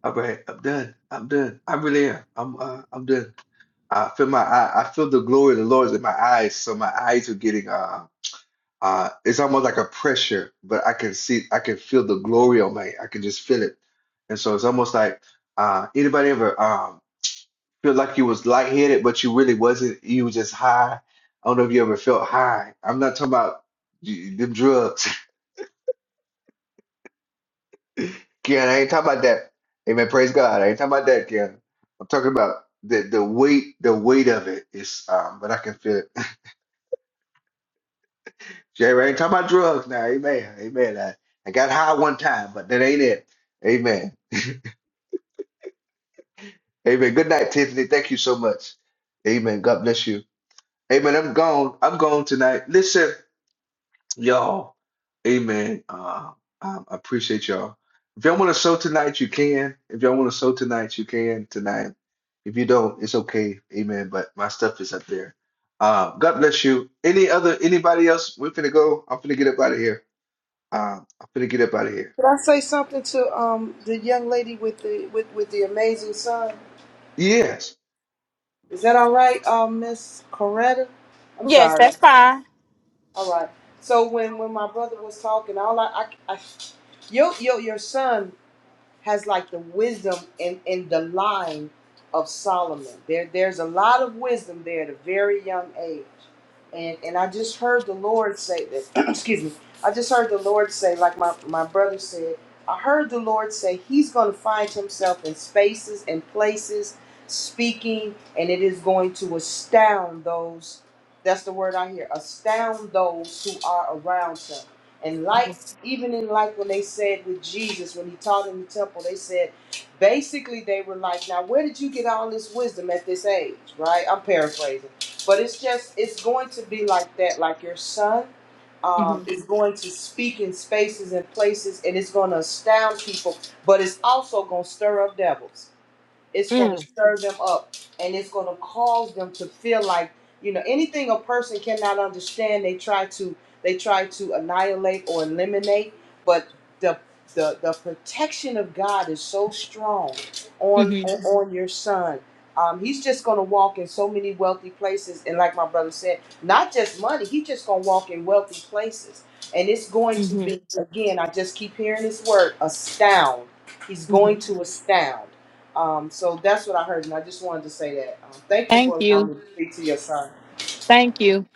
All right, I'm done. I'm done. I really am. I'm uh, I'm done. I feel my eye, I feel the glory of the Lord is in my eyes, so my eyes are getting uh uh it's almost like a pressure, but I can see I can feel the glory on my I can just feel it. And so it's almost like uh anybody ever um feel like you was lightheaded, but you really wasn't, you was just high. I don't know if you ever felt high. I'm not talking about the drugs. Ken, I ain't talking about that. Amen. Praise God. I ain't talking about that, Ken. I'm talking about the the weight, the weight of it is um, but I can feel it. Jerry, I ain't talking about drugs now. Amen. Amen. I, I got high one time, but that ain't it. Amen. Amen. Good night, Tiffany. Thank you so much. Amen. God bless you. Amen. I'm gone. I'm gone tonight. Listen. Y'all, amen. Uh, I I appreciate y'all. If y'all want to sow tonight, you can. If y'all want to sow tonight, you can tonight. If you don't, it's okay. Amen. But my stuff is up there. Uh, God bless you. Any other, anybody else? We're finna go. I'm finna get up out of here. Uh, I'm finna get up out of here. Did I say something to um the young lady with the with with the amazing son? Yes. Is that all right, um, Miss Coretta? I'm Yes, sorry. that's fine. All right. So when when my brother was talking, all I, I, I your your your son has like the wisdom in, in the line of Solomon. There there's a lot of wisdom there at a very young age. And and I just heard the Lord say that excuse me. I just heard the Lord say, like my, my brother said, I heard the Lord say he's gonna find himself in spaces and places speaking and it is going to astound those that's the word I hear, astound those who are around him. And like even in like when they said with Jesus, when he taught in the temple, they said basically they were like, Now where did you get all this wisdom at this age? Right? I'm paraphrasing. But it's just it's going to be like that, like your son um, is going to speak in spaces and places and it's gonna astound people, but it's also gonna stir up devils it's going to Mm-hmm. stir them up and it's going to cause them to feel like you know anything a person cannot understand they try to they try to annihilate or eliminate but the the, the protection of god is so strong on Mm-hmm. on on your son um, he's just going to walk in so many wealthy places and like my brother said not just money he's just going to walk in wealthy places and it's going to be Mm-hmm. again i just keep hearing this word astound he's going to astound um, so that's what I heard, and I just wanted to say that. Um, thank you Thank for you. allowing me to speak to your son. Thank you.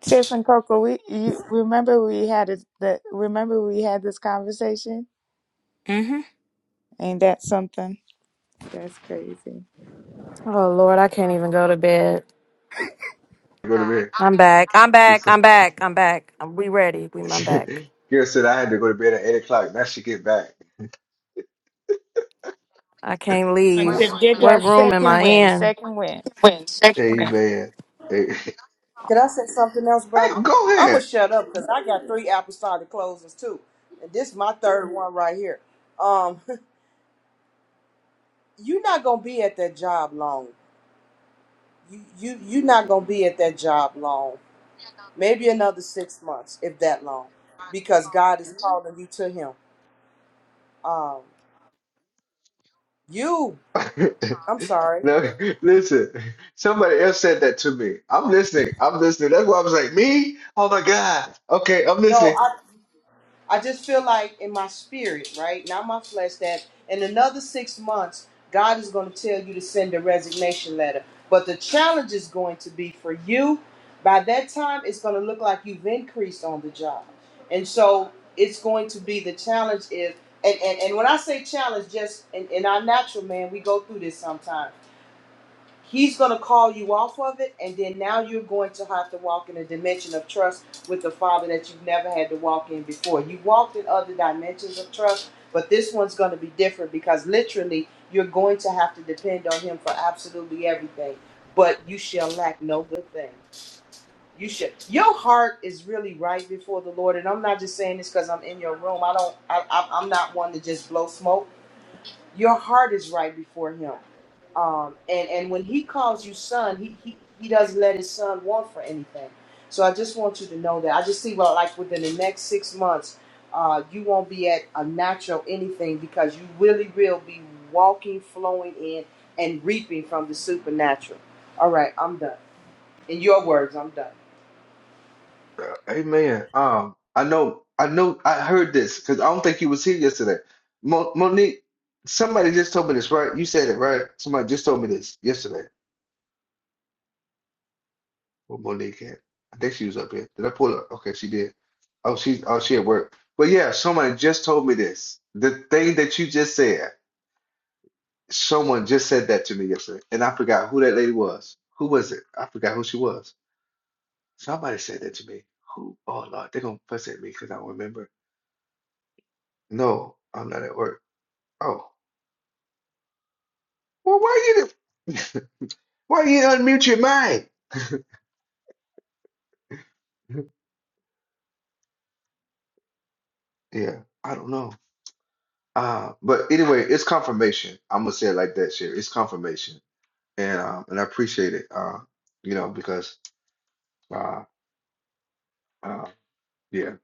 Tiff and Coco, we you remember we had it that remember we had this conversation? Mm-hmm. Ain't that something? That's crazy. Oh Lord, I can't even go to bed. Go to bed. I'm back. I'm She back. said, I'm back. I'm back. I'm, we ready. We I'm back. she- Kira said I had to go to bed at 8 o'clock. Now she get back. I can't And leave. Tiff, get What that room am second I win, in? second win. Amen. Hey, Could I say something else, hey, brother? go I'm ahead. gonna shut up because I got three apostolic closes too, and this is my third one right here. Um, you're not gonna be at that job long. You you you're not gonna be at that job long. Maybe another six months, if that long, because God is calling you to Him. Um, you, I'm sorry. No, listen. Somebody else said that to me. I'm listening. I'm listening. That's why I was like, me? Oh my God. Okay, I'm listening. No, I just feel like in my spirit, right? Not my flesh, that in another six months, God is going to tell you to send a resignation letter. But the challenge is going to be for you. By that time, it's going to look like you've increased on the job. And so it's going to be the challenge is, and, and, and when I say challenge, just in, in our natural man, we go through this sometimes He's going to call you off of it, and then now you're going to have to walk in a dimension of trust with the Father that you've never had to walk in before. You walked in other dimensions of trust, but this one's going to be different because literally you're going to have to depend on Him for absolutely everything. But you shall lack no good thing. You should. Your heart is really right before the Lord, and I'm not just saying this because I'm in your room. I don't. I, I, I'm not one to just blow smoke your heart is right before him um, and and when he calls you son he, he he doesn't let his son want for anything so i just want you to know that i just see well like within the next six months uh, you won't be at a natural anything because you really will be walking flowing in and reaping from the supernatural all right i'm done in your words i'm done Amen. Um, I know, I know, I heard this because I don't think he was here yesterday. Mo Monique, somebody just told me this, right? You said it, right? Somebody just told me this yesterday. Well, Monique had. I think she was up here. Did I pull her? Okay, she did. Oh, she's oh she at work. But yeah, somebody just told me this. The thing that you just said. Someone just said that to me yesterday, and I forgot who that lady was. Who was it? I forgot who she was. Somebody said that to me. Who? Oh Lord, they're gonna fuss at me because I don't remember. No, I'm not at work. Oh, well, why you? didn't- Why you didn't unmute your mic? Yeah, I don't know. Uh, but anyway, it's confirmation. I'm gonna say it like that, Sherry. It's confirmation, and um, and I appreciate it. Uh, you know, because uh, uh, yeah,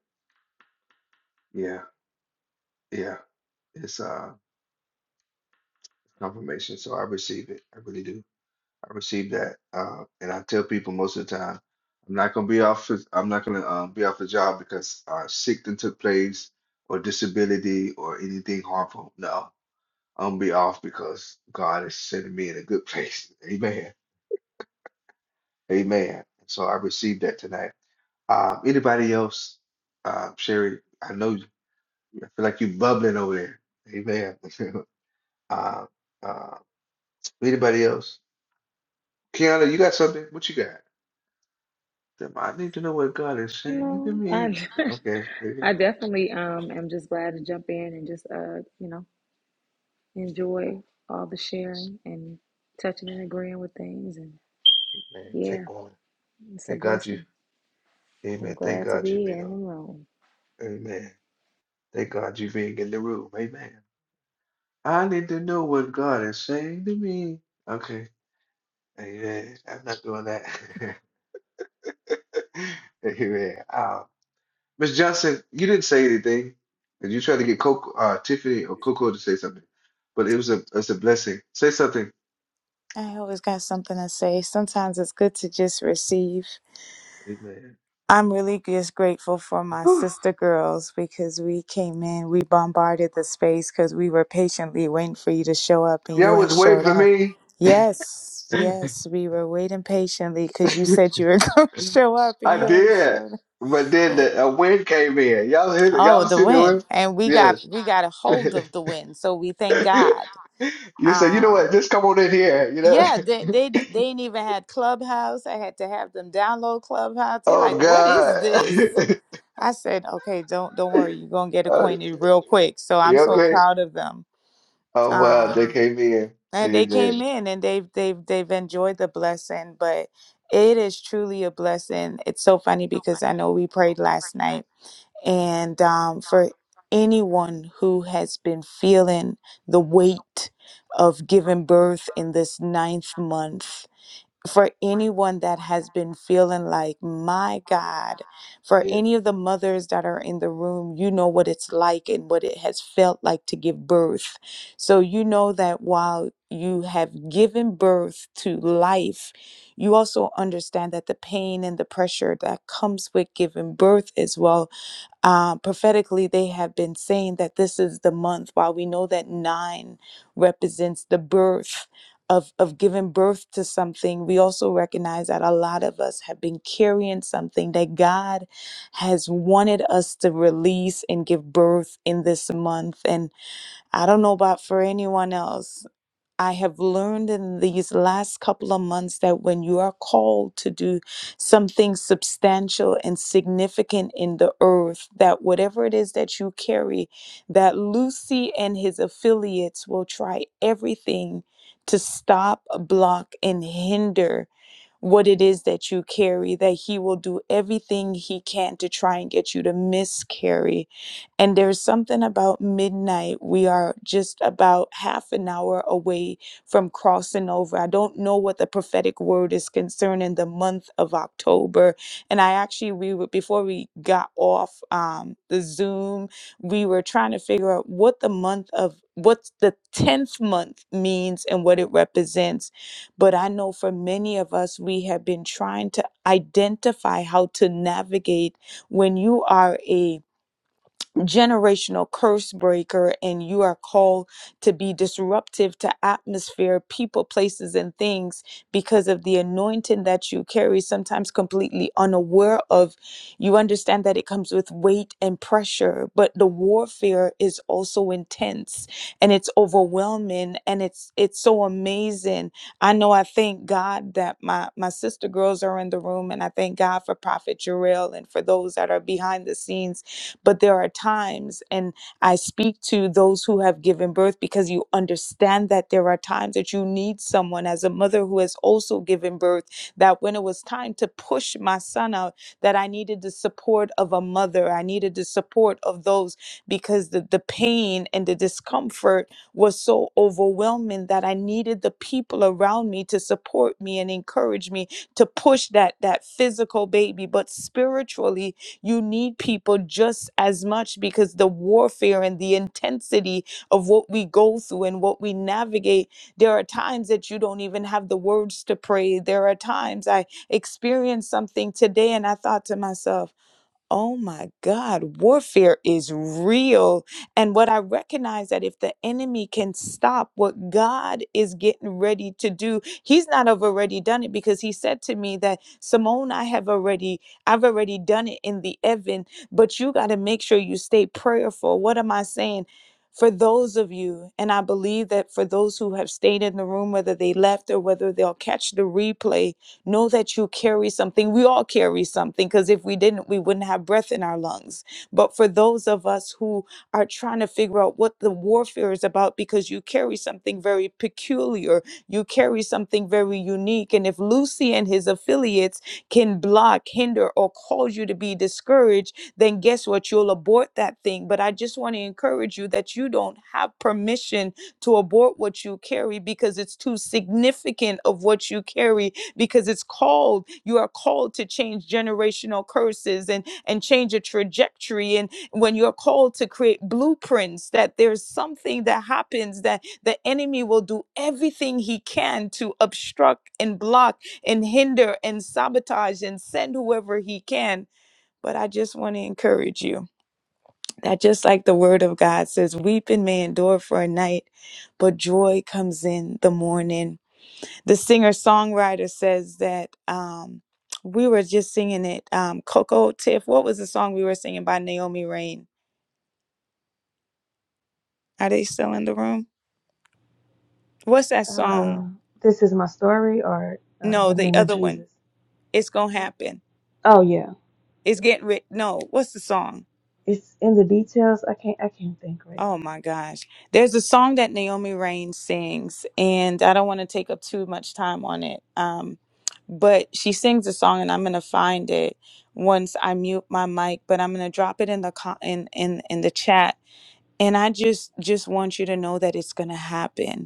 yeah, yeah. It's uh confirmation, so I receive it. I really do. I received that, uh, and I tell people most of the time, I'm not gonna be off. the- I'm not gonna um, be off the job because uh, sickness took place, or disability, or anything harmful. No, I'm gonna be off because God is sending me in a good place. Amen. Amen. So I received that tonight. Um, anybody else? Uh, Sherry, I know you. I feel like you bubbling over there. Amen. uh, uh, anybody else? Kiana, you got something? What you got? Then I need to know what God is saying to No, I, me. Okay. I definitely um, am just glad to jump in and just, uh, you know, enjoy all the sharing and touching and agreeing with things. And Amen. Thank yeah, God. it's a Thank God you. blessing. I'm Amen. Thank glad to God you've be been in the on. room. Amen. Thank God you've been in the room. Amen. I need to know what God is saying to me. Okay. Amen. I'm not doing that. Amen. Um, Miss Johnson, you didn't say anything. And you tried to get Coco, uh, Tiffany or Coco to say something. But it was a it's a blessing. Say something. I always got something to say. Sometimes it's good to just receive. Amen. I'm really just grateful for my Whew. sister girls because we came in, we bombarded the space because we were patiently waiting for you to show up and Y'all you ain't was waiting showed for up. me. Yes, yes, we were waiting patiently because you said you were going to show up and I you ain't did, showed up. but then the, a wind came in. Y'all hear, Oh, y'all the see the win. wind? And we got Yes. we got a hold of the win. So we thank God. You said, you know what? Um Just come on in here. You know? yeah, they they they ain't even had Clubhouse. I had to have them download Clubhouse. They're Oh like, "What is God. this?" I said, "Okay, don't don't worry. You're going to get Uh, acquainted real quick." So I'm you so okay? proud of them. Oh wow, they Um came in. and they Amen. came in and they've they've they've enjoyed the blessing, but it is truly a blessing. It's so funny because I know we prayed last night And um, for anyone who has been feeling the weight of giving birth in this ninth month, for anyone that has been feeling like, my God, for Yeah. any of the mothers that are in the room, you know what it's like and what it has felt like to give birth. So you know that while you have given birth to life, you also understand that the pain and the pressure that comes with giving birth as well uh, prophetically, they have been saying that this is the month. While we know that nine represents the birth of, of giving birth to something, we also recognize that a lot of us have been carrying something that God has wanted us to release and give birth in this month. And I don't know about for anyone else, I have learned in these last couple of months that when you are called to do something substantial and significant in the earth, that whatever it is that you carry, that Lucy and his affiliates will try everything to stop, block, and hinder what it is that you carry, that he will do everything he can to try and get you to miscarry. And there's something about midnight. We are just about half an hour away from crossing over. I don't know what the prophetic word is concerning the month of October. And I actually, we were, before we got off um, the Zoom, we were trying to figure out what the month of, what the 10th month means and what it represents but I know for many of us, we have been trying to identify how to navigate when you are a generational curse breaker and you are called to be disruptive to atmosphere people places and things because of the anointing that you carry sometimes completely unaware of you understand that it comes with weight and pressure but the warfare is also intense and it's overwhelming and it's it's so amazing i know i thank god that my my sister girls are in the room and i thank god for prophet Jarrell and for those that are behind the scenes but there are times, and I speak to those who have given birth because you understand that there are times that you need someone as a mother who has also given birth, that when it was time to push my son out, that I needed the support of a mother. I needed the support of those because the, the pain and the discomfort was so overwhelming that I needed the people around me to support me and encourage me to push that that physical baby but spiritually you need people just as much because the warfare and the intensity of what we go through and what we navigate, there are times that you don't even have the words to pray. There are times I experienced something today and I thought to myself, Oh my God, warfare is real. And what I recognize that if the enemy can stop what God is getting ready to do, he's not have already done it because he said to me that Simone, I have already, I've already done it in the Evan, but you got to make sure you stay prayerful. What am I saying? For those of you, and I believe that for those who have stayed in the room, whether they left or whether they'll catch the replay, Know that you carry something. We all carry something because if we didn't, we wouldn't have breath in our lungs. But for those of us who are trying to figure out what the warfare is about, because you carry something very peculiar, you carry something very unique. And if Lucy and his affiliates can block, hinder, or cause you to be discouraged, then guess what? You'll abort that thing. But I just want to encourage you that you don't have permission to abort what you carry because it's too significant of what you carry because it's called you are called to change generational curses and and change a trajectory and when you're called to create blueprints that there's something that happens that the enemy will do everything he can to obstruct and block and hinder and sabotage and send whoever he can but I just want to encourage you that just like the word of God says, weeping may endure for a night, but joy comes in the morning the singer songwriter says that um, we were just singing it. Um, Coco Tiff, what was the song we were singing by Naomi Rain? Are they still in the room? What's that song? Um, this is my story, or uh, No, the the name of other one. Jesus. It's gonna happen. Oh yeah, It's getting rid. No, what's the song? it's in the details. I can't. I can't think right Oh my gosh. There's a song that Naomi Rain sings, and I don't want to take up too much time on it. Um, but she sings a song, and I'm gonna find it once I mute my mic. But I'm gonna drop it in the co- in in in the chat and i just just want you to know that it's going to happen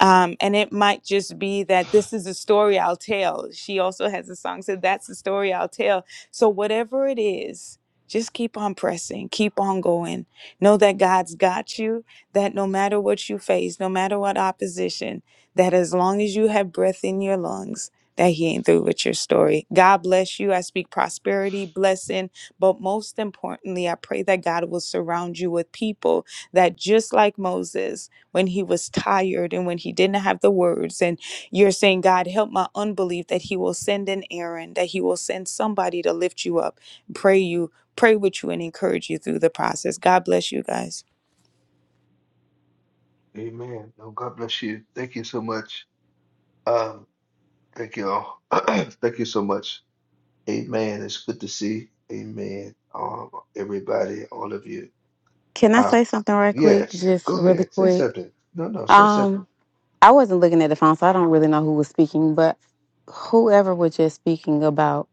um, and it might just be that this is the story I'll tell. She also has a song said that's the story I'll tell. So whatever it is, just keep on pressing, keep on going. Know that God's got you, that no matter what you face, no matter what opposition, that as long as you have breath in your lungs, that he ain't through with your story. God bless you. I speak prosperity, blessing, but most importantly, I pray that God will surround you with people that just like Moses when he was tired and when he didn't have the words. And you're saying, God, help my unbelief that he will send an Aaron, that he will send somebody to lift you up, pray you, pray with you, and encourage you through the process. God bless you guys. Amen. Oh, God bless you. Thank you so much. Um, thank you all. Thank you so much. Amen. It's good to see. Amen. Um, everybody, all of you. Can I say Oh, something right quick? yes. Just Go really ahead. Say quick. something. No, no, say something. Um, I wasn't looking at the phone, so I don't really know who was speaking, but whoever was just speaking about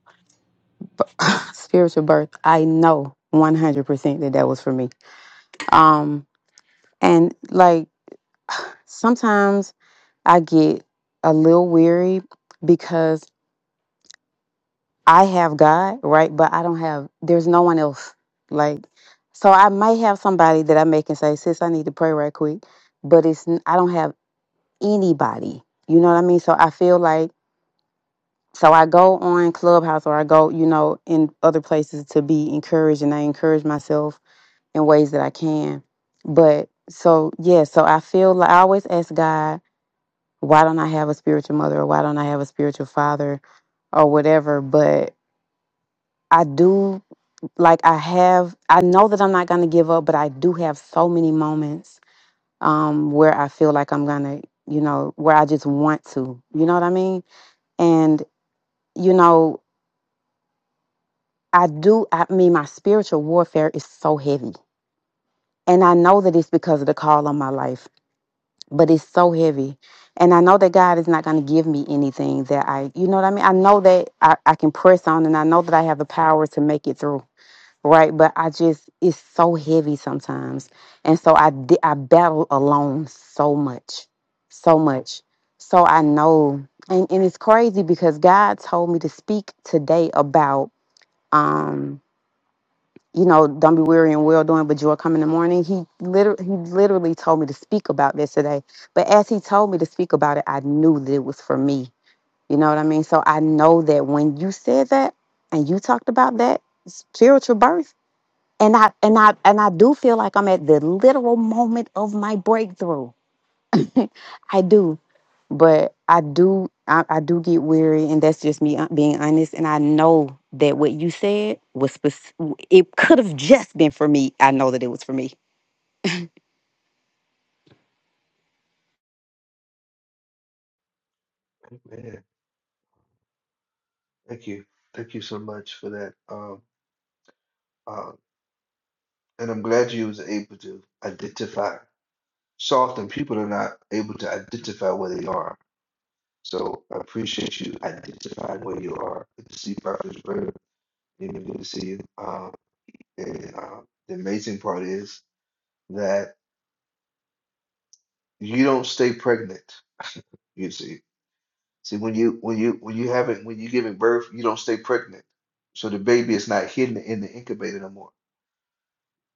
b- spiritual birth, I know 100% that that was for me. Um, and like sometimes I get a little weary because I have God, right? But I don't have, there's no one else. Like, so I might have somebody that I make and say, sis, I need to pray right quick but it's n- I don't have anybody. You know what I mean? So I feel like so I go on Clubhouse or I go, you know, in other places to be encouraged and I encourage myself in ways that I can. But so yeah, so I feel like I always ask God, why don't I have a spiritual mother or why don't I have a spiritual father or whatever, but I do like I have I know that I'm not going to give up, but I do have so many moments um where I feel like I'm going to, you know, where I just want to. You know what I mean? and you know, I do, I mean, my spiritual warfare is so heavy. And I know that it's because of the call on my life, but it's so heavy. And I know that God is not going to give me anything that I, you know what I mean? I know that I, I can press on and I know that I have the power to make it through, right? But I just, it's so heavy sometimes. And so I, di- I battle alone so much, so much. So I know, and, and it's crazy because God told me to speak today about, um, you know, don't be weary and well doing, but joy come in the morning. He literally, he literally told me to speak about this today. But as he told me to speak about it, I knew that it was for me. You know what I mean? So I know that when you said that and you talked about that spiritual birth, and I and I and I do feel like I'm at the literal moment of my breakthrough. I do but I do I, I do get weary, and that's just me uh, being honest. And I know that what you said was spec- it could have just been for me. I know that it was for me. Man, thank you. Thank you so much for that. Um, uh, and I'm glad you was able to identify. So often people are not able to identify where they are. So I appreciate you identifying where you are. Good to see Prophet Bird. Even good to see you. Um, and uh, the amazing part is that you don't stay pregnant. You see. See, when you when you when you haven't when you giving birth, you don't stay pregnant. So the baby is not hidden in the incubator no more.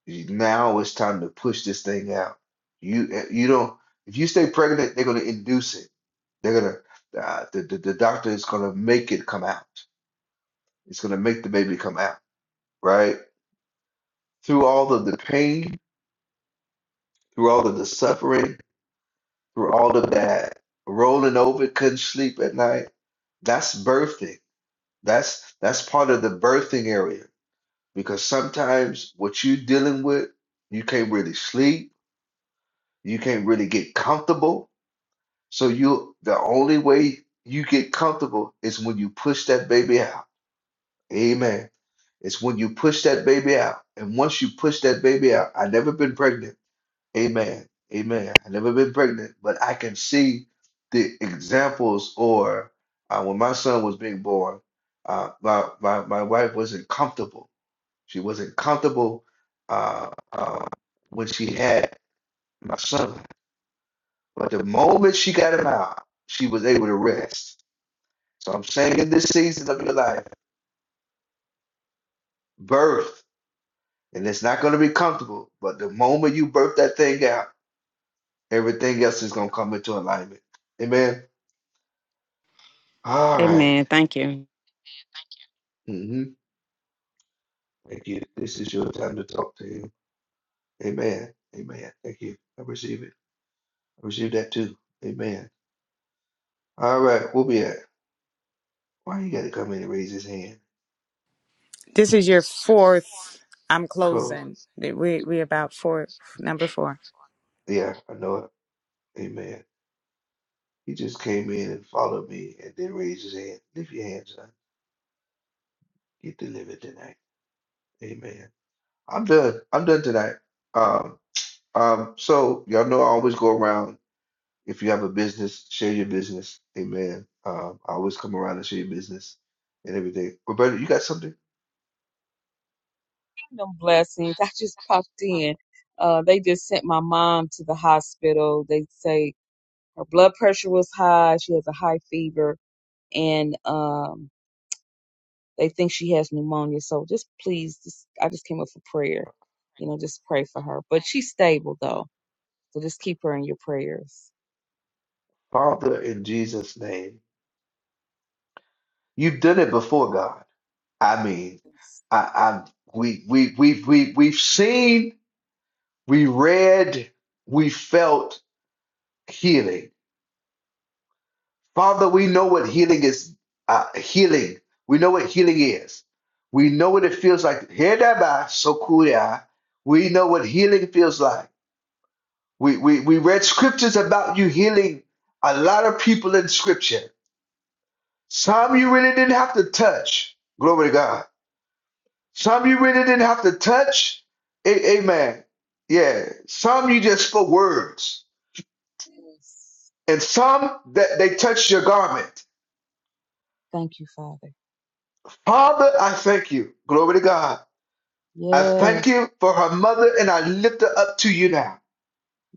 You- Now it's time to push this thing out. You eh, you don't if you stay pregnant, they're gonna induce it. They're gonna uh, the, the the doctor is gonna make it come out. It's gonna make the baby come out, right? Through all of the pain, through all of the suffering, through all of that rolling over, couldn't sleep at night. That's birthing. That's that's part of the birthing area because sometimes what you're dealing with, you can't really sleep, you can't really get comfortable. So you the only way you get comfortable is when you push that baby out. Amen. It's when you push that baby out. And once you push that baby out, I never been pregnant. Amen. Amen. I never been pregnant, but I can see the examples or uh, when my son was being born, uh, my, my, my wife wasn't comfortable she wasn't comfortable uh, uh, when she had my son. But the moment she got him out, she was able to rest. So I'm saying in this season of your life, birth, and it's not going to be comfortable, but the moment you birth that thing out, everything else is going to come into alignment. Amen. All right. Amen. Thank you. Mm-hmm. Thank you. This is your time to talk to him. Amen. Amen. Thank you. I receive it. I receive that too. Amen. All right. We'll be at. Why you got to come in and raise his hand? This is your fourth. I'm closing. Close. We we about four number four. Yeah, I know it. Amen. He just came in and followed me and then raised his hand. Lift your hands, son. Get delivered tonight. Amen. I'm done. I'm done tonight. Um, um, so y'all know I always go around. If you have a business, share your business. Amen. Um, I always come around and share your business and everything. Roberta, you got something? Kingdom blessings. I just popped in. Uh, they just sent my mom to the hospital. They say her blood pressure was high. She has a high fever, and um, they think she has pneumonia. So just please, just, I just came up for prayer. You know, just pray for her. But she's stable though, so just keep her in your prayers. Father, in Jesus' name, you've done it before, God. I mean, Yes. I, I, we, we, we, we, we've seen. We read, we felt healing. Father, we know what healing is. Uh, healing. We know what healing is. We know what it feels like. Hereby, sokuya. We know what healing feels like. We, we, we read scriptures about you healing a lot of people in scripture. Some you really didn't have to touch. Glory to God. Some you really didn't have to touch. A- amen. Yeah. Some you just spoke words. yes. and some that they touched your garment. Thank you, Father. Father, I thank you. Glory to God. I thank Yes, you for her mother, and I lift her up to you now.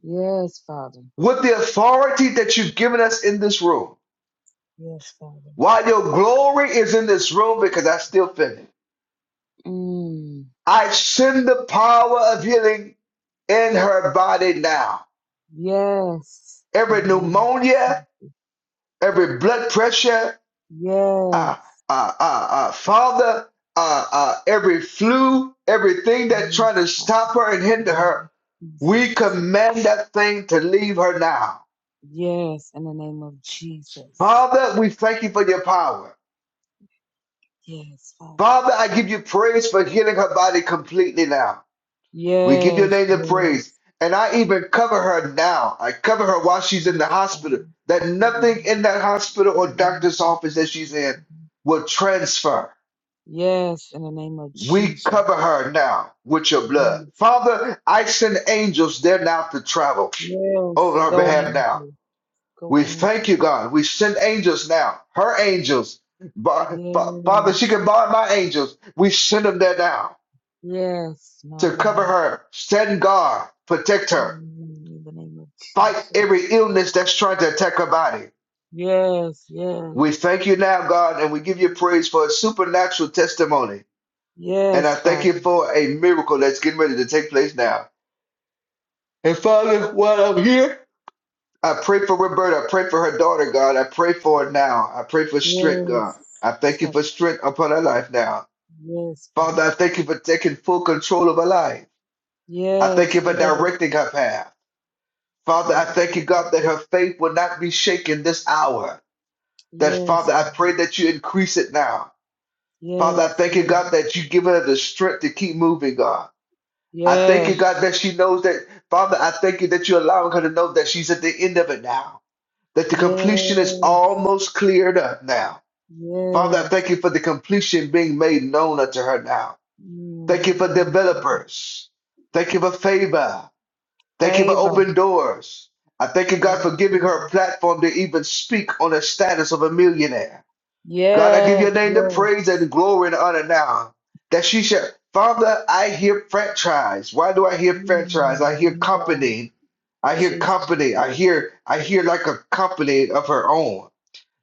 yes, Father. With the authority that you've given us in this room, Yes, Father. while your glory is in this room, because I still feel it, Mm, I send the power of healing in her body now. yes, in Every the name of pneumonia, Jesus. every blood pressure, Yes. uh, uh, uh, uh, Father, uh, uh, every flu, everything that's trying to Yes, Father, stop her and in the hinder name her, of we Jesus. command that thing to leave her now. Yes, in the name of Jesus. Father, we thank you for your power. Yes, Father. Father, I give you praise for healing her body completely now. We give your Yes, name the praise. yes, And I even cover her now. I cover her while she's in yes, the hospital, Father. that Cover nothing him. in that hospital or In doctor's Jesus' office that she's in name. will transfer. Yes, in the name of We Jesus. cover her now with your blood. Yes, Father, I send angels there now to travel yes. over her Go behalf now. angel. Go We thank you, angel. God. We send angels now, her angels. Ba- ba- Father, she Yes, can borrow my angels. We send them there now yes, my to cover God. her, stand guard, protect her, In the name of fight Jesus. every illness that's trying to attack her body. Yes, We yes. thank you now, God, and we give you praise for a supernatural testimony. And I Yes, thank you Father. for a miracle that's getting ready to take place now. And Father, while I'm here, I pray for Roberta. I pray for her daughter, God. I pray for her now. I pray for strength, God. Yes. I thank you Touch. for strength upon her life now. Yes, Father, I Father. thank you for taking full control of her life. I thank you Yes, for yes. directing her path. Father, I Direct thank me, you, God, that Father. her faith will not be shaken this hour. That, Yes, Father, I Father. pray that you increase it now. Father, I Yes, thank you, God, yes. that you give her the strength to keep moving, God. I thank you, Yes. God, that she knows that, Father, I thank you that you're allowing her to know that she's at the end of it now. that the completion is Yes. almost cleared up now. Father, I Yes. thank you for the completion being made known unto her now. Thank you Mm, for yes, Father. developers. Thank you for favor. Thank you for Favor. open doors. I thank you, God, Yes, for giving her a Father. platform to even speak on the status of a millionaire. God, I give Yes, your name the yes. praise and glory and honor now that she shall. Father, I hear franchise. Why do I hear franchise? I Mm, hear my God. company. I hear Jesus. company. I hear I hear like a company of her own.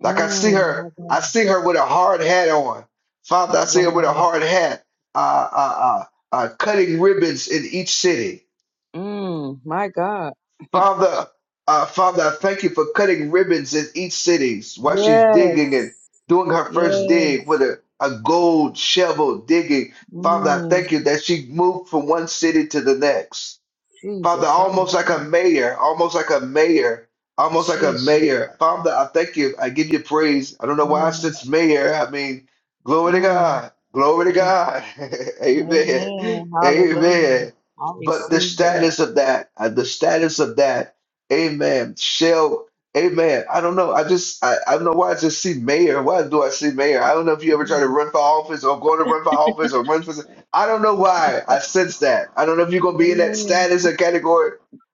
Like I see Mm, her, my I God. see her with a hard hat on. Father, I see her with a Wow. hard hat, uh, uh, uh, uh, cutting ribbons in each city. Mm, my God. Father, uh, Father, I thank you for cutting ribbons in each city while she's digging and Yes. doing her first dig Yes. with a, a gold shovel digging. Father, I thank Mm, you that she moved from one city to the next. Father, Jesus, I almost like a receive. mayor, almost like a mayor, almost like a Jesus. mayor. Father, I thank you. I give you praise. I don't know why I Mm, sense mayor. I mean, glory to mm. God. Glory to God. Amen. Amen. Hallelujah. Amen. I But the receive that. status of that, uh, the status of that, amen, shall, amen. I don't know. I just, I, I don't know why I just see mayor. Why do I see mayor? I don't know if you ever try to Mm. run for office or go to run for office or run for I don't know why I sense that. I don't know if you're gonna be in that Amen. status or category,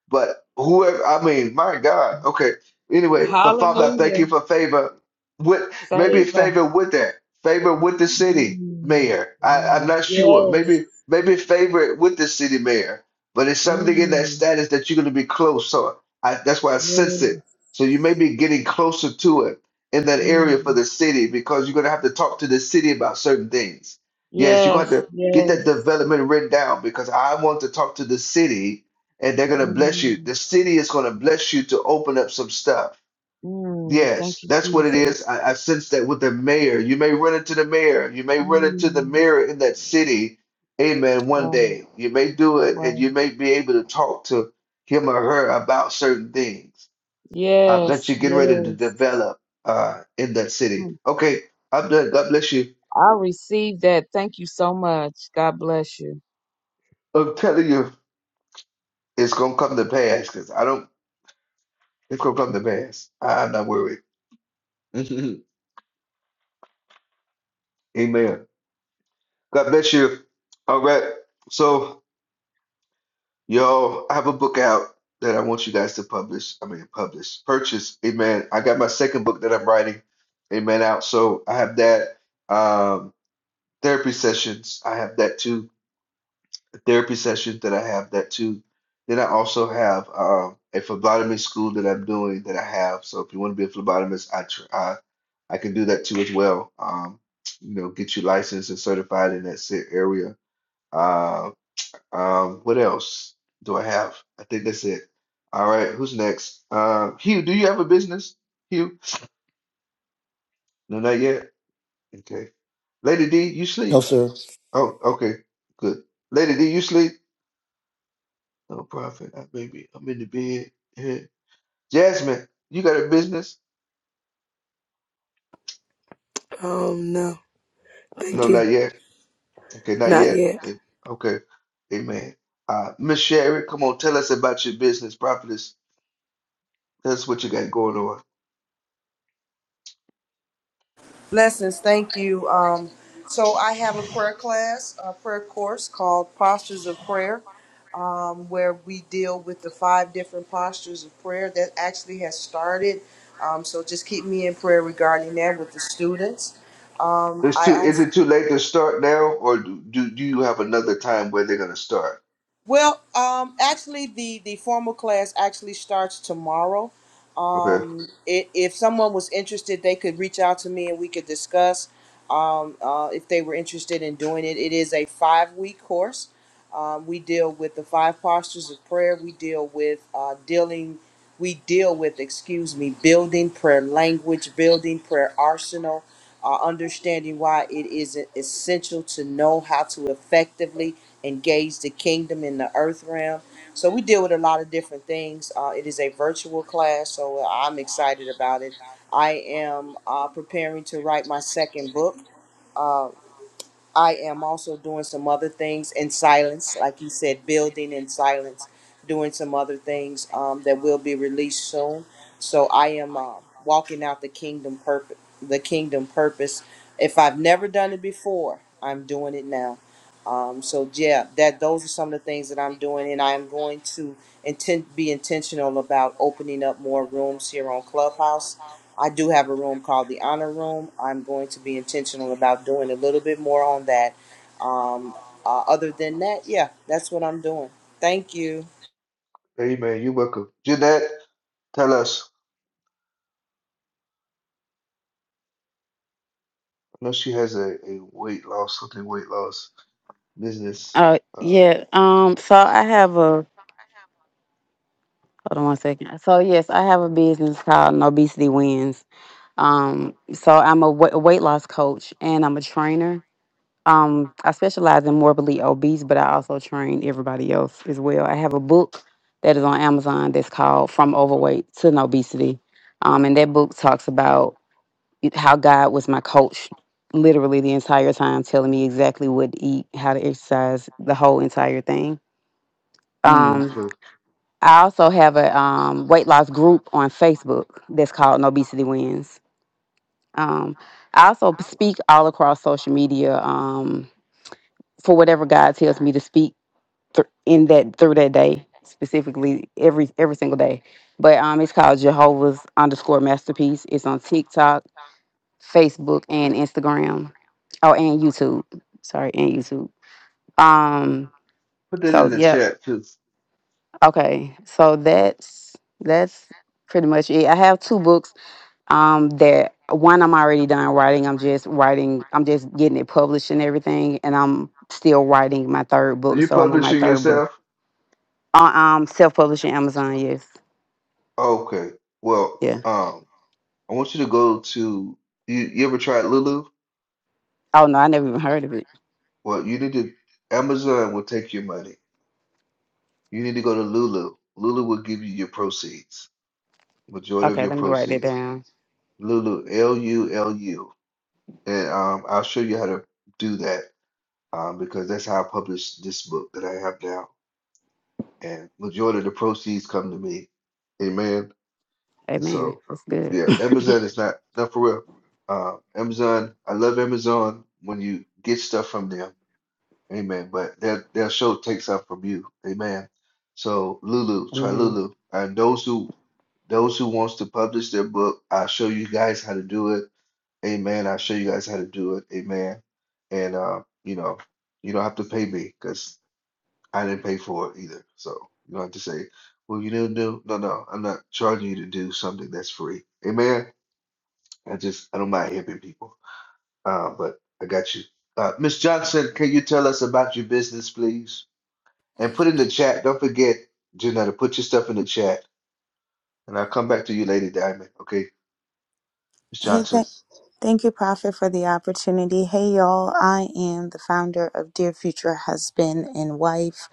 but whoever, I mean, my God. Okay. Anyway, for Father, I thank Hallelujah. you for favor with maybe Favor. favor with that favor with the city Mm. mayor. I, I'm Oh, not sure. yes. Maybe maybe favor with the city mayor, but it's something in that Mm. status that you're gonna be close. So I, that's why I sense it. Yes. So you may be getting closer to it in that Mm. area for the city because you're gonna have to talk to the city about certain things. Yes, you're gonna have Yes. to Get that Yes. development written down because I want to talk to the city and they're going to bless you. Mm. The city is going to bless you to open up some stuff. Mm. Thank Yes, you, that's what it Jesus. is. I, I sense that with the mayor. You may run into the mayor. You may run into the Mm. mayor in that city. Amen. One Wow. day you may do it and Wow. you may be able to talk to him or her about certain things uh, that Yes. you're getting ready to Yes. develop uh, in that city. Okay, I'm done. God bless you. I receive that. Thank you so much. God bless you. I'm telling you, it's going to come to pass because I don't It's gonna come to pass. I'm not worried. Amen. God bless you. All right. So y'all, I have a book out that I want you guys to publish. I mean, publish, purchase. Amen. I got my second book that I'm writing. Amen. Out. So I have that. Um, therapy sessions. I have that too. Therapy sessions that I have that too. Then I also have um, a phlebotomy school that I'm doing that I have. So if you want to be a phlebotomist, I try. I can do that too as well. Um, you know, get you licensed and certified in that said area. Uh, um, what else do I have? I think that's it. All right, who's next? Uh, Hugh, do you have a business? Hugh? No, not yet. Okay. Lady D, you No, sleep? sir. Oh, okay, good. Lady D, you sleep? No profit. I maybe I'm in the bed. Jasmine, you got a business? Um, no, No, thank not you. yet. Okay, not Not yet. yet. Eh, Okay, amen. Uh, Miss Sherry, come on, tell us about your business, prophetess. Tell us what you got going on. Blessings, thank you. Um, so I have a prayer class, a prayer course called Postures of Prayer, um, where we deal with the five different postures of prayer that actually has started. Um, so just keep me in prayer regarding that with the students. Um, It's I too, also is it too late to start now, or do, do, do you have another time where they're going to start? Well, um, actually, the the formal class actually starts tomorrow. Okay, Um, i if someone was interested, they could reach out to me and we could discuss um, uh, if they were interested in doing it. It is a five week course. Um, we deal with the five postures of prayer. We deal with uh, dealing. We deal with, excuse me, building prayer language, building prayer arsenal, uh, understanding why it is e-, essential to know how to effectively engage the kingdom in the earth realm. So we deal with a lot of different things. Uh, it is a virtual class, so uh, I'm excited about it. I am uh, preparing to write my second book. Uh, I am also doing some other things in silence, like you said, building in silence, doing some other things um, that will be released soon. So I am uh, walking out the kingdom purpose. The kingdom purpose. If I've never done it before, I'm doing it now. Um, so yeah, that those are some of the things that I'm doing, and I am going to intent be intentional about opening up more rooms here on Clubhouse I do have a room called the Honor Room. I'm going to be intentional about doing a little bit more on that. Um, uh, other than that, yeah, that's what I'm doing. Thank you. amen. You're welcome. Jeanette, tell us. I know she has a, a weight loss, something weight loss business. Uh, Uh, yeah. Um. So I have a hold on one second. So yes, I have a business called Obesity Wins. Um. So I'm a wa- weight loss coach and I'm a trainer Um, I specialize in morbidly obese, but I also train everybody else as well. I have a book that is on Amazon that's called From Overweight to Obesity. Um, and that book talks about it- how God was my coach literally the entire time, telling me exactly what to eat, how to exercise, the whole entire thing. mm, Um, so I also have a um, weight loss group on Facebook that's called Obesity Wins. Um, I also speak all across social media um, for whatever God tells me to speak th- in that through that day specifically every every single day. But um, it's called Jehovah's underscore masterpiece. It's on TikTok, Facebook, and Instagram. Oh, and YouTube. Sorry, and YouTube. Um. put that in So the yep. chat, too. Okay. So Yeah. that's that's pretty much it. I have two books. Um. That one I'm already done writing. I'm just writing. I'm just getting it published and everything. And I'm still writing my third Are book. you So I'm on my publishing third book. yourself? Uh, um. Self publishing Amazon. Yes. Okay. Well, Yeah. um, I want you to go to you, you ever tried Lulu? Oh no, I never even heard of it. Well, you need to Amazon will take your money. You need to go to Lulu. Lulu will give you your proceeds, majority of Okay, your let me write that proceeds. down. Lulu, L U L U. And um, I'll show you how to do that um, because that's how I publish this book that I have now. And majority of the proceeds come to me. Amen. And Amen. so, That's good. yeah, Amazon is not, not for real. Uh, Amazon, I love Amazon when you get stuff from them. Amen. But their their show takes up from you. Amen. So Lulu, try Amen. Lulu. And those who those who wants to publish their book, I'll show you guys how to do it. Amen. I'll show you guys how to do it. Amen. And uh, you know, you don't have to pay me because I didn't pay for it either. So you don't have to say, well, you didn't do. No, no, I'm not charging you to do something that's free. Amen. I just I don't mind helping people. Uh, but I got you. Uh, Miss Johnson, can you tell us about your business, please? And put in the chat. Don't forget, Janetta, put your stuff in the chat. And I'll come back to you, Lady Diamond. Okay, Miss Hey, Johnson. th- thank you, Prophet, for the opportunity. Hey, y'all. I am the founder of Dear Future Husband and Wife.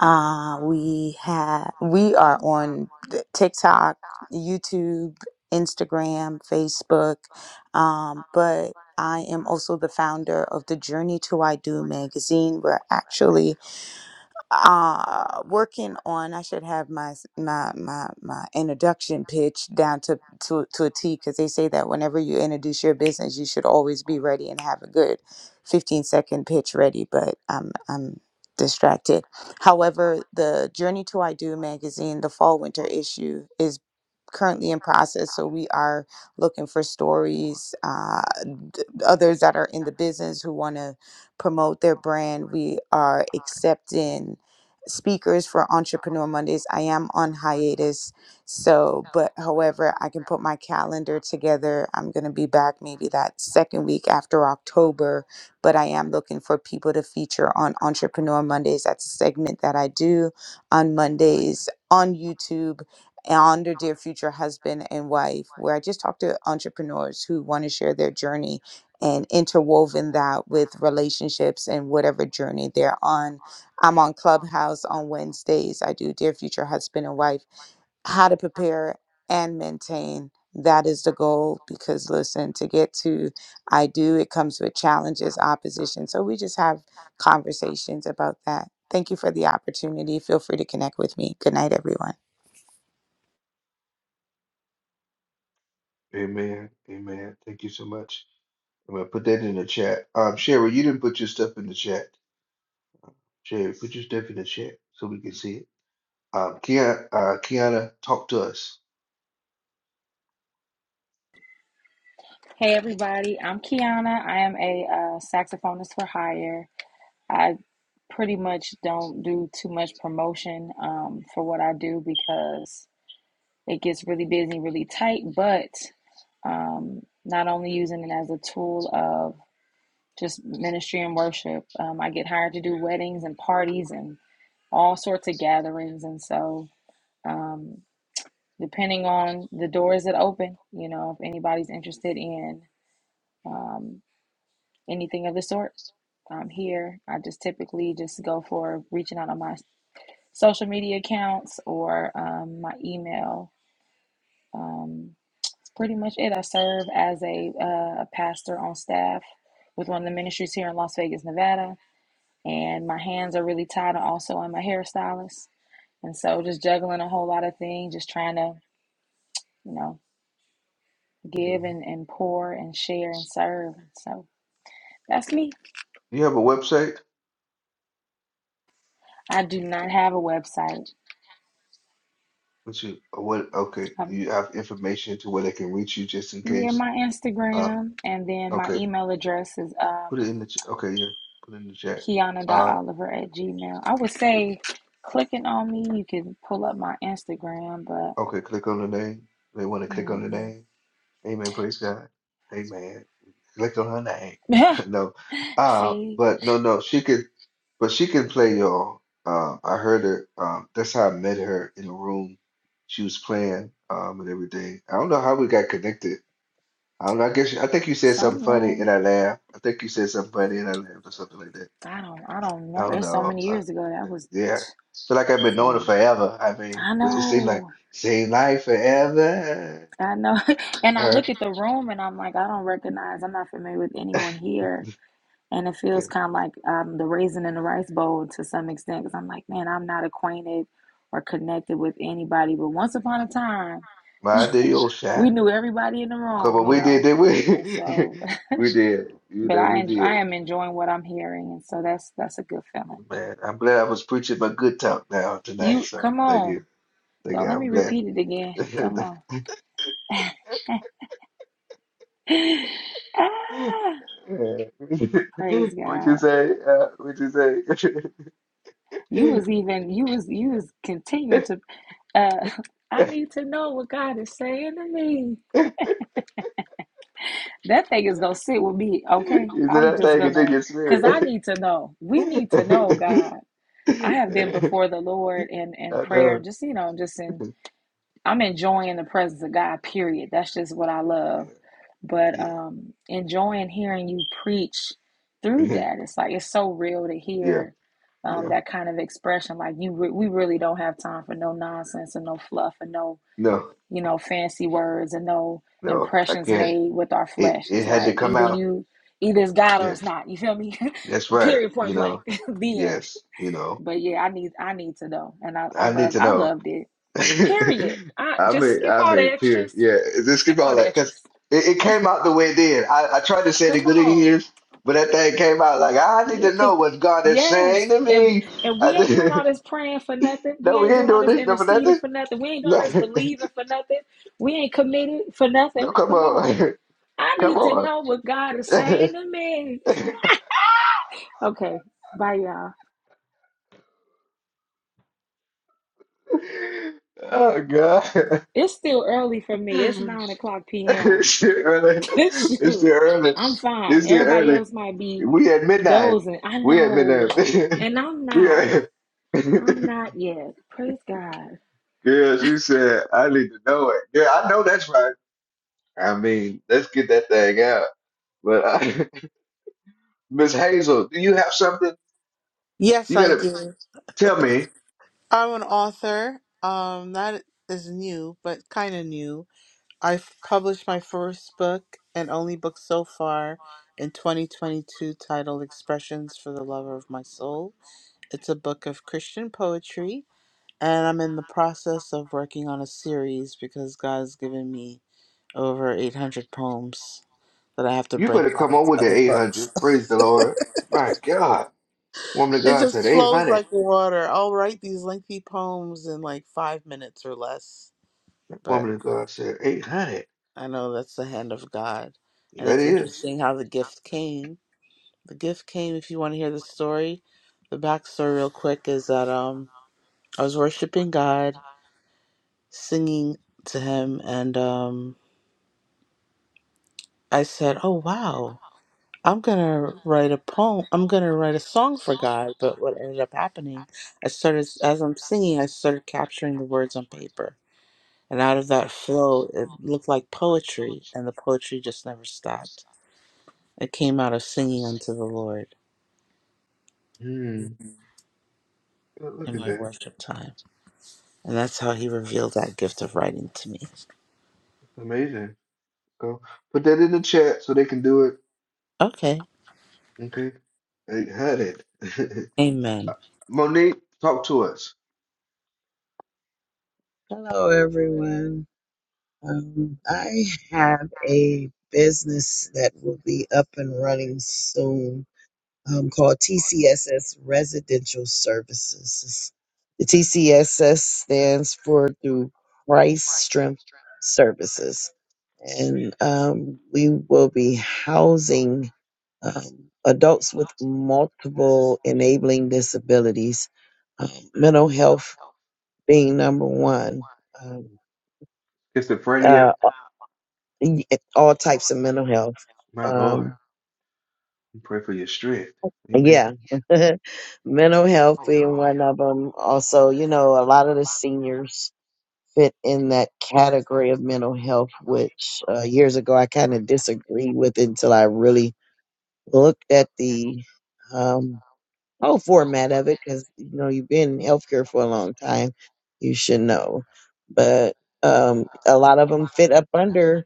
Uh, we have we are on th- TikTok, YouTube, Instagram, Facebook, um, but I am also the founder of the Journey to I Do magazine. We're actually uh working on i should have my s- my my, my introduction pitch down to to, to a t because they say that whenever you introduce your business you should always be ready and have a good 15 second pitch ready but i'm i'm distracted however the journey to i do magazine the fall winter issue is currently in process so we are looking for stories uh, d- others that are in the business who want to promote their brand we are accepting speakers for entrepreneur mondays i am on hiatus so but however i can put my calendar together i'm going to be back maybe that second week after october but i am looking for people to feature on entrepreneur mondays that's a segment that i do on mondays on youtube under Dear Future Husband and Wife, where I just talk to entrepreneurs who want to share their journey and interwoven that with relationships and whatever journey they're on. I'm on Clubhouse on Wednesdays. I do Dear Future Husband and Wife, how to prepare and maintain. That is the goal because listen, to get to I do, it comes with challenges, opposition. So we just have conversations about that. Thank you for the opportunity. Feel free to connect with me. Good night, everyone. Amen. Amen. Thank you so much. I'm gonna put that in the chat. Um, Sherry, you didn't put your stuff in the chat. Sherry, put your stuff in the chat so we can see it. Um, Kiana, uh, Kiana, talk to us. Hey, everybody. I'm Kiana. I am a uh, saxophonist for hire. I pretty much don't do too much promotion um, for what I do because it gets really busy, really tight. But um, not only using it as a tool of just ministry and worship, um, I get hired to do weddings and parties and all sorts of gatherings. And so, um, depending on the doors that open, you know, if anybody's interested in um, anything of the sort, I'm here. I just typically just go for reaching out on my. social media accounts or um, my email. Um, that's pretty much it. I serve as a uh, pastor on staff with one of the ministries here in Las Vegas, Nevada, and my hands are really tied. and Also, I'm a hairstylist, and so just juggling a whole lot of things, just trying to you know give Mhm. and, and pour and share and serve. So that's me. You have a website? I do not have a website. What's your, uh, what, okay, Um, you have information to where they can reach you just in yeah, case? my Uh, Instagram and then my okay, email address is put um, it in the, ch- okay, yeah, put it in the chat. Uh. Kiana.Oliver at Gmail. I would say clicking on me, you can pull up my Instagram, but Okay, click on the name. They want to click on the mhm. name. Amen. Praise God. Amen. Click on her name. no, uh, see, but no, no, she can, but she can play y'all. Um, I heard her. Um, that's how I met her in a room. She was playing um, and everything. I don't know how we got connected. I don't know. I guess I think you said something some funny and room. I laughed. I think you said something funny and I laughed or something like that. I don't I don't I remember. don't It's so know. many Uh, years ago. That was yeah, feel like I've been knowing her so forever. I mean, I it seemed like know. same life forever. I know. and I Huh? look at the room and I'm like, I don't recognize. I'm not familiar with anyone here. And it Yeah. feels kind of like um, the raisin in the rice bowl to some extent because I'm like, man, I'm not acquainted or connected with anybody. But once upon a time, My deal, we Shaq. knew everybody in the Because room, what you we did, know. did And so, we? we did. You but know, I we en- I did. am enjoying what I'm hearing, and so that's that's a good feeling. Man, I'm glad I was preaching my good talk now tonight. You So come thank you. on, Thank you. don't let I'm me glad. repeat it again. Come on, ah, praise What'd you God. say? Uh, what'd you say? You was even you was you was continuing to. Uh, I need to know what God is saying to me. That thing is gonna sit with me, okay? You I'm said just that thing is in gonna, your cause I spirit. need to know. We need to know, God. I have been before the Lord in in I prayer, know. just you know, just in I'm enjoying the presence of God, period. That's just what I love. But Yeah. um enjoying hearing you preach through Yeah. that. It's like it's so real to Yeah. hear um Yeah. that kind of expression like you re- we really don't have time for no nonsense and no fluff and no, No. you know, fancy words and no No, I impressions can't. made with our It flesh. it It's had to like come either out. you either it's God or Yeah, it's not. You feel me? that's right. period point You blank know, the end yes. You know, but yeah, I need I need to know, and I I I need love to I know. loved it. Period. I I just made skip I all the made clear. extras. Yeah, just Skip give all all the that because extras. it, it came out the way it did. I, I tried to say the Come good in on, years, but that thing came out like I need yeah, to cause know what God is yes, saying to and me. and I we ain't doing all did, this praying for nothing. no, We we ain't ain't doing all doing this this. No, for interceding nothing. for nothing. We ain't doing all No, this believing for nothing. We ain't committed for no, nothing. come Come on, on, I come need to on. know what God is saying to me. Okay, bye y'all. Oh God. It's still early for me. It's nine o'clock p.m. It's still early. It's still Shoot, early. I'm It's fine. still Everybody early. else might be We at midnight. dozing. I We at know, midnight. and I'm we not. at. I'm not yet. Praise God. Girl, she said, I need to know it. Yeah, I know that's right. I mean, let's get that thing out. But I, Miss Hazel, do you have something? Yes, You I gotta do. tell me. I'm an author. Um, that is new, but kind of new. I've published my first book and only book so far in 2022 titled Expressions for the Lover of My Soul. It's a book of Christian poetry, and I'm in the process of working on a series because God's given me over 800 poems that I have to You better break come down on into with the other books. 800. Praise the Lord. My God. Woman of It God said just flows 800. like water. I'll write these lengthy poems in like five minutes or less, but Woman of God said 800. I know that's the hand of God. And That it's is. interesting how the gift came. The gift came, if you want to hear the story, the backstory real quick is that um I was worshiping God, singing to him, and um I said, Oh wow, I'm gonna write a poem. I'm gonna write a song for God. But what ended up happening, I started as I'm singing, I started capturing the words on paper And out of that flow, it looked like poetry, and the poetry just never stopped. It came out of singing unto the Lord Hmm. Yeah, Look in at my that. worship time. And that's how he revealed that gift of writing to me. It's amazing. Go put that in the chat so they can do it. Okay. Okay. They had it. Amen. Monique, talk to us. Hello, everyone. Um, I have a business that will be up and running soon um, called TCSS Residential Services. The TCSS stands for through Christ Strength Services. And um, we will be housing um, adults with multiple enabling disabilities, um, mental health being number one. Um, uh, Schizophrenia. y- eh, all types of mental health. My Lord. Um, We pray for your strength. Amen. yeah, mental health Oh being Lord. one of them. Also, you know, a lot of the seniors fit in that category of mental health, which uh, years ago I kind of disagreed with until I really looked at the um, whole format of it because, you know, you've been in healthcare for a long time, you should know. But um, a lot of them fit up under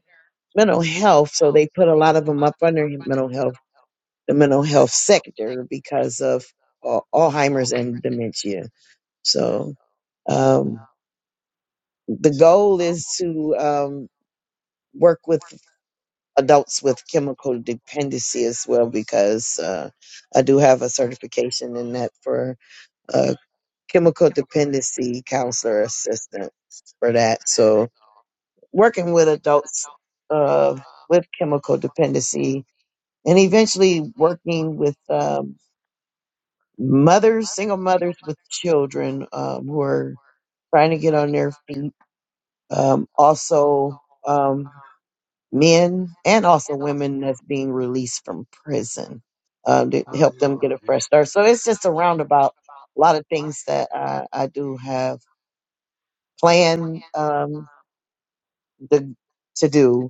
mental health, so they put a lot of them up under mental health the mental health sector because of uh, Alzheimer's and dementia. So um, Mm. the goal is to um, work with adults with chemical dependency as well because uh, I do have a certification in that for uh, chemical dependency counselor assistant for that. So working with adults uh, with chemical dependency and eventually working with um, mothers, single mothers with children um, who are trying to get on their feet. Um, also, um, men and also women that's being released from prison um, to Oh help them Lord. get a Yeah. fresh start. So it's just a roundabout. A lot of things that I, I do have planned um, the, to do.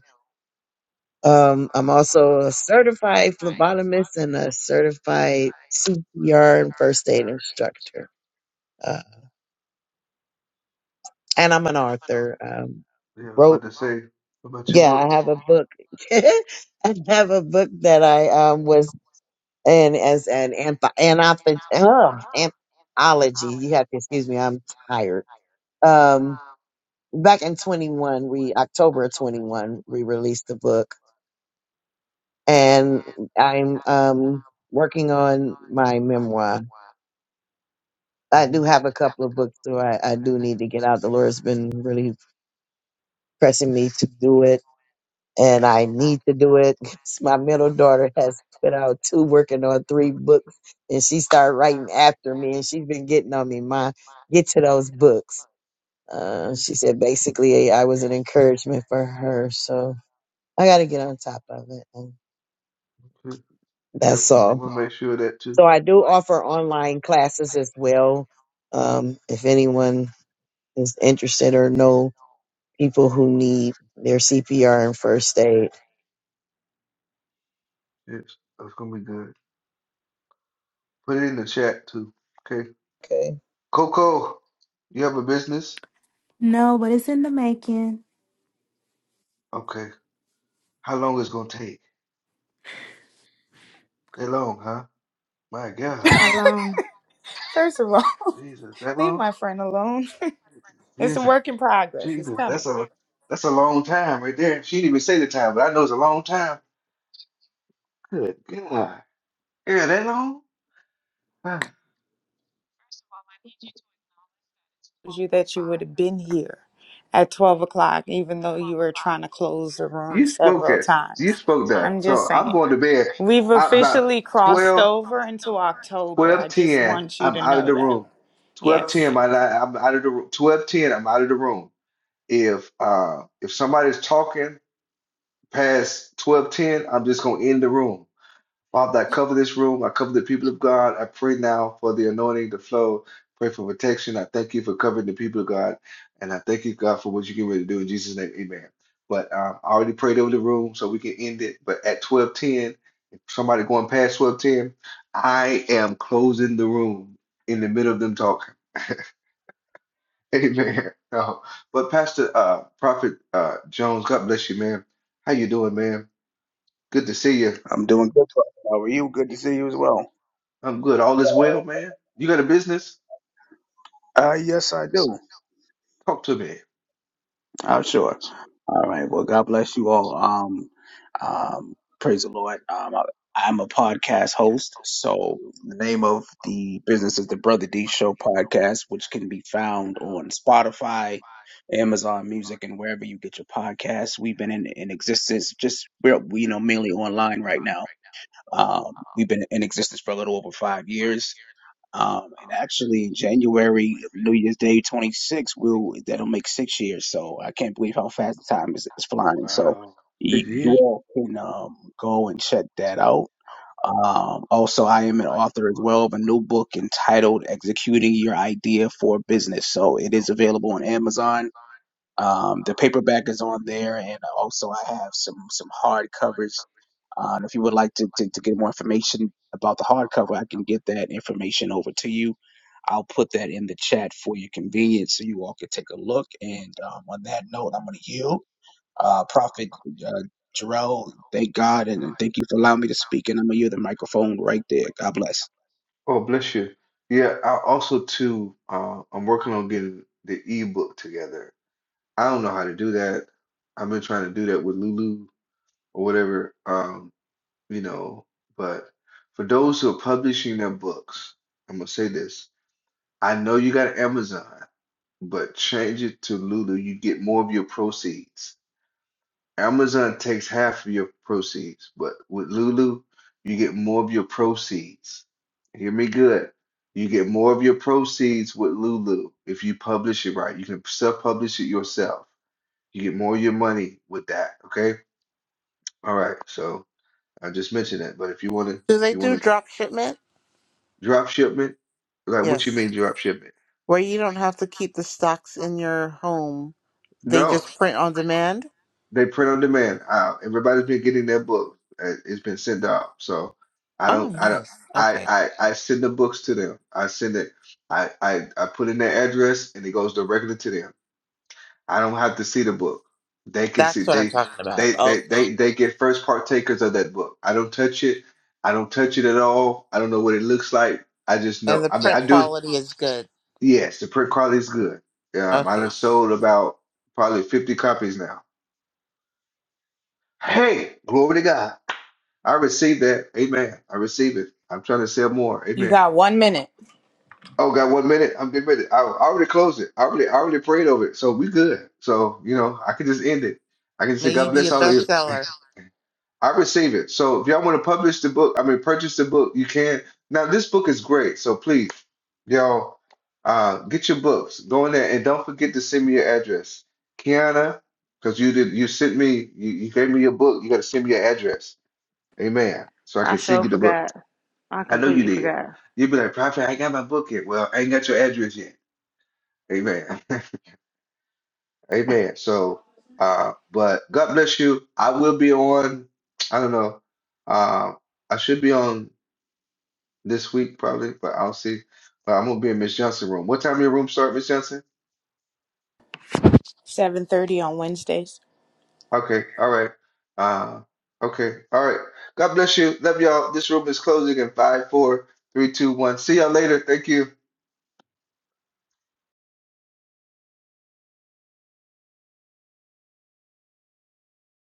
Um, I'm also a certified phlebotomist and a certified CPR and first aid instructor. Uh, Mhm. and I'm an author. Um, Yeah, I was about wrote, to say about your yeah, book. I have a book. I have a book that I um was in as an antho- anthology. Ugh, anthology. You have to excuse me. I'm tired. Um, back in 21, we October of 21, we released the book, and I'm um working on my memoir. I Mm-hmm. do have a couple of books, so I, I do need to get out. The Lord's been really pressing me to do it and I need to do it. 'cause My middle daughter has put out two, working on three books, and she started writing after me, and she's been getting on me, Ma, get to those books. Uh, Mm-hmm. she said basically I was an encouragement for her, so I got to get on top of it. And Okay. Yeah, that's I all. will make sure of that too. So I do offer online classes as well. Um, if anyone is interested or know people who need their CPR and first aid, Yes, that's gonna be good. Put it in the chat too. Okay. okay? Coco, you have a business? No, but it's in the making. Okay. How long is it gonna take? That long, huh? My God. Not long. First of all, Jesus, that leave long? my friend alone. it's a Jesus. work in progress. It's Jesus. That's coming. a that's a long time right there. She didn't even say the time, but I know it's a long time. Good God. Yeah, that long? You that you would have been here at twelve o'clock, even though you were trying to close the room spoke several it. You times. spoke I'm that. just So I'm saying. going to bed We've I, about officially crossed over into October. twelve I just ten. want you I'm to out of know the that. room. Twelve ten. Yes. My li- I'm out of the room. Twelve ten. I'm out of the room. If uh if somebody's talking past twelve ten, I'm just gonna end the room. Father, I cover this room. I cover the people of God. I pray now for the anointing to flow. Pray for protection. I thank you for covering the people of God. And I thank you, God, for what you're getting ready to do in Jesus' name. Amen. But um, I already prayed over the room, so we can end it. But at 1210, if somebody going past 1210, I am closing the room in the middle of them talking. Amen. No. But Pastor uh, Prophet uh, Jones, God bless you, man. How you doing, man? Good to see you. I'm doing good. brother. How are you? Good to see you as well. I'm good. All is well, man. You got a business? Uh, yes, I do. Talk to me. I'm sure. All right. Well, God bless you all. Um, um, praise the Lord. Um, I, I'm a podcast host. So the name of the business is the Brother D Show podcast, which can be found on Spotify, Amazon Music, and wherever you get your podcasts. We've been in, in existence just we're we, you know mainly online right now. Um, we've been in existence for a little over five years Um, and actually, in January, New Year's Day 26, will that'll make six years. So I can't believe how fast the time is, is flying. So Wow. you, Six you years? all can um, go and check that out. Um, also, I am an author as well of a new book entitled "Executing Your Idea for Business." So it is available on Amazon. Um, the paperback is on there, and also I have some some hard covers uh, and if you would like to, to, to get more information about the hardcover, I can get that information over to you. I'll put that in the chat for your convenience so you all can take a look. And um, on that note, I'm going to yield. Uh, Prophet uh, Jarrell, thank God and thank you for allowing me to speak. And I'm going to yield the microphone right there. God bless. Oh, bless you. Yeah, I also too, uh, I'm working on getting the ebook together. I don't know how to do that. I've been trying to do that with Lulu or whatever, um, you know, but for those who are publishing their books, I'm gonna say this. I know you got Amazon, but change it to Lulu. You get more of your proceeds. Amazon takes half of your proceeds, but with Lulu, you get more of your proceeds. Hear me good. You get more of your proceeds with Lulu if you publish it right. You can self-publish it yourself. You get more of your money with that. Okay. All right. So I just mentioned that. But if you want to, Do if they you do want to drop shipment? drop shipment, like what you Yes. mean drop shipment? Where you don't have to keep the stocks in your home, they No. just print on demand? They print on demand. Uh, everybody's been getting their book. Uh, It's been sent out. So I Oh, don't, I don't, nice. I, Okay. I, I send the books to them. I send it. I, I, I put in their address, and it goes directly to them. I don't have to see the book. They can see. That's what I'm They, talking about. they, they, Okay. they, they get first partakers of that book. I don't touch it. I don't touch it at all. I don't know what it looks like. I just And know. the I mean, print I do. quality is good. Yes, the print quality is good. Um, I Okay. done sold about probably 50 copies now. Hey, glory to God. I receive that. Amen. I receive it. I'm trying to sell more. You Amen. got one minute. Oh, got one minute. I'm getting ready. I, I already closed it. I already, I already prayed over it. So we good. So, you know, I can just end it. I can say, May you God be bless a all of you. bestseller. I receive it. So if y'all want to publish the book, I mean, purchase the book, you can. Now, this book is great. So please, y'all, uh, get your books. Go in there and don't forget to send me your address. Kiana, because you did, you sent me, you, you gave me your book. You got to send me your address. Amen. So I I can send sure you the book. forgot. I I know you completely did. forgot. You'd be like, Prophet, I ain't got my book yet. Well, I ain't got your address yet. Amen. Amen. So, uh, but God bless you. I will be on, I don't know. Uh, I should be on this week probably, but I'll see. But I'm gonna be in Miss Johnson room. What time your room start, Miss Johnson? Seven thirty on Wednesdays. Okay, all right. Uh, okay, all right. God bless you. Love y'all. This room is closing in five, four, three, two, one. See y'all later. Thank you.